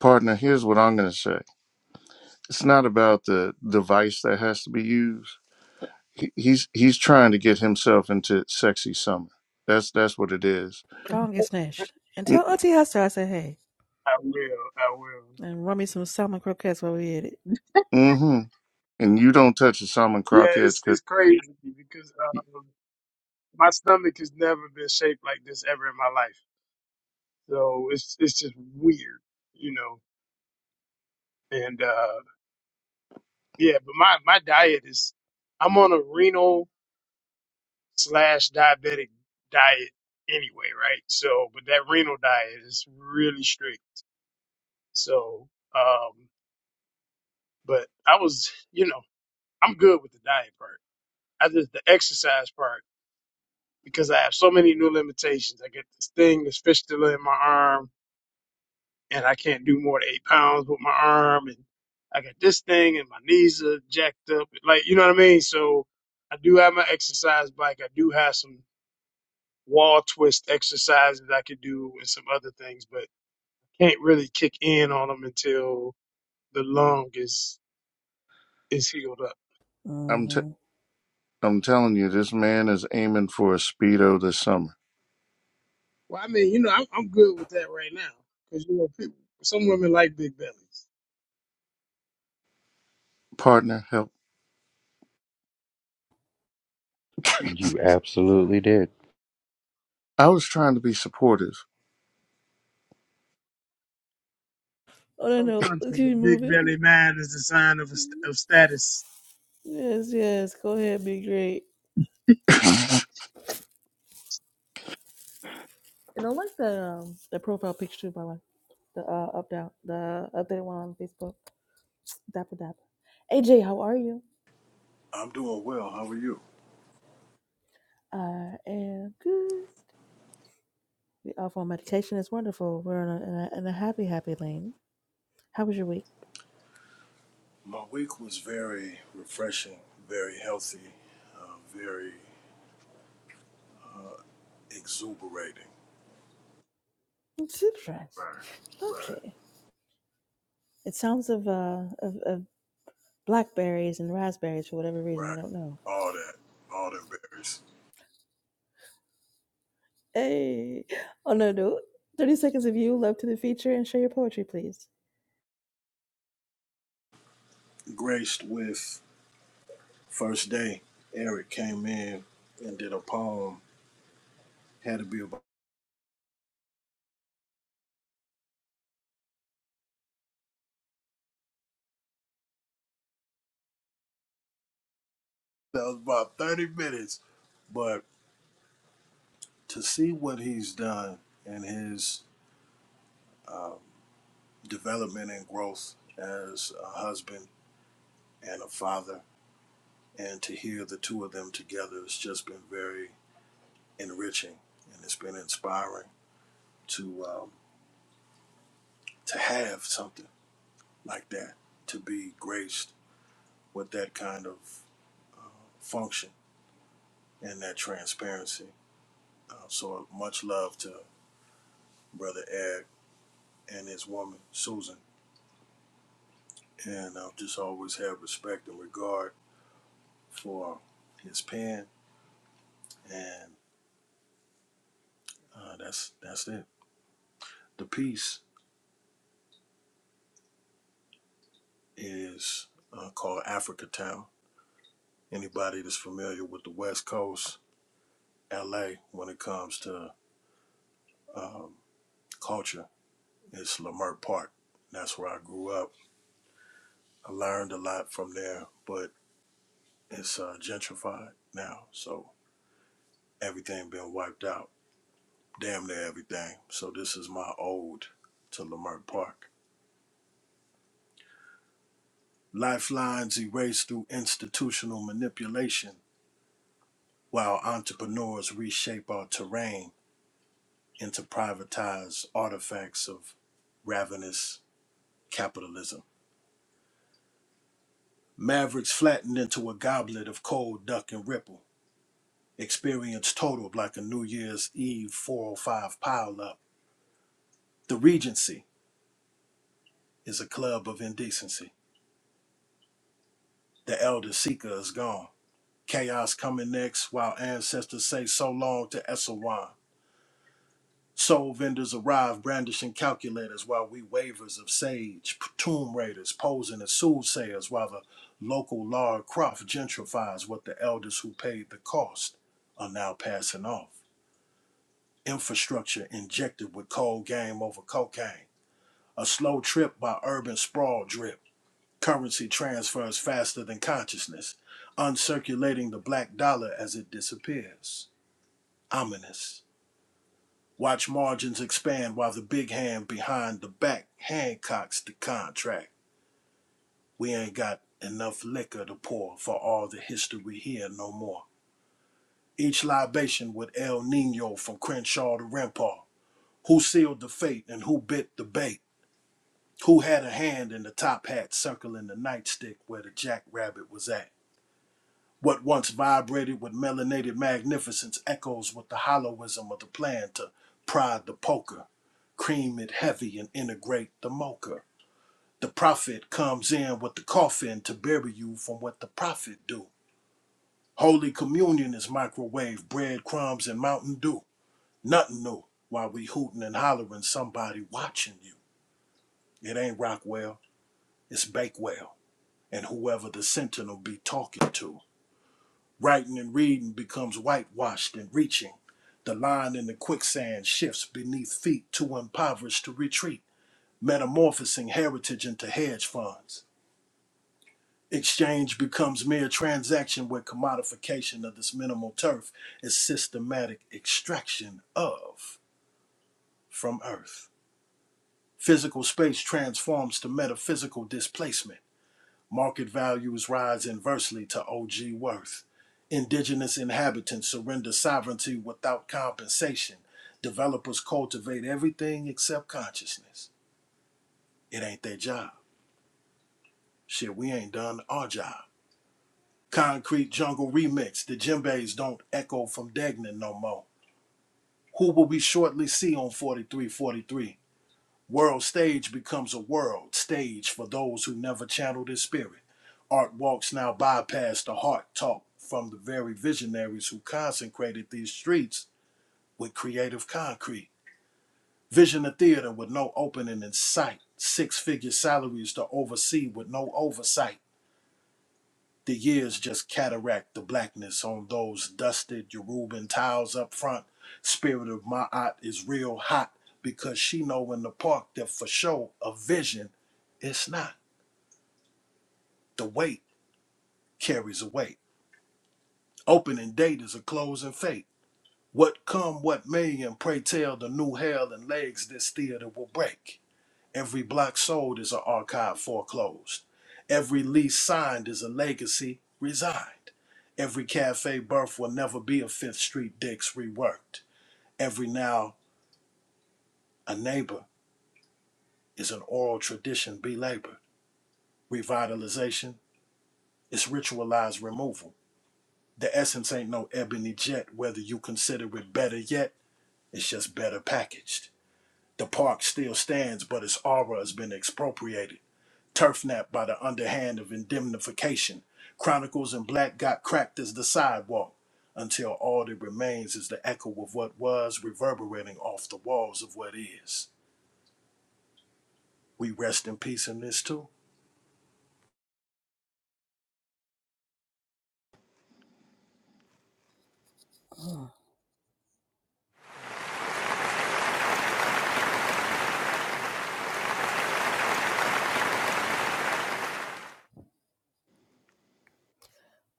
partner, here's what I'm gonna say. It's not about the device that has to be used. He, he's he's trying to get himself into sexy summer. That's that's what it is
Go and get snatched and tell Auntie Hester I said hey.
I will. I will.
And run me some salmon croquettes while we at it.
Mm-hmm. And you don't touch the salmon
Yeah,
croquettes
it's
because
it's crazy because. my stomach has never been shaped like this ever in my life. So it's it's just weird, you know. And uh yeah, but my my diet is I'm on a renal slash diabetic diet anyway, right? So but that renal diet is really strict. So um but I was, you know, I'm good with the diet part. I just the exercise part because I have so many new limitations. I get this thing, this fistula in my arm. and I can't do more than eight pounds with my arm, and I got this thing, and my knees are jacked up. Like, you know what I mean? So I do have my exercise bike. I do have some wall twist exercises I could do and some other things, but can't really kick in on them until the lung is is healed up.
Mm-hmm.
I'm t- I'm telling you, this man is aiming for a speedo this summer.
Well, I mean, you know, I'm, I'm good with that right now because you know, people, some women like big bellies.
Partner, help!
you absolutely did.
I was trying to be supportive.
Oh no,
Some
no, let's
countries, a
keep
big
moving.
belly man is a sign of a, st- of status
Yes, yes, go ahead, be great.
*laughs*
And I like the um the profile picture by the way. The uh up down the updated one on Facebook. Dapper Dapper. AJ, how are you?
I'm doing well. How are you?
I am good. We off on meditation. It's wonderful. We're in a, in a, in a happy, happy lane. How was your week?
My week was very refreshing, very healthy, uh, very exuberating.
It's different.
Right. Right,
Lovely. It sounds of, uh, of of blackberries and raspberries for whatever reason.
right.
I don't know.
All that, all them berries.
Hey. Oh, no, no. 30 seconds of you. Love to the feature and share your poetry, please.
Graced with first day, Eric came in and did a poem. Had to be about that was about thirty minutes, but to see what he's done and his development and growth as a husband and a father and to hear the two of them together has just been very enriching and it's been inspiring to um, to have something like that to be graced with that kind of uh, function and that transparency uh, so much love to brother ed and his woman susan and i'll just always have respect and regard for his pen and uh, that's that's it the piece is uh, called africa town Anybody that's familiar with the West Coast, LA, when it comes to um, culture, it's Lamert Park. That's where I grew up. I learned a lot from there, but it's uh, gentrified now, so everything been wiped out, damn near everything. So this is my ode to Lamert Park. Lifelines erased through institutional manipulation, while entrepreneurs reshape our terrain into privatized artifacts of ravenous capitalism. Mavericks flattened into a goblet of cold duck and ripple. Experience totaled like a New Year's Eve 405 pileup. The Regency is a club of indecency. The Elder Seeker is gone. Chaos coming next while ancestors say so long to Esselwan. Soul vendors arrive brandishing calculators while we waivers of sage, tomb raiders posing as soothsayers while the local Lara Croft gentrifies what the elders who paid the cost are now passing off. Infrastructure injected with cold game over cocaine. A slow trip by urban sprawl drip. Currency transfers faster than consciousness, uncirculating the black dollar as it disappears. Ominous. Watch margins expand while the big hand behind the back handcocks the contract. We ain't got enough liquor to pour for all the history here no more. Each libation with El Nino from Crenshaw to Rempar. Who sealed the fate and who bit the bait? Who had a hand in the top hat circling the nightstick where the jackrabbit was at? What once vibrated with melanated magnificence echoes with the hollowism of the plan to prod the poker, cream it heavy and integrate the mocha. The prophet comes in with the coffin to bury you from what the prophet do. Holy communion is microwave, bread crumbs and Mountain Dew. Nothing new while we hooting and hollering somebody watching you. It ain't Rockwell, it's Bakewell and whoever the sentinel be talking to. Writing and reading becomes whitewashed and reaching. The line in the quicksand shifts beneath feet too impoverished to retreat, metamorphosing heritage into hedge funds. Exchange becomes mere transaction where commodification of this minimal turf is systematic extraction of from earth. Physical space transforms to metaphysical displacement. Market values rise inversely to OG worth. Indigenous inhabitants surrender sovereignty without compensation. Developers cultivate everything except consciousness. It ain't their job. Shit, we ain't done our job. Concrete Jungle Remix. The djembes don't echo from Degnan no more. Who will we shortly see on 4343? World stage becomes a world stage for those who never channeled his spirit. Art walks now bypass the heart talk from the very visionaries who consecrated these streets with creative concrete. Vision a theater with no opening in sight, six figure salaries to oversee with no oversight. The years just cataract the blackness on those dusted Yoruban tiles up front. Spirit of my art is real hot because she know in the park that for sure a vision, it's not. The weight carries a weight. Opening date is a closing fate. What come, what may, and pray tell the new hell and legs this theater will break. Every block sold is an archive foreclosed. Every lease signed is a legacy resigned. Every cafe birth will never be a Fifth Street Dix reworked. Every now a neighbor is an oral tradition belabored. Revitalization is ritualized removal. The essence ain't no ebony jet, whether you consider it better yet, it's just better packaged. The park still stands, but its aura has been expropriated. Turfnap by the underhand of indemnification. Chronicles in black got cracked as the sidewalk, until all that remains is the echo of what was reverberating off the walls of what is. We rest in peace in this too.
Mm,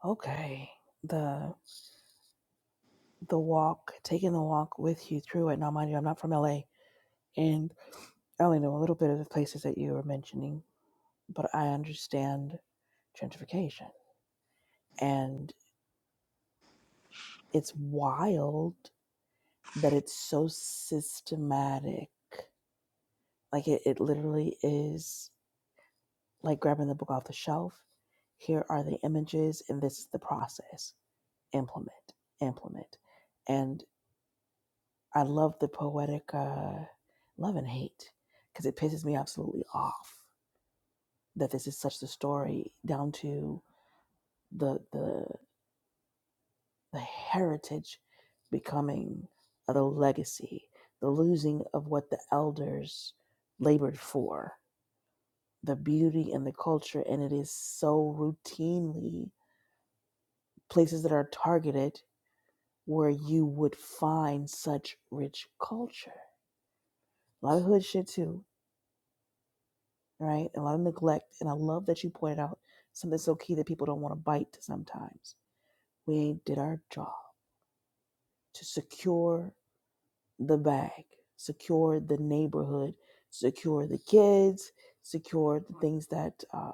Okay. The the walk, taking the walk with you through it. Now, mind you, I'm not from LA, and I only know a little bit of the places that you were mentioning but I understand gentrification. And it's wild that it's so systematic. Like it, it literally is like grabbing the book off the shelf. Here are the images, and this is the process. Implement, implement. And I love the poetic uh, love and hate because it pisses me absolutely off that this is such the story down to the the the heritage becoming of the legacy, the losing of what the elders labored for, the beauty and the culture. And it is so routinely places that are targeted where you would find such rich culture. A lot of hood shit, too, right? A lot of neglect. And I love that you pointed out something so key that people don't want to bite sometimes. We did our job to secure the bag, secure the neighborhood, secure the kids, secure the things that uh,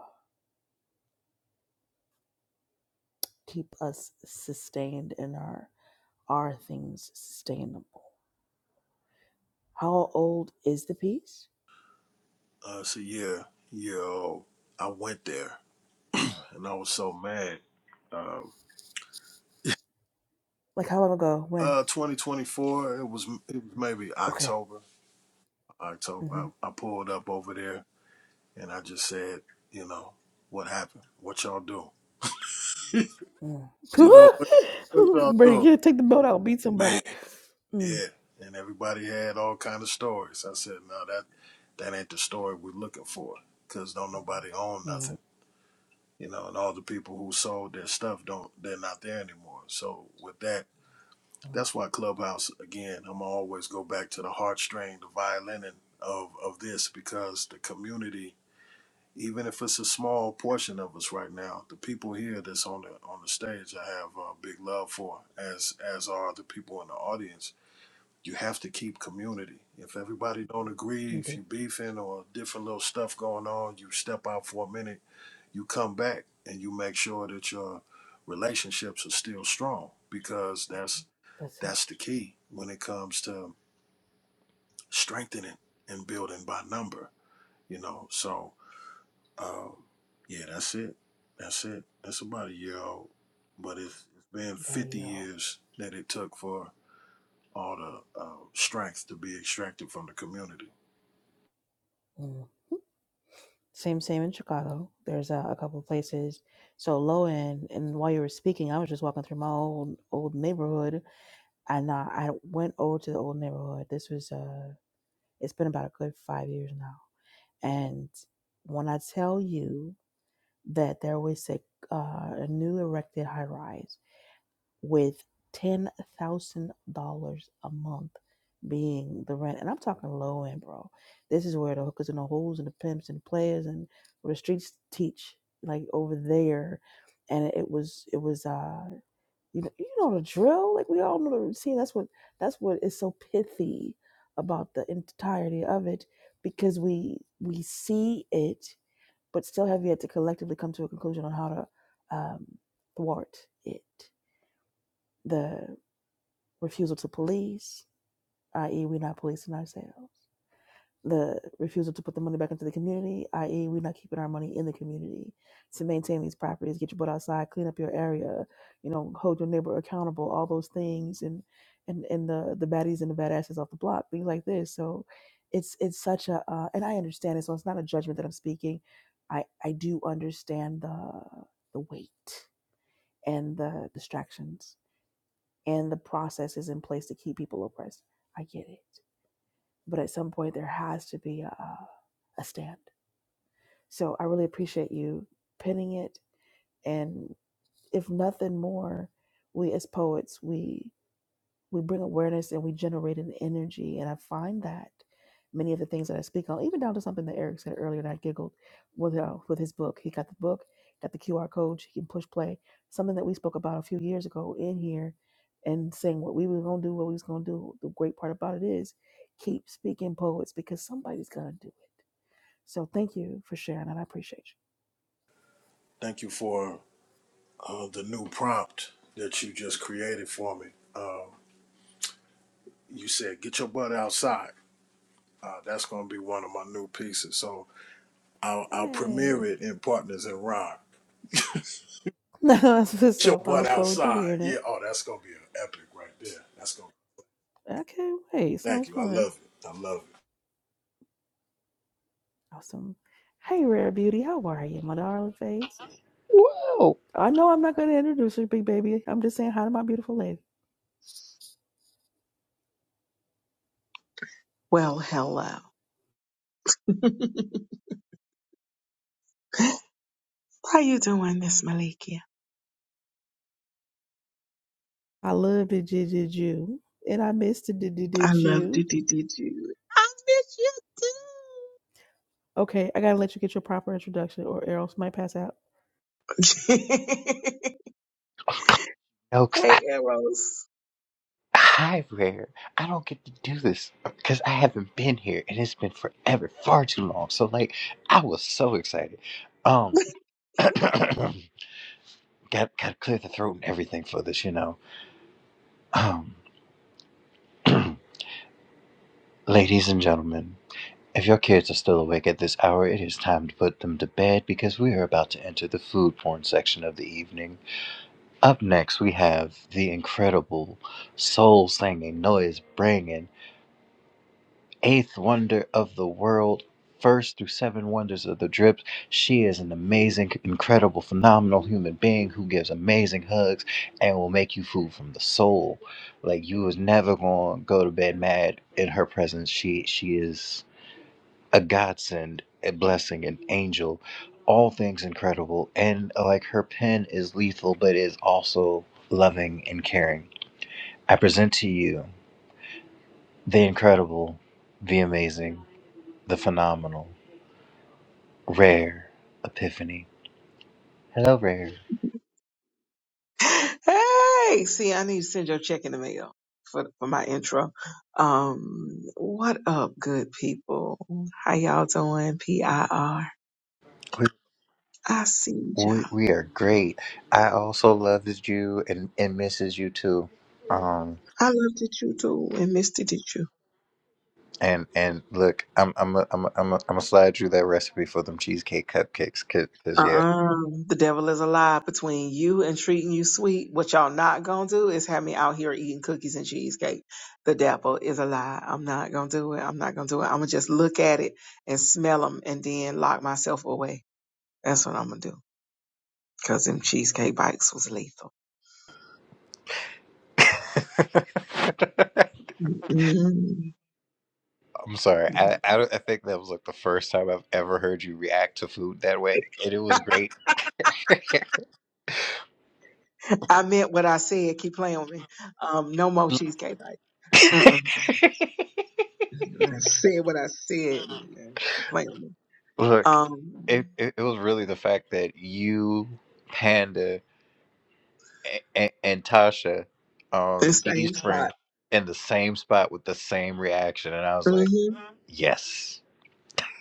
keep us sustained and our our things sustainable. How old is the piece?
Uh, so yeah, yo, I went there and I was so mad. Um,
Like how long ago? When?
uh, 2024. It was it was maybe
Okay.
October. October.
Mm-hmm.
I, I pulled up over there and I just said, you know, what happened? What y'all do? *laughs* You know what, y- what y'all
Mm. *laughs* Better
doing,
get take the boat out, beat somebody.
man?
Mm.
Yeah, and everybody had all kind of stories. I said, no, that that ain't the story we're looking for, cause don't nobody own
All
nothing,
right.
you know. And all the people who sold their stuff don't, they're not there anymore. So with that,
Mm.
that's why Clubhouse again. I'm always go back to the heartstring, the violin, and of of this because the community even if it's a small portion of us right now, the people here that's on the on the stage, I have uh, big love for, as as are the people in the audience. You have to keep community. If everybody don't agree,
You
if
do.
you beefing or different little stuff going on, you step out for a minute, you come back, and you make sure that your relationships are still strong because that's
That's it.
that's the key when it comes to strengthening and building by number. You know, so Um, yeah, that's it. That's it. That's about a year old. But it's, it's been
About a
50
year old.
years that it took for all the uh, strength to be extracted from the community.
Mm. Same, same in Chicago. There's a, a couple places. So low end, and while you were speaking, I was just walking through my old old neighborhood, and uh, I went over to the old neighborhood. This was uh, it's been about a good five years now. And when I tell you that there was a uh, a new erected high rise, with ten thousand dollars a month being the rent. And I'm talking low end, bro. This is where the hookers and the holes and the pimps and the players and where the streets teach, like over there. And it was it was uh you know you know the drill. Like we all know the routine. That's what that's what is so pithy about the entirety of it because we we see it but still have yet to collectively come to a conclusion on how to um, thwart it The refusal to police, i.e., we're not policing ourselves. The refusal to put the money back into the community, i.e., we're not keeping our money in the community to maintain these properties, get your butt outside, clean up your area, you know, hold your neighbor accountable, all those things, and and and the the baddies and the badasses off the block, things like this. So, it's it's such a, uh, and I understand it. So it's not a judgment that I'm speaking. I I do understand the the weight and the distractions and the process is in place to keep people oppressed. I get it. But at some point, there has to be a, a stand. So I really appreciate you pinning it. And if nothing more, we as poets, we we bring awareness and we generate an energy. And I find that many of the things that I speak on, even down to something that Eric said earlier, and I giggled with uh, with his book. He got the book, got the QR code. He can push play. Something that we spoke about a few years ago in here, and saying what we were gonna do, what we was gonna do. The great part about it is, keep speaking poets because somebody's gonna do it. So thank you for sharing, and I appreciate
Thank you for uh, the new prompt that you just created for me. Um, you said, get your butt outside. Uh, that's going to be one of my new pieces. So I'll,
you.
I'll premiere
Hey,
it in Partners in Rhyme.
*laughs* No, that's what's
Get your
up. I
butt
look forward to
outside.
hearing
Yeah.
it.
Oh, that's going to be an epic right there. That's going
I can't wait.
to, thank
Sounds
you. I
fun.
love it. I love it.
Awesome. Hey, Rare Beauty, how are you, my darling face?
Whoa,
I know I'm not going to introduce you, big baby. I'm just saying hi to my beautiful lady.
Well, hello. *laughs* How you doing, Miss Malikia?
I love the did did you, and I missed the did did
I
did
love to
you.
do do do. I
Okay, I gotta let you get your proper introduction, or else might pass out.
miss you too. *laughs*
Elks.
hey, Eros.
Hi, Rare. I don't get to do this because I haven't been here and it's been forever, far too long. So, like, I was so excited. Um, *clears throat* got got to clear the throat and everything for this, you know. Um, *clears throat* ladies and gentlemen, if your kids are still awake at this hour, it is time to put them to bed because we are about to enter the food porn section of the evening. Up next, we have the incredible soul singing, noise bringing. eighth wonder of the world, first through seven wonders of the drips. She is an amazing, incredible, phenomenal human being who gives amazing hugs and will make you food from the soul. Like you was never gonna go to bed mad in her presence. She she is a godsend, a blessing, an angel, all things incredible. And like her pen is lethal, but is also loving and caring. I present to you the incredible, the amazing, the phenomenal. Rare Epiphany. Hello, Rare.
hey, see, I need to send your check in the mail for for my intro. Um, what up, good people? How y'all doing? P I R.
We,
I see
we,
y'all.
we are great. I also loved you and, and misses you too. Um,
I looked at you too and missed it at you.
and and look, I'm I'm a, I'm a, I'm a, I'm gonna slide you that recipe for them cheesecake cupcakes, cause, 'cause, yeah.
Uh-uh. The devil is a lie between you and treating you sweet. What y'all not gonna do is have me out here eating cookies and cheesecake. The devil is a lie. I'm not gonna do it. I'm not gonna do it. I'm gonna just look at it and smell them and then lock myself away. That's what I'm gonna do. Because them cheesecake bites was lethal.
*laughs*
Mm-mm.
I'm sorry. I, I don't- I think that was like the first time I've ever heard you react to food that way, and it was great. *laughs*
I meant what I said. Keep playing with me. Um, no more cheesecake bites. Mm-mm. I said what I said. and, uh, Keep playing with me.
Look,
Um,
it, it it was really the fact that you, Panda. and, and Tasha,
the
um, Dee's
same spot.
friend, in the same spot with the same reaction, and I was like,
Mm-hmm.
yes,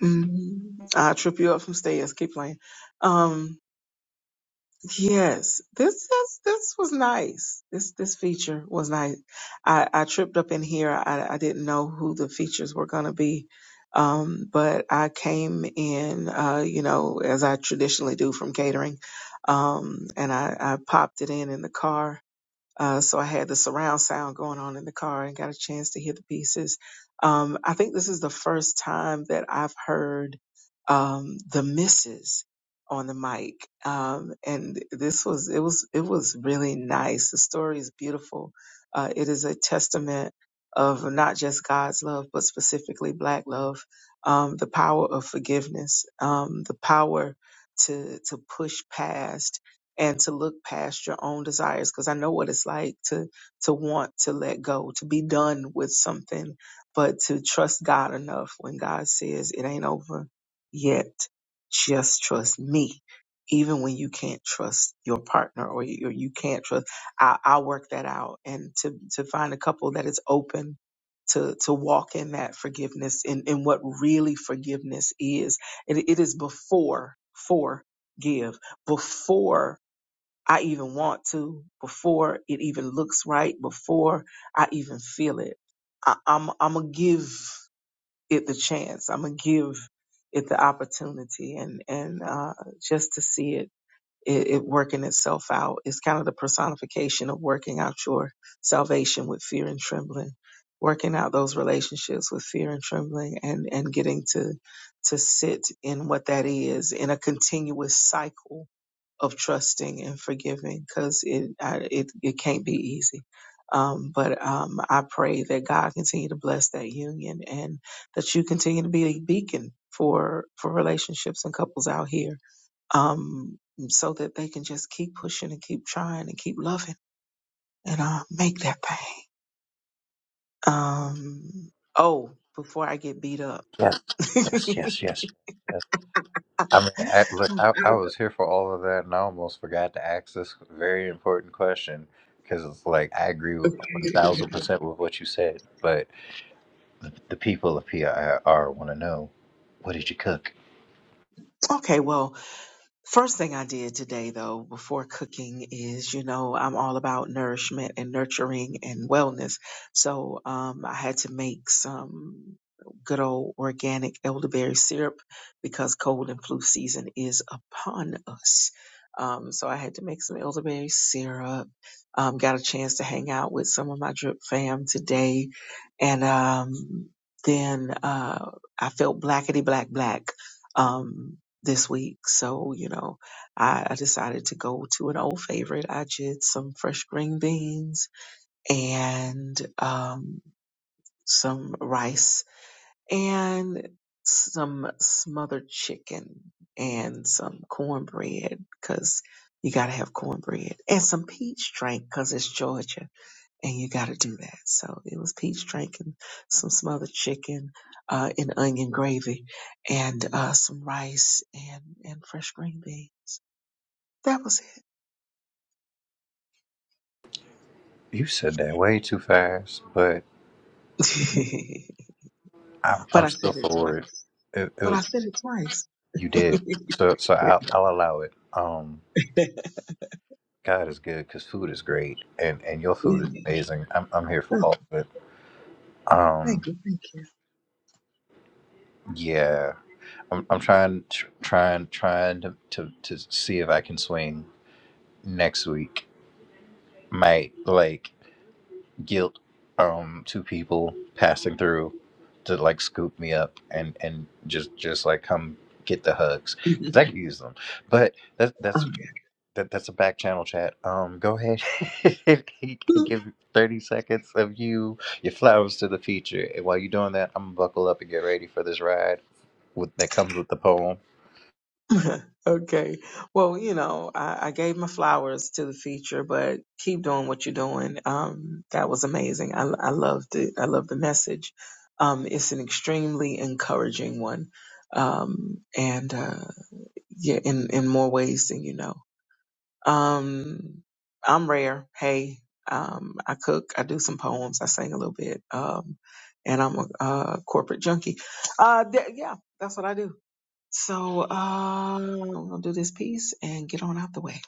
Mm-hmm. I'll trip you up from stairs. Keep playing. Um, Yes, this this this was nice. This this feature was nice. I I tripped up in here. I I didn't know who the features were gonna be, um, but I came in, uh, you know, as I traditionally do from catering, um, and I I popped it in in the car uh, so I had the surround sound going on in the car and got a chance to hear the pieces. Um, I think this is the first time that I've heard um, the misses on the mic, um, and this was it was it was really nice. The story is beautiful. Uh, it is a testament of not just God's love, but specifically Black love, um, the power of forgiveness, um, the power to to push past and to look past your own desires because I know what it's like to to want to let go, to be done with something, but to trust God enough when God says it ain't over yet. Just trust me. Even when you can't trust your partner or you, or you can't trust, I, I'll work that out. And to, to find a couple that is open to, to walk in that forgiveness in in what really forgiveness is. It, it is before, for, give, before I even want to, before it even looks right, before I even feel it. I, I'm I'm gonna give it the chance. I'm gonna give it the opportunity and and uh, just to see it it, it working itself out. It's kind of the personification of working out your salvation with fear and trembling, working out those relationships with fear and trembling, and and getting to to sit in what that is in a continuous cycle of trusting and forgiving because it I, it it can't be easy. Um, but um, I pray that God continue to bless that union and that you continue to be a beacon for for relationships and couples out here um, so that they can just keep pushing and keep trying and keep loving and uh, make that thing. Um, oh, before I get beat up.
yes,
*laughs*
yes, yes, yes. yes. I mean, I, look, I, I was here for all of that, and I almost forgot to ask this very important question because it's like I agree one thousand percent with what you said, but the, the people of PIR want to know what did you cook.
okay, well, First thing I did today, though, before cooking is, you know, I'm all about nourishment and nurturing and wellness. So um, I had to make some good old organic elderberry syrup because cold and flu season is upon us. Um, so I had to make some elderberry syrup. Um, got a chance to hang out with some of my drip fam today. And um, then uh, I felt blackety black black. Um, this week. So, you know, I, I decided to go to an old favorite. I did some fresh green beans and um, some rice and some smothered chicken and some cornbread because you got to have cornbread and some peach drink because it's Georgia and you got to do that. So it was peach drink and some smothered chicken uh, and onion gravy and uh, some rice and, and fresh green beans that was it.
You said that way too fast, but
*laughs*
I'm
but
I'm
I
still
said it
for it.
twice.
It, it
But I
was
said it twice.
You did.
*laughs*
So so I'll, I'll allow it. Um, God is good because food is great, and and your food is amazing. I'm I'm here for
oh,
all of it.
thank
Um,
you, thank
yeah, I'm I'm trying tr- trying trying to to to see if I can swing next week. Might like guilt um two people passing through to like scoop me up and and just just like come get the hugs because
you.
I could use them. But that's that's that that's a back channel chat. Um, go ahead *laughs* and
*laughs*
give thirty seconds of you your flowers to the feature. And while you're doing that, I'm gonna buckle up and get ready for this ride with, that comes with the poem.
okay. *laughs* okay. Well, you know, I, I gave my flowers to the feature, but keep doing what you're doing. Um, that was amazing. I, I loved it. I love the message. Um, it's an extremely encouraging one. Um, and, uh, yeah, in, in more ways than you know. Um, I'm rare. Hey, um, I cook, I do some poems, I sing a little bit, um, and I'm a, uh corporate junkie. Uh, th- yeah, that's what I do. So uh, I'm gonna do this piece and get on out the way.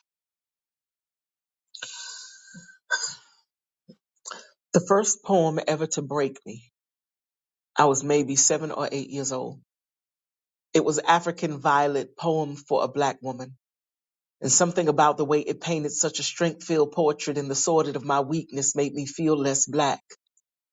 The first poem ever to break me. I was maybe seven or eight years old. It was African Violet poem for a black woman. And something about the way it painted such a strength filled portrait in the sordid of my weakness made me feel less black.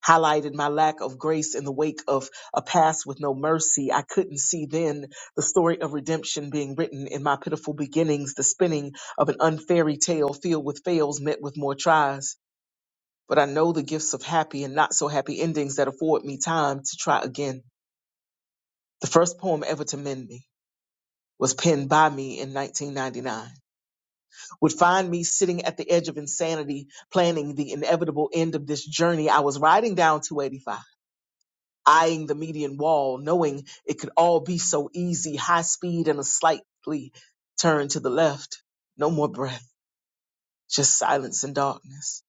highlighted my lack of grace in the wake of a past with no mercy. I couldn't see then the story of redemption being written in my pitiful beginnings, the spinning of an unfairy tale filled with fails met with more tries. But I know the gifts of happy and not so happy endings that afford me time to try again. The first poem ever to mend me was penned by me in 1999 would find me sitting at the edge of insanity planning the inevitable end of this journey i was riding down 285 eyeing the median wall, knowing it could all be so easy, high speed and a slightly turn to the left. No more breath, just silence and darkness.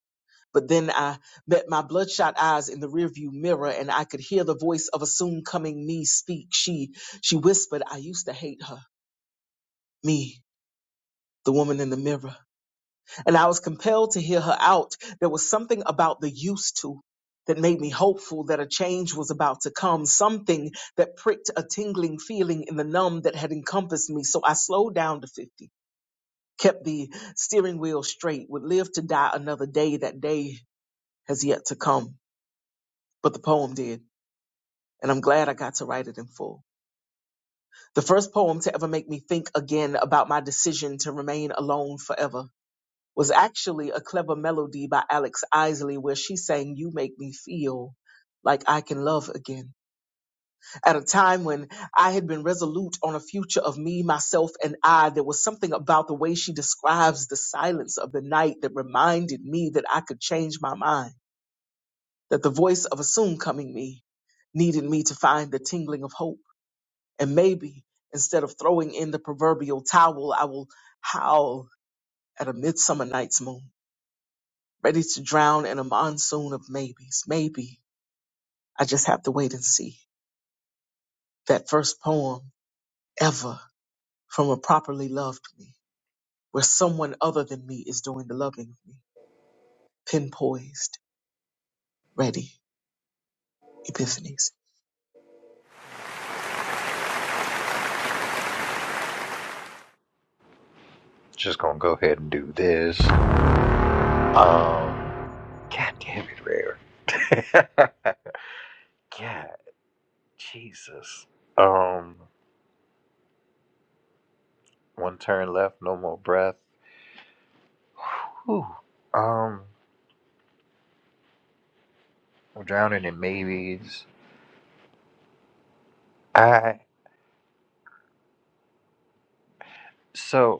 But then I met my bloodshot eyes in the rearview mirror and I could hear the voice of a soon coming me speak. She, she whispered, I used to hate her. Me, the woman in the mirror. and I was compelled to hear her out. There was something about the used to that made me hopeful that a change was about to come, something that pricked a tingling feeling in the numb that had encompassed me. So I slowed down to 50, kept the steering wheel straight, would live to die another day. That day has yet to come, but the poem did. And I'm glad I got to write it in full. The first poem to ever make me think again about my decision to remain alone forever. was actually a clever melody by Alex Isley where she sang, You Make Me Feel Like I Can Love Again. At a time when I had been resolute on a future of me, myself, and I, there was something about the way she describes the silence of the night that reminded me that I could change my mind, that the voice of a soon coming me needed me to find the tingling of hope. And maybe instead of throwing in the proverbial towel, I will howl at a midsummer night's moon ready to drown in a monsoon of maybes. Maybe I just have to wait and see. That first poem ever from a properly loved me, where someone other than me is doing the loving of me. Pin poised, ready, epiphanies.
Just gonna go ahead and do this. Um, God damn it, rare. *laughs* God, Jesus. Um, one turn left, no more breath. Whew. Um, I'm drowning in maybes. I so.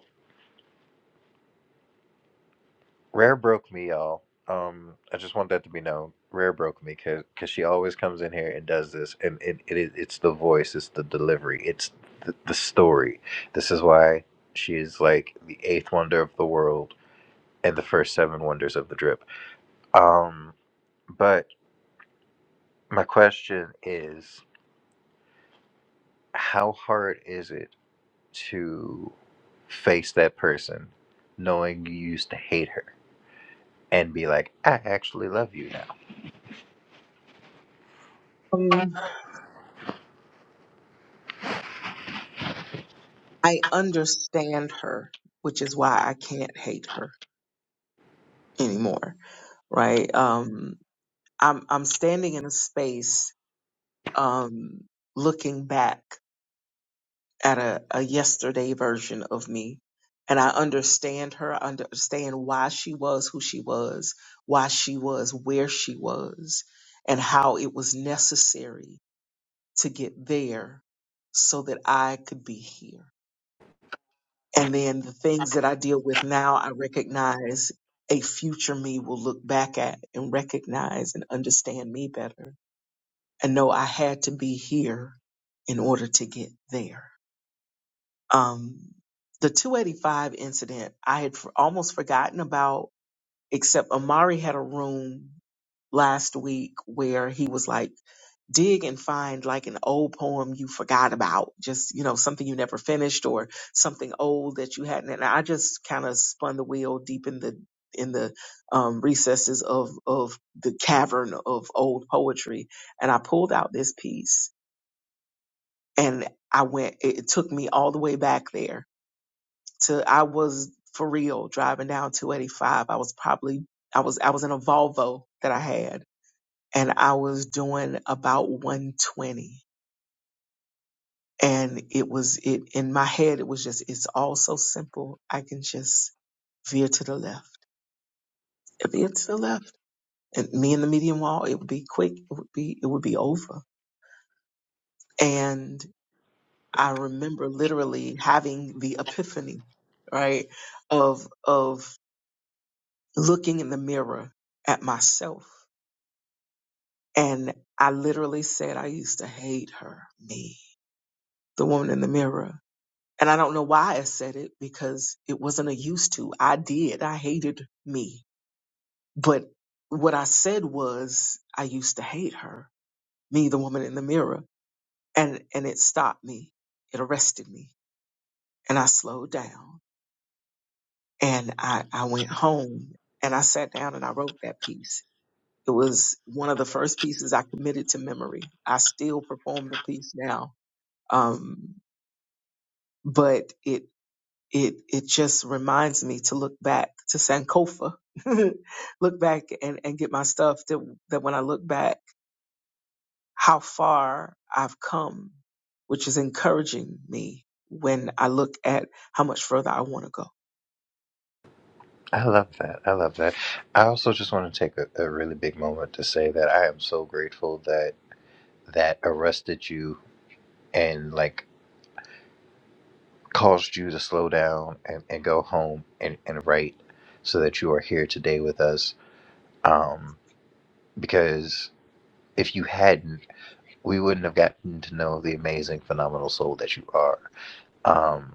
Rare broke me, y'all. Um, I just want that to be known. Rare broke me because she always comes in here and does this, and it, it is- it's the voice, it's the delivery, it's the, the story. This is why she is like the eighth wonder of the world and the first seven wonders of the drip. Um, but my question is, how hard is it to face that person, knowing you used to hate her, and be like, I actually love you now?
Um, I understand her, which is why I can't hate her anymore, right? Um, I'm I'm standing in a space, um, looking back. at a, a yesterday version of me. And I understand her, I understand why she was who she was, why she was where she was, and how it was necessary to get there so that I could be here. And then the things that I deal with now, I recognize a future me will look back at and recognize and understand me better and know I had to be here in order to get there. Um, the 285 incident, I had f- almost forgotten about, except Amari had a room last week where he was like, dig and find like an old poem you forgot about, just, you know, something you never finished or something old that you hadn't. And I just kind of spun the wheel deep in the, in the um, recesses of, of the cavern of old poetry. And I pulled out this piece and I went, it, it took me all the way back there to I was for real driving down 285. I was probably I was I was in a Volvo that I had and I was doing about 120 and it was it in my head it was just it's all so simple. I can just veer to the left. Veer to the left. And me and the median wall, it would be quick, it would be it would be over. And I remember literally having the epiphany, right, of of looking in the mirror at myself And I literally said, I used to hate her, me, the woman in the mirror. And I don't know why I said it because it wasn't a used to. I did. I hated me. But what I said was, I used to hate her, me, the woman in the mirror. And, and it stopped me. It arrested me. And I slowed down and I, I went home and I sat down and I wrote that piece. It was one of the first pieces I committed to memory. I still perform the piece now. Um, but it it it just reminds me to look back to Sankofa, *laughs* look back and and get my stuff that that when I look back how far I've come, which is encouraging me when I look at how much further I want to go.
I love that. I love that. I also just want to take a, a really big moment to say that I am so grateful that that arrested you and like caused you to slow down and, and go home and, and write so that you are here today with us. Um, because if you hadn't, we wouldn't have gotten to know the amazing, phenomenal soul that you are. Um,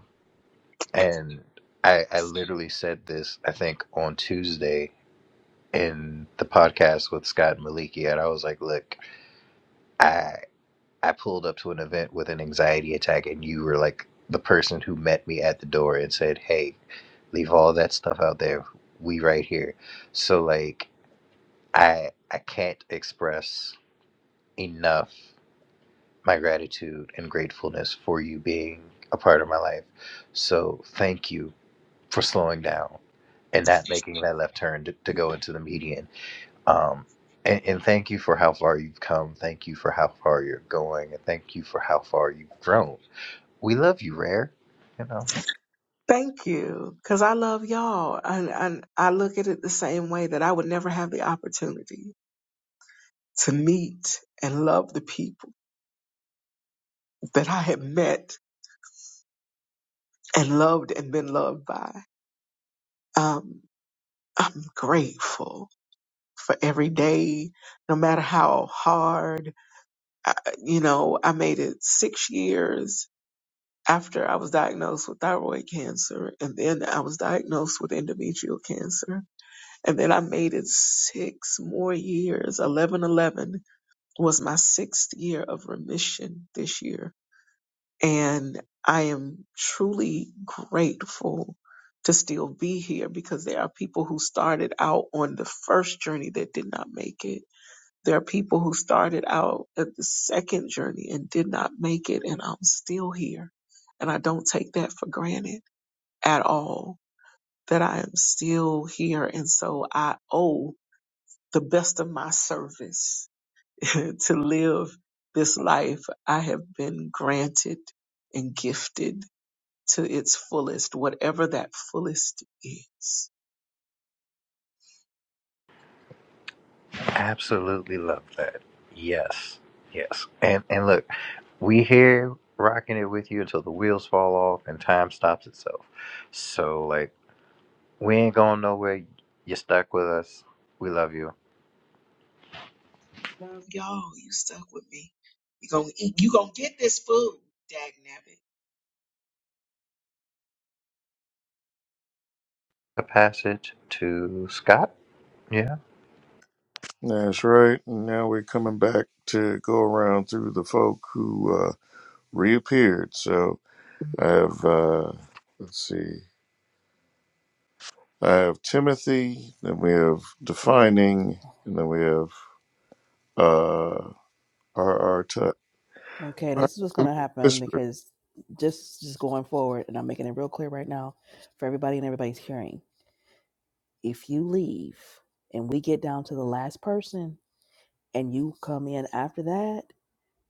and I, I literally said this, I think, on Tuesday in the podcast with Scott Maliki, and I was like, look, I I pulled up to an event with an anxiety attack, and you were like the person who met me at the door and said, "Hey, leave all that stuff out there. We right here." So like I I can't express enough my gratitude and gratefulness for you being a part of my life. So thank you for slowing down and not making that left turn to, to go into the median um, and, and thank you for how far you've come. Thank you for how far you're going. And thank you for how far you've grown. We love you, Rare. You know,
Thank you, because I love y'all, and and I look at it the same way that I would never have the opportunity to meet and love the people that I have met and loved and been loved by. Um, I'm grateful for every day, no matter how hard. I, you know, I made it six years after I was diagnosed with thyroid cancer, and then I was diagnosed with endometrial cancer, and then I made it six more years. Eleven, eleven was my sixth year of remission this year And I am truly grateful to still be here because there are people who started out on the first journey that did not make it. There are people who started out at the second journey and did not make it, and I'm still here. And I don't take that for granted at all, that I am still here. And so I owe the best of my service *laughs* to live this life I have been granted and gifted to its fullest, whatever that fullest is.
absolutely love that. Yes, yes. And and look, we here rocking it with you until the wheels fall off and time stops itself. So like, we ain't going nowhere. You're stuck with us. We love you.
Love y'all. You stuck with me. You gonna eat. You gonna get this food, dag nabbit.
A passage to Scott. Yeah.
That's right. And now we're coming back to go around through the folk who uh, reappeared. So I have uh, let's see, I have Timothy, then we have defining, and then we have uh, R.R. Tut.
Okay,
All right,
this is what's going
Timothy
to happen
Whisper.
because just just going forward, and I'm making it real clear right now for everybody and everybody's hearing. If you leave and we get down to the last person, and you come in after that,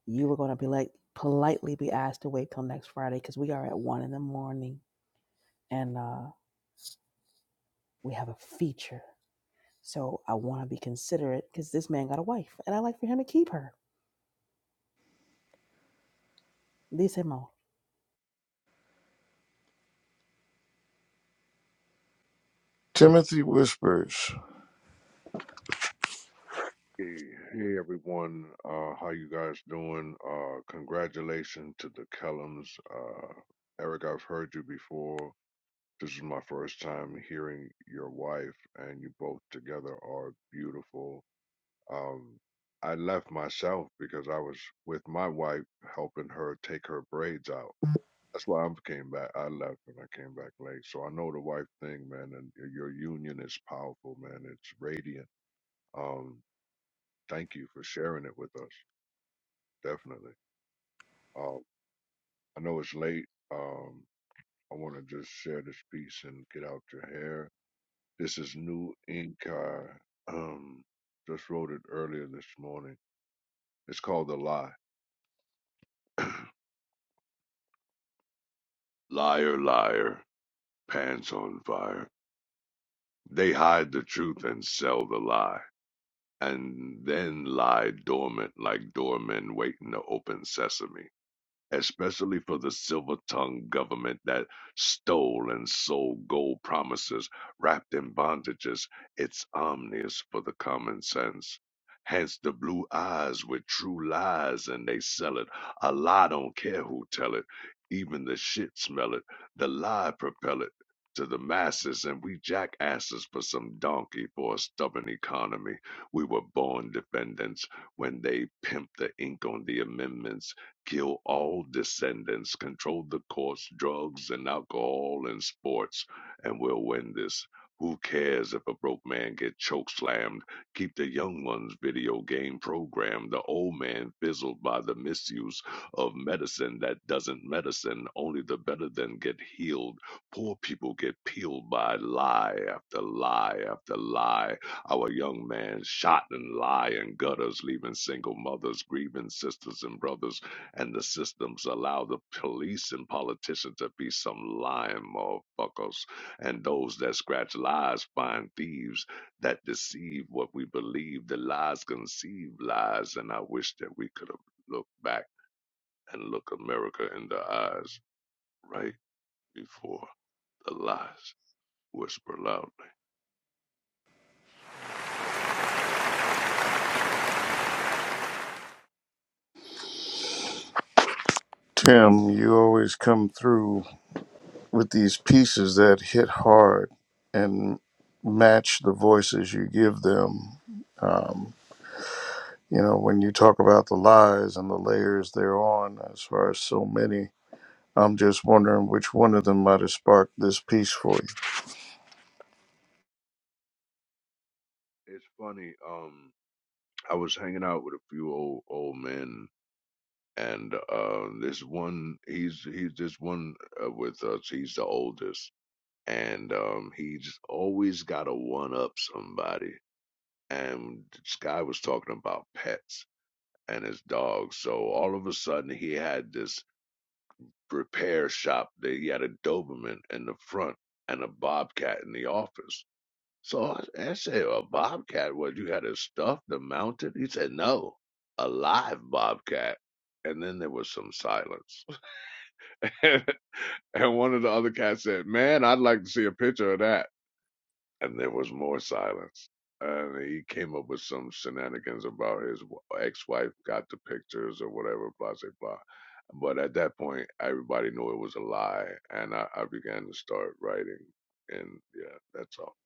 you are going to be like politely be asked to wait till next Friday because we are at one in the morning, and uh, we have a feature. So I want to be considerate because this man got a wife, and I like for him to keep her. Dice mo,
Timothy whispers.
Hey, hey everyone, uh, how you guys doing? Uh, congratulations to the Kellums. Uh, Eric, I've heard you before. This is my first time hearing your wife, and you both together are beautiful. Um, I left myself because I was with my wife helping her take her braids out. That's why I came back. I left and I came back late. So I know the wife thing, man, and y- your union is powerful, man. It's radiant. Um, thank you for sharing it with us definitely. Um, I know it's late. Um, I want to just share this piece and get out your hair. This is New Ink. I, um, just wrote it earlier this morning. It's called The Lie. *clears throat* Liar, liar, pants on fire. They hide the truth and sell the lie, and then lie dormant like doormen waiting to open sesame. especially for the silver-tongued government that stole and sold gold promises wrapped in bondages. It's omnious for the common sense. Hence the blue eyes with true lies, and they sell it. A lie don't care who tell it. Even the shit smell it. The lie propel it to the masses, and we jackasses for some donkey for a stubborn economy. We were born defendants when they pimped the ink on the amendments kill all descendants, control the course, drugs and alcohol and sports, and we'll win this. Who cares if a broke man get choke slammed? Keep the young ones video game programmed, the old man fizzled by the misuse of medicine that doesn't medicine, only the better than get healed. Poor people get peeled by lie after lie after lie. Our young man shot and lie in gutters, leaving single mothers, grieving sisters and brothers and the systems allow the police and politicians to be some lying motherfuckers. And those that scratch lies find thieves that deceive what we believe. The lies conceive lies, and I wish that we could have looked back and look America in the eyes right before the lies whisper loudly.
Tim, you always come through with these pieces that hit hard and match the voices you give them. Um, you know, when you talk about the lies and the layers they're on, as far as so many, I'm just wondering which one of them might have sparked this piece for you.
It's funny. Um, I was hanging out with a few old old men. And uh, this one, he's he's this one uh, with us. He's the oldest, and um, he's always got to one up somebody. And this guy was talking about pets and his dogs. So all of a sudden, he had this repair shop that he had a Doberman in the front and a Bobcat in the office. So I, I said, A Bobcat? What, you had it stuffed and mounted? He said, No, a live Bobcat. And then there was some silence. *laughs* and one of the other cats said, Man, I'd like to see a picture of that. and there was more silence. And he came up with some shenanigans about his ex wife got the pictures or whatever, blah, blah, blah. But at that point, everybody knew it was a lie, and I, I began to start writing. And yeah, that's all.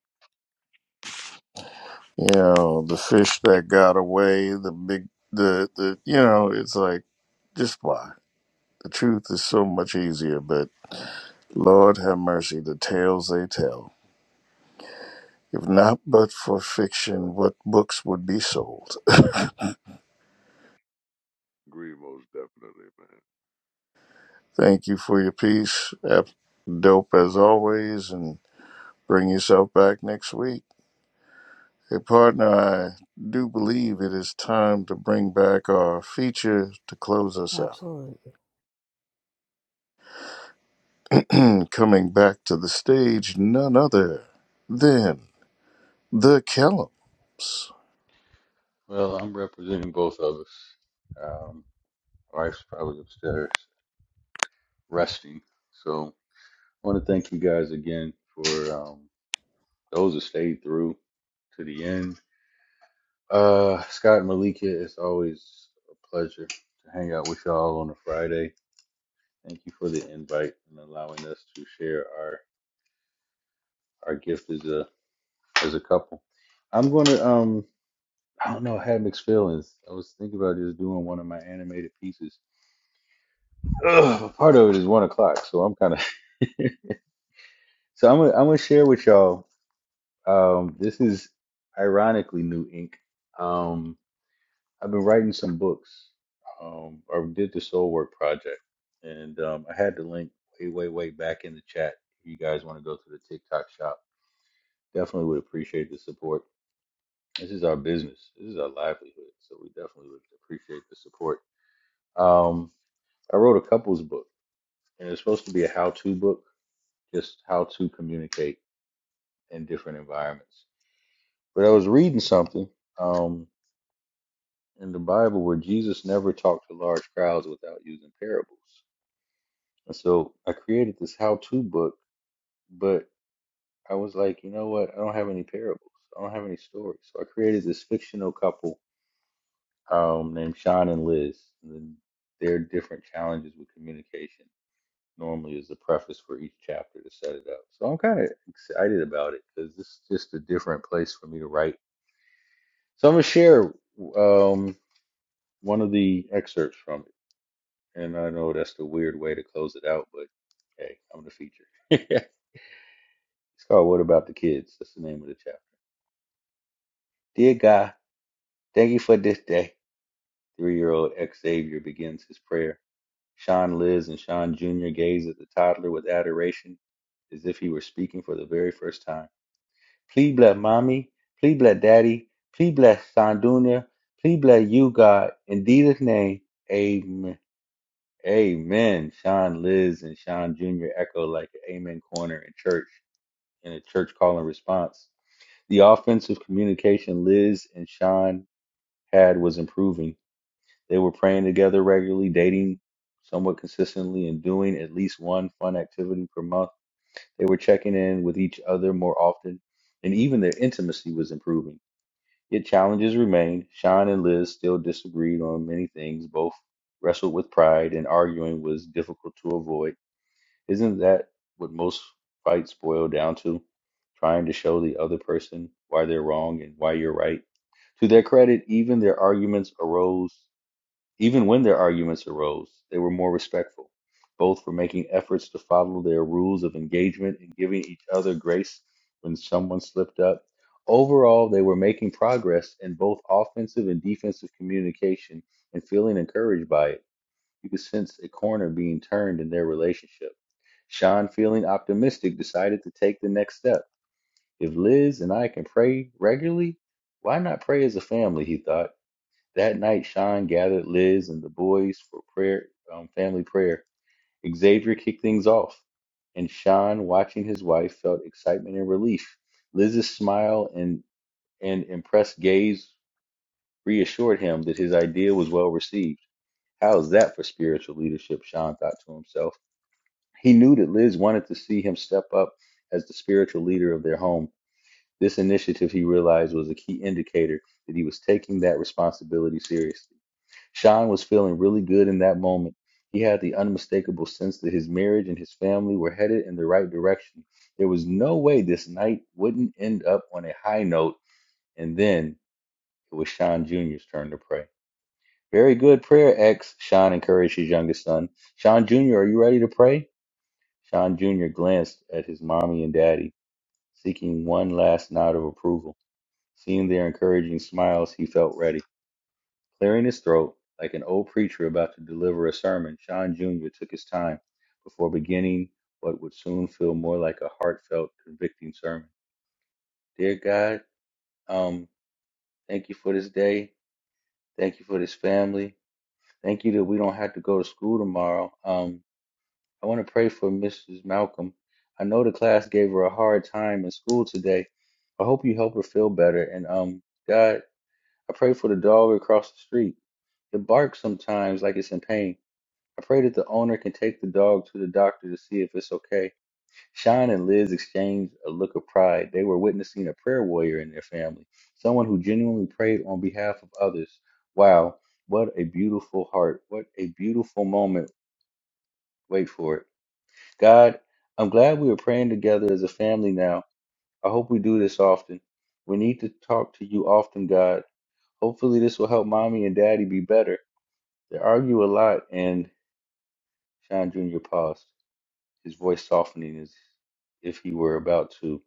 You know, the fish that got away, the big, the, the, you know, it's like, just why? The truth is so much easier, but Lord have mercy, the tales they tell. If not but for fiction, what books would be sold?
Agree, most definitely, man.
*laughs* Thank you for your piece. Ap- Dope as always, and bring yourself back next week. Hey, partner, I do believe it is time to bring back our feature to close us
absolutely.
out. *clears throat* Coming back to the stage, none other than the Kellums.
Well, I'm representing both of us. Um, wife's probably upstairs resting. So I want to thank you guys again for um, those that stayed through to the end. Uh, Scott and Malika, it's always a pleasure to hang out with y'all on a Friday. Thank you for the invite and allowing us to share our, our gift as a as a couple. I'm gonna um I don't know, I had mixed feelings. I was thinking about just doing one of my animated pieces. Ugh, but part of it is one o'clock, so I'm kinda *laughs* so I'm gonna I'm gonna share with y'all. Um this is ironically new ink. Um I've been writing some books. Um or did the soul work project. And um I had the link way, way, way back in the chat if you guys want to go to the TikTok shop. Definitely would appreciate the support. This is our business. This is our livelihood. So we definitely would appreciate the support. Um, I wrote a couples book, and it's supposed to be a how-to book, just how to communicate in different environments. But I was reading something um, in the Bible where Jesus never talked to large crowds without using parables. And so I created this how-to book, but I was like, you know what? I don't have any parables. I don't have any stories. So I created this fictional couple um, named Sean and Liz. And their different challenges with communication normally is a preface for each chapter to set it up. So I'm kind of excited about it because this is just a different place for me to write. So I'm gonna share um, one of the excerpts from it, and I know that's the weird way to close it out, but hey, I'm the feature. *laughs* it's called "What About the Kids." That's the name of the chapter. Dear God, thank you for this day. Three year old Xavier begins his prayer. Sean Liz and Sean Jr. gaze at the toddler with adoration as if he were speaking for the very first time. Please bless mommy. Please bless daddy. Please bless Sandunya. Please bless you, God. In Jesus' name, amen. Amen. Sean Liz and Sean Jr. echo like an amen corner in church, in a church call and response. The offensive communication Liz and Sean had was improving they were praying together regularly, dating somewhat consistently, and doing at least one fun activity per month. They were checking in with each other more often, and even their intimacy was improving. Yet challenges remained. Sean and Liz still disagreed on many things, both wrestled with pride, and arguing was difficult to avoid. Isn't that what most fights boil down to? Trying to show the other person why they're wrong and why you're right? To their credit, even their arguments arose even when their arguments arose, they were more respectful. Both were making efforts to follow their rules of engagement and giving each other grace when someone slipped up. Overall, they were making progress in both offensive and defensive communication and feeling encouraged by it. You could sense a corner being turned in their relationship. Sean, feeling optimistic, decided to take the next step. If Liz and I can pray regularly, why not pray as a family? He thought. That night, Sean gathered Liz and the boys for prayer, um, family prayer. Xavier kicked things off, and Sean, watching his wife, felt excitement and relief. Liz's smile and, and impressed gaze reassured him that his idea was well received. How's that for spiritual leadership? Sean thought to himself. He knew that Liz wanted to see him step up as the spiritual leader of their home. This initiative, he realized, was a key indicator that he was taking that responsibility seriously. Sean was feeling really good in that moment. He had the unmistakable sense that his marriage and his family were headed in the right direction. There was no way this night wouldn't end up on a high note, and then it was Sean Jr.'s turn to pray. Very good prayer, X, Sean encouraged his youngest son. Sean Jr., are you ready to pray? Sean Jr. glanced at his mommy and daddy, seeking one last nod of approval. Seeing their encouraging smiles, he felt ready. Clearing his throat, like an old preacher about to deliver a sermon, Sean Jr. took his time before beginning what would soon feel more like a heartfelt, convicting sermon. Dear God, um, thank you for this day. Thank you for this family. Thank you that we don't have to go to school tomorrow. Um, I want to pray for Mrs. Malcolm. I know the class gave her a hard time in school today. I hope you help her feel better. And um, God, I pray for the dog across the street. It barks sometimes like it's in pain. Afraid that the owner can take the dog to the doctor to see if it's okay, Sean and Liz exchanged a look of pride. They were witnessing a prayer warrior in their family, someone who genuinely prayed on behalf of others. Wow, what a beautiful heart. What a beautiful moment. Wait for it. God, I'm glad we are praying together as a family now. I hope we do this often. We need to talk to you often, God. Hopefully, this will help mommy and daddy be better. They argue a lot, and Sean Jr. paused. his voice softening as if he were about to.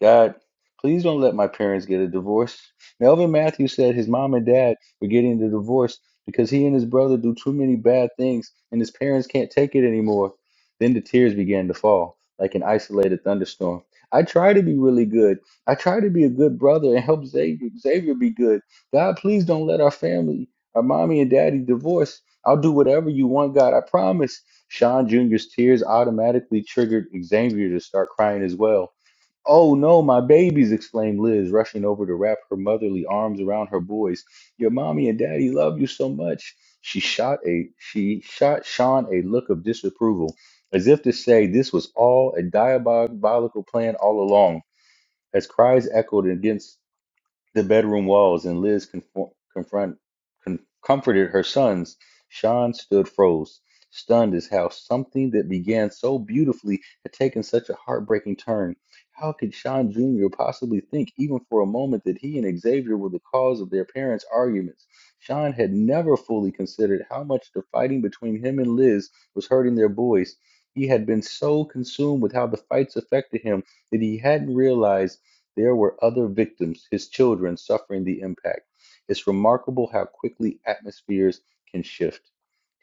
God, please don't let my parents get a divorce. Melvin Matthews said his mom and dad were getting the divorce because he and his brother do too many bad things and his parents can't take it anymore. Then the tears began to fall like an isolated thunderstorm. I try to be really good. I try to be a good brother and help Xavier, Xavier be good. God, please don't let our family, our mommy and daddy divorce. I'll do whatever you want, God. I promise. Sean Jr.'s tears automatically triggered Xavier to start crying as well. Oh no, my babies, exclaimed Liz, rushing over to wrap her motherly arms around her boys. Your mommy and daddy love you so much. She shot a she shot Sean a look of disapproval, as if to say this was all a diabolical plan all along, as cries echoed against the bedroom walls, and Liz confo- confront, con- comforted her sons, Sean stood froze, stunned as how something that began so beautifully had taken such a heartbreaking turn. How could Sean Jr. possibly think, even for a moment, that he and Xavier were the cause of their parents' arguments? Sean had never fully considered how much the fighting between him and Liz was hurting their boys. He had been so consumed with how the fights affected him that he hadn't realized. There were other victims, his children, suffering the impact. It's remarkable how quickly atmospheres can shift.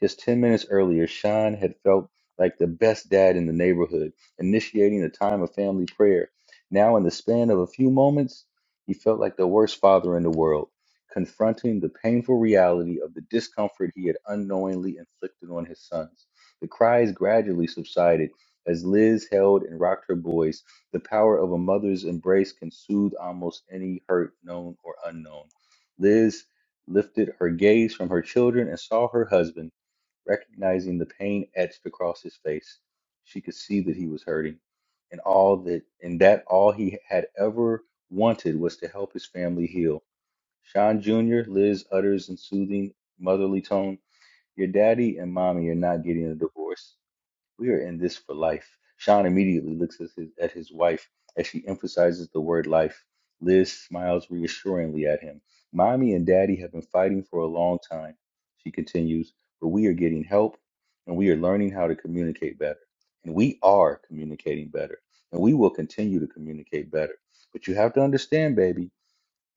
Just 10 minutes earlier, Sean had felt like the best dad in the neighborhood, initiating a time of family prayer. Now, in the span of a few moments, he felt like the worst father in the world, confronting the painful reality of the discomfort he had unknowingly inflicted on his sons. The cries gradually subsided as Liz held and rocked her boys the power of a mother's embrace can soothe almost any hurt, known or unknown. Liz lifted her gaze from her children and saw her husband, recognizing the pain etched across his face. She could see that he was hurting, and all that and that all he had ever wanted was to help his family heal. Sean Jr., Liz utters in soothing, motherly tone, Your daddy and mommy are not getting a divorce. We are in this for life. Sean immediately looks at his, at his wife as she emphasizes the word life. Liz smiles reassuringly at him. Mommy and daddy have been fighting for a long time, she continues, but we are getting help and we are learning how to communicate better. And we are communicating better. And we will continue to communicate better. But you have to understand, baby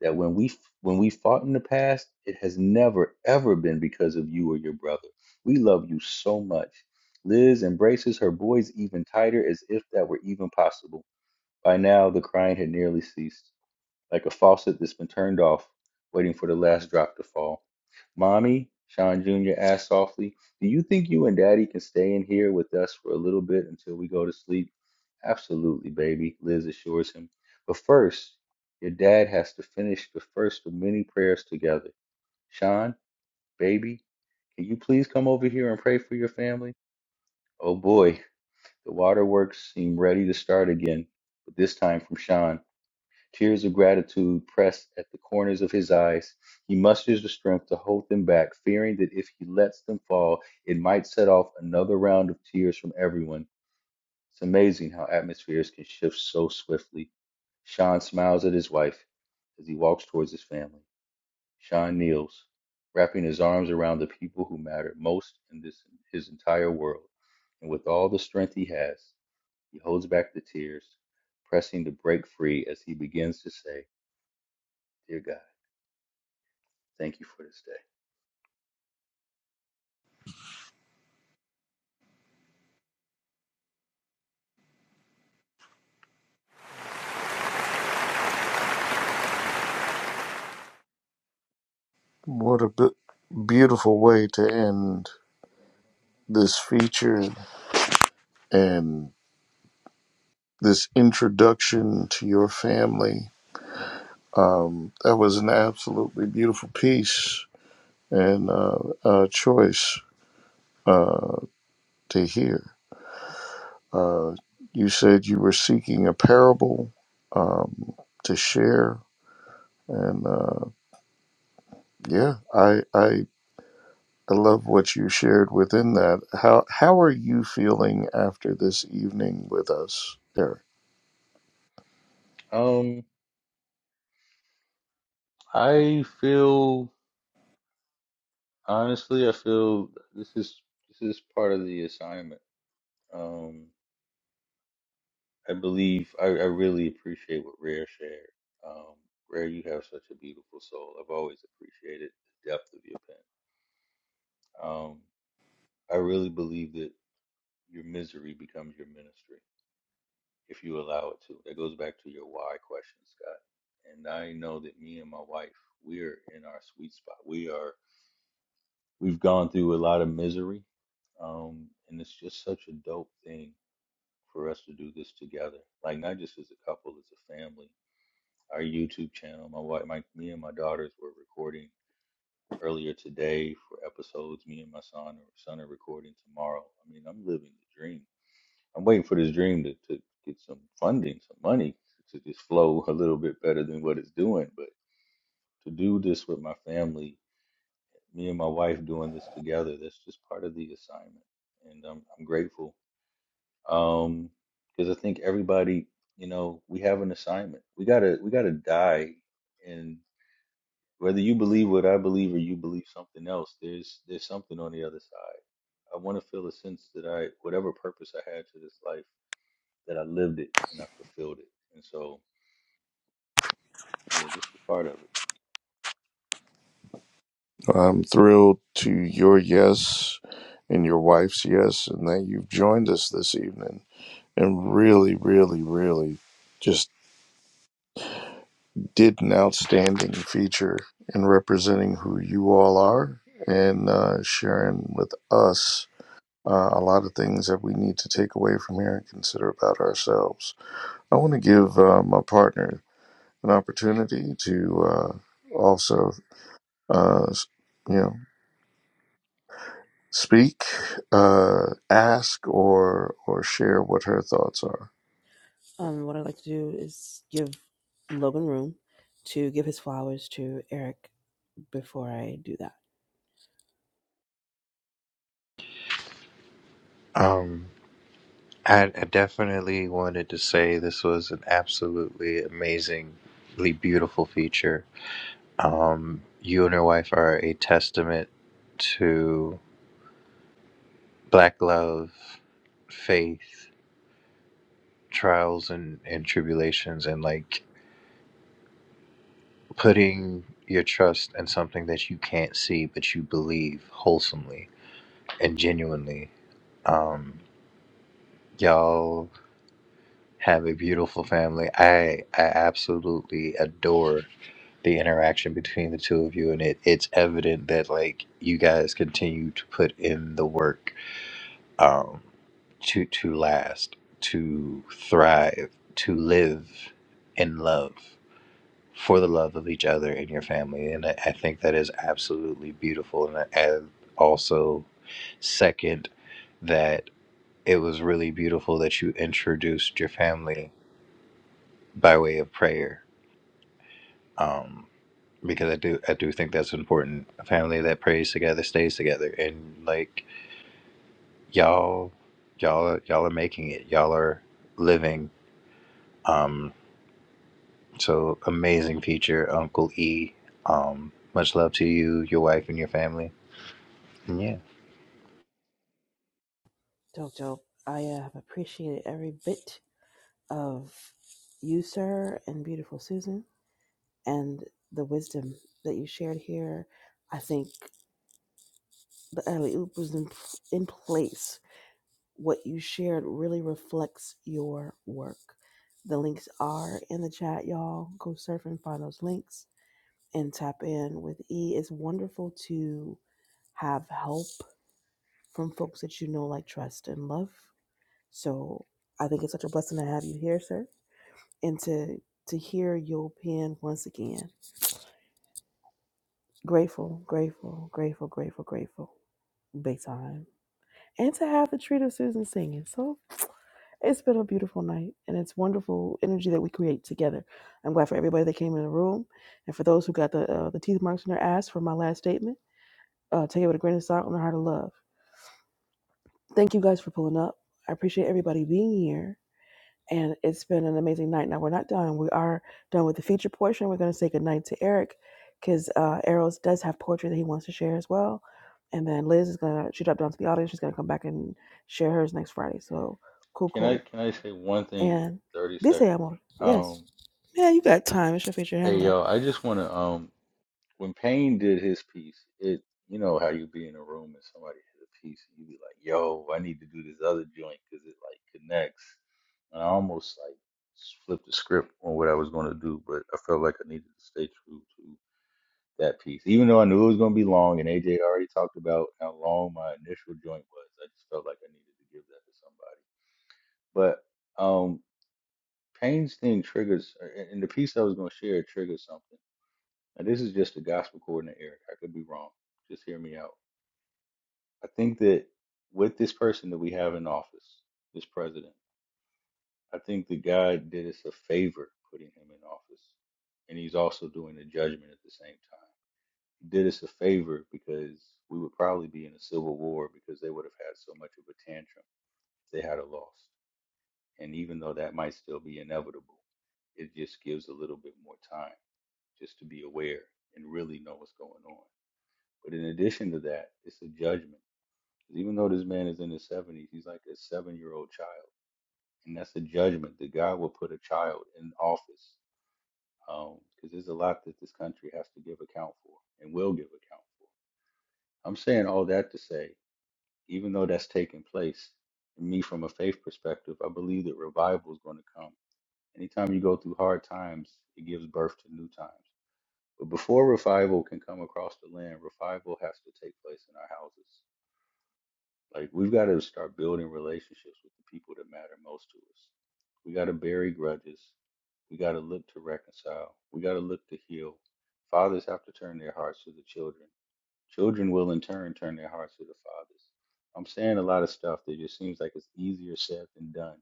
that when we when we fought in the past, it has never ever been because of you or your brother. We love you so much. Liz embraces her boys even tighter as if that were even possible. By now the crying had nearly ceased like a faucet that's been turned off, waiting for the last drop to fall. Mommy, Sean Jr. asked softly, Do you think you and Daddy can stay in here with us for a little bit until we go to sleep? Absolutely, baby, Liz assures him. But first, your dad has to finish the first of many prayers together. Sean, baby, can you please come over here and pray for your family? Oh boy, the waterworks seem ready to start again, but this time from Sean. Tears of gratitude pressed at the corners of his eyes. He musters the strength to hold them back, fearing that if he lets them fall, it might set off another round of tears from everyone. It's amazing how atmospheres can shift so swiftly. Sean smiles at his wife as he walks towards his family. Sean kneels, wrapping his arms around the people who matter most in this his entire world. And with all the strength he has, he holds back the tears, pressing to break free as he begins to say, Dear God. Thank you for this day.
What a bu- beautiful way to end this feature and this introduction to your family Um, that was an absolutely beautiful piece and uh, uh, choice uh, to hear. Uh, you said you were seeking a parable um, to share, and uh, yeah, I, I I love what you shared within that. How how are you feeling after this evening with us, Eric?
Um, I feel honestly, I feel this is this is part of the assignment. Um, I believe I, I really appreciate what Rare shared. Um, Rare, you have such a beautiful soul. I've always appreciated the depth of your pen. Um, I really believe that your misery becomes your ministry if you allow it to. That goes back to your why question, Scott. And I know that me and my wife, we're in our sweet spot. We are We've gone through a lot of misery, um, and it's just such a dope thing for us to do this together. Like not just as a couple, as a family. Our YouTube channel, my wife, my me and my daughters were recording earlier today for episodes. Me and my son, son are recording tomorrow. I mean, I'm living the dream. I'm waiting for this dream to, to get some funding, some money to just flow *laughs* a little bit better than what it's doing. But to do this with my family me and my wife doing this together. That's just part of the assignment, and I'm I'm grateful. Um, because I think everybody, you know, we have an assignment. We gotta we gotta die, and whether you believe what I believe or you believe something else, there's there's something on the other side. I want to feel a sense that I whatever purpose I had to this life, that I lived it and I fulfilled it. And so, yeah, this is part of it.
I'm thrilled to your yes and your wife's yes, and that you've joined us this evening and really, really, really just did an outstanding feature in representing who you all are and uh, sharing with us uh, a lot of things that we need to take away from here and consider about ourselves. I want to give uh, my partner an opportunity to uh, also, uh, you know, speak, uh, ask, or or share what her thoughts are.
Um, what I'd like to do is give Logan room to give his flowers to Eric before I do that.
Um. I I definitely wanted to say this was an absolutely amazingly beautiful feature. Um, you and your wife are a testament to Black love, faith, trials, and, and tribulations, and like putting your trust in something that you can't see but you believe wholesomely and genuinely. Um, y'all have a beautiful family. I I absolutely adore the interaction between the two of you and it it's evident that like you guys continue to put in the work um to to last to thrive to live in love for the love of each other and your family and i, I think that is absolutely beautiful and, I- and also second that it was really beautiful that you introduced your family by way of prayer Um, because I do I do think that's important. A family that prays together stays together, and like y'all, y'all, are- y'all are making it. Y'all are living. Um, so amazing feature, Uncle E. Um, much love to you, your wife, and your family. And yeah.
Dope, dope. I uh, have appreciated every bit of you, sir, and beautiful Susan. and the wisdom that you shared here. I think the alley oop was in, in place. What you shared really reflects your work. The links are in the chat, y'all. Go surf and find those links and tap in with E. It's wonderful to have help from folks that you know, like trust and love. So I think it's such a blessing to have you here, sir, and to to hear your pen once again. Grateful, grateful, grateful, grateful, grateful. Big time. And to have the treat of Susan singing. So it's been a beautiful night and it's wonderful energy that we create together. I'm glad for everybody that came in the room and for those who got the uh, the teeth marks in their ass from my last statement. Uh, take it with a grain of salt and a heart of love. Thank you guys for pulling up. I appreciate everybody being here. And it's been an amazing night. Now we're not done. We are done with the feature portion. We're going to say goodnight to Eric because uh, Arrows does have poetry that he wants to share as well. And then Liz is going to, she dropped down to the audience. She's going to come back and share hers next Friday. So cool,
Can I
cool.
can I say one thing? in
And
Thirty
this
seconds.
amor. Yes.
Um,
Yeah, you got time. It's your feature
hey
handler.
yo, I just want to um when Payne did his piece, it you know how you be in a room and somebody has a piece and you be like, "Yo, I need to do this other joint because it like connects." And I almost like flipped the script on what I was going to do, but I felt like I needed to stay true to that piece, even though I knew it was going to be long. And AJ already talked about how long my initial joint was. I just felt like I needed to give that to somebody. But um, Payne's thing triggers, and the piece I was going to share triggered something and this is just the gospel coordinator, Eric. I could be wrong. Just hear me out. I think that with this person that we have in office, this president, I think that God did us a favor putting him in office. And he's also doing a judgment at the same time. He did us a favor because we would probably be in a civil war because they would have had so much of a tantrum if they had a loss. And even though that might still be inevitable, it just gives a little bit more time just to be aware and really know what's going on. But in addition to that, it's a judgment. 'Cause even though this man is in his 70s, he's like a seven year old child. And that's a judgment that God will put a child in office. Because there's a lot that this country has to give account for and will give account for. I'm saying all that to say, even though that's taking place, me from a faith perspective, I believe that revival is going to come. Anytime you go through hard times, it gives birth to new times. But before revival can come across the land, revival has to take place in our houses. Like we've got to start building relationships with the people that matter most to us. We got to bury grudges. We got to look to reconcile. We got to look to heal. Fathers have to turn their hearts to the children. Children will in turn turn their hearts to the fathers. I'm saying a lot of stuff that just seems like it's easier said than done.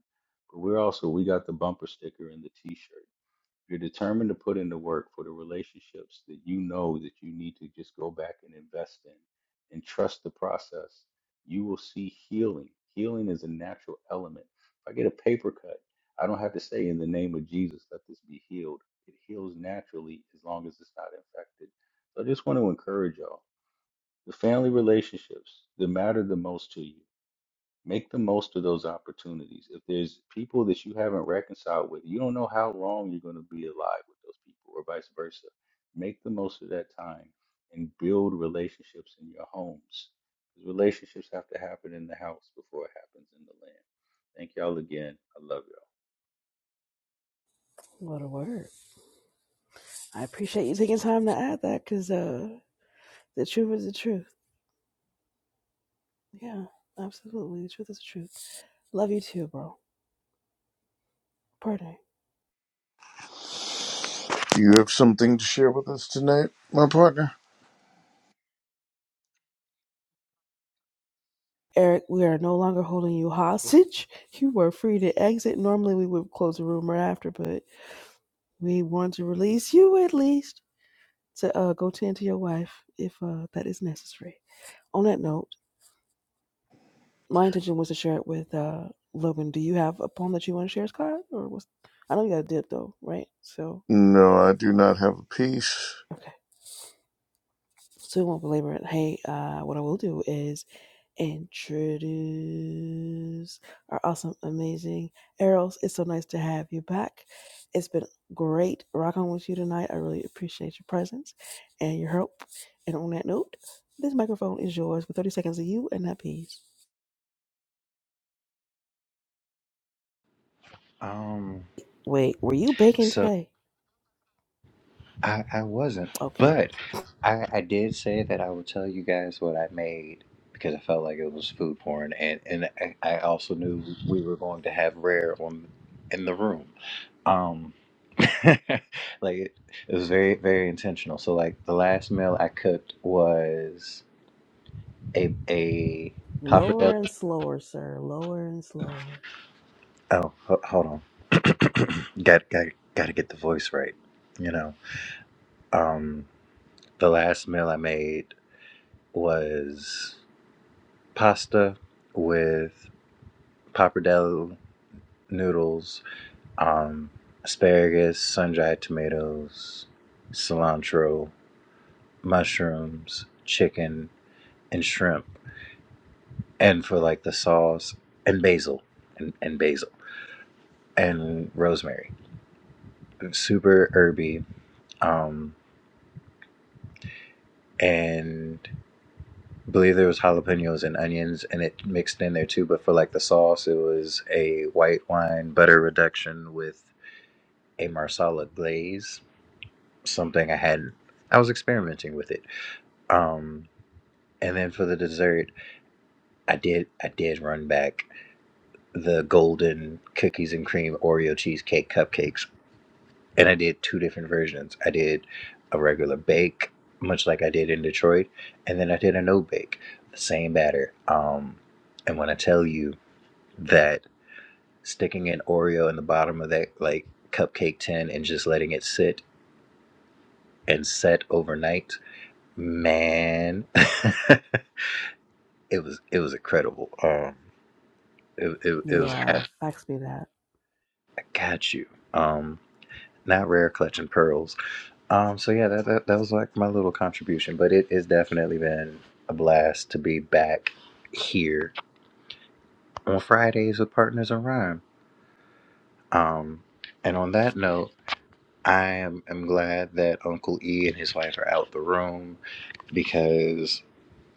But we're also we got the bumper sticker and the t-shirt. You're determined to put in the work for the relationships that you know that you need to just go back and invest in and trust the process. You will see healing. Healing is a natural element. If I get a paper cut, I don't have to say in the name of Jesus, let this be healed. It heals naturally as long as it's not infected. So I just want to encourage y'all. The family relationships that matter the most to you. Make the most of those opportunities. If there's people that you haven't reconciled with, you don't know how long you're going to be alive with those people, or vice versa. Make the most of that time and build relationships in your homes. 'Cause Relationships have to happen in the house before it happens in the land. Thank y'all again. I love you.
What a word. I appreciate you taking time to add that because uh, the truth is the truth. Yeah, absolutely. The truth is the truth. Love you too, bro. Pardon.
Do you have something to share with us tonight, my partner?
Eric, we are no longer holding you hostage. *laughs* You were free to exit. Normally, we would close the room right after, but we want to release you at least to uh, go tend to your wife if uh, that is necessary. On that note, my intention was to share it with uh, Logan. Do you have a poem that you want to share, Scott? Or was I know you got a dip though, right? So
No, I do not have a peace.
okay, so we won't belabor it. Hey, uh, what I will do is introduce our awesome, amazing Errol's. It's so nice to have you back. It's been great rocking with you tonight. I really appreciate your presence and your help. And on that note, this microphone is yours for 30 seconds of you and that piece.
Um,
Wait, were you baking
So.
today?
I, I wasn't,
Okay.
but I, I did say that I would tell you guys what I made because I felt like it was food porn, and and I, I also knew we were going to have rare on in the room. Um, *laughs* like it, it was very very intentional. So like the last meal I cooked was a a
Lower
pappardelle.
and slower, sir. Lower and slower.
Oh, ho- hold on. *coughs* *clears throat* got got got to get the voice right. You know, um, the last meal I made was. pasta with pappardelle noodles, um, asparagus, sun dried tomatoes, cilantro, mushrooms, chicken, and shrimp. And for like the sauce, and basil, and, and basil, and rosemary. Super herby. Um, and I believe there was jalapenos and onions and it mixed in there too but for like the sauce it was a white wine butter reduction with a marsala glaze something I had. I was experimenting with it. Um, and then for the dessert, I did I did run back the golden cookies and cream Oreo cheesecake cupcakes, and I did two different versions. I did a regular bake, much like I did in Detroit, and then I did a no bake, the same batter. Um, and when I tell you that sticking an Oreo in the bottom of that like cupcake tin and just letting it sit and set overnight, man. *laughs* it was it was incredible. Um, it it, it was I
Yeah, fax me that.
got you. Um, not rare clutching pearls. Um, so yeah, that, that that was like my little contribution, but it has definitely been a blast to be back here on Fridays with Partners in Rhyme. Um, and on that note, I am am glad that Uncle E and his wife are out the room because.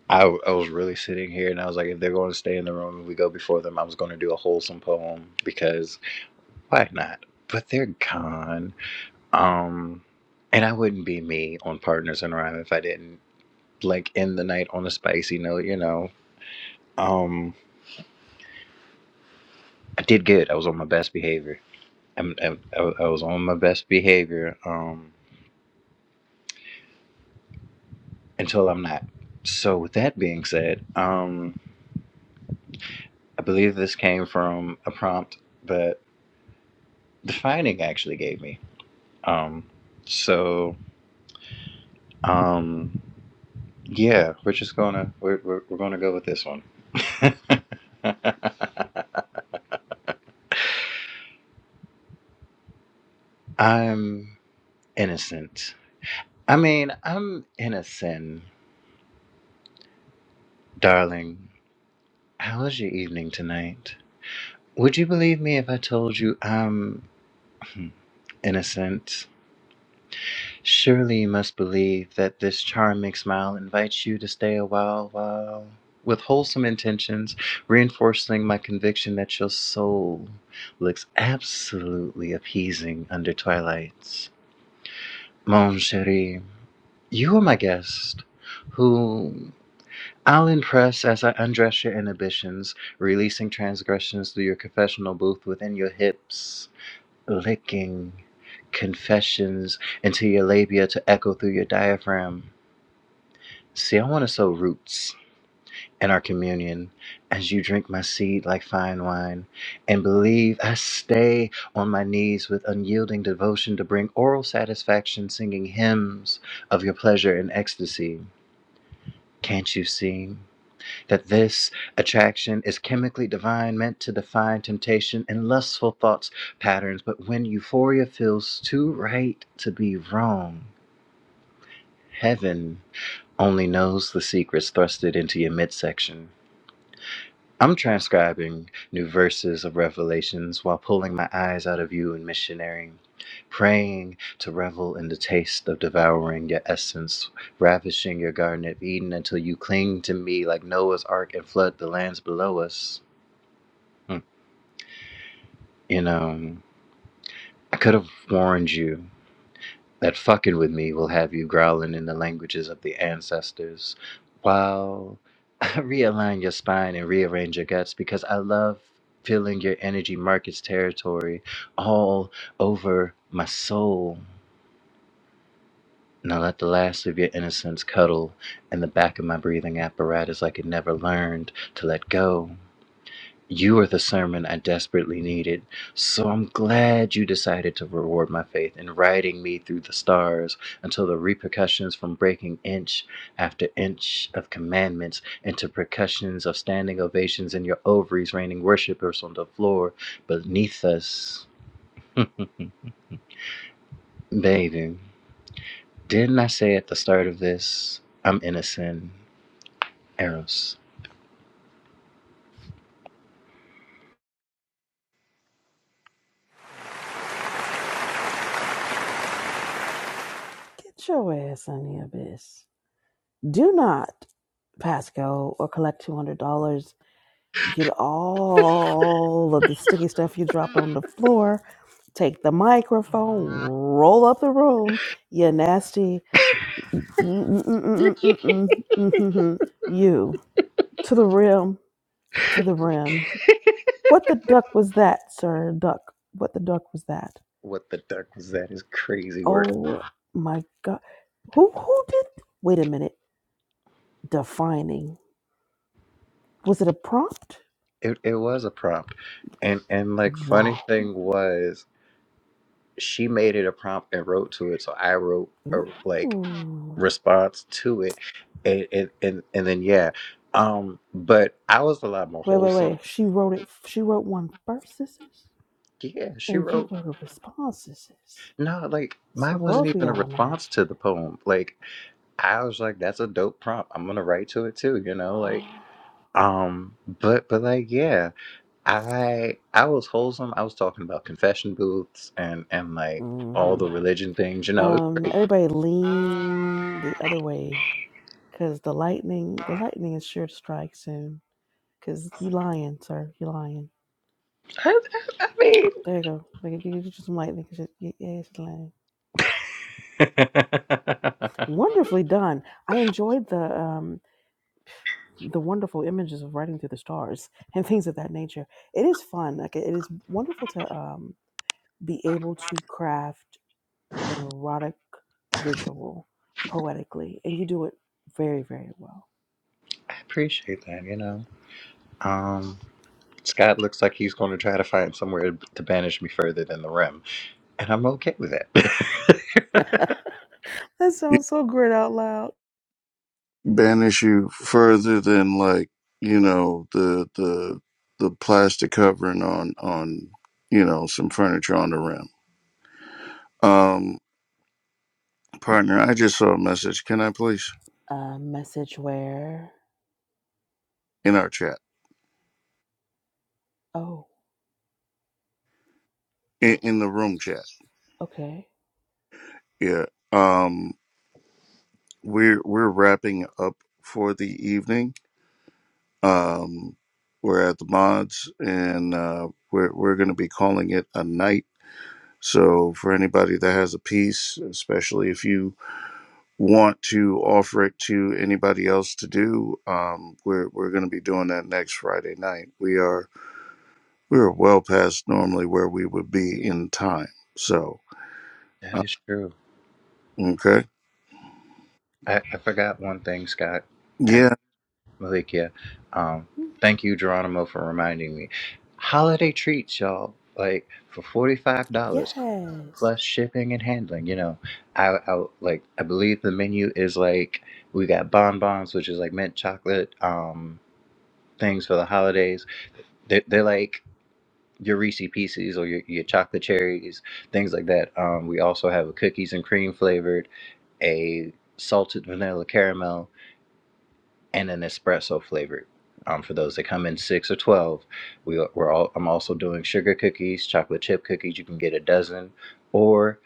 I, w- I was really sitting here and I was like, if they're going to stay in the room and we go before them, I was going to do a wholesome poem because Why not? But they're gone. Um, and I wouldn't be me on Partners in Rhyme if I didn't like end the night on a spicy note. You know, um, I did good. I was on my best behavior. I'm, I'm, I w- I was on my best behavior um, until I'm not. So with that being said, um, I believe this came from a prompt that the finding actually gave me. Um, so. Um, Yeah, we're just gonna we're we're, we're gonna go with this one. *laughs* I'm innocent. I mean, I'm innocent, darling. How was your evening tonight? Would you believe me if I told you I'm *laughs* *clears throat* innocent? Surely you must believe that this charming smile invites you to stay a while, while with wholesome intentions, reinforcing my conviction that your soul looks absolutely appeasing under twilights. Mon chéri, you are my guest, who I'll impress as I undress your inhibitions, releasing transgressions through your confessional booth within your hips, licking confessions into your labia to echo through your diaphragm. See, I want to sow roots in our communion as you drink my seed like fine wine and believe I stay on my knees with unyielding devotion to bring oral satisfaction, singing hymns of your pleasure and ecstasy. Can't you see that this attraction is chemically divine, meant to define temptation and lustful thoughts patterns? But when euphoria feels too right to be wrong, heaven only knows the secrets thrusted into your midsection. I'm transcribing new verses of Revelations while pulling my eyes out of you and missionarying, praying to revel in the taste of devouring your essence, ravishing your garden of Eden until you cling to me like Noah's ark and flood the lands below us. Hmm. You know, I could have warned you that fucking with me will have you growling in the languages of the ancestors. while. *laughs* realign your spine and rearrange your guts because I love feeling your energy markets territory all over my soul. Now let the last of your innocence cuddle in the back of my breathing apparatus like it never learned to let go. You are the sermon I desperately needed, so I'm glad you decided to reward my faith in riding me through the stars until the repercussions from breaking inch after inch of commandments into percussions of standing ovations in your ovaries raining worshipers on the floor beneath us. Baby, didn't I say at the start of this, I'm innocent, Eros?
Get your ass on the abyss. Do not pass go or collect $200. Get all of the sticky stuff you dropped on the floor. Take the microphone, roll up the room. You nasty. mm mm mm mm mm mm mm mm You to the rim, to the rim. What the duck was that, sir? Duck. What the duck was that?
What the duck was that? Is crazy word.
Oh my god. Who who did wait a minute. Defining. Was it a prompt?
It it was a prompt, and and like funny
Whoa.
thing was she made it a prompt and wrote to it, so I wrote a like
Ooh.
response to it, and and and, and then yeah, um, but I was a lot more
Wait, wait,
wholesome.
wait. She wrote it. She wrote one first, sisters,
Yeah, she
and you
wrote
wrote a response, sisters.
no, like
So
mine wasn't
both of
even a
y'all
response
nasty.
to the poem. Like I was like, that's a dope prompt. I'm gonna write to it too, you know, like
Oh.
um, but but like yeah. I I was wholesome. I was talking about confession booths and and like all
hmm
the religion things. You know, it was
Um.
great.
Everybody lean the other way, cause the lightning, the lightning is sure to strike soon. Cause you lying, sir. You lying.
I, I,
There you go. Like, you you- you just some lightning. 'cause you- you- yeah, it's lying.
I mean, *laughs* I
Wonderfully done. I enjoyed the um the wonderful images of writing through the stars *laughs* and things of that nature. It is fun. Like it is wonderful to um, be able to craft an erotic visual poetically, and you do it very, very well.
appreciate that. You know, um, Scott looks like he's going to try to find somewhere to banish me further than the rim, and I'm okay with that.
*laughs*
*laughs*
that
It
sounds so great out loud.
Banish you further than like you know the the the plastic covering on on you know some furniture on the rim. Um, partner, I just saw a message. Can I please
A message where?
in our chat
Oh,
in,
oh,
in the room chat?
okay.
Yeah. Um, we're we're wrapping up for the evening. Um, we're at the mods and uh, we're we're gonna be calling it a night So, for anybody that has a piece, especially if you want to offer it to anybody else to do, um, we're we're going to be doing that next Friday night. We are we are well past normally where we would be in time. So,
that
uh,
is true.
okay,
I, I forgot one thing, Scott, and.
yeah,
Malikia. Um,
Mm,
thank you, Geronimo, for reminding me. Holiday treats, y'all. Like for forty five dollars
Yes.
plus shipping and handling. You know, I, I like I believe the menu is like we got bonbons, which is like mint chocolate um things for the holidays. They they're like your Reese Pieces or your, your chocolate cherries, things like that. Um, we also have a cookies and cream flavored, a salted vanilla caramel and an espresso flavored. Um, for those that come in six or twelve, we, we're all. I'm also doing sugar cookies, chocolate chip cookies. You can get a dozen, or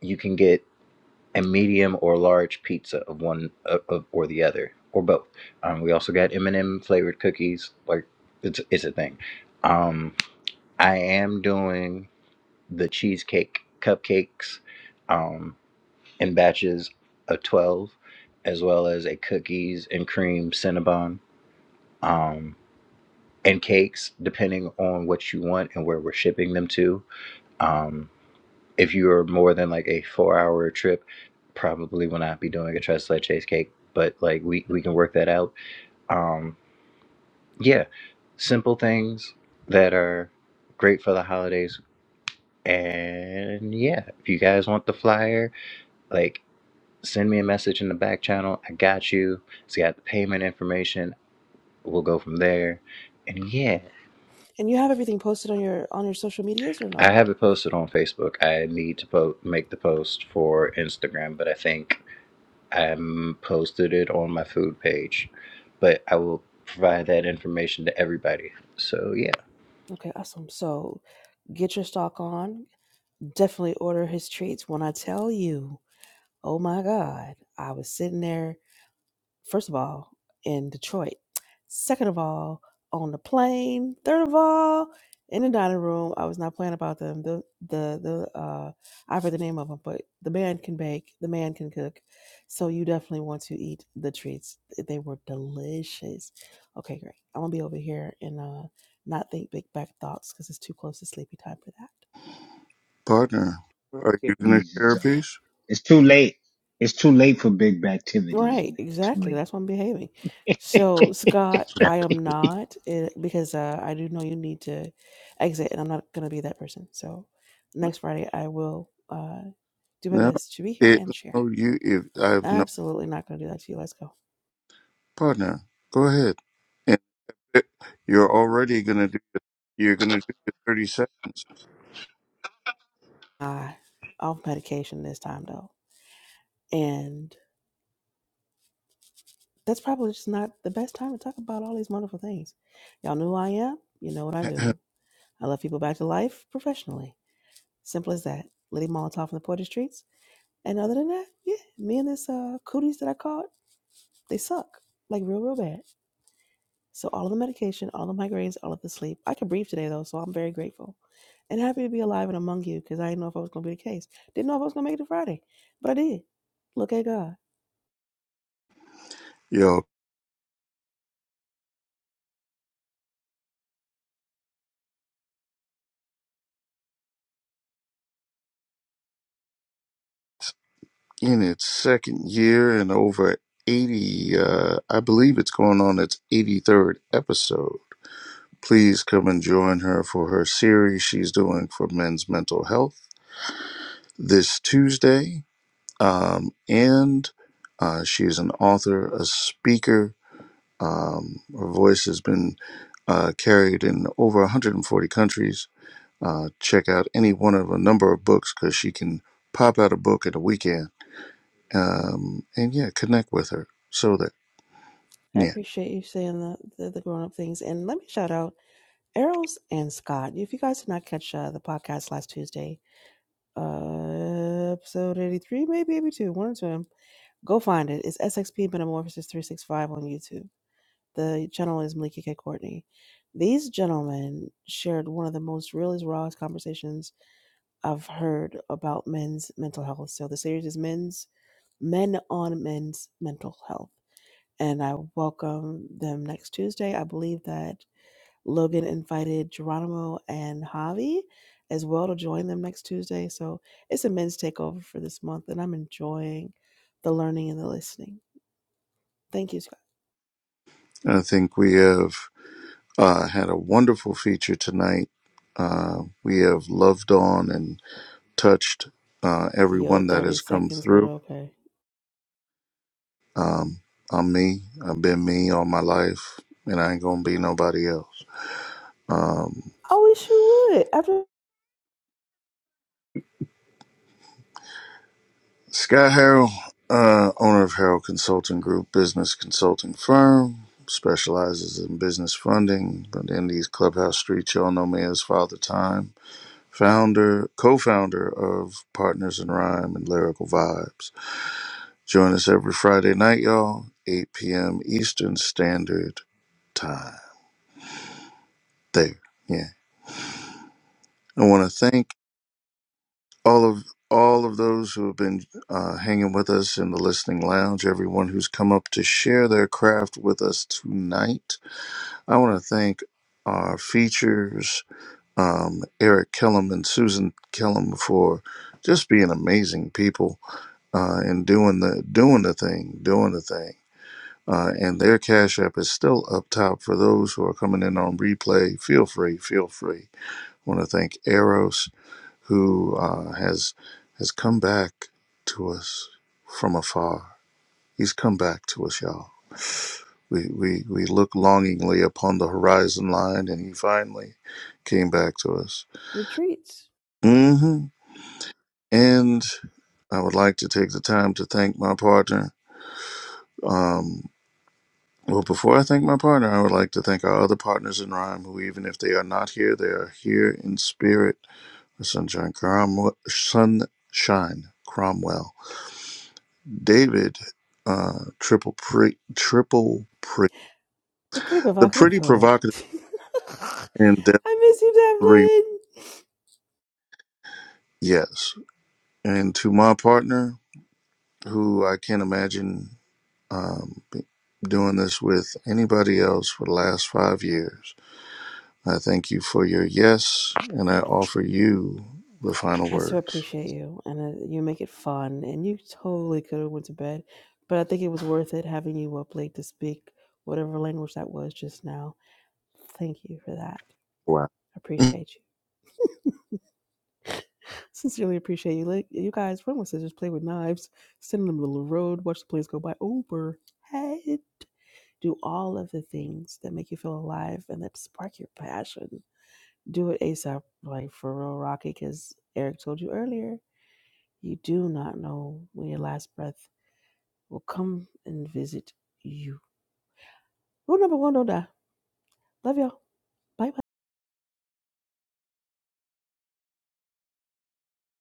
you can get a medium or large pizza of one of, of, or the other or both. Um, we also got M&M flavored cookies. Like it's it's a thing. Um, I am doing the cheesecake cupcakes um, in batches of twelve, as well as a cookies and cream cinnabon. Um, and cakes, depending on what you want and where we're shipping them to. Um, if you're more than like a four hour trip, probably will not be doing a tres leches cake, but like we, we can work that out. Um, yeah, simple things that are great for the holidays. And yeah, if you guys want the flyer, like send me a message in the back channel. I got you. It's got the payment information. We'll go from there. And yeah.
And you have everything posted on your on your social medias or no?
I have it posted on Facebook. I need to po- make the post for Instagram, but I think I posted it on my food page. But I will provide that information to everybody. So yeah,
Okay, awesome. So get your stock on. Definitely order his treats when I tell you. Oh my God. I was sitting there, first of all, in Detroit. Second of all, on the plane. Third of all, in the dining room. I was not playing about them. The the the uh I forget the name of them, but the man can bake, the man can cook. So you definitely want to eat the treats. They were delicious. Okay, great. I'm gonna be over here and uh not think big back thoughts because it's too close to sleepy time for that.
partner, are you going to
Activities
share
is
a
uh,
piece?
it's too late. It's too late for big activities,
Right,
man. It's too
exactly.
late
That's
for.
why I'm
me.
behaving. So, Scott, I am not eh, because uh, I do know you need to exit, and I'm not going to be that person. So, next Friday, I will uh, do my
No,
best to be here
it
and share.
no you. If I have no
Absolutely not going to do that to you. Let's go.
partner, go ahead. And you're already going to do. You're going to do the thirty seconds.
I off medication this time though, and that's probably just not the best time to talk about all these wonderful things. Y'all know who I am. You know what I
*clears throat*
do. I love people back to life professionally. Simple as that. Lady Molotov in the Poetry Streets And other than that, yeah, me and this uh, cooties that I caught, they suck like real, real bad. So all of the medication, all of the migraines, all of the sleep. I could breathe today though, so I'm very grateful and happy to be alive and among you because I didn't know if I was going to be the case. Didn't know if I was going to make it to Friday, but I did. Look at God.
Yo, in its second year and over 80, uh, I believe it's going on its 83rd episode. Please come and join her for her series she's doing for men's mental health this Tuesday. Um, and uh, she is an author, a speaker. Um, her voice has been uh, carried in over 140 countries. Uh, check out any one of a number of books because she can pop out a book in a weekend um, and yeah, connect with her. So that
I
yeah,
appreciate you saying the, the, the grown up things. And let me shout out Errol's and Scott. If you guys did not catch uh, the podcast last Tuesday, uh, episode 83, maybe 82, one or two, go find it. It's SXP Metamorphosis 365 on YouTube the channel is Malika K. Courtney. These gentlemen shared one of the most realest, rawest conversations I've heard about men's mental health. So the series is Men's Men on Men's Mental Health. And I welcome them next Tuesday. I believe that Logan invited Geronimo and Javi as well to join them next Tuesday. So it's a men's takeover for this month, and I'm enjoying the learning and the listening. Thank you, Scott.
I think we have uh, had a wonderful feature tonight. Uh, we have loved on and touched uh,
Yo,
everyone that
30
has come
seconds, but
through.
okay.
Um, I'm me. I've been me all my life, and I ain't gonna be nobody else. Um,
I wish you would. After
Sky Harrell, uh, owner of Harrell Consulting Group, business consulting firm. Specializes in business funding, but in these clubhouse streets, y'all know me as Father Time founder, co-founder of Partners in Rhyme and Lyrical Vibes. Join us every Friday night, y'all, 8 p.m. Eastern Standard Time. There, yeah. I want to thank all of all of those who have been uh, hanging with us in the listening lounge. Everyone who's come up to share their craft with us tonight. I want to thank our features, um, Eric Kellum and Susan Kellum, for just being amazing people uh, and doing the doing the thing, doing the thing. Uh, and their cash app is still up top for those who are coming in on replay. Feel free, feel free. I want to thank Eros who uh, has has come back to us from afar. He's come back to us, y'all. We, we, we look longingly upon the horizon line, and he finally came back to us.
with treats,
hmm And I would like to take the time to thank my partner. um, Well, before I thank my partner, I would like to thank our other partners in Rhyme, who, even if they are not here, they are here in spirit. Sunshine Cromwell, Sunshine Cromwell, David, uh, Triple Pre, Triple Pre,
the pretty
the
provocative
pretty
poet.
provocative
*laughs*
and Dev
I miss you,
Three,
Devlin.
yes. And to my partner, who I can't imagine um, doing this with anybody else for the last five years. I thank you for your yes, and I offer you the final
I so
words.
appreciate you, and uh, you make it fun. And you totally could have went to bed, but I think it was worth it having you up late to speak whatever language that was just now. Thank you for that.
Wow.
Appreciate you. Sincerely appreciate you. Like, you guys, run with scissors, play with knives, send them to the road, watch the planes go by over head. Do all of the things that make you feel alive and that spark your passion. Do it ASAP, like for real, Rocky, because Eric told you earlier, you do not know when your last breath will come and visit you. Rule number one, don't die. Love y'all. Bye bye.